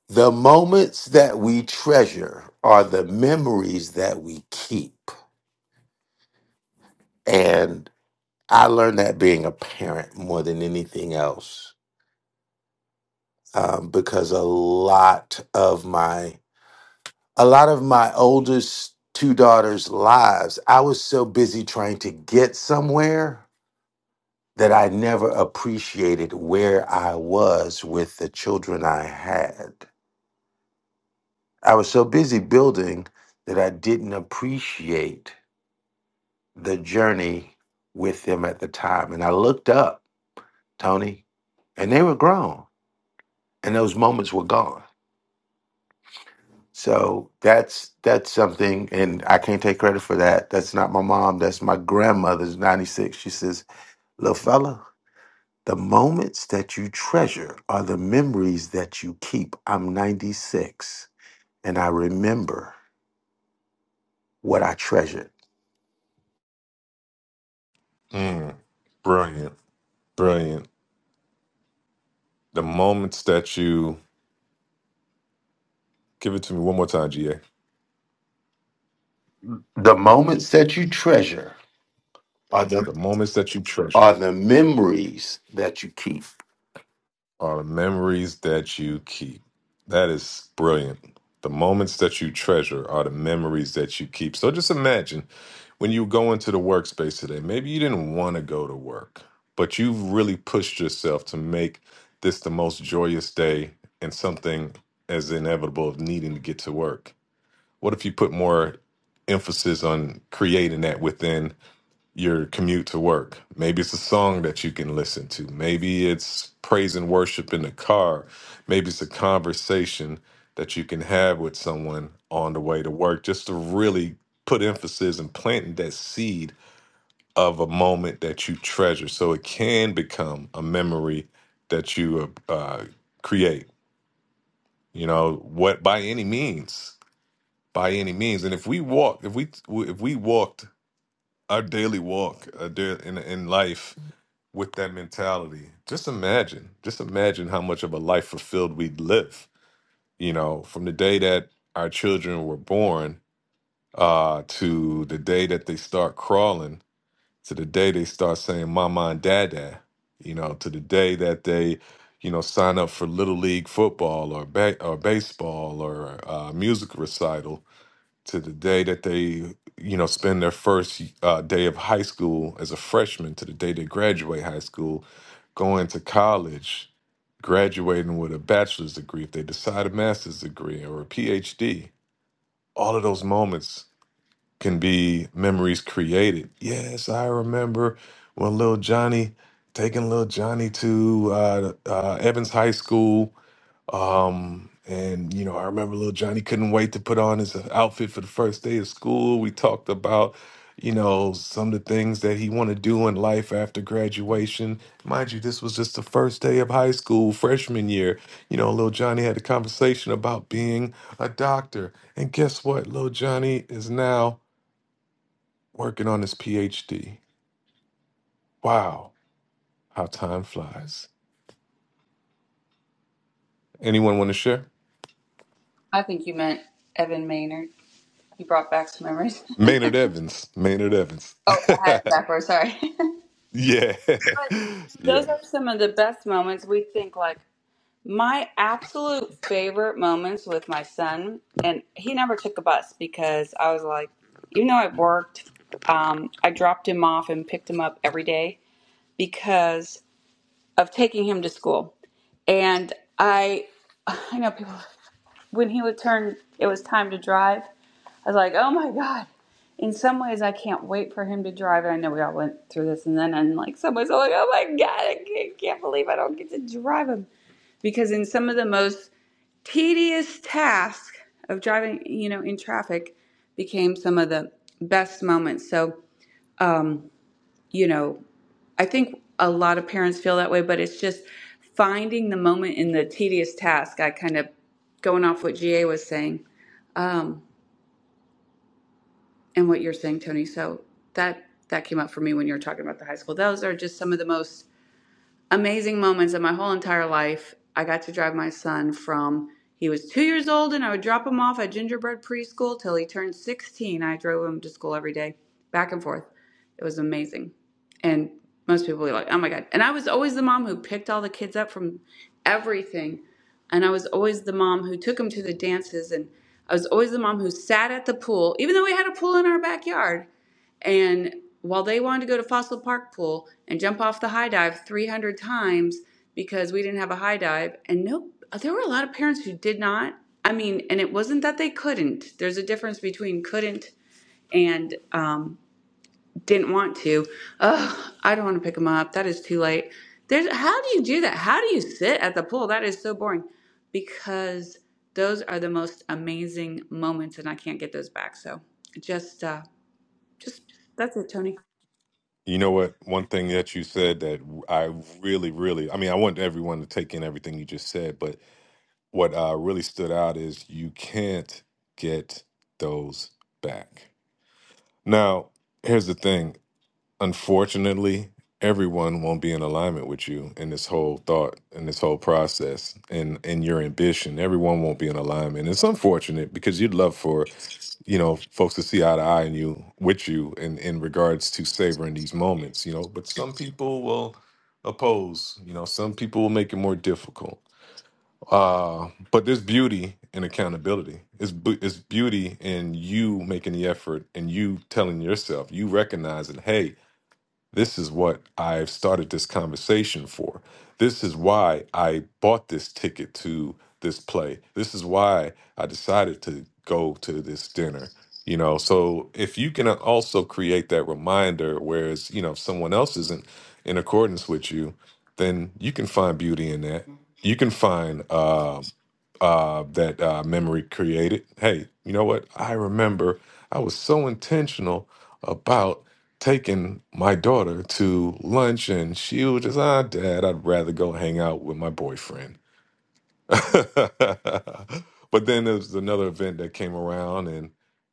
Speaker 4: the moments that we treasure are the memories that we keep and i learned that being a parent more than anything else um, because a lot of my a lot of my oldest two daughters lives i was so busy trying to get somewhere that I never appreciated where I was with the children I had. I was so busy building that I didn't appreciate the journey with them at the time. And I looked up, Tony, and they were grown, and those moments were gone. So that's that's something, and I can't take credit for that. That's not my mom. That's my grandmother's ninety six. She says, "Little fella, The moments that you treasure are the memories that you keep. I'm 96 and I remember what I treasured.
Speaker 20: Mm, brilliant. Brilliant. The moments that you give it to me one more time, GA.
Speaker 4: The moments that you treasure are the
Speaker 20: The moments that you treasure
Speaker 4: are the memories that you keep.
Speaker 20: are the memories that you keep. That is brilliant. The moments that you treasure are the memories that you keep. So just imagine when you go into the workspace today, maybe you didn't want to go to work, but you've really pushed yourself to make this the most joyous day and something as inevitable of needing to get to work. What if you put more emphasis on creating that within? your commute to work. Maybe it's a song that you can listen to. Maybe it's praise and worship in the car. Maybe it's a conversation that you can have with someone on the way to work just to really put emphasis and planting that seed of a moment that you treasure so it can become a memory that you uh, uh, create you know what by any means by any means and if we walk if we if we walked our daily walk uh, da- in in life with that mentality. Just imagine, just imagine how much of a life fulfilled we'd live, you know, from the day that our children were born uh, to the day that they start crawling, to the day they start saying mama and dada, you know, to the day that they, you know, sign up for little league football or ba- or baseball or uh, music recital to the day that they you know spend their first uh, day of high school as a freshman to the day they graduate high school going to college graduating with a bachelor's degree if they decide a master's degree or a phd all of those moments can be memories created yes i remember when little johnny taking little johnny to uh, uh, evans high school um, and you know, I remember little Johnny couldn't wait to put on his uh, outfit for the first day of school. We talked about, you know, some of the things that he want to do in life after graduation. Mind you, this was just the first day of high school, freshman year. You know, little Johnny had a conversation about being a doctor. And guess what? Little Johnny is now working on his PhD. Wow, how time flies. Anyone want to share?
Speaker 13: I think you meant Evan Maynard. You brought back some memories. [LAUGHS]
Speaker 20: Maynard Evans. Maynard Evans.
Speaker 13: Oh, I had
Speaker 20: [LAUGHS]
Speaker 13: it backwards. Sorry. [LAUGHS]
Speaker 20: Yeah. [LAUGHS]
Speaker 13: But those
Speaker 20: Yeah.
Speaker 13: are some of the best moments. We think like My absolute favorite moments with my son, and he never took a bus because I was like, even though I worked, um, I dropped him off and picked him up every day because of taking him to school. And I, [SIGHS] I know people, when he would turn, it was time to drive. I was like, oh my God. In some ways, I can't wait for him to drive. And I know we all went through this. And then in like some ways, I'm like, oh my God, I can't, can't believe I don't get to drive him. Because in some of the most tedious task of driving, you know, in traffic became some of the best moments. So, um, you know, I think a lot of parents feel that way, but it's just finding the moment in the tedious task. I kind of going off what GA was saying um, and what you're saying, Tony. So that that came up for me when you were talking about the high school. Those are just some of the most amazing moments in my whole entire life. I got to drive my son from he was two years old, and I would drop him off at Gingerbread Preschool till he turned 16. I drove him to school every day, back and forth. It was amazing. And most people were like, oh my God. And I was always the mom who picked all the kids up from everything. And I was always the mom who took them to the dances. And I was always the mom who sat at the pool, even though we had a pool in our backyard. And while they wanted to go to Fossil Park Pool and jump off the high dive 300 times because we didn't have a high dive, and nope, there were a lot of parents who did not. I mean, and it wasn't that they couldn't. There's a difference between couldn't and um, didn't want to. Ugh, I don't want to pick them up. That is too late. There's how do you do that? How do you sit at the pool? That is so boring. Because those are the most amazing moments, and I can't get those back. So just, uh, just that's it, Tony.
Speaker 20: You know what? One thing that you said that I really, really, I mean, I want everyone to take in everything you just said, but what uh, really stood out is you can't get those back. Now, here's the thing. Unfortunately, everyone won't be in alignment with you in this whole thought in this whole process and in your ambition. Everyone won't be in alignment. It's unfortunate because you'd love for you know folks to see eye to eye in you with you in in regards to savoring these moments you know but some people will oppose you know some people will make it more difficult uh but there's beauty in accountability it's, bu- it's beauty in you making the effort and you telling yourself you recognizing hey this is what I've started this conversation for. This is why I bought this ticket to this play. This is why I decided to go to this dinner. You know, so if you can also create that reminder, whereas, you know, if someone else isn't in accordance with you, then you can find beauty in that. You can find um uh, that uh, memory created. Hey, you know what? I remember I was so intentional about taking my daughter to lunch, and she was just, ah, dad, I'd rather go hang out with my boyfriend [LAUGHS] but then there's another event that came around, and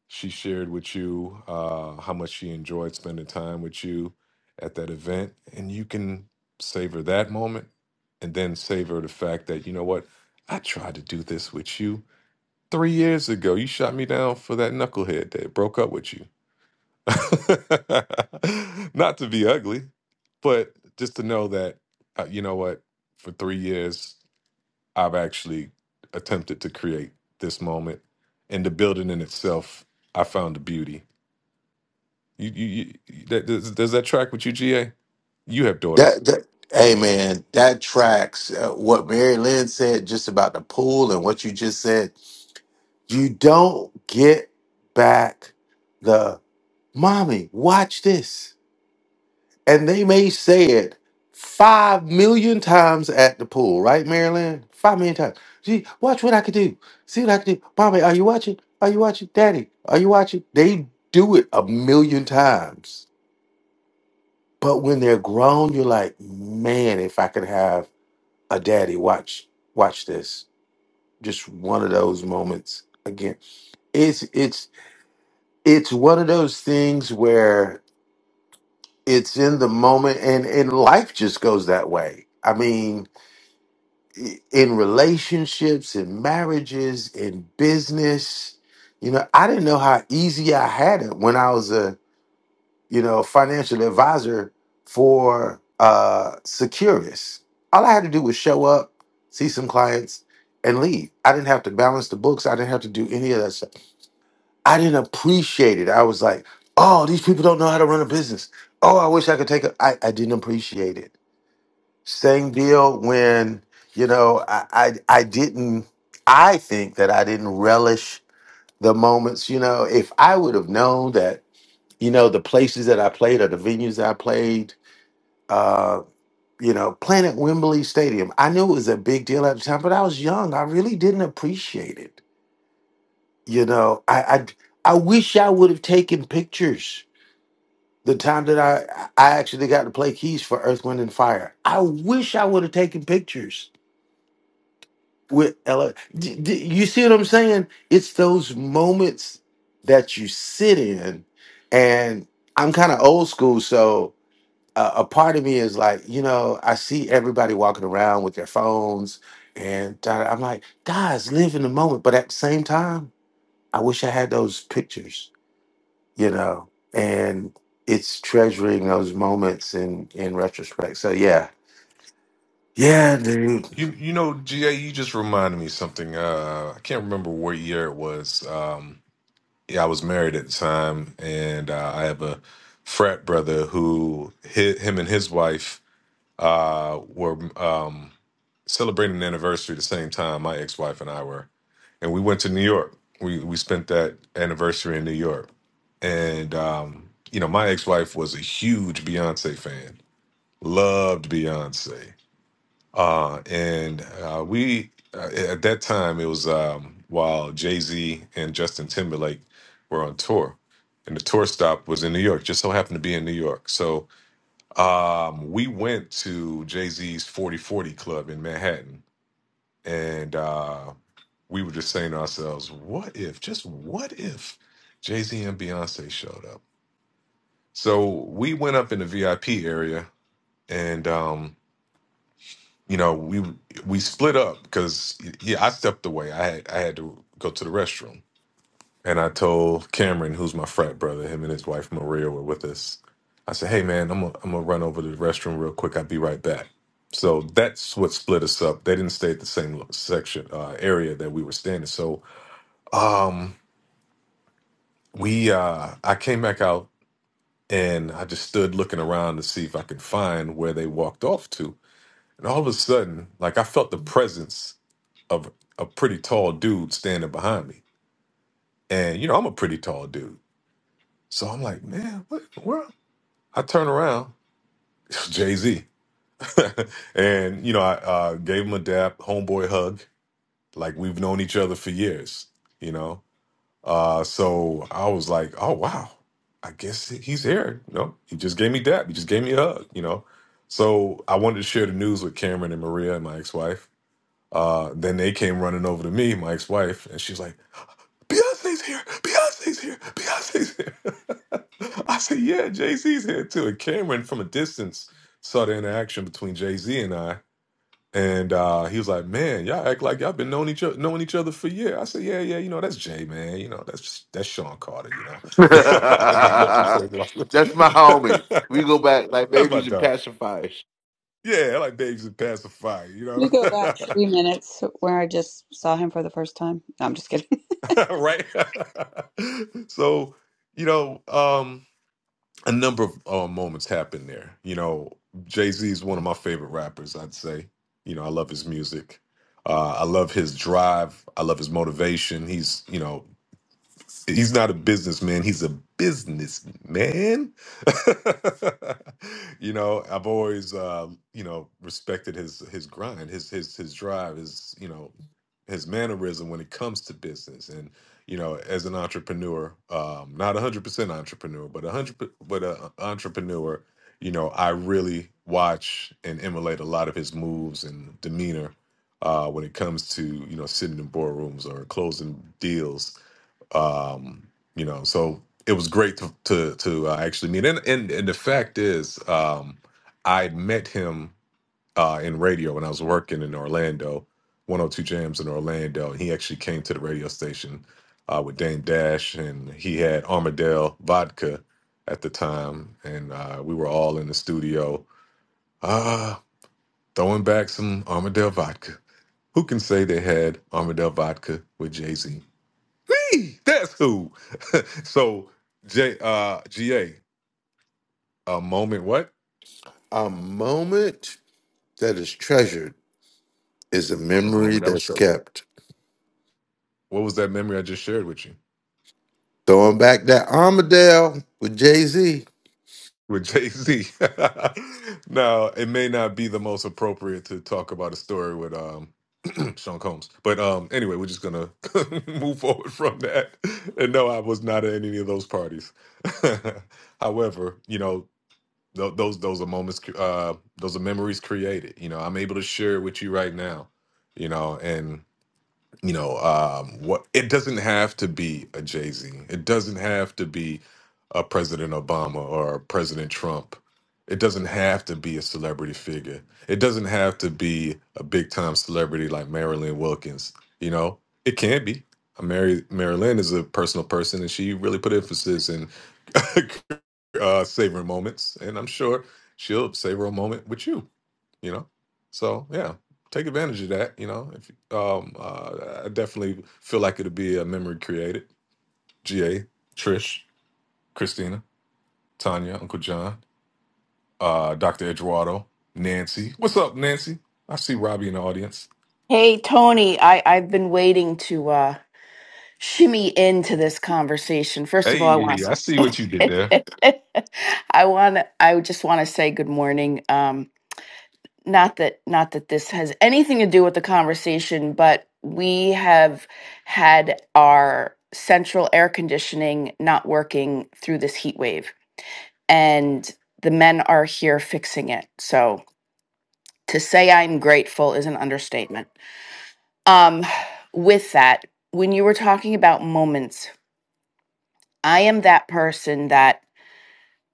Speaker 20: she shared with you uh, how much she enjoyed spending time with you at that event, and you can savor that moment, and then savor the fact that you know what, I tried to do this with you three years ago. You shot me down for that knucklehead that broke up with you. [LAUGHS] Not to be ugly, but just to know that uh, you know what, for three years I've actually attempted to create this moment, and the building in itself, I found the beauty. You, you, you you- that, does, does that track with you, GA? You have daughters.
Speaker 4: That, that hey man, that tracks uh, what Mary Lynn said just about the pool and what you just said. You don't get back the mommy, watch this. and they may say it five million times at the pool, right, Marilyn? Five million times. Gee, watch what I could do. See what I could do. Mommy, are you watching? Are you watching? Daddy, are you watching? They do it a million times. But when they're grown, you're like, man, if I could have a daddy watch, watch this. Just one of those moments again. It's it's it's one of those things where it's in the moment and, and life just goes that way. I mean, i- in relationships in marriages in business you know i didn't know how easy i had it when i was a you know financial advisor for uh securus all i had to do was show up see some clients and leave i didn't have to balance the books i didn't have to do any of that stuff i didn't appreciate it i was like oh these people don't know how to run a business oh i wish i could take a i, I didn't appreciate it same deal when, you know, I, I I didn't I think that I didn't relish the moments, you know, if I would have known that, you know, the places that I played or the venues that I played, uh, you know, playing at Wembley Stadium. I knew it was a big deal at the time, but I was young. I really didn't appreciate it. You know, I I, I wish I would have taken pictures the time that I I actually got to play keys for Earth, Wind and Fire. I wish I would have taken pictures with Ella. you see what I'm saying? It's those moments that you sit in, and I'm kind of old school, so uh, a part of me is like, you know, I see everybody walking around with their phones, and da- I'm like, guys, live in the moment. But at the same time, I wish I had those pictures, you know, and it's treasuring those moments in in retrospect. So yeah, yeah, dude.
Speaker 20: You, you know, GA, you just reminded me of something. Uh, I can't remember what year it was. Um, yeah, I was married at the time, and uh, I have a frat brother who hi him and his wife uh, were um, celebrating an anniversary the same time my ex-wife and I were and we went to New York. We we spent that anniversary in New York, and um, you know, my ex wife was a huge Beyonce fan, loved Beyonce, uh, and uh, we uh, at that time it was um, while Jay Z and Justin Timberlake were on tour. And the tour stop was in New York, just so happened to be in New York. So um, we went to Jay Z's 4040 Club in Manhattan. And uh, we were just saying to ourselves, what if, just what if Jay Z and Beyonce showed up? So we went up in the VIP area and, um, you know, we we split up because yeah, I stepped away. I had I had to go to the restroom, and I told Cameron, who's my frat brother, him and his wife Maria were with us. I said, "Hey man, I'm gonna I'm gonna run over to the restroom real quick. I'll be right back." So that's what split us up. They didn't stay at the same section uh, area that we were standing. So um, We uh I came back out and I just stood looking around to see if I could find where they walked off to. And all of a sudden, like I felt the presence of a pretty tall dude standing behind me. And you know, I'm a pretty tall dude. So I'm like, man, what in the world? I turn around, [LAUGHS] it's Jay-Z. [LAUGHS] and you know, I uh gave him a dap, homeboy hug, like we've known each other for years, you know. Uh, so I was like, oh wow, I guess he's here. You know, he just gave me dap. He just gave me a hug. You know, so I wanted to share the news with Cameron and Maria and my ex-wife. Uh, then they came running over to me, my ex-wife, and she's like, Beyonce's here, Beyonce's here, Beyonce's here. [LAUGHS] I said, yeah, Jay Z's here too. And Cameron from a distance saw the interaction between Jay Z and I and uh, he was like, "Man, y'all act like y'all been knowing each other, knowing each other for years." I said, "Yeah, yeah, you know that's Jay, man. You know that's just, that's Sean Carter. You know,
Speaker 4: [LAUGHS]
Speaker 20: [LAUGHS] I just met him
Speaker 4: That's
Speaker 20: before he lost it.
Speaker 4: my homie. We
Speaker 20: [LAUGHS]
Speaker 4: go back like
Speaker 20: That's my
Speaker 4: babies and
Speaker 20: dog.
Speaker 4: pacifiers.
Speaker 20: Yeah, I like Dave's and pacifier. You
Speaker 13: You go back three minutes where I just saw him for the first time. No, I'm just kidding.
Speaker 20: know, [LAUGHS] right? [LAUGHS] so, you know, um, a number of uh, moments happened there. You know, Jay Z is one of my favorite rappers. I'd say. You know, I love his music. Uh, I love his drive. I love his motivation. He's, you know, he's not a businessman he's a businessman [LAUGHS] you know i've always uh you know respected his his grind his his his drive his you know his mannerism when it comes to business and you know as an entrepreneur um not 100% entrepreneur but 100 but a entrepreneur you know i really watch and emulate a lot of his moves and demeanor uh when it comes to you know sitting in boardrooms or closing deals um you know so it was great to to, to uh, actually meet and, and and the fact is um i met him uh in radio when i was working in orlando 102 jams in orlando and he actually came to the radio station uh with dame dash and he had armadale vodka at the time and uh we were all in the studio uh throwing back some armadale vodka who can say they had armadale vodka with jay-z Hey, that's who. [LAUGHS] so, J, uh, GA, a a moment what?
Speaker 4: A moment that is treasured is a
Speaker 20: A
Speaker 4: memory
Speaker 20: moment that was
Speaker 4: that's
Speaker 20: trouble.
Speaker 4: kept.
Speaker 20: What was that memory I just shared with you?
Speaker 4: Throwing back that Armadale with Jay Z.
Speaker 20: With Jay Z. [LAUGHS] now, it may not be the most appropriate to talk about a story with um, [CLEARS THROAT] Sean Combs. But um, anyway, we're just going to [LAUGHS] move forward from that. And no, I was not at any of those parties. [LAUGHS] However, you know, th- those those are moments, uh, those are memories created. You know, I'm able to share with you right now you know, and you know um what it doesn't have to be a jay-z it doesn't have to be a president obama or a president trump it doesn't have to be a celebrity figure it doesn't have to be a big time celebrity like marilyn wilkins you know it can be Uh, Mary Marilyn is a personal person, and she really put emphasis in [LAUGHS] uh, savoring moments. And I'm sure she'll savor a moment with you you know so yeah take advantage of that you know if um uh, i definitely feel like it'll be a memory created ga trish christina tanya uncle john uh dr eduardo nancy what's up nancy i see robbie in the audience
Speaker 21: Hey Tony, I I've been waiting to uh shimmy into this conversation. First of all, I
Speaker 20: hey
Speaker 21: want
Speaker 20: i see what you did there
Speaker 21: to, [LAUGHS] I want to I just want to say good morning. Um not that not that this has anything to do with the conversation, but we have had our central air conditioning not working through this heat wave and the men are here fixing it. So to say I'm grateful is an understatement. Um, with that, when you were talking about moments, I am that person that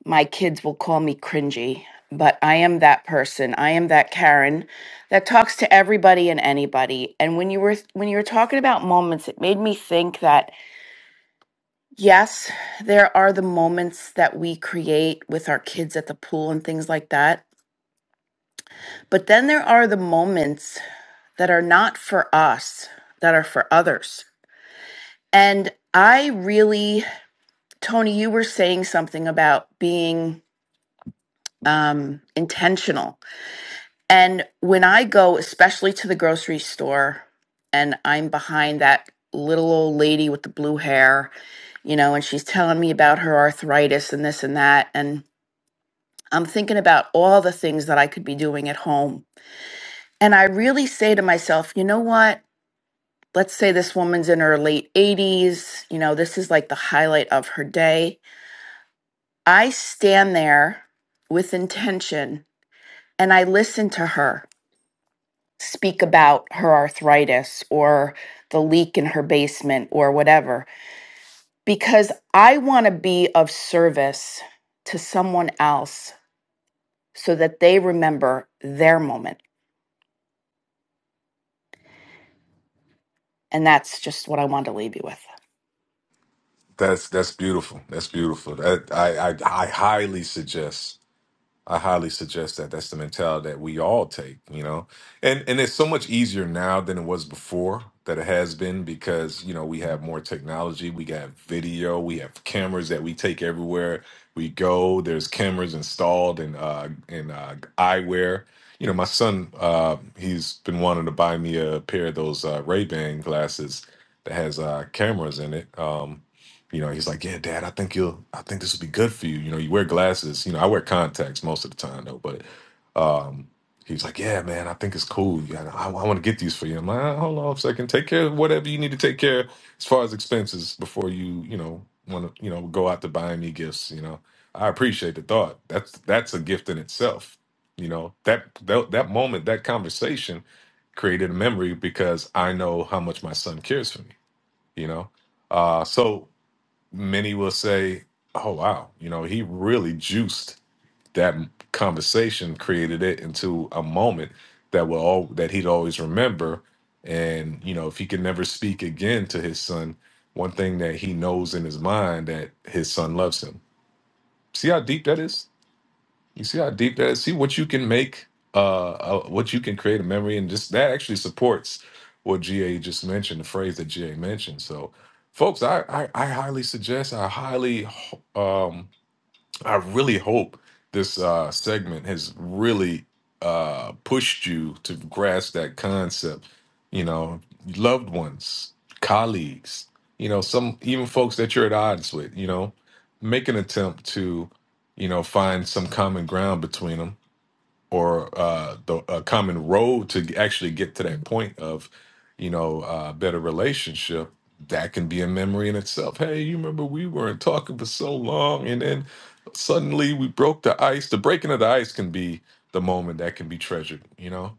Speaker 21: my kids will call me cringy, but I am that person. I am that Karen that talks to everybody and anybody. And when you were when you were talking about moments, it made me think that yes, there are the moments that we create with our kids at the pool and things like that. But then there are the moments that are not for us, that are for others. And I really Tony, you were saying something about being um, intentional. And when I go, especially to the grocery store, and I'm behind that little old lady with the blue hair, you know, and she's telling me about her arthritis and this and that. And I'm thinking about all the things that I could be doing at home. And I really say to myself, you know what? Let's say this woman's in her late 80s. You know, this is like the highlight of her day I stand there with intention and I listen to her speak about her arthritis or the leak in her basement or whatever, because I want to be of service to someone else so that they remember their moment. And that's just what I wanted to leave you with.
Speaker 20: that's that's beautiful that's beautiful that, I, I i highly suggest I highly suggest that. That's the mentality that we all take, you know. And and it's so much easier now than it was before that it has been because, you know, we have more technology, we got video, we have cameras that we take everywhere we go. There's cameras installed in uh in uh eyewear. You know, my son uh he's been wanting to buy me a pair of those uh Ray-Ban glasses that has uh cameras in it. Um you know, he's like, "Yeah, Dad, I think you'll, I think this will be good for you." You know, you wear glasses. You know, I wear contacts most of the time though. But um, he's like, "Yeah, man, I think it's cool. Yeah, I, I want to get these for you." I'm like, "Ah, "Hold on a second. Take care of whatever you need to take care of as far as expenses before you, you know, want to, you know, go out to buying me gifts." You know, I appreciate the thought. That's that's a gift in itself. You know, that that, that moment, that conversation created a memory because I know how much my son cares for me. You know, uh, so many will say, "Oh wow, you know, he really juiced that m- conversation, created it into a moment that will all that he'd always remember." And you know, if he can never speak again to his son, one thing that he knows in his mind that his son loves him. See how deep that is? You see how deep that is? See what you can make, uh, uh, what you can create a memory, and just that actually supports what GA just mentioned, the phrase that GA mentioned. So, folks, I I, I highly suggest, I highly um, I really hope this uh, segment has really uh, pushed you to grasp that concept. You know, loved ones, colleagues, you know, some even folks that you're at odds with, you know, make an attempt to, you know, find some common ground between them or uh, the a common road to actually get to that point of, you know, uh, better relationship, that can be a memory in itself. Hey, you remember we weren't talking for so long, and then suddenly we broke the ice. The breaking of the ice can be the moment that can be treasured. You know,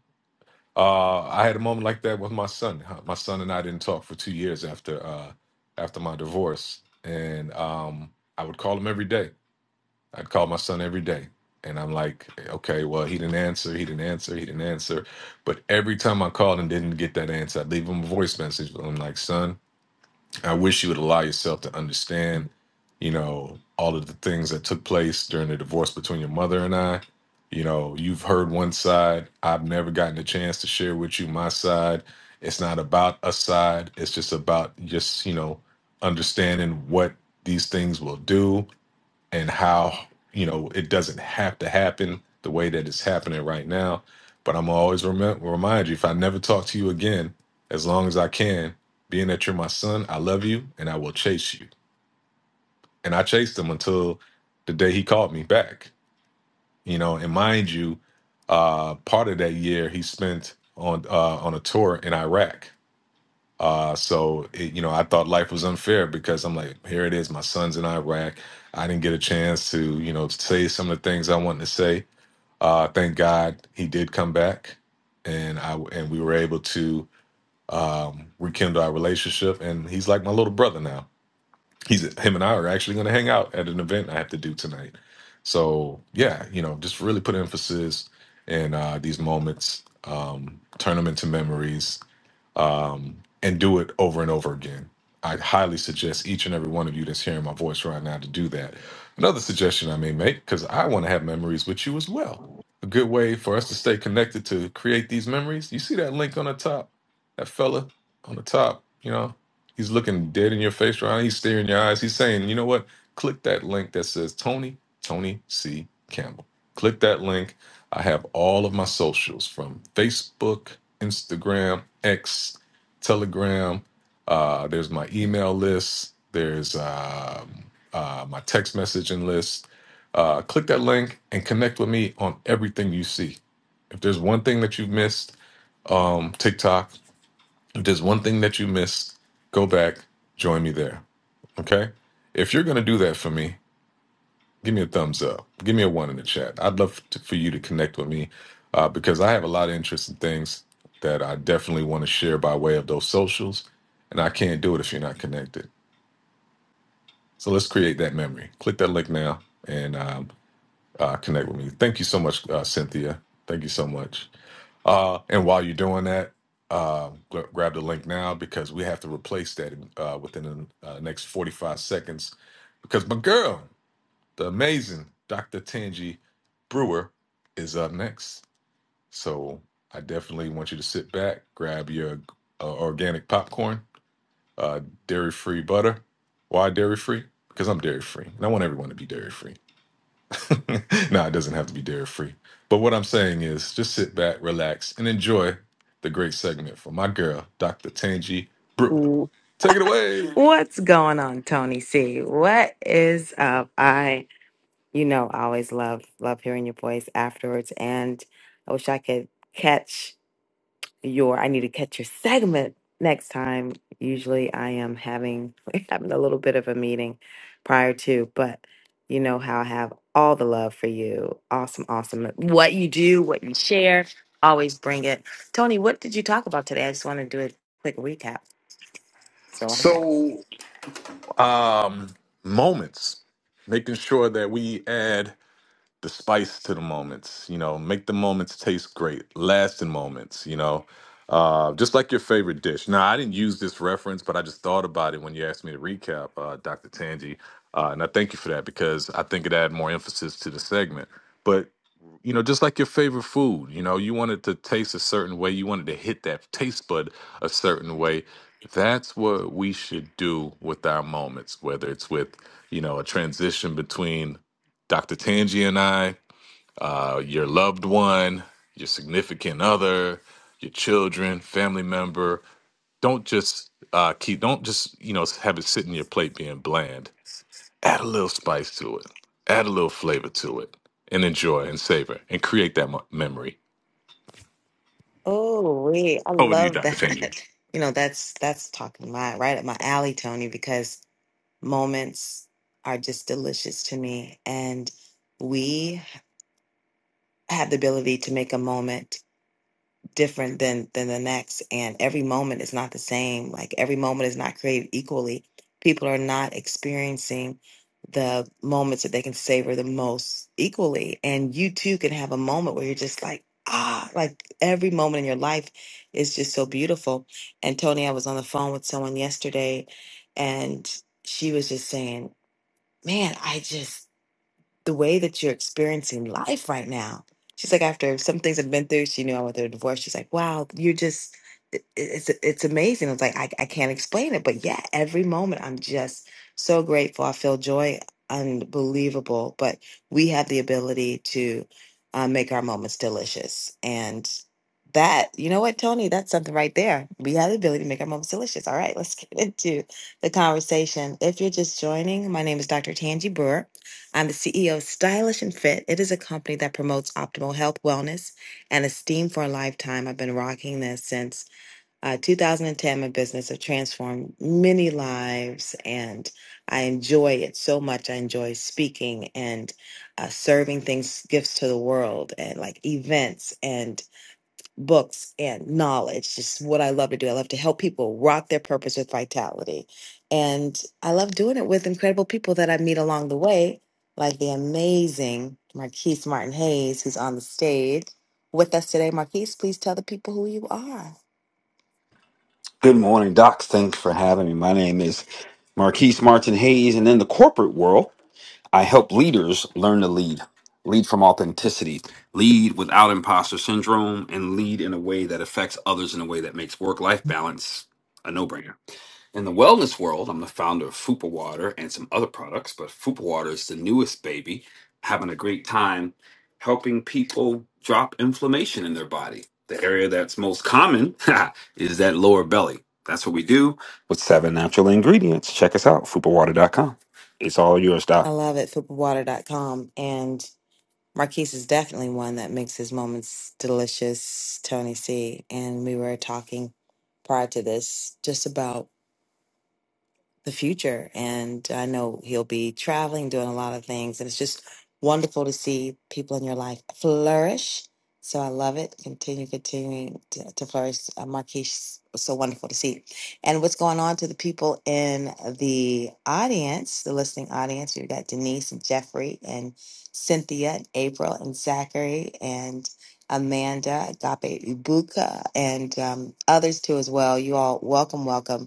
Speaker 20: uh, I had a moment like that with my son. Huh, My son and I didn't talk for two years after uh, after my divorce, and um, I would call him every day I'd call my son every day. And I'm like, okay, well, he didn't answer, he didn't answer, he didn't answer. But every time I called and didn't get that answer, I'd leave him a voice message. I'm like, son, I wish you would allow yourself to understand, you know, all of the things that took place during the divorce between your mother and I. You know, you've heard one side. I've never gotten a chance to share with you my side. It's not about a side, it's just about just, you know, understanding what these things will do and how you know it doesn't have to happen the way that it's happening right now. But I'm always remember, remind you if I never talk to you again, as long as I can, being that you're my son, I love you and I will chase you. And I chased him until the day he called me back. You know, and mind you, uh, part of that year he spent on uh, on a tour in Iraq uh, so it, you know, I thought life was unfair because I'm like, here it is, my son's in Iraq. I didn't get a chance to, you know, say some of the things I wanted to say. Uh, thank God he did come back, and I and we were able to um, rekindle our relationship. And he's like my little brother now. He's him and I are actually going to hang out at an event I have to do tonight. So yeah, you know, just really put emphasis in uh, these moments, um, turn them into memories, um, and do it over and over again. I highly suggest each and every one of you that's hearing my voice right now to do that. Another suggestion I may make, because I want to have memories with you as well. A good way for us to stay connected to create these memories. You see that link on the top? That fella on the top, you know, he's looking dead in your face right now. He's staring in your eyes. He's saying, you know what? Click that link that says Tony, Tony C. Campbell. Click that link. I have all of my socials from Facebook Instagram, X, Telegram. Uh, there's my email list. There's um, uh, my text messaging list. Uh, click that link and connect with me on everything you see. If there's one thing that you've missed, um, TikTok, if there's one thing that you missed, go back, join me there. Okay? If you're going to do that for me, give me a thumbs up. Give me a one in the chat. I'd love to, for you to connect with me uh, because I have a lot of interesting things that I definitely want to share by way of those socials, and I can't do it if you're not connected. So let's create that memory. Click that link now and um, uh, connect with me. Thank you so much, uh, Cynthia. Thank you so much. Uh, and while you're doing that, uh, gr- grab the link now because we have to replace that uh, within the uh, next 45 seconds because my girl. The amazing Dr. Tangi Brewer is up next. So I definitely want you to sit back, grab your uh, organic popcorn, uh, dairy free butter. Why dairy free? Because I'm dairy free and I want everyone to be dairy free. [LAUGHS] no, it doesn't have to be dairy free. But what I'm saying is just sit back, relax, and enjoy the great segment from my girl, Dr. Tangi Brewer. Take it away.
Speaker 22: What's going on, Tony C? What is up? I, you know, I always love love hearing your voice afterwards, and I wish I could catch your. I need to catch your segment next time. Usually, I am having [LAUGHS] having a little bit of a meeting prior to, but you know how I have all the love for you. Awesome, awesome. What you do, what you share, always bring it. Tony, what did you talk about today? I just want to do a quick recap. So,
Speaker 20: So, um, moments, making sure that we add the spice to the moments, you know, make the moments taste great, lasting moments, you know, uh, just like your favorite dish. Now, I didn't use this reference, but I just thought about it when you asked me to recap, uh, Dr. Tanji, Uh, and I thank you for that because I think it added more emphasis to the segment. But, you know, just like your favorite food, you know, you wanted to taste a certain way, you wanted to hit that taste bud a certain way. That's what we should do with our moments, whether it's with, you know, a transition between Dr. Tangi and I, uh, your loved one, your significant other, your children, family member. Don't just uh, keep. Don't just you know have it sit in your plate being bland. Add a little spice to it. Add a little flavor to it, and enjoy and savor and create that mo- memory.
Speaker 22: Oh, wait, I
Speaker 20: Over to you,
Speaker 22: love
Speaker 20: Dr. Tangi.
Speaker 22: that. [LAUGHS] You know, that's that's talking my right up my alley, Tony, because moments are just delicious to me. And we have the ability to make a moment different than than the next and every moment is not the same like every moment is not created equally people are not experiencing the moments that they can savor the most equally and you too can have a moment where you're just like ah like every moment in your life is just so beautiful and tony i was on the phone with someone yesterday and she was just saying man i just the way that you're experiencing life right now. She's like, after some things I've been through, she knew I went through a divorce. She's like, wow, you're just, it- it's it's amazing. I was like, I, I can't explain it, but yeah, every moment I'm just so grateful. I feel joy unbelievable, but we have the ability to uh, make our moments delicious. And that, you know what, Tony, that's something right there. We have the ability to make our moments delicious. All right, let's [LAUGHS] get into the conversation. If you're just joining, my name is Dr. Tanji Brewer. I'm the CEO of Stylish and Fit. It is a company that promotes optimal health, wellness, and esteem for a lifetime. I've been rocking this since uh, 2010. My business has transformed many lives, and I enjoy it so much. I enjoy speaking and uh, serving things, gifts to the world, and like events. and books and knowledge just what i love to do i love to help people rock their purpose with vitality and i love doing it with incredible people that i meet along the way like the amazing marquise martin hayes who's on the stage with us today marquise please tell the people who you are
Speaker 23: Good morning, Doc. Thanks for having me. My name is Marquise Martin Hayes, and in the corporate world, I help leaders learn to lead, lead from authenticity, lead without imposter syndrome, and lead in a way that affects others in a way that makes work life balance a no brainer. In the wellness world, I'm the founder of Fupa Water and some other products, but Fupa Water is the newest baby, having a great time helping people drop inflammation in their body. The area that's most common [LAUGHS] is that lower belly. That's what we do with seven natural ingredients. Check us out, fupawater.com. It's all yours,
Speaker 22: i
Speaker 23: Doc.
Speaker 22: love it food for water dot com, and marquise is definitely one that makes his moments delicious tony c and we were talking prior to this just about the future. And I know he'll be traveling, doing a lot of things. And it's just wonderful to see people in your life flourish. So I love it. Continue, continuing to, to flourish. Uh, Marquise, so wonderful to see. And what's going on to the people in the audience, the listening audience? We've got Denise and Jeffrey and Cynthia and April and Zachary and Amanda, Agape Ibuka, and um, others too as well. You all, welcome, welcome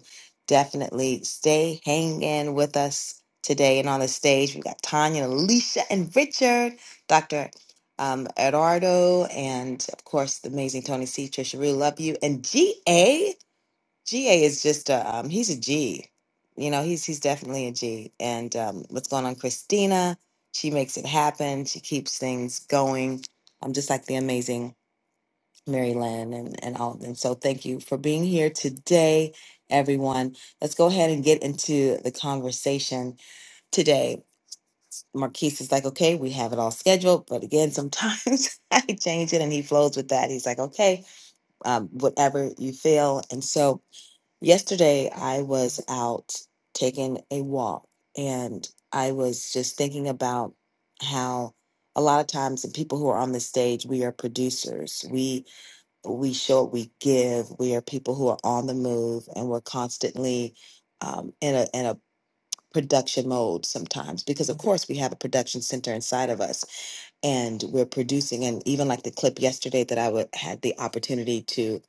Speaker 22: definitely stay hanging with us today and on the stage. We've got Tanya, Alicia, and Richard, Dr. Um, Eduardo, and of course, the amazing Tony C. Trisha Rue, love you. And GA, GA is just a, um, he's a G. You know, he's he's definitely a G. And um, what's going on, Christina? She makes it happen. She keeps things going. I'm um, just like the amazing Mary Lynn and, and all of them. So thank you for being here today, everyone. Let's go ahead and get into the conversation today. Marquise is like, okay, we have it all scheduled, but again, sometimes [LAUGHS] I change it and he flows with that. He's like, okay, um, whatever you feel. And so yesterday I was out taking a walk and I was just thinking about how a lot of times the people who are on the stage, we are producers. We we show what we give. We are people who are on the move, and we're constantly um, in a in a production mode sometimes because of course we have a production center inside of us and we're producing and even like the clip yesterday that I would had the opportunity to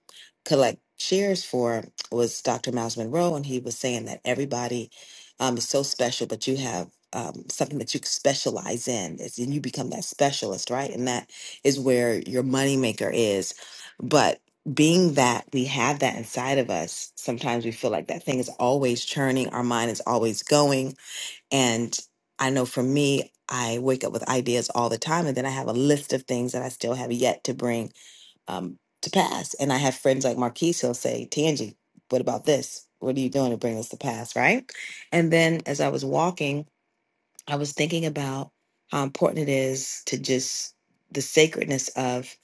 Speaker 22: collect shares for was Dr. Miles Monroe and he was saying that everybody um, is so special but you have um, something that you specialize in is and you become that specialist right and that is where your moneymaker is but being that we have that inside of us sometimes we feel like that thing is always churning our mind is always going and I know for me, I wake up with ideas all the time, and then I have a list of things that I still have yet to bring um, to pass. And I have friends like Marquise who'll say, Tangie, what about this? What are you doing to bring this to pass? Right. And then as I was walking, I was thinking about how important it is to just the sacredness of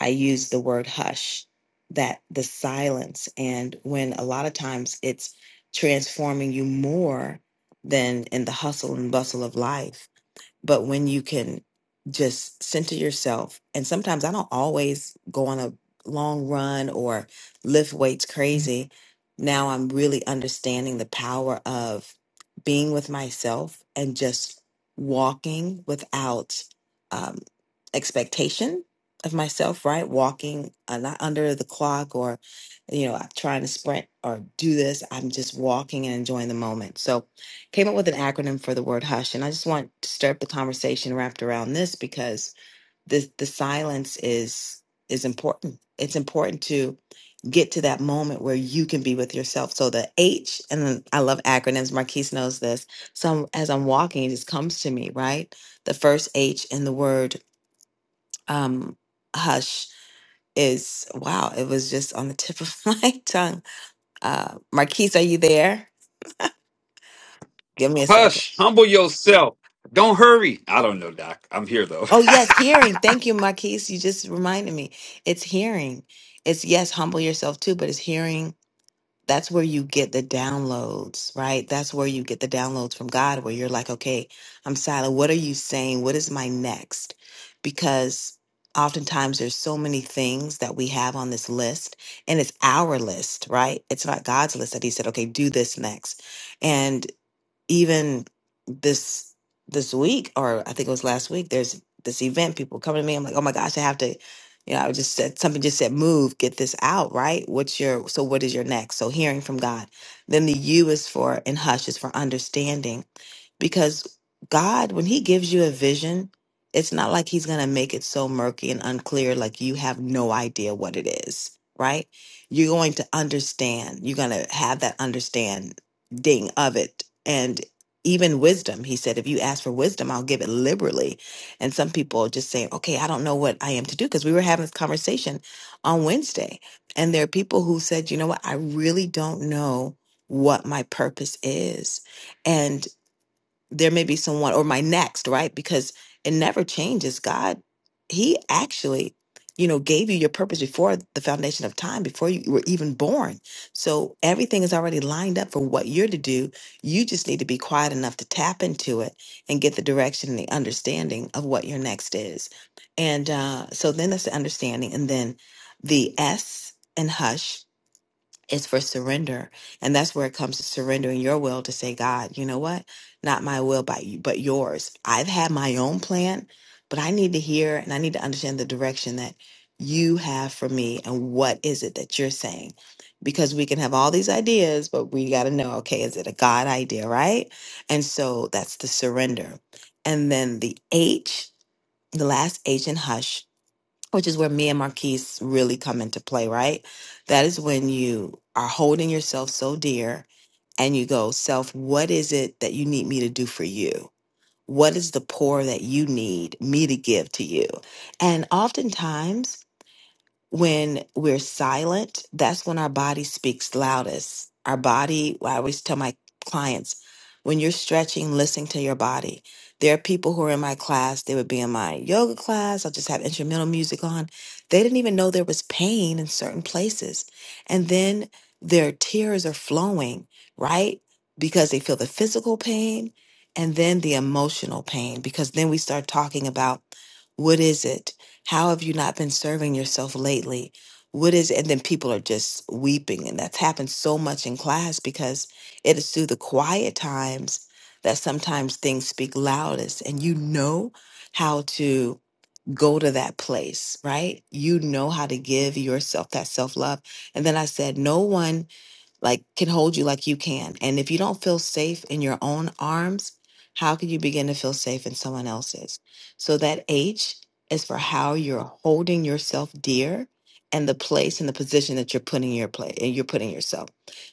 Speaker 22: I use the word hush, that the silence, and when a lot of times it's transforming you more than in the hustle and bustle of life but when you can just center yourself, and sometimes I don't always go on a long run or lift weights crazy. Now I'm really understanding the power of being with myself and just walking without um, expectation of myself, right? Walking uh, not under the clock or, you know, trying to sprint or do this. I'm just walking and enjoying the moment. So came up with an acronym for the word hush and i just want to stir up the conversation wrapped around this because the the silence is is important it's important to get to that moment where you can be with yourself so the h and then i love acronyms marquise knows this so I'm- as i'm walking it just comes to me right the first h in the word um hush is wow it was just on the tip of [LAUGHS] my tongue uh marquise are you there give me a second
Speaker 23: Hush, humble yourself. Don't hurry. I don't know, Doc. I'm here though.
Speaker 22: Oh, yes, hearing. Thank you, Marquise. You just reminded me. It's hearing. It's yes, humble yourself too, but it's hearing. That's where you get the downloads, right? That's where you get the downloads from God, where you're like, okay, I'm silent. What are you saying? What is my next? Because oftentimes there's so many things that we have on this list, and it's our list, right? It's not God's list that He said, okay, do this next even this this week or I think it was last week, there's this event, people coming to me. I'm like, oh my gosh, I have to, you know, I just said something just said, move, get this out, right? What's your so what is your next? So hearing from God. Then the U is for and hush is for understanding because God, when He gives you a vision, it's not like He's going to make it so murky and unclear, like you have no idea what it is, right? You're going to understand. You're going to have that understanding of it. And even wisdom, He said, if you ask for wisdom, I'll give it liberally. And some people just say, okay, I don't know what I am to do. Because we were having this conversation on Wednesday. And there are people who said, you know what? I really don't know what my purpose is. And there may be someone or my next, right? Because it never changes. God, He actually, you know, gave you your purpose before the foundation of time, before you were even born. So everything is already lined up for what you're to do. You just need to be quiet enough to tap into it and get the direction and the understanding of what your next is. And uh, so then that's the understanding. And then the S and hush it's for surrender. And that's where it comes to surrendering your will to say, God, you know what? Not my will, but, you, but yours. I've had my own plan, but I need to hear and I need to understand the direction that you have for me and what is it that you're saying? Because we can have all these ideas, but we got to know, okay, is it a God idea, right? And so that's the surrender. And then the H, the last H in hush which is where me and Marquise really come into play, right? That is when you are holding yourself so dear and you go, Self, what is it that you need me to do for you? What is the pour that you need me to give to you? And oftentimes, when we're silent, that's when our body speaks loudest. Our body, I always tell my clients, when you're stretching, listen to your body. There are people who are in my class, they would be in my yoga class, I'll just have instrumental music on. They didn't even know there was pain in certain places. And then their tears are flowing, right? Because they feel the physical pain and then the emotional pain, because then we start talking about what is it? How have you not been serving yourself lately? What is, and then people are just weeping. And that's happened so much in class because it is through the quiet times that sometimes things speak loudest. And you know how to go to that place, right? You know how to give yourself that self love. And then I said, No one like can hold you like you can. And if you don't feel safe in your own arms, how can you begin to feel safe in someone else's? So that H is for how you're holding yourself dear and the place and the position that you're putting your play and you're putting yourself.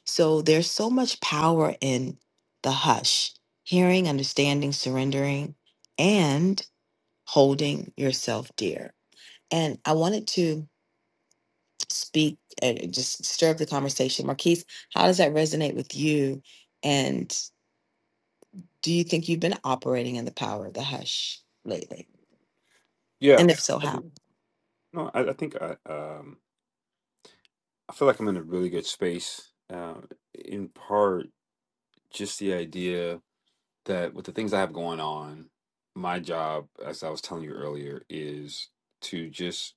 Speaker 22: So there's so much power in the hush, hearing, understanding, surrendering, and holding yourself dear. And I wanted to speak, uh, just stir up the conversation. Marquise, how does that resonate with you? And do you think you've been operating in the power of the hush lately?
Speaker 23: [LAUGHS] yeah,
Speaker 22: And if so,
Speaker 23: I
Speaker 22: how?
Speaker 23: do. No, I, I think I um I feel like I'm in a really good space. Uh, in part, just the idea that with the things I have going on, my job, as I was telling you earlier, is to just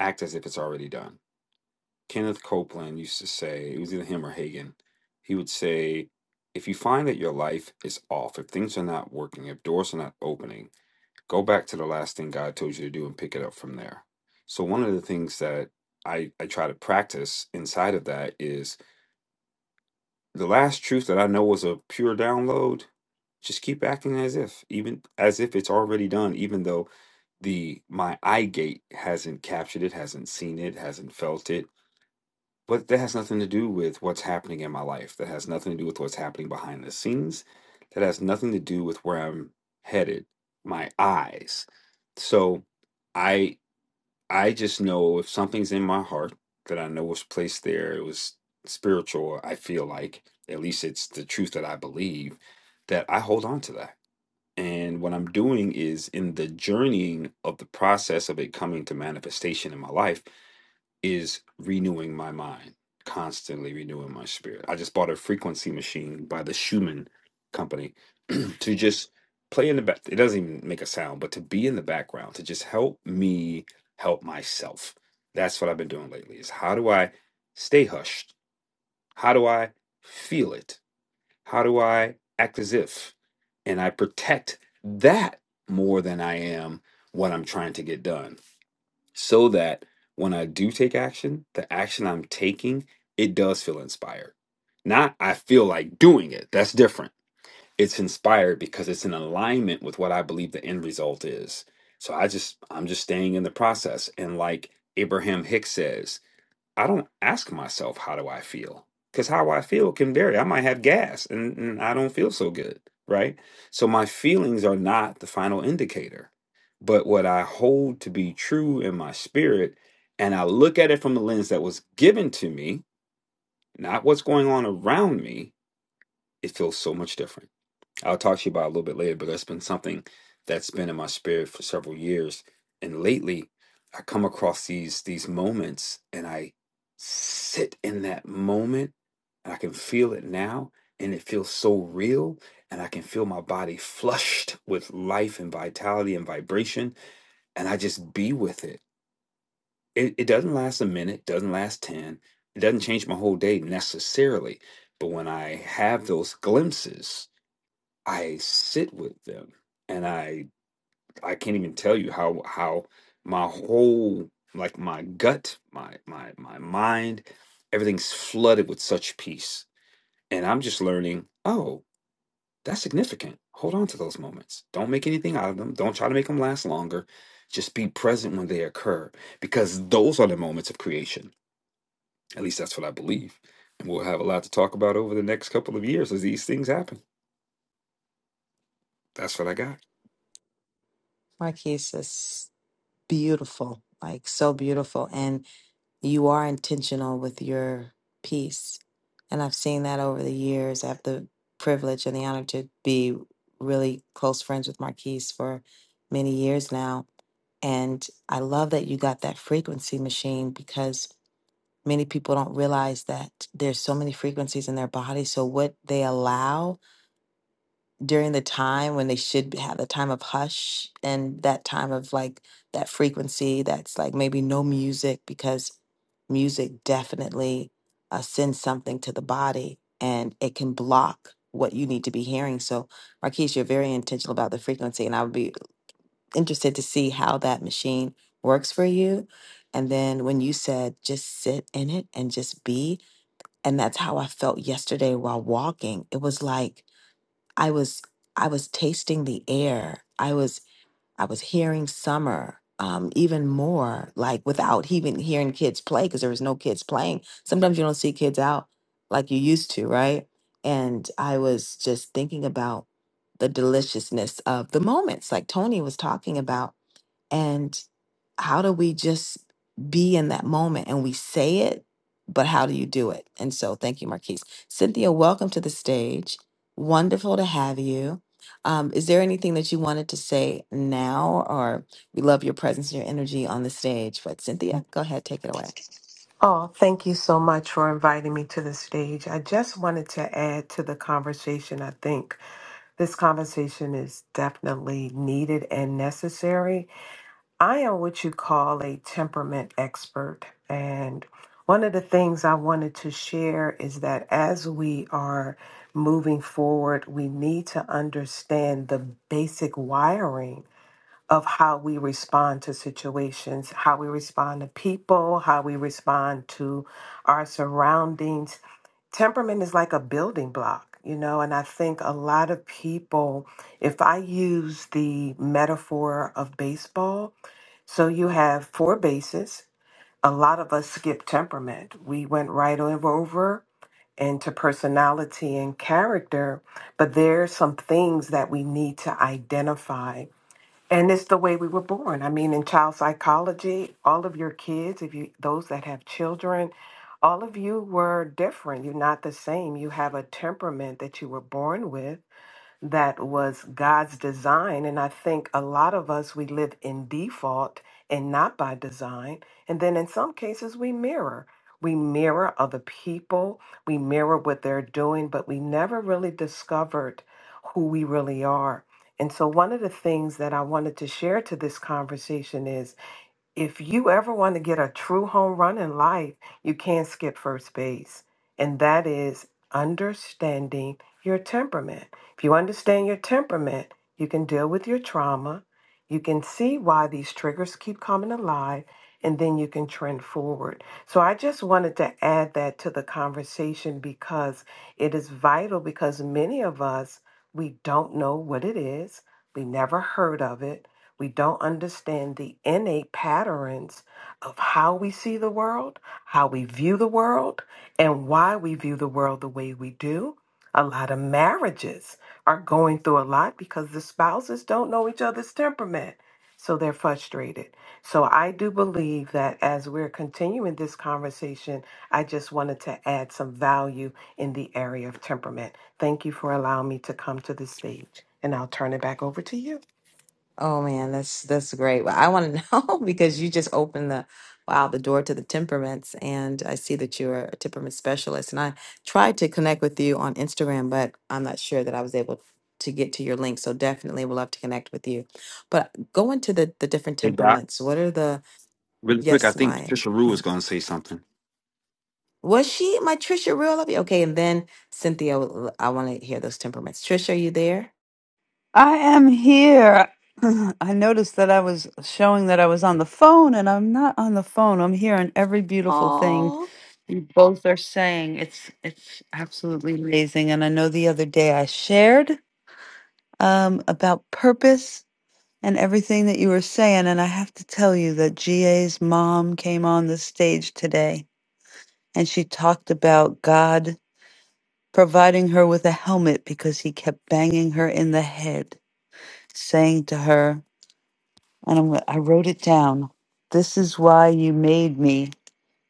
Speaker 23: act as if it's already done. Kenneth Copeland used to say, it was either him or Hagen, he would say, if you find that your life is off, if things are not working, if doors are not opening, go back to the last thing God told you to do and pick it up from there. So, one of the things that I, I try to practice inside of that is The last truth that I know was a pure download. Just keep acting as if, even as if it's already done, even though the my eye gate hasn't captured it, hasn't seen it, hasn't felt it. But that has nothing to do with what's happening in my life. That has nothing to do with what's happening behind the scenes. That has nothing to do with where I'm headed. My eyes. So I I just know if something's in my heart that I know was placed there, it was spiritual, I feel like, at least it's the truth that I believe, that I hold on to that. And what I'm doing is in the journeying of the process of it coming to manifestation in my life, is renewing my mind, constantly renewing my spirit. I just bought a frequency machine by the Schumann company [CLEARS THROAT] to just play in the back. It doesn't even make a sound, but to be in the background, to just help me help myself. That's what I've been doing lately is how do I stay hushed? How do I feel it? How do I act as if? And I protect that more than I am what I'm trying to get done so that when I do take action, the action I'm taking, it does feel inspired. Not I feel like doing it. That's different. It's inspired because it's in alignment with what I believe the end result is. So I just I'm just staying in the process and like Abraham Hicks says, I don't ask myself how do I feel because how I feel can vary. I might have gas and, and I don't feel so good, right? So my feelings are not the final indicator, but what I hold to be true in my spirit, and I look at it from the lens that was given to me, not what's going on around me. It feels so much different. I'll talk to you about a little bit later, but that's been something that's been in my spirit for several years. And lately, I come across these these moments, and I sit in that moment, and I can feel it now, and it feels so real, and I can feel my body flushed with life and vitality and vibration, and I just be with it. It, it doesn't last a minute, doesn't last ten, it doesn't change my whole day necessarily, but when I have those glimpses I sit with them and I I can't even tell you how how my whole like my gut, my my my mind, everything's flooded with such peace. And I'm just learning, oh, that's significant. Hold on to those moments. Don't make anything out of them. Don't try to make them last longer. Just be present when they occur because those are the moments of creation. At least that's what I believe. And we'll have a lot to talk about over the next couple of years as these things happen. That's what I got.
Speaker 22: Marquise is beautiful, like so beautiful. And you are intentional with your piece. And I've seen that over the years. I have the privilege and the honor to be really close friends with Marquise for many years now. And I love that you got that frequency machine because many people don't realize that there's so many frequencies in their body so what they allow during the time when they should have the time of hush and that time of like that frequency that's like maybe no music because music definitely uh, sends something to the body and it can block what you need to be hearing so marquise you're very intentional about the frequency and i would be interested to see how that machine works for you and then when you said just sit in it and just be and that's how i felt yesterday while walking it was like i was i was tasting the air i was i was hearing summer um, even more like without even hearing kids play because there was no kids playing sometimes you don't see kids out like you used to right and i was just thinking about the deliciousness of the moments like tony was talking about and how do we just be in that moment and we say it, but how do you do it? And so, thank you, Marquise. Cynthia, welcome to the stage. Wonderful to have you. Um, is there anything that you wanted to say now, or we love your presence and your energy on the stage? But Cynthia, go ahead, take it away.
Speaker 24: Oh, thank you so much for inviting me to the stage. I just wanted to add to the conversation. I think this conversation is definitely needed and necessary. I am what you call a temperament expert. And one of the things I wanted to share is that as we are moving forward, we need to understand the basic wiring of how we respond to situations, how we respond to people, how we respond to our surroundings. Temperament is like a building block, you know, and I think a lot of people, if I use the metaphor of baseball, so you have four bases. A lot of us skip temperament. We went right over into personality and character, but there are some things that we need to identify and it's the way we were born. I mean, in child psychology, all of your kids, if you those that have children, all of you were different. You're not the same. You have a temperament that you were born with that was God's design. And I think a lot of us, we live in default and not by design. And then in some cases, we mirror. We mirror other people, we mirror what they're doing, but we never really discovered who we really are. And so, one of the things that I wanted to share to this conversation is if you ever want to get a true home run in life, you can't skip first base. And that is understanding your temperament. If you understand your temperament, you can deal with your trauma. You can see why these triggers keep coming alive, and then you can trend forward. So I just wanted to add that to the conversation because it is vital because many of us, we don't know what it is. We never heard of it we don't understand the innate patterns of how we see the world, how we view the world, and why we view the world the way we do. A lot of marriages are going through a lot because the spouses don't know each other's temperament. So they're frustrated. So I do believe that as we're continuing this conversation, I just wanted to add some value in the area of temperament. Thank you for allowing me to come to the stage, and I'll turn it back over to you.
Speaker 22: Oh man, that's that's great. Well, I want to [LAUGHS] know because you just opened the wow the door to the temperaments, and I see that you're a temperament specialist. And I tried to connect with you on Instagram, but I'm not sure that I was able to get to your link. So definitely, would love to connect with you. But go into the the different
Speaker 23: Hey, Doc.
Speaker 22: temperaments. What are the
Speaker 23: Really quick, I
Speaker 22: yes,
Speaker 23: think
Speaker 22: my
Speaker 23: Shisharu
Speaker 22: my
Speaker 23: was going to say something.
Speaker 22: was she my Trisha real love you? Okay, and then Cynthia, would- I want to hear those temperaments. Trisha, are you there?
Speaker 3: I am here. [CLEARS THROAT] I noticed that I was showing that I was on the phone, and I'm not on the phone. I'm hearing every beautiful thing
Speaker 22: Oh
Speaker 3: you both are saying. It's it's absolutely amazing. And I know the other day I shared um, about purpose and everything that you were saying, and I have to tell you that GA's mom came on the stage today, and she talked about God providing her with a helmet because he kept banging her in the head, saying to her. and I'm, I wrote it down. This is why you made me.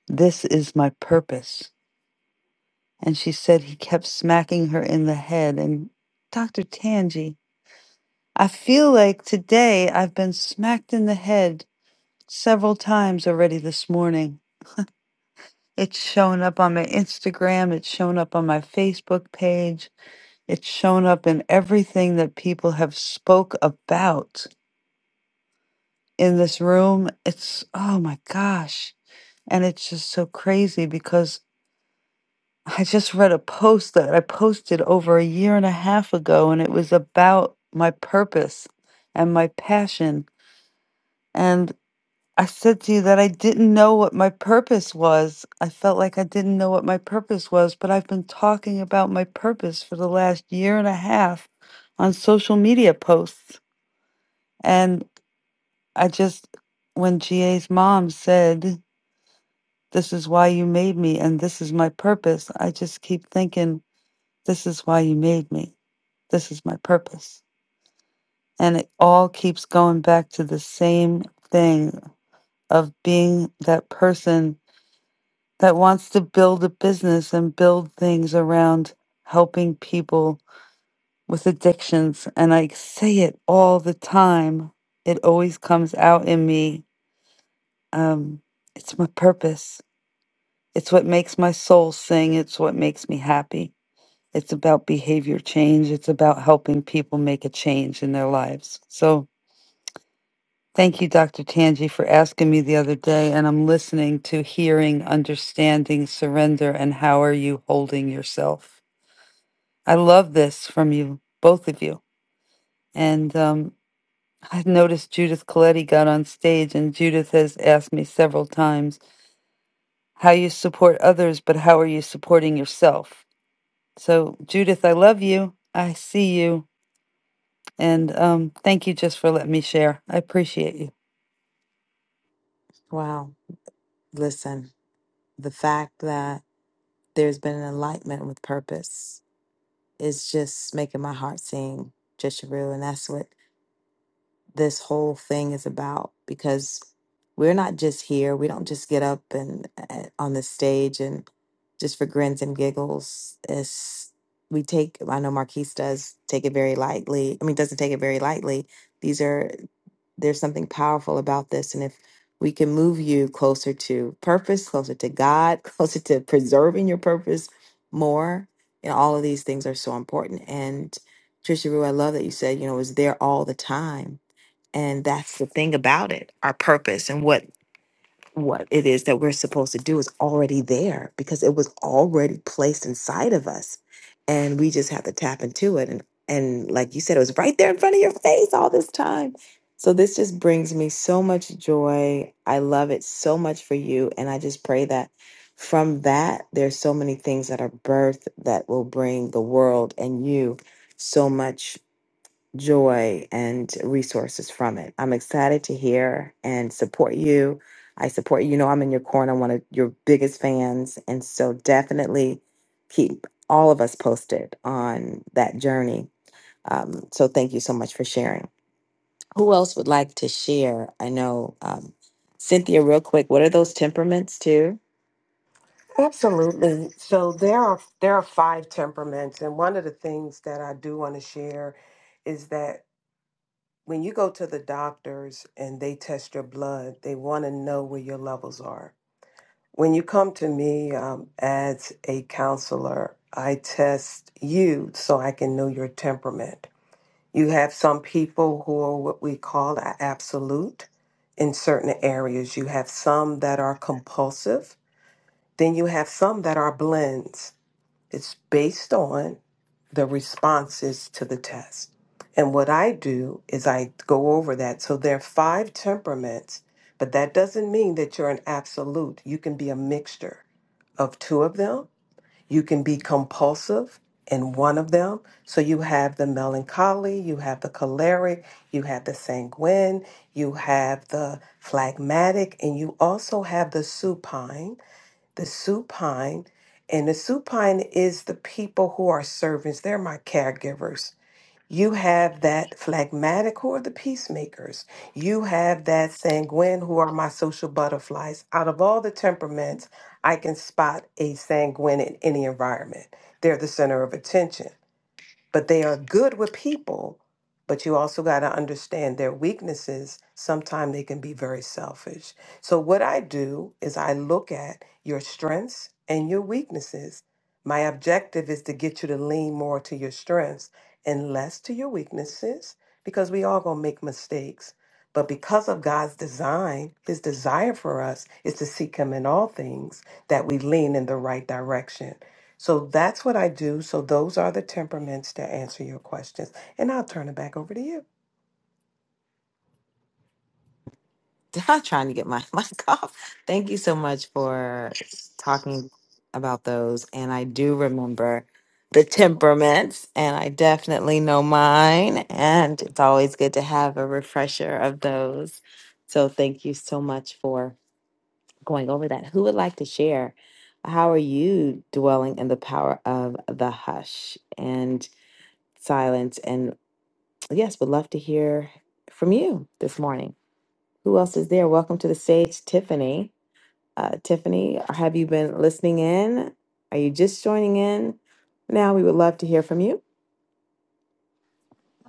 Speaker 3: This is my purpose. And she said he kept smacking her in the head. And Dr. Tangi, I feel like today I've been smacked in the head several times already this morning. It's shown up on my Instagram, it's shown up on my Facebook page, it's shown up in everything that people have spoke about in this room. It's oh my gosh. And it's just so crazy because I just read a post that I posted over a year and a half ago, and it was about my purpose and my passion. And I said to you that I didn't know what my purpose was. I felt like I didn't know what my purpose was, but I've been talking about my purpose for the last year and a half on social media posts. And I just, when GA's mom said, This is why you made me, and this is my purpose. I just keep thinking, This is why you made me. This is my purpose. And it all keeps going back to the same thing of being that person that wants to build a business and build things around helping people with addictions. And I say it all the time. It always comes out in me. Um, it's my purpose. It's what makes my soul sing. It's what makes me happy It's about behavior change. It's about helping people make a change in their lives. So thank you, Dr. Tanji, for asking me the other day. And I'm listening to hearing, understanding, surrender, and how are you holding yourself? I love this from you, both of you. And um, I noticed Judith Coletti got on stage, and Judith has asked me several times how you support others, but how are you supporting yourself? So, Judith, I love you. I see you. And um, thank you just for letting me share. I appreciate you.
Speaker 22: wow! Listen, the fact that there's been an alignment with purpose. It's just making my heart sing, just real. And that's what this whole thing is about because we're not just here. We don't just get up and uh, on the stage and just for grins and giggles. It's, we take, I know Marquise does take it very lightly. I mean, doesn't take it very lightly. These are there's something powerful about this. And if we can move you closer to purpose, closer to God, [LAUGHS] closer to preserving your purpose more, you know, all of these things are so important. And Trisha Rue, I love that you said, you know, it's there all the time. And that's the thing about it, our purpose and what what it is that we're supposed to do is already there because it was already placed inside of us and we just have to tap into it and and like you said it was right there in front of your face all this time so this just brings me so much joy i love it so much for you and i just pray that from that there's so many things that are birthed that will bring the world and you so much joy and resources from it. I'm excited to hear and support you. I support you. You know, I'm in your corner, one of your biggest fans. And so definitely keep all of us posted on that journey. Um, so thank you so much for sharing. Who else would like to share? I know, um, Cynthia, real quick, what are those temperaments too?
Speaker 24: Absolutely. So there are there are five temperaments, and one of the things that I do want to share is that when you go to the doctors and they test your blood, they want to know where your levels are. When you come to me um, as a counselor, I test you so I can know your temperament. You have some people who are what we call a absolute in certain areas. You have some that are compulsive. Then you have some that are blends. It's based on the responses to the test. And what I do is I go over that. So there are five temperaments, but that doesn't mean that you're an absolute. You can be a mixture of two of them you can be compulsive in one of them. So you have the melancholy, you have the choleric, you have the sanguine, you have the phlegmatic, and you also have the supine. The supine, and the supine is the people who are servants, they're my caregivers. You have that phlegmatic who are the peacemakers. You have that sanguine who are my social butterflies. Out of all the temperaments, I can spot a sanguine in any environment. They're the center of attention but they are good with people but you also got to understand their weaknesses sometimes they can be very selfish so what i do is i look at your strengths and your weaknesses my objective is to get you to lean more to your strengths and less to your weaknesses because we all going to make mistakes but because of God's design, his desire for us is to seek him in all things that we lean in the right direction. So that's what I do. So those are the temperaments to answer your questions. And I'll turn it back over to you.
Speaker 22: [LAUGHS] I'm trying to get my [LAUGHS] mic off. Thank you so much for talking about those. And I do remember the temperaments, and I definitely know mine. And it's always good to have a refresher of those. So thank you so much for going over that. Who would like to share? How are you dwelling in the power of the hush and silence? And yes, would love to hear from you this morning. Who else is there? Welcome to the stage, Tiffany. Uh, Tiffany, have you been listening in? Are you just joining in? Now we would love to hear from you.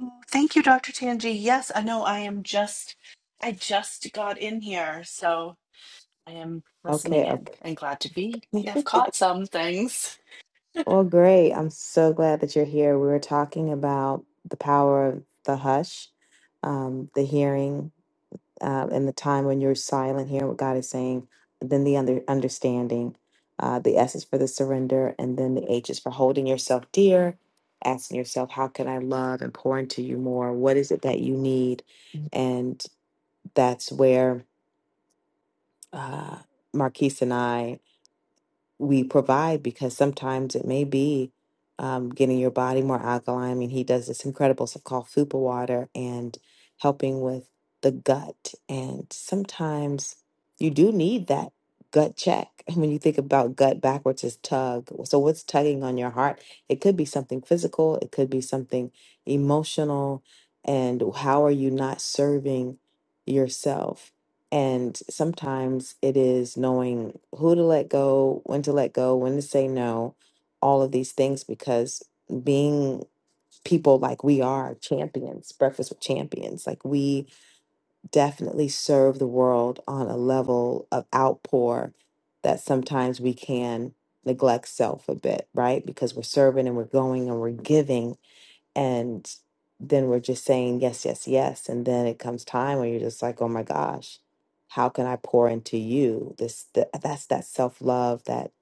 Speaker 25: Oh, Thank you, Dr. Tanji. Yes, I know I am just, I just got in here, so I am listening
Speaker 22: Okay,
Speaker 25: in and glad to be. I've
Speaker 22: okay. [LAUGHS]
Speaker 25: caught some things.
Speaker 22: Well, great. I'm so glad that you're here. We were talking about the power of the hush, um, the hearing, uh, and the time when you're silent, hearing what God is saying, and then the under- understanding, uh, the S is for the surrender, and then the H is for holding yourself dear, asking yourself, how can I love and pour into you more? What is it that you need? that's where uh, Marquise and I we provide because sometimes it may be um, getting your body more alkaline. I mean, he does this incredible stuff called Fupa Water and helping with the gut. And sometimes you do need that gut check. [LAUGHS] And when you think about gut backwards is tug. So what's tugging on your heart? It could be something physical. It could be something emotional. And how are you not serving yourself? And sometimes it is knowing who to let go, when to let go, when to say no, all of these things, because being people like we are champions, Breakfast with Champions, like we definitely serve the world on a level of outpour that sometimes we can neglect self a bit, right? Because we're serving and we're going and we're giving and then we're just saying yes, yes, yes. And then it comes time where you're just like, oh my gosh, how can I pour into you? This th- that's that self love that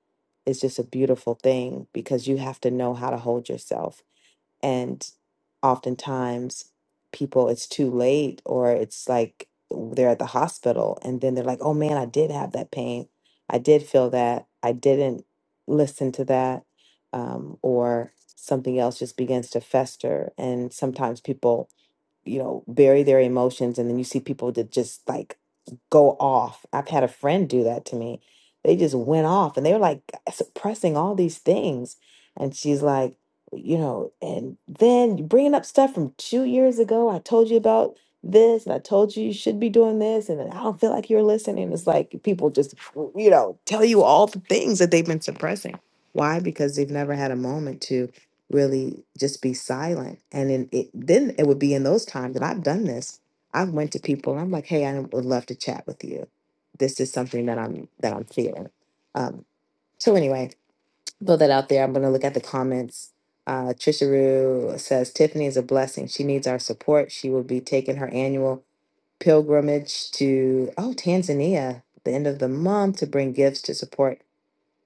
Speaker 22: is just a beautiful thing because you have to know how to hold yourself and oftentimes people it's too late or it's like they're at the hospital and then they're like oh man i did have that pain i did feel that i didn't listen to that um, or something else just begins to fester and sometimes people you know, bury their emotions. And then you see people that just like go off. I've had a friend do that to me. They just went off and they were like suppressing all these things. And she's like, you know, and then you're bringing up stuff from two years ago. I told you about this and I told you you should be doing this. And I don't feel like you're listening. It's like people just, you know, tell you all the things that they've been suppressing. Why? Because they've never had a moment to really just be silent and then it then it would be in those times that i've done this i've went to people and i'm like hey i would love to chat with you this is something that i'm that i'm feeling um so anyway throw that out there i'm going to look at the comments uh trisharoo says tiffany is a blessing she needs our support she will be taking her annual pilgrimage to oh tanzania the end of the month to bring gifts to support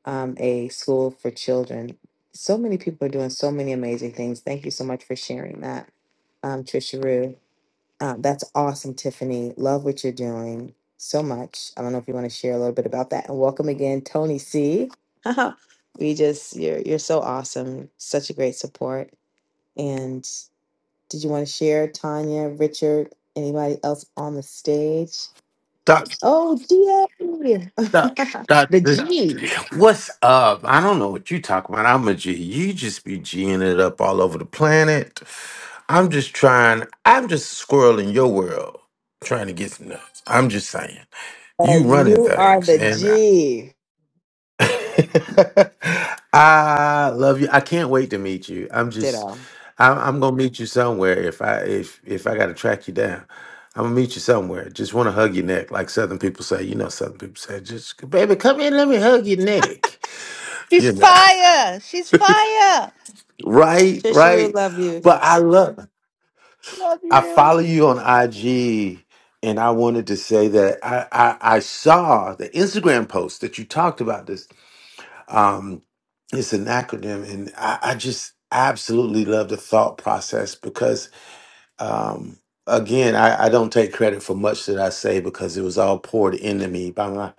Speaker 22: um, a school for children. So many people are doing so many amazing things. Thank you so much for sharing that, um, Trisha Rue. Um, that's awesome, Tiffany. Love what you're doing so much. I don't know if you want to share a little bit about that. And welcome again, Tony C. [LAUGHS] we just you're you're so awesome. Such a great support. And did you want to share, Tanya, Richard, anybody else on the stage?
Speaker 4: Doc,
Speaker 22: Oh, GA,
Speaker 4: doc,
Speaker 22: [LAUGHS]
Speaker 4: doc,
Speaker 22: the G.
Speaker 4: what's up? I don't know what you talking about. I'm a G. You just be G'ing it up all over the planet. I'm just trying. I'm just a squirrel in your world, trying to get some nuts. I'm just saying.
Speaker 22: Oh,
Speaker 4: You running
Speaker 22: you are
Speaker 4: things,
Speaker 22: the
Speaker 4: and
Speaker 22: G.
Speaker 4: [LAUGHS] I love you. I can't wait to meet you. I'm just,
Speaker 22: Ditto.
Speaker 4: I'm, I'm gonna meet you somewhere. If I if if I gotta track you down, I'm gonna meet you somewhere. Just want to hug your neck, like Southern people say. You know, Southern people say, just baby, come in, let me hug your neck.
Speaker 3: She's
Speaker 4: You know,
Speaker 3: fire. She's fire.
Speaker 4: [LAUGHS] right,
Speaker 22: Trisha
Speaker 4: right.
Speaker 22: love you.
Speaker 4: But I love.
Speaker 3: Love
Speaker 4: I follow
Speaker 3: you.
Speaker 4: you on IG, and I wanted to say that I I, I saw the Instagram post that you talked about this Um, it's an acronym, and I, I just absolutely love the thought process because, um, again, I, I don't take credit for much that I say because it was all poured into me by my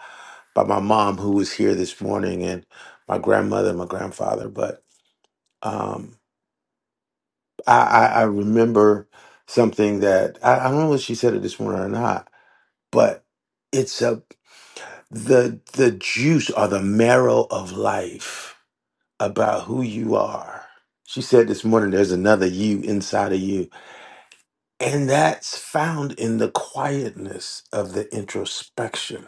Speaker 4: by my mom who was here this morning and my grandmother, and my grandfather. But um, I, I, I remember something that I, I don't know if she said it this morning or not, but it's a the the juice or the marrow of life about who you are. She said this morning, there's another you inside of you. And that's found in the quietness of the introspection.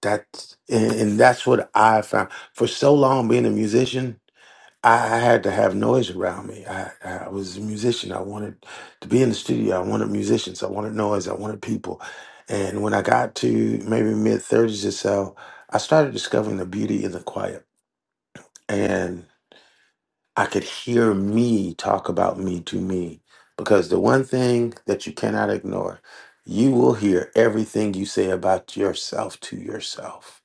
Speaker 4: That's, and, and that's what I found. For so long, being a musician, I, I had to have noise around me. I, I was a musician. I wanted to be in the studio. I wanted musicians. I wanted noise. I wanted people. And when I got to maybe mid 30s or so, I started discovering the beauty in the quiet. I could hear me talk about me to me. Because the one thing that you cannot ignore, you will hear everything you say about yourself to yourself.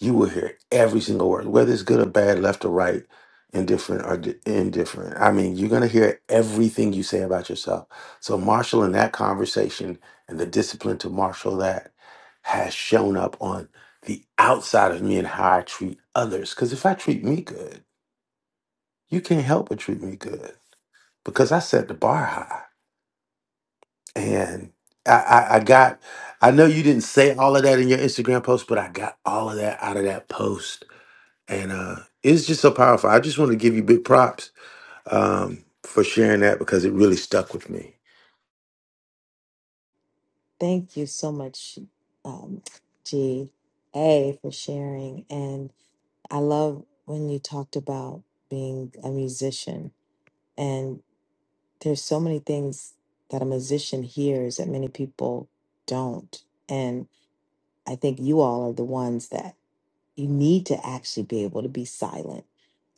Speaker 4: You will hear every single word, whether it's good or bad, left or right, indifferent or di- indifferent. I mean, you're going to hear everything you say about yourself. So, Marshall, in that conversation and the discipline to marshal that has shown up on the outside of me and how I treat others. Because if I treat me good, you can't help but treat me good because I set the bar high. And I, I, I got, I know you didn't say all of that in your Instagram post, but I got all of that out of that post. And uh, it's just so powerful. I just want to give you big props um, for sharing that because it really stuck with me.
Speaker 22: Thank you so much, um, G A, for sharing. And I love when you talked about being a musician. And there's so many things that a musician hears that many people don't. And I think you all are the ones that You need to actually be able to be silent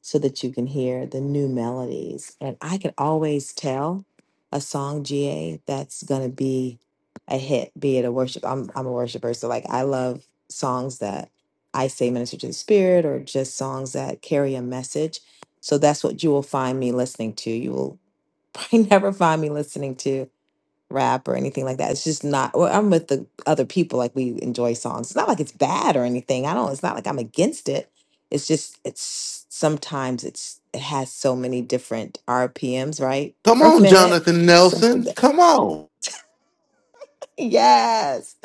Speaker 22: so that you can hear the new melodies. And I can always tell a song GA that's gonna be a hit, be it a worship. I'm I'm a worshiper, so like I love songs that I say minister to the spirit or just songs that carry a message. So that's what you will find me listening to. You will [LAUGHS] probably never find me listening to rap or anything like that. It's just not. Well, I'm with the other people. Like we enjoy songs. It's not like it's bad or anything. I don't. It's not like I'm against it. It's just it's sometimes it's it has so many different RPMs right [LAUGHS]
Speaker 4: Come
Speaker 22: per
Speaker 4: on,
Speaker 22: minute.
Speaker 4: Jonathan
Speaker 22: Something
Speaker 4: Nelson. Come on.
Speaker 22: yes.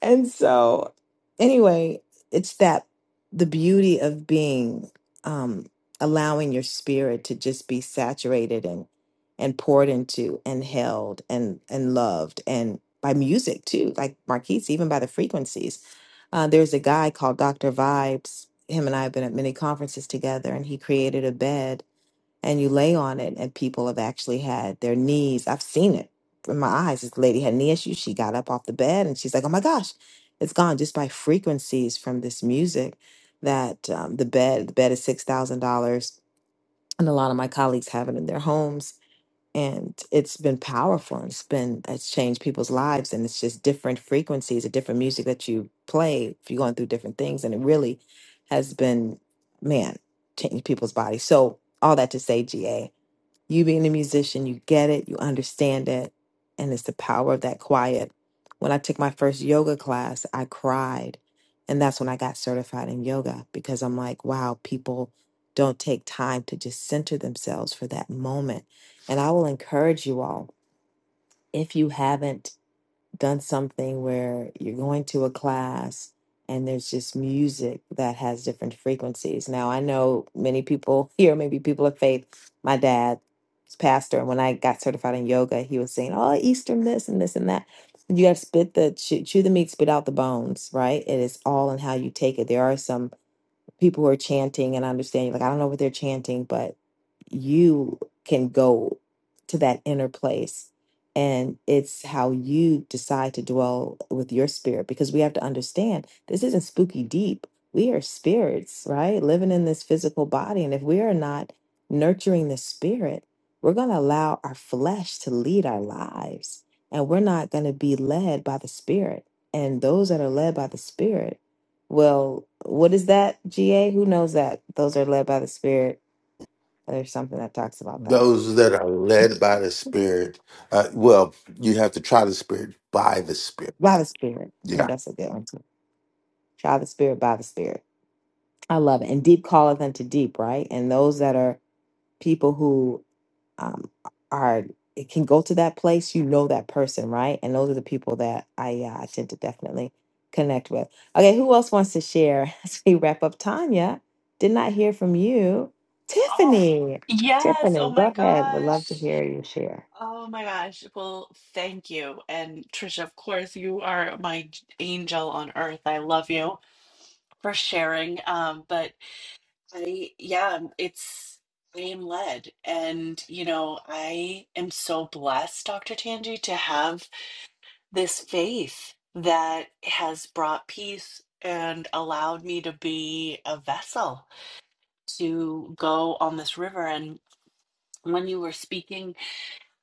Speaker 22: And so, anyway, it's that the beauty of being, um, allowing your spirit to just be saturated and and poured into and held and and loved and by music too, like Marquise, even by the frequencies. Uh, there's a guy called Dr. Vibes. Him and I have been at many conferences together, and he created a bed and you lay on it and people have actually had their knees i've seen it in my eyes this lady had knee issues she got up off the bed and she's like oh my gosh it's gone just by frequencies from this music that um, the bed the bed is $6000 and a lot of my colleagues have it in their homes and it's been powerful and it's been it's changed people's lives and it's just different frequencies of different music that you play if you're going through different things and it really has been man changed people's bodies so all that to say ga you being a musician, you get it, you understand it, and it's the power of that quiet. When I took my first yoga class, I cried. And that's when I got certified in yoga because I'm like, wow, people don't take time to just center themselves for that moment. And I will encourage you all, if you haven't done something where you're going to a class and there's just music that has different frequencies. Now, I know many people [LAUGHS] here, maybe people of faith. My dad is pastor, and when I got certified in yoga, he was saying, "Oh, Eastern this and this and that." You got to spit the chew, chew the meat, spit out the bones, right? It is all in how you take it. There are some people who are chanting and I understand you like I don't know what they're chanting, but you can go to that inner place and it's how you decide to dwell with your spirit because we have to understand this isn't spooky deep. We are spirits, right? Living in this physical body and if we are not nurturing the spirit, we're going to allow our flesh to lead our lives and we're not going to be led by the spirit. And those that are led by the spirit well, what is that, GA? Who knows that? Those are led by the Spirit. There's something that talks about that.
Speaker 4: those that are led by the spirit uh, well you have to try the spirit by the spirit
Speaker 22: By the Spirit. Mm,
Speaker 4: yeah
Speaker 22: That's a good one too. Try the Spirit by the Spirit. I love it. And deep calleth unto deep, right? And those that are people who um, are it can go to that place you know that person right and those are the people that i uh, i tend to definitely connect with okay who else wants to share [LAUGHS] as we wrap up tanya did not hear from you
Speaker 25: Oh,
Speaker 22: tiffany
Speaker 25: yes. Oh
Speaker 22: tiffany
Speaker 25: my
Speaker 22: go ahead would love to
Speaker 25: gosh.
Speaker 22: hear you share
Speaker 25: Oh my gosh. Well, thank you. And Trisha, of course, you are my j- angel on earth. I love you for sharing. Um, but I, yeah, it's, I am led. And, you know, I am so blessed, Dr. Tanji, to have this faith that has brought peace and allowed me to be a vessel to go on this river. And when you were speaking,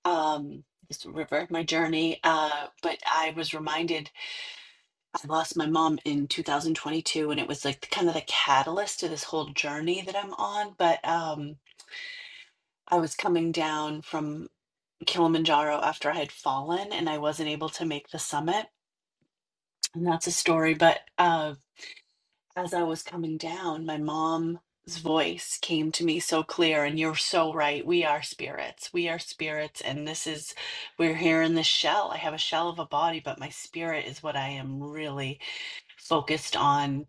Speaker 25: um, this river, my journey, uh, but I was reminded I lost my mom in 2022, and it was like kind of the catalyst to this whole journey that I'm on. But um, I was coming down from Kilimanjaro after I had fallen, and I wasn't able to make the summit. And that's a story, but um as I was coming down, my mom's voice came to me so clear. And you're so right. We are spirits. We are spirits. And this is, we're here in this shell. I have a shell of a body, but my spirit is what I am really focused on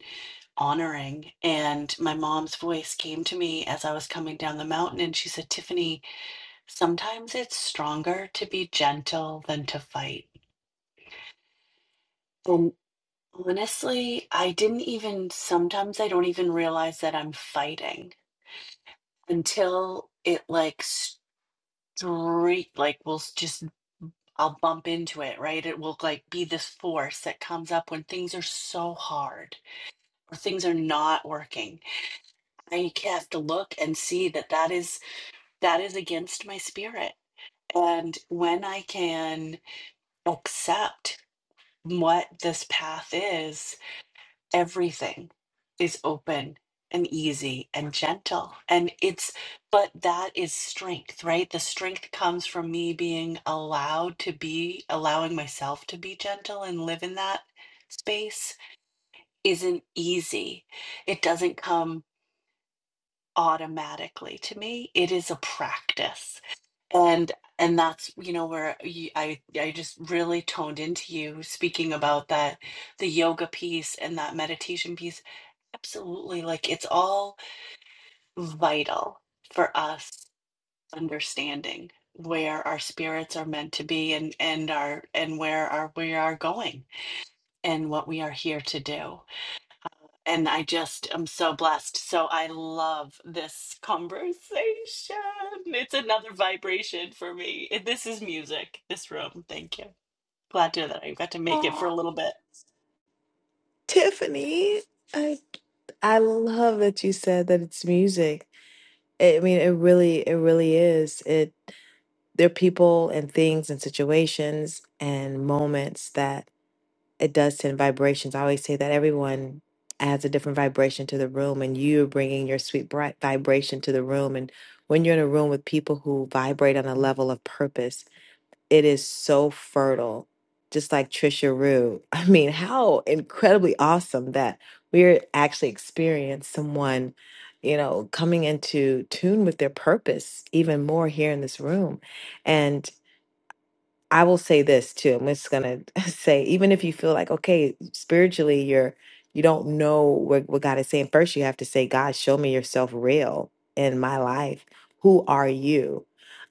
Speaker 25: honoring. And my mom's voice came to me as I was coming down the mountain. And she said, Tiffany, sometimes it's stronger to be gentle than to fight. And honestly, I didn't even, sometimes I don't even realize that I'm fighting until it like streak like will s- just I'll bump into it, right? It will like be this force that comes up when things are so hard or things are not working. I have to look and see that that is that is against my spirit. And when I can accept what this path is, everything is open and easy and gentle and it's but that is strength right the strength comes from me being allowed to be allowing myself to be gentle and live in that space isn't easy it doesn't come automatically to me it is a practice and and that's you know where you, i i just really toned into you speaking about that the yoga piece and that meditation piece Absolutely. Like it's all vital for us understanding where our spirits are meant to be and and our and where our we are going and what we are here to do. And I just am so blessed. So I love this conversation. It's another vibration for me. This is music, this room. Thank you. Glad to that I got to make it for
Speaker 22: Oh,
Speaker 25: a little bit.
Speaker 22: Tiffany, I I love that you said that it's music. I mean, it really, it really is. It there are people and things and situations and moments that it does send vibrations. I always say that everyone adds a different vibration to the room, and you're bringing your sweet bright vibration to the room. And when you're in a room with people who vibrate on a level of purpose, it is so fertile. Just like Trisha Rue. [LAUGHS] I mean, how incredibly awesome that we're actually experiencing someone, you know, coming into tune with their purpose even more here in this room. And I will say this too. I'm just gonna [LAUGHS] say, even if you feel like okay, spiritually, you're you don't know what, what God is saying. First, you have to say, God, show me yourself real in my life. Who are you?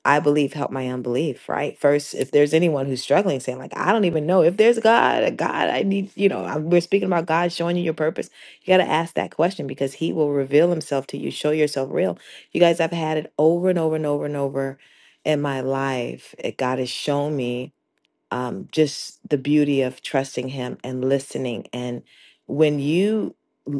Speaker 22: I believe, help my unbelief. Right. First, if there's anyone who's struggling, saying like, I don't even know if there's God. a God, I need. You know, I- we're speaking about God showing you your purpose. You got to ask that question because He will reveal Himself to you. Show yourself real. You guys, I've had it over and over and over and over in my life. It, God has shown me um, just the beauty of trusting him and listening. And when you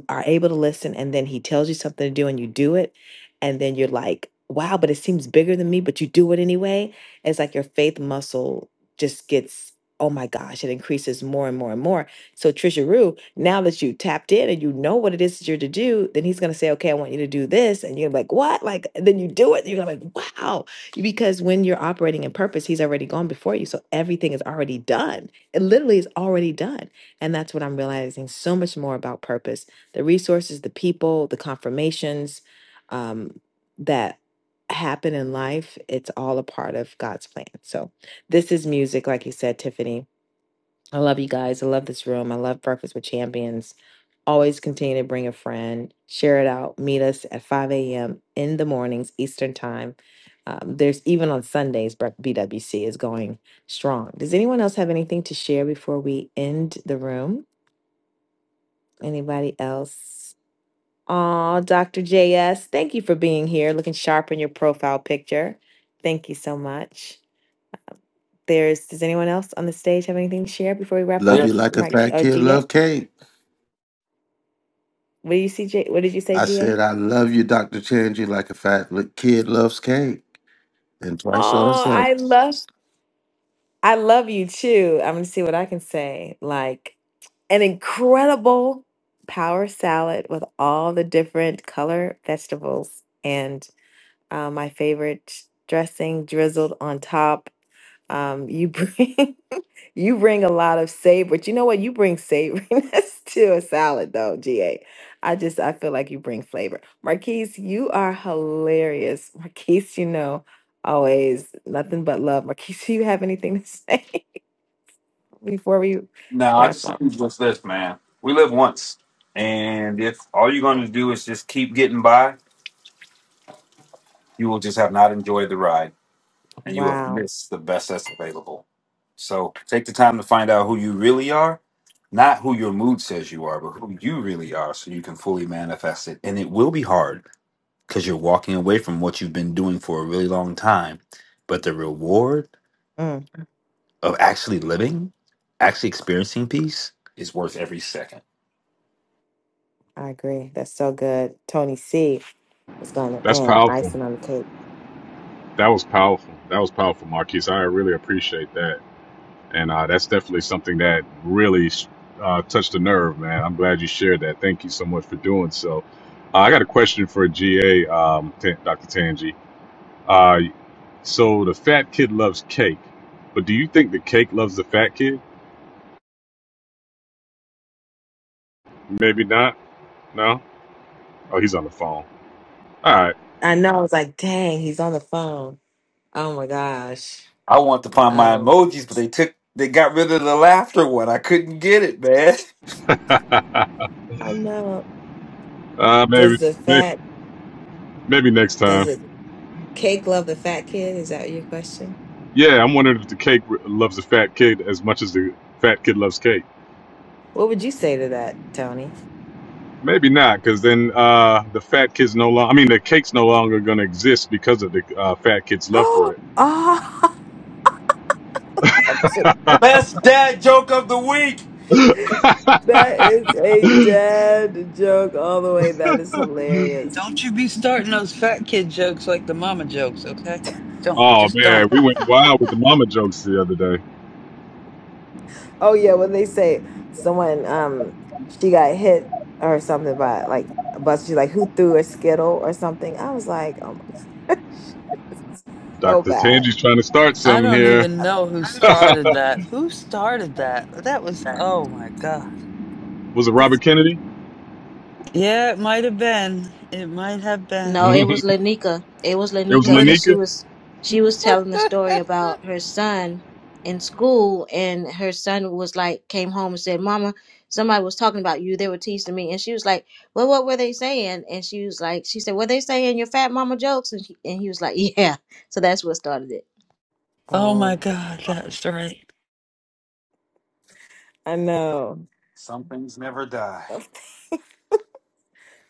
Speaker 22: are able to listen and then he tells you something to do and you do it, and then you're like, wow, but it seems bigger than me, but you do it anyway. It's like your faith muscle just gets, oh my gosh, it increases more and more and more. So, Trisha Rue, now that you tapped in and you know what it is that you're to do, then he's going to say, okay, I want you to do this. And you're like, what? Like, then you do it. And you're like, wow. Because when you're operating in purpose, he's already gone before you. So everything is already done. It literally is already done. And that's what I'm realizing so much more about purpose the resources, the people, the confirmations um, that happen in life. It's all a part of God's plan. So this is music, like you said, Tiffany. I love you guys. I love this room. I love Breakfast with Champions. Always continue to bring a friend, share it out. Meet us at 5 a.m. in the mornings, Eastern Time. Um, there's even on Sundays, Bre- BWC is going strong. Does anyone else have anything to share before we end the room? Anybody else? Oh, Dr. JS, thank you for being here. Looking sharp in your profile picture. Thank you so much. There's, does anyone else on the stage have anything to share before we wrap
Speaker 4: love
Speaker 22: up?
Speaker 23: Yeah.
Speaker 4: you like a
Speaker 22: Mike,
Speaker 4: fat
Speaker 22: uh,
Speaker 4: kid
Speaker 22: GA?
Speaker 4: love cake
Speaker 22: What do you see, J? What did you say,
Speaker 4: i
Speaker 22: GA?
Speaker 4: said i love you dr changi like a fat li- kid loves cake and twice on
Speaker 22: Oh,
Speaker 4: sunday
Speaker 22: I love, I love you too. I'm gonna see what I can say. Like an incredible power salad with all the different color vegetables and uh, my favorite dressing drizzled on top. Um, you bring. [LAUGHS] You bring a lot of savor, but you know what? You bring savoriness [LAUGHS] to a salad, though, GA. I just I feel like you bring flavor. Marquise, you are hilarious. [LAUGHS] Marquise, you know, always nothing but love. Marquise, [LAUGHS] do you have anything to say [LAUGHS] before we
Speaker 23: No, I
Speaker 22: wrap
Speaker 23: just think
Speaker 22: up?
Speaker 23: it's just this, man. We live once. And if all you're going to do is just keep getting by, you will just have not enjoyed the ride and you have
Speaker 22: Wow.
Speaker 23: missed the best that's available. So take the time to find out who you really are, not who your mood says you are, but who you really are so you can fully manifest it. And it will be hard because you're walking away from what you've been doing for a really long time. But the reward
Speaker 22: Mm,
Speaker 23: of actually living, actually experiencing peace is worth every second.
Speaker 22: I agree. That's so good. Tony C was going to
Speaker 20: That's
Speaker 22: end
Speaker 20: powerful.
Speaker 22: icing on the cake.
Speaker 20: That was powerful. That was powerful, Marquise. I really appreciate that. and uh, that's definitely something that really uh, touched a nerve, man. I'm glad you shared that. Thank you so much for doing so. Uh, I got a question for GA, um, T- Dr. Tanji. Uh, so the fat kid loves cake, but do you think the cake loves the fat kid? Maybe not. No. Oh, he's on the phone. All right.
Speaker 22: I know. I was like, dang, he's on the phone. Oh my gosh.
Speaker 23: I want to find my
Speaker 22: Um,
Speaker 23: emojis, but they took they got rid of the laughter one. I couldn't get it, man.
Speaker 20: [LAUGHS]
Speaker 22: I know.
Speaker 20: uh, maybe,
Speaker 22: Does the
Speaker 20: maybe,
Speaker 22: fact?
Speaker 20: maybe next
Speaker 22: Does it?
Speaker 20: time.
Speaker 22: Cake love the fat kid? Is that your question?
Speaker 20: Yeah, I'm wondering if the cake loves the fat kid as much as the fat kid loves cake.
Speaker 22: What would you say to that, Tony? [GASPS]
Speaker 20: Maybe not, because then uh, the fat kids no longer. I mean, the cake's no longer going to exist because of the uh, fat kids' love for
Speaker 22: Oh,
Speaker 20: it.
Speaker 22: ah, [LAUGHS] that's a,
Speaker 23: [LAUGHS] Best dad joke of the week.
Speaker 22: that
Speaker 20: [LAUGHS]
Speaker 22: is a dead joke all the way. That is hilarious.
Speaker 3: Don't you be starting those fat kid jokes like the mama jokes, okay? Don't.
Speaker 20: oh
Speaker 3: Just
Speaker 20: man,
Speaker 3: don't.
Speaker 20: we went wild with the mama jokes the other day.
Speaker 22: Oh yeah, when they say someone um she got hit or something by like a bus, she's like, who threw a skittle or something? I was like, oh my, [LAUGHS] so
Speaker 20: Doctor
Speaker 22: bad.
Speaker 20: Tangi's trying to start
Speaker 3: I
Speaker 20: something
Speaker 3: don't
Speaker 20: here.
Speaker 3: even
Speaker 22: I
Speaker 3: know who
Speaker 22: don't even do
Speaker 3: started that. Who started that? That was, oh my God.
Speaker 20: Was it
Speaker 22: that.
Speaker 20: Robert Kennedy?
Speaker 3: Yeah, it might have been. It might have
Speaker 20: [LAUGHS]
Speaker 1: No,
Speaker 3: been.
Speaker 1: it
Speaker 20: it
Speaker 1: was Lanika. It was
Speaker 20: was
Speaker 1: Lanika because
Speaker 3: Lin-
Speaker 1: she
Speaker 20: Lanika.
Speaker 1: was she was telling the story
Speaker 3: [LAUGHS]
Speaker 1: about her son in school, and her son was like came home and said, "Mama, somebody was talking about you. They were teasing me." And she was like, "Well, what were they saying?" And she was like, "She said, were they saying your fat mama jokes?" And, she, and he was like, [LAUGHS] "Yeah." So that's what started it.
Speaker 3: Oh my
Speaker 22: Um,
Speaker 3: God, that's right.
Speaker 22: I know
Speaker 23: Some things never die.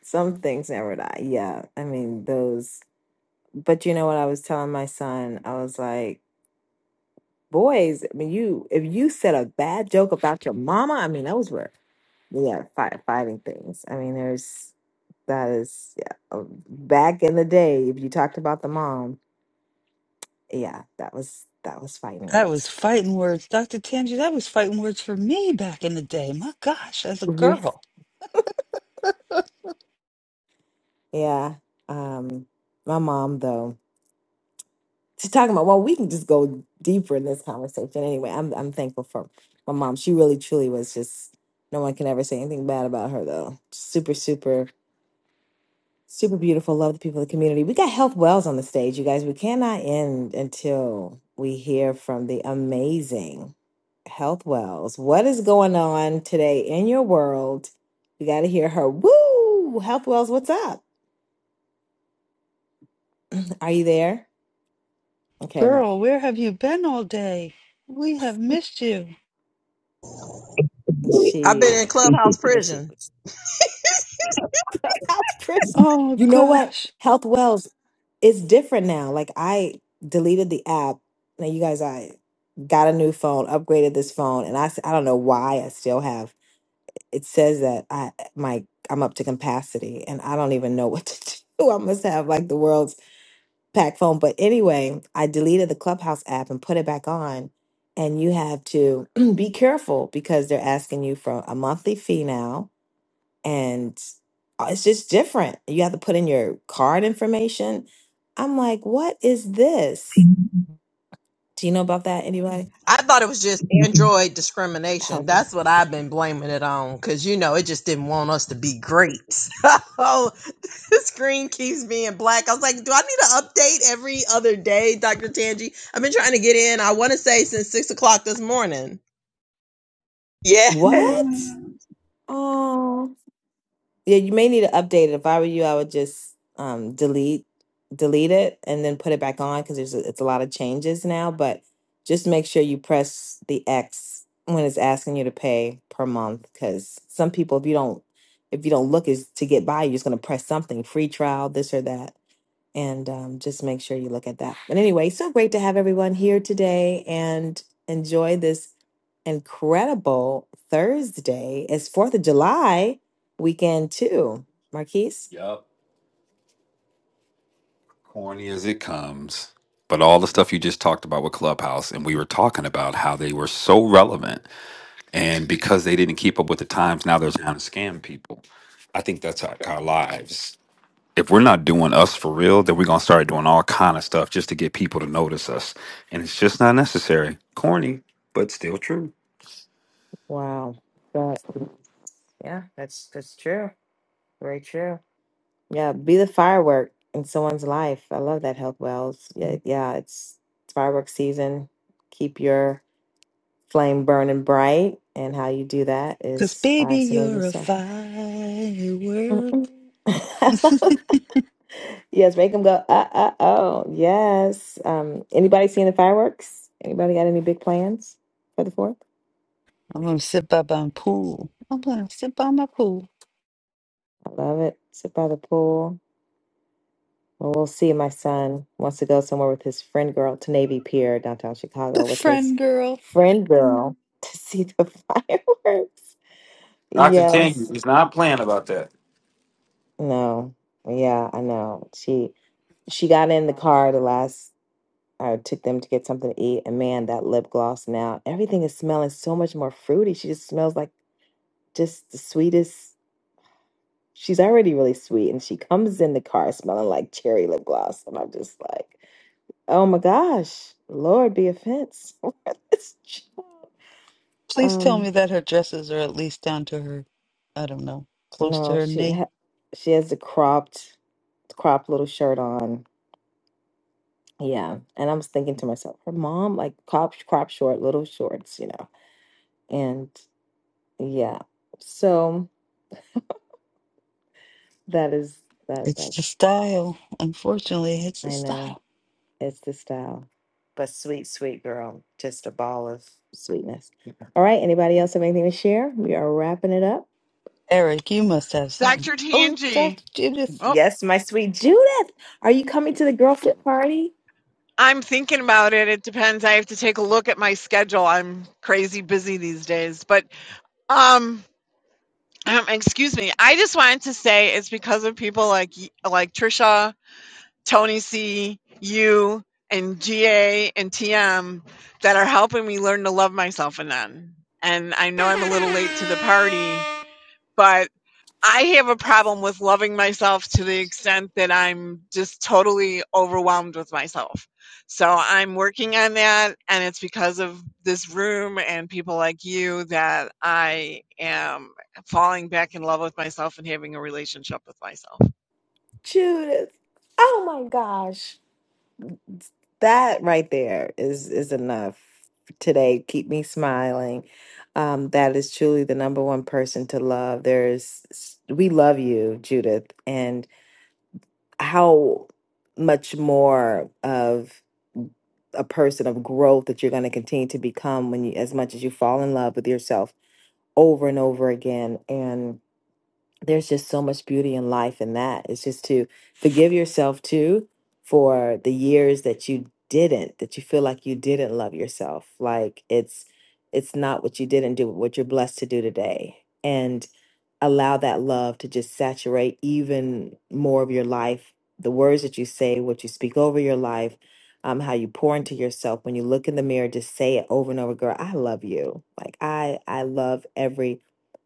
Speaker 22: some things never die. Yeah, I mean those. But you know what I was telling my son? I was like, boys, I mean, you if you said a bad joke about your mama, I mean, those were yeah, fight, fighting things. I mean, there's that is yeah. uh, Back in the day, if you talked about the mom, yeah, that was that was fighting
Speaker 3: That
Speaker 22: words.
Speaker 3: was fighting words. Dr. Tangi, that was fighting words for me back in the day. My gosh, as a
Speaker 22: Really?
Speaker 3: girl.
Speaker 22: Yeah. Um, my mom though, she's talking about. Well, we can just go deeper in this conversation anyway. I'm I'm thankful for my mom. She really truly was just. No one can ever say anything bad about her though. Super super Super beautiful. Love the people of the community. We got Health Wells on the stage, you guys. We cannot end until we hear from the amazing Health Wells. What is going on today in your world? We got to hear her. Woo! Health Wells, what's up? Are you there? Okay, no.
Speaker 3: Girl, where have you been all day? We have missed you.
Speaker 26: I've been
Speaker 22: She,
Speaker 26: in clubhouse [LAUGHS]
Speaker 22: there she
Speaker 26: prison.
Speaker 22: is. [LAUGHS] Clubhouse Chris.
Speaker 3: Oh
Speaker 22: You know what?
Speaker 3: gosh,
Speaker 22: Health Wells is different now. Like, I deleted the app. Now, you guys, I got a new phone, upgraded this phone, and I, s- I don't know why I still have it says that I my I'm up to capacity and I don't even know what to [LAUGHS] do. I must have like the world's packed phone. But anyway, I deleted the Clubhouse app and put it back on. And you have to [CLEARS THROAT] be careful because they're asking you for a monthly fee now, and uh, it's just different. You have to put in your card information. I'm like, what is this? Do you know about that? Anybody?
Speaker 26: I thought it was just Android
Speaker 22: Help.
Speaker 26: discrimination.
Speaker 22: 'em.
Speaker 26: That's what I've been blaming it on because, you know, it just didn't want us to be great. [LAUGHS] So the screen keeps being black. I was like, do I need to update every other day, Dr. Tanji? I've been trying to get in, I want to say, since six o'clock this morning. Yeah.
Speaker 22: What? Oh. Yeah, you may need to update it. If I were you, I would just um, delete delete it and then put it back on because there's a, it's a lot of changes now. But just make sure you press the X when it's asking you to pay per month because some people, if you don't if you don't look is to get by, you're just gonna press something free trial, this or that and um, just make sure you look at that. But anyway, so great to have everyone here today and enjoy this incredible Thursday. It's 4th of July weekend, too. Marquise?
Speaker 23: Yup. Corny as it comes. But all the stuff you just talked about with Clubhouse, and we were talking about how they were so relevant. And because they didn't keep up with the times, now they're trying to scam people. I think that's our, our lives. if we're not doing us for real, then we're gonna start doing all kind of stuff just to get people to notice us, and it's just not necessary. Corny, but still true.
Speaker 22: Wow. But, Yeah, that's that's true. Very true. yeah, be the firework in someone's life. I love that, Health Wells. Yeah, yeah it's, it's firework season. Keep your flame burning bright. And how you do that
Speaker 3: 'cause
Speaker 22: is
Speaker 3: baby,
Speaker 22: by surrounding
Speaker 3: you're a
Speaker 22: yourself. Mm-mm.
Speaker 3: firework.
Speaker 22: [LAUGHS] yes, make them go, uh, uh, oh, yes. Um, anybody seeing the fireworks? Anybody got any big plans for the fourth?
Speaker 3: I'm gonna sit by my pool. I'm gonna sit by my pool.
Speaker 22: I love it. Sit by the pool. Well, we'll see. My son wants to go somewhere with his friend girl to Navy Pier, downtown
Speaker 3: The
Speaker 22: Chicago, with his
Speaker 3: friend girl.
Speaker 22: friend girl [LAUGHS] to see the [LAUGHS] fireworks.
Speaker 23: Dr. Tangi
Speaker 22: Yes.
Speaker 23: is not playing about that.
Speaker 22: No. Yeah, I know. She she got in the car the last I took them to get something to eat, and man, that lip gloss now, everything is smelling so much more fruity. She just smells like just the sweetest. She's already really sweet, and she comes in the car smelling like cherry lip gloss, and I'm just like, oh my gosh, Lord, be offense. [LAUGHS] For this child.
Speaker 3: Please tell
Speaker 22: um,
Speaker 3: me that her dresses are at least down to her, I don't know, close to
Speaker 22: no,
Speaker 3: her
Speaker 22: she
Speaker 3: knee.
Speaker 22: ha- she has the cropped, cropped little shirt on. Yeah, and I was thinking to myself, her mom like crop crop short, little shorts, you know, and yeah, so. That is that
Speaker 3: It's
Speaker 22: that
Speaker 3: the style. Unfortunately, it's the
Speaker 22: I know.
Speaker 3: style.
Speaker 22: It's the style. But sweet, sweet girl. Just a ball of sweetness. All right. Anybody else have anything to share? We are wrapping it up.
Speaker 3: Eric, you must have something.
Speaker 27: Dr.
Speaker 3: Oh,
Speaker 27: Tangi.
Speaker 3: Dr. Judith
Speaker 27: Oh,
Speaker 22: Yes, my sweet Judith. Are you coming to the girl fit party?
Speaker 27: I'm thinking about it. It depends. I have to take a look at my schedule. I'm crazy busy these days. But um, um excuse me. I just wanted to say it's because of people like y- like Trisha, Tony C, you and GA and TM that are helping me learn to love myself and then. And I know I'm a little late to the party, but. I have a problem with loving myself to the extent that I'm just totally overwhelmed with myself. So I'm working on that, and it's because of this room and people like you that I am falling back in love with myself and having a relationship with myself.
Speaker 22: Judith. Oh my gosh. That right there is is enough today. Keep me smiling. Um, that is truly the number one person to love. There's we love you, Judith. And how much more of a person of growth that you're going to continue to become when you as much as you fall in love with yourself over and over again and there's just so much beauty in life in that it's just to forgive yourself too for the years that you didn't that you feel like you didn't love yourself like it's it's not what you didn't do what you're blessed to do today and allow that love to just saturate even more of your life the words that you say what you speak over your life um, how you pour into yourself when you look in the mirror just say it over and over girl i love you like i i love every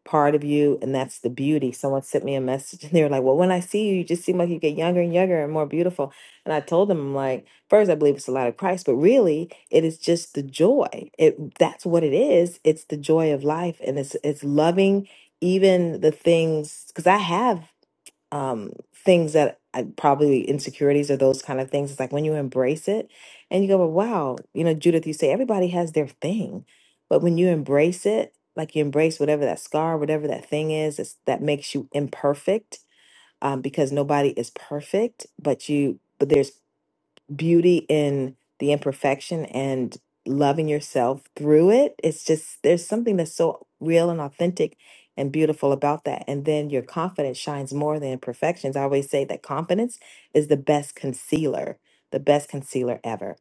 Speaker 22: part of you and that's the beauty someone sent me a message [LAUGHS] and they were like well when i see you you just seem like you get younger and younger and more beautiful and i told them i'm like first i believe it's the light of christ but really it is just the joy it that's what it is it's the joy of life and it's it's loving even the things because I have um things that I, probably insecurities or those kind of things. It's like when you embrace it and you go, well, wow, you know, Judith, you say everybody has their thing, but when you embrace it, like you embrace whatever that scar, whatever that thing is, it's, that makes you imperfect um, because nobody is perfect, but you, but there's beauty in the imperfection and loving yourself through it. It's just there's something that's so real and authentic and beautiful about that. And then your confidence shines more than imperfections. I always say that confidence is the best concealer, the best concealer ever.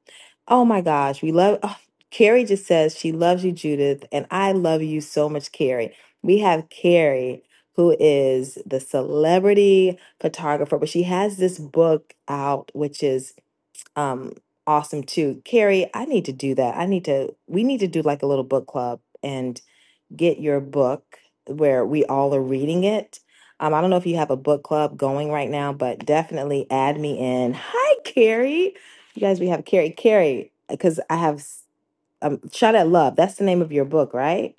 Speaker 22: Oh my gosh, we love oh, Carrie just says she loves you, Judith, and I love you so much, Carrie. We have Carrie who is the celebrity photographer, but she has this book out, which is um awesome too carrie i need to do that i need to we need to do like a little book club and get your book where we all are reading it um i don't know if you have a book club going right now but definitely add me in hi carrie you guys we have carrie carrie because i have um shot at love that's the name of your book right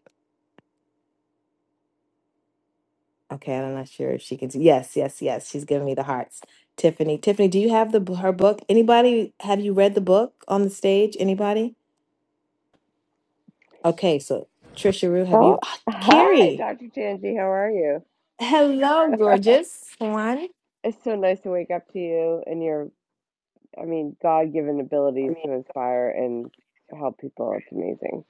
Speaker 22: okay i'm not sure if she can see yes yes yes she's giving me the hearts tiffany tiffany do you have the her book anybody have you read the book on the stage anybody Okay, so Trisha Rue, have you?
Speaker 28: Oh,
Speaker 22: Ah,
Speaker 28: hi,
Speaker 22: Carrie,
Speaker 28: Dr. Tanji. How are you?
Speaker 22: hello, gorgeous one.
Speaker 28: It's so nice to wake up to you and your, I mean, God-given abilities to inspire and help people. It's amazing.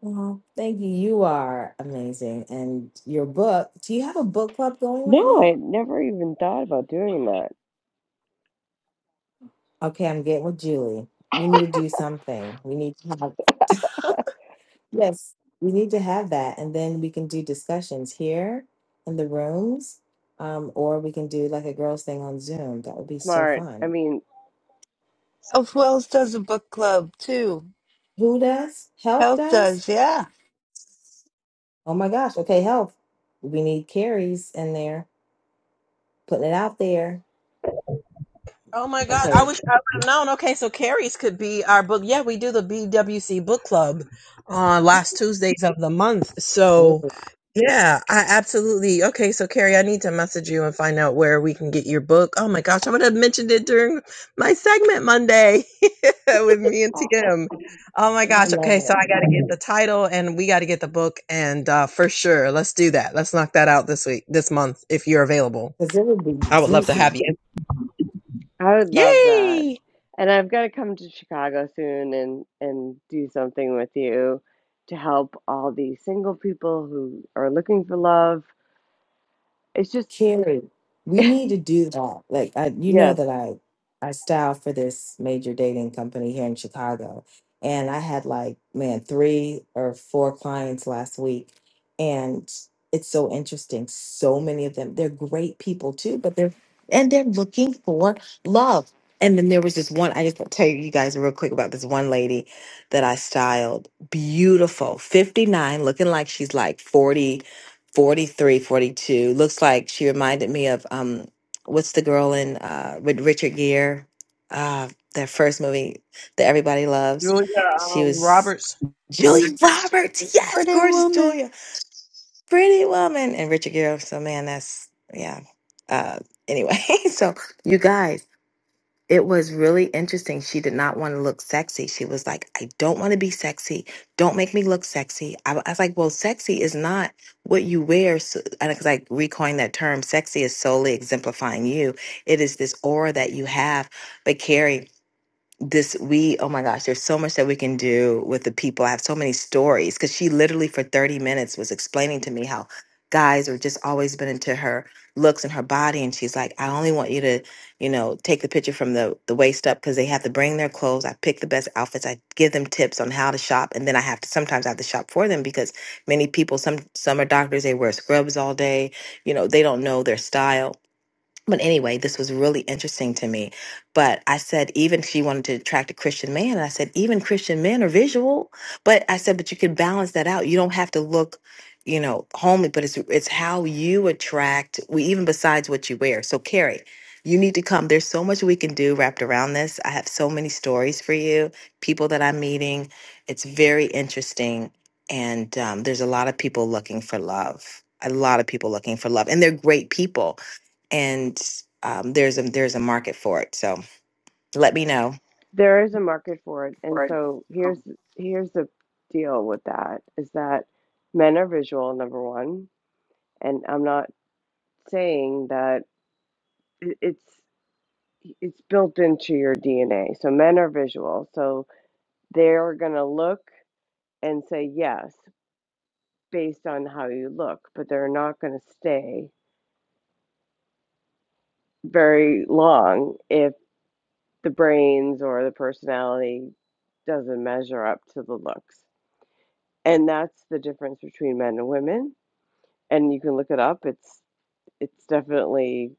Speaker 22: Well, thank you. You are amazing, and your book. Do you have a book club going
Speaker 28: No,
Speaker 22: right
Speaker 28: I
Speaker 22: now?
Speaker 28: had never even thought about doing that.
Speaker 22: Okay, I'm getting with Julie. We need to do something. We need to have. [LAUGHS] Yes, we need to have that, and then we can do discussions here in the rooms, um, or we can do like a girls' thing on Zoom. That would be so
Speaker 28: Smart. I
Speaker 22: fun.
Speaker 28: mean,
Speaker 3: of Wells does a book club too.
Speaker 22: Who does? Health
Speaker 3: Health
Speaker 22: does?
Speaker 3: does, yeah.
Speaker 22: Oh my gosh. Okay, health. We need carries in there. Putting it out there.
Speaker 26: Oh my God! I
Speaker 22: Okay.
Speaker 26: wish I would have known. Okay, so Carrie's could be our book. Yeah, we do the BWC book club on last Tuesdays of the month. So,
Speaker 22: Mm.
Speaker 26: yeah, I absolutely. Okay, so Carrie, I need to message you and find out where we can get your book. Oh my gosh, I would have mentioned it during my segment Monday [LAUGHS] with me and
Speaker 22: Oh,
Speaker 26: Tim. Oh my
Speaker 22: I
Speaker 26: gosh.
Speaker 22: love
Speaker 26: Okay, so
Speaker 22: it.
Speaker 26: I got to get the title and we got to get the book, and uh, for sure, let's do that. Let's knock that out this week, this month, if you're available.
Speaker 22: Because it would be
Speaker 26: I would love to
Speaker 22: juicy.
Speaker 26: have you.
Speaker 28: I would love that.
Speaker 26: Yay!
Speaker 28: And I've got to come to Chicago soon and and do something with you to help all these single people who are looking for love. It's just,
Speaker 22: Carrie, we need to do that. Like, I, you know
Speaker 28: yes.
Speaker 22: that I, I style for this major dating company here in Chicago, and I had like, man, three or four clients last week, and it's so interesting. So many of them, they're great people too, but they're and they're looking for love. And then there was this one. I just want to tell you guys real quick about this one lady that I styled. Beautiful, fifty nine, looking like she's like forty 43, 42. Looks like she reminded me of um what's the girl in uh with Richard Gere? Uh that first movie that everybody loves.
Speaker 26: Julia
Speaker 22: She
Speaker 26: um,
Speaker 22: was
Speaker 26: Roberts.
Speaker 22: Julia [LAUGHS] Roberts. Yes,
Speaker 3: Pretty
Speaker 22: gorgeous
Speaker 3: woman.
Speaker 22: Julia. Pretty woman and Richard Gere. So man, that's yeah. Uh anyway, [LAUGHS] so you guys it was really interesting. She did not want to look sexy. She was like, I don't want to be sexy. Don't make me look sexy. I, I was like, well, sexy is not what you wear. So, and because I recoined that term, sexy is solely exemplifying you. It is this aura that you have. But Carrie, this we oh my gosh there's so much that we can do with the people i have so many stories because she literally for 30 minutes was explaining to me how guys are just always been into her looks and her body and she's like i only want you to you know take the picture from the the waist up because they have to bring their clothes i pick the best outfits i give them tips on how to shop and then i have to sometimes i have to shop for them because many people some some are doctors they wear scrubs all day you know they don't know their style but anyway, this was really interesting to me. But I said, even she wanted to attract a Christian man. And I said, even Christian men are visual. But I said, but you can balance that out. You don't have to look, you know, homely, but it's it's how you attract, we even besides what you wear. So Carrie, you need to come. There's so much we can do wrapped around this. I have so many stories for you, people that I'm meeting. It's very interesting. And um, there's a lot of people looking for love. A lot of people looking for love. And they're great people and um, there's a there's a market for it. So let me know.
Speaker 28: There is a market for it. And so here's here's the deal with that is that men are visual, number one, and I'm not saying that it- it's it's built into your DNA. So men are visual. So they're going to look and say yes based on how you look, but they're not going to stay very long if the brains or the personality doesn't measure up to the looks. And that's the difference between men and women and you can look it up. It's it's definitely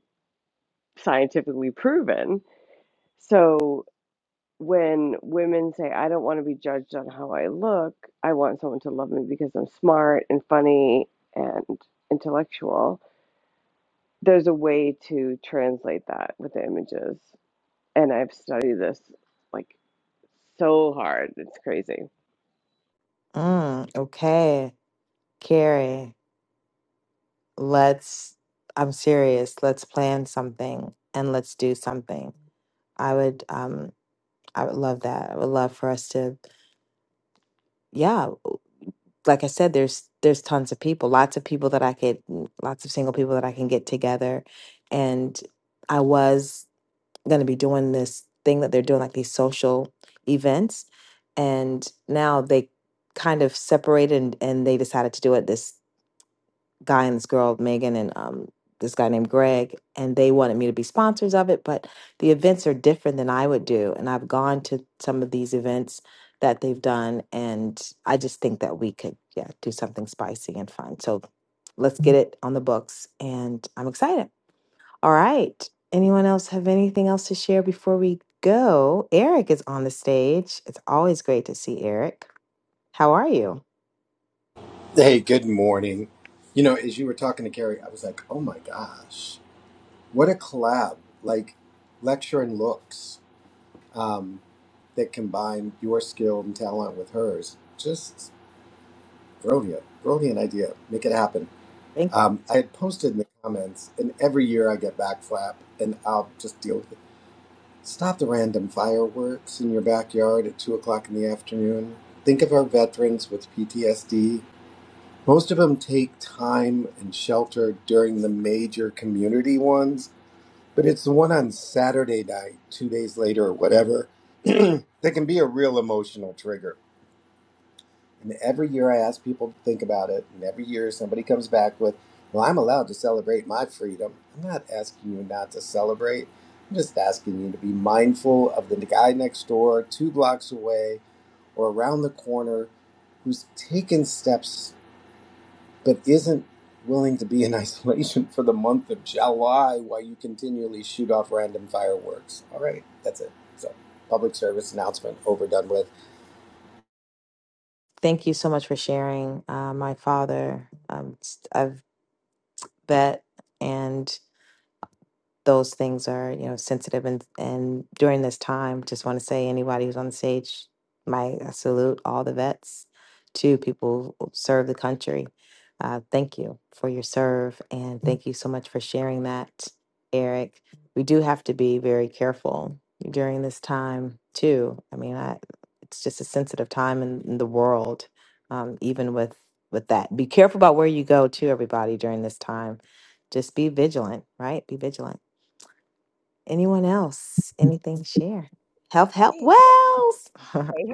Speaker 28: scientifically proven. So when women say, "I don't want to be judged on how I look. I want someone to love me because I'm smart and funny and intellectual." There's a way to translate that with the images, and I've studied this like so hard. It's crazy.
Speaker 22: Mm, okay, Carrie, let's, I'm serious, let's plan something and let's do something. I would um I would love that. I would love for us to yeah, like I said there's there's tons of people, lots of people that I could lots of single people that I can get together and I was going to be doing this thing that they're doing, like these social events. And now they kind of separated and, and they decided to do it. This guy and this girl, Megan, and um, this guy named Greg, and they wanted me to be sponsors of it. But the events are different than I would do. And I've gone to some of these events that they've done. And I just think that we could, yeah, do something spicy and fun. So let's get it on the books. And I'm excited. All right. Anyone else have anything else to share before we go? Eric is on the stage. It's always great to see Eric. How are you?
Speaker 29: Hey, good morning. You know, as you were talking to Gary, I was like, oh my gosh, what a collab. Like, lecture and looks um, that combine your skill and talent with hers. Just brilliant, brilliant idea. Make it happen.
Speaker 22: Thank,
Speaker 29: Um, I had posted in the comments, and every year I get backflap, and I'll just deal with it. Stop the random fireworks in your backyard at 2 o'clock in the afternoon. Think of our veterans with PTSD Most of them take time and shelter during the major community ones, but it's the one on Saturday night, two days later or whatever, [CLEARS THROAT] that can be a real emotional trigger. And every year I ask people to think about it, and every year somebody comes back with, Well, I'm allowed to celebrate my freedom. I'm not asking you not to celebrate. I'm just asking you to be mindful of the guy next door, two blocks away, or around the corner who's taken steps but isn't willing to be in [LAUGHS] isolation for the month of July while you continually shoot off random fireworks. All right, that's it. So, public service announcement overdone with.
Speaker 22: thank you so much for sharing. Uh, my father, um, s- I've bet, and those things are you know sensitive and and during this time just want to say anybody who's on the stage my I salute all the vets too people who serve the country uh, thank you for your serve and thank you so much for sharing that eric we do have to be very careful during this time too i mean I, it's just a sensitive time in, in the world um, even with with that be careful about where you go too everybody during this time just be vigilant right be vigilant Anyone else? Anything to share? Health, health,
Speaker 26: Hey,
Speaker 22: wells.
Speaker 26: Hey,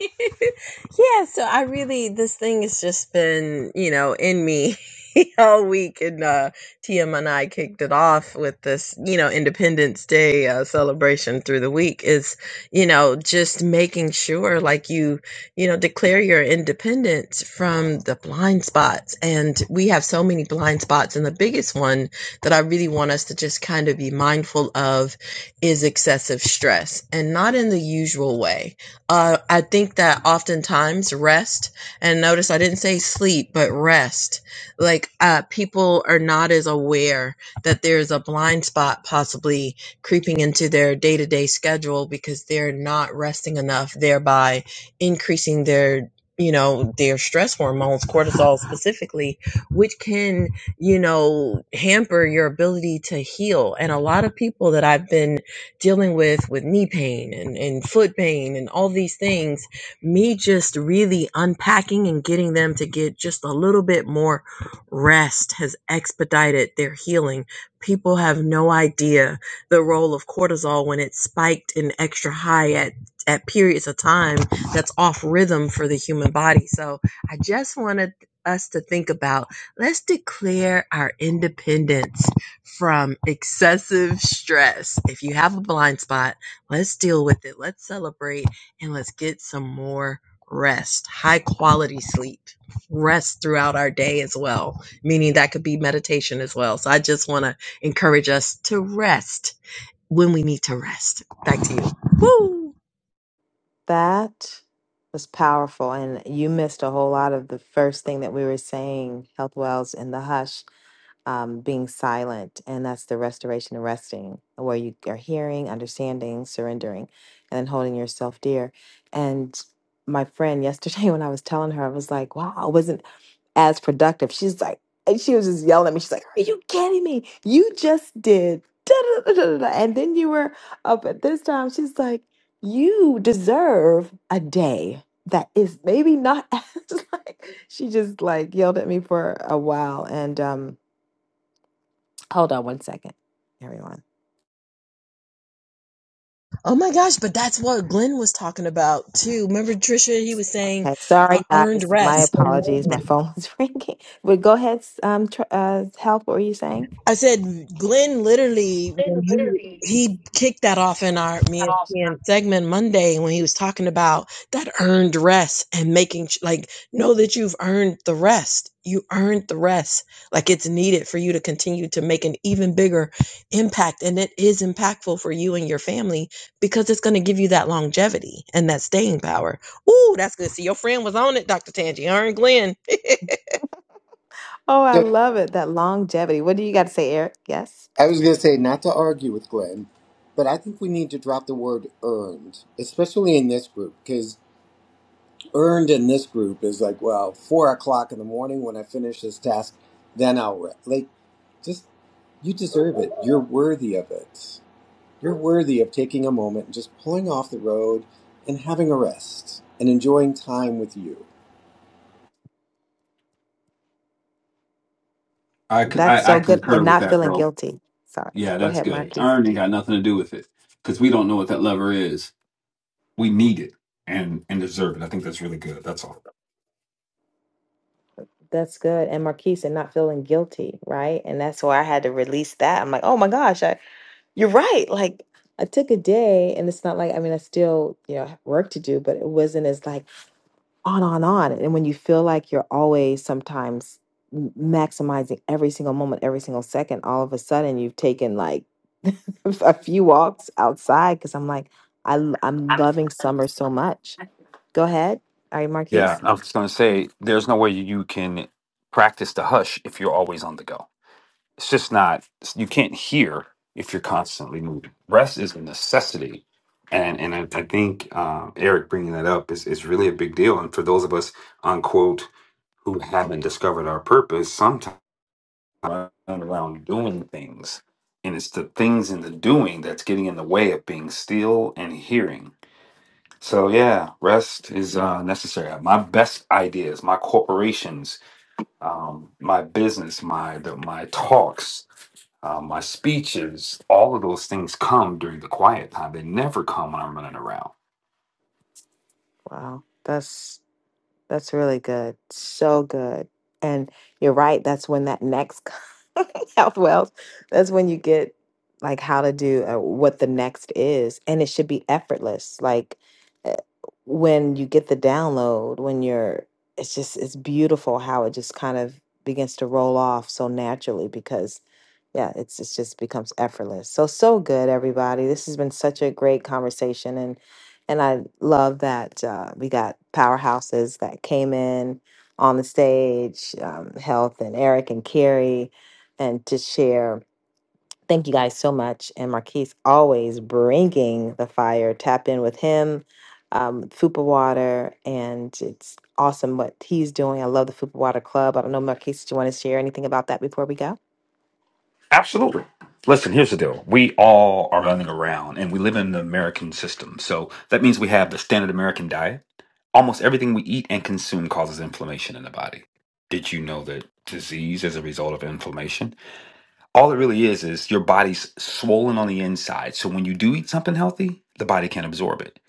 Speaker 26: hey. [LAUGHS] yeah, so I really this thing has just been, you know, in me [LAUGHS] all week and uh TM and I kicked it off with this, you know, Independence Day uh, celebration through the week is, you know, just making sure like you, you know, declare your independence from the blind spots. And we have so many blind spots and the biggest one that I really want us to just kind of be mindful of is excessive stress and not in the usual way uh, I think that oftentimes rest, and notice I didn't say sleep, but rest. Like uh, people are not as aware that there's a blind spot possibly creeping into their day to day schedule because they're not resting enough, thereby increasing their you know their stress hormones cortisol specifically which can you know hamper your ability to heal and a lot of people that i've been dealing with with knee pain and, and foot pain and all these things me just really unpacking and getting them to get just a little bit more rest has expedited their healing people have no idea the role of cortisol when it's spiked and extra high at at periods of time that's off rhythm for the human body so i just wanted us to think about let's declare our independence from excessive stress. If you have a blind spot, let's deal with it. Let's celebrate and let's get some more rest, high quality sleep, rest throughout our day as well, meaning that could be meditation as well. So I just want to encourage us to rest when we need to rest. Back to you. Woo!
Speaker 22: [LAUGHS] that was powerful. And you missed a whole lot of the first thing that we were saying, health, wells, and the hush um, being silent. And that's the restoration and resting, where you are hearing, understanding, surrendering, and then holding yourself dear. And my friend yesterday, [LAUGHS] when I was telling her, I was like, wow, I wasn't as productive. She's like, and she was just yelling at me. She's like, Are you kidding me? You just did. da, da, da, da, da, da, And then you were up at this time. She's like, You deserve a day that is maybe not [LAUGHS] as like. She just like yelled at me for a while. And um, hold on one second, everyone.
Speaker 26: Oh my gosh, but that's what Glenn was talking about too. Remember Trisha, he was saying
Speaker 22: Okay,
Speaker 26: uh,
Speaker 22: sorry
Speaker 26: earned
Speaker 22: guys. My
Speaker 26: rest.
Speaker 22: apologies.
Speaker 26: and
Speaker 22: My phone was [LAUGHS] ringing. But go ahead, um, tr- uh, help. What were you saying?
Speaker 26: I said Glenn literally when he he kicked that off in our me and me segment Monday when he was talking about that earned rest and making sh- like know that you've earned the rest. You earned the rest. Like it's needed for you to continue to make an even bigger impact and it is impactful for you and your family because it's going to give you that longevity and that staying power. Ooh, that's good. See, your friend was on it, Dr. Tangi. Earned Glenn. [LAUGHS]
Speaker 22: Oh, I
Speaker 29: So,
Speaker 22: love it. That longevity. What do you got to say, Eric? Yes.
Speaker 29: I was going to say, not to argue with Glenn, but I think we need to drop the word earned, especially in this group, because earned in this group is like, well, four o'clock in the morning when I finish this task, then I'll, re-. like, just, you deserve it. You're worthy of it. You're worthy of taking a moment and just pulling off the road and having a rest and enjoying time with you.
Speaker 23: I, c-
Speaker 22: That's
Speaker 23: I- I
Speaker 22: so good. And
Speaker 23: concur with
Speaker 22: not
Speaker 23: that,
Speaker 22: feeling
Speaker 23: bro.
Speaker 22: guilty. Sorry.
Speaker 23: Yeah,
Speaker 22: Go
Speaker 23: that's
Speaker 22: ahead,
Speaker 23: good.
Speaker 22: Marquise.
Speaker 23: Earn ain't got nothing to do with it because we don't know what that lever is. We need it and and deserve it. I think that's really good. That's all.
Speaker 22: That's good. And Marquise, and not feeling guilty, right? And that's why I had to release that. I'm like, oh my gosh, I, you're right. Like, I took a day, and it's not like, I mean, I still, you know, have work to do, but it wasn't as like, on, on, on. And when you feel like you're always sometimes m- maximizing every single moment, every single second, all of a sudden you've taken like [LAUGHS] a few walks outside because I'm like, I, l- I'm loving summer so much. Go ahead. Are you
Speaker 23: Yeah,
Speaker 22: Marquise?
Speaker 23: I was going to say there's no way you can practice the hush if you're always on the go. It's just not, you can't hear if you're constantly moving. Rest is a necessity. And, and I, I think uh, Eric bringing that up is, is really a big deal. And for those of us, unquote, who haven't discovered our purpose, sometimes we're around doing things. And it's the things in the doing that's getting in the way of being still and hearing. So yeah, rest is uh, necessary. My best ideas, my corporations, um, my business, my the, my talks, uh, my speeches, all of those things come during the quiet time. They never come when I'm running around.
Speaker 22: Wow. that's. That's really good. So good. And you're right. That's when that next [LAUGHS] health wealth, that's when you get like how to do uh, what the next is. And it should be effortless. Like uh, when you get the download, when you're, it's just, it's beautiful how it just kind of begins to roll off so naturally because yeah, it's, it's just becomes effortless. So, so good, everybody. This has been such a great conversation. and. And I love that uh, we got powerhouses that came in on the stage, um, Health and Eric and Carrie, and to share. Thank you guys so much. And Marquise always bringing the fire. Tap in with him, um, Fupa Water, and it's awesome what he's doing. I love the Fupa Water Club. I don't know, Marquise, do you want to share anything about that before we go?
Speaker 23: Absolutely. Listen, here's the deal. We all are running around and we live in the American system. So that means we have the standard American diet. Almost everything we eat and consume causes inflammation in the body. Did you know that disease is a result of inflammation? all it really is is your body's swollen on the inside. So when you do eat something healthy, the body can absorb it.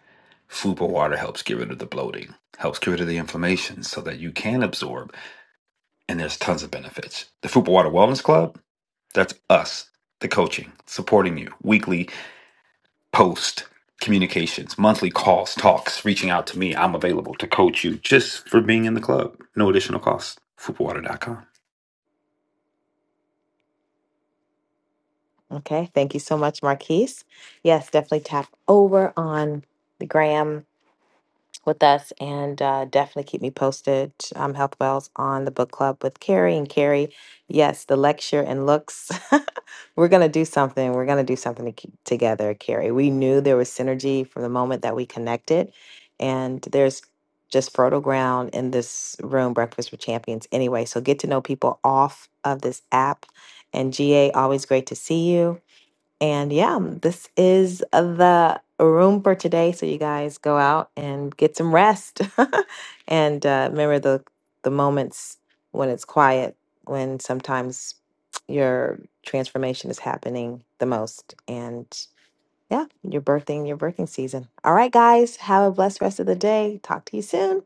Speaker 23: Food or water helps get rid of the bloating, helps get rid of the inflammation so that you can absorb. And there's tons of benefits. The Fupa Water Wellness Club, that's us, the coaching, supporting you, weekly post communications, monthly calls, talks, reaching out to me. I'm available to coach you just for being in the club. No additional cost. FupaWater.com.
Speaker 22: Okay. Thank you so much, Marquise. Yes, definitely tap over on the gram with us and uh, definitely keep me posted. Um, Health Wells on the book club with Carrie and Carrie. Yes, the lecture and looks. [LAUGHS] We're gonna do something. We're gonna do something to keep together, Carrie. We knew there was synergy from the moment that we connected, and there's just fertile ground in this room, Breakfast with Champions. Anyway, so get to know people off of this app. And GA, always great to see you. And yeah, this is the room for today. So you guys go out and get some rest, [LAUGHS] and uh, remember the the moments when it's quiet, when sometimes your transformation is happening the most. And yeah, you're birthing your birthing season. All right, guys, have a blessed rest of the day. Talk to you soon.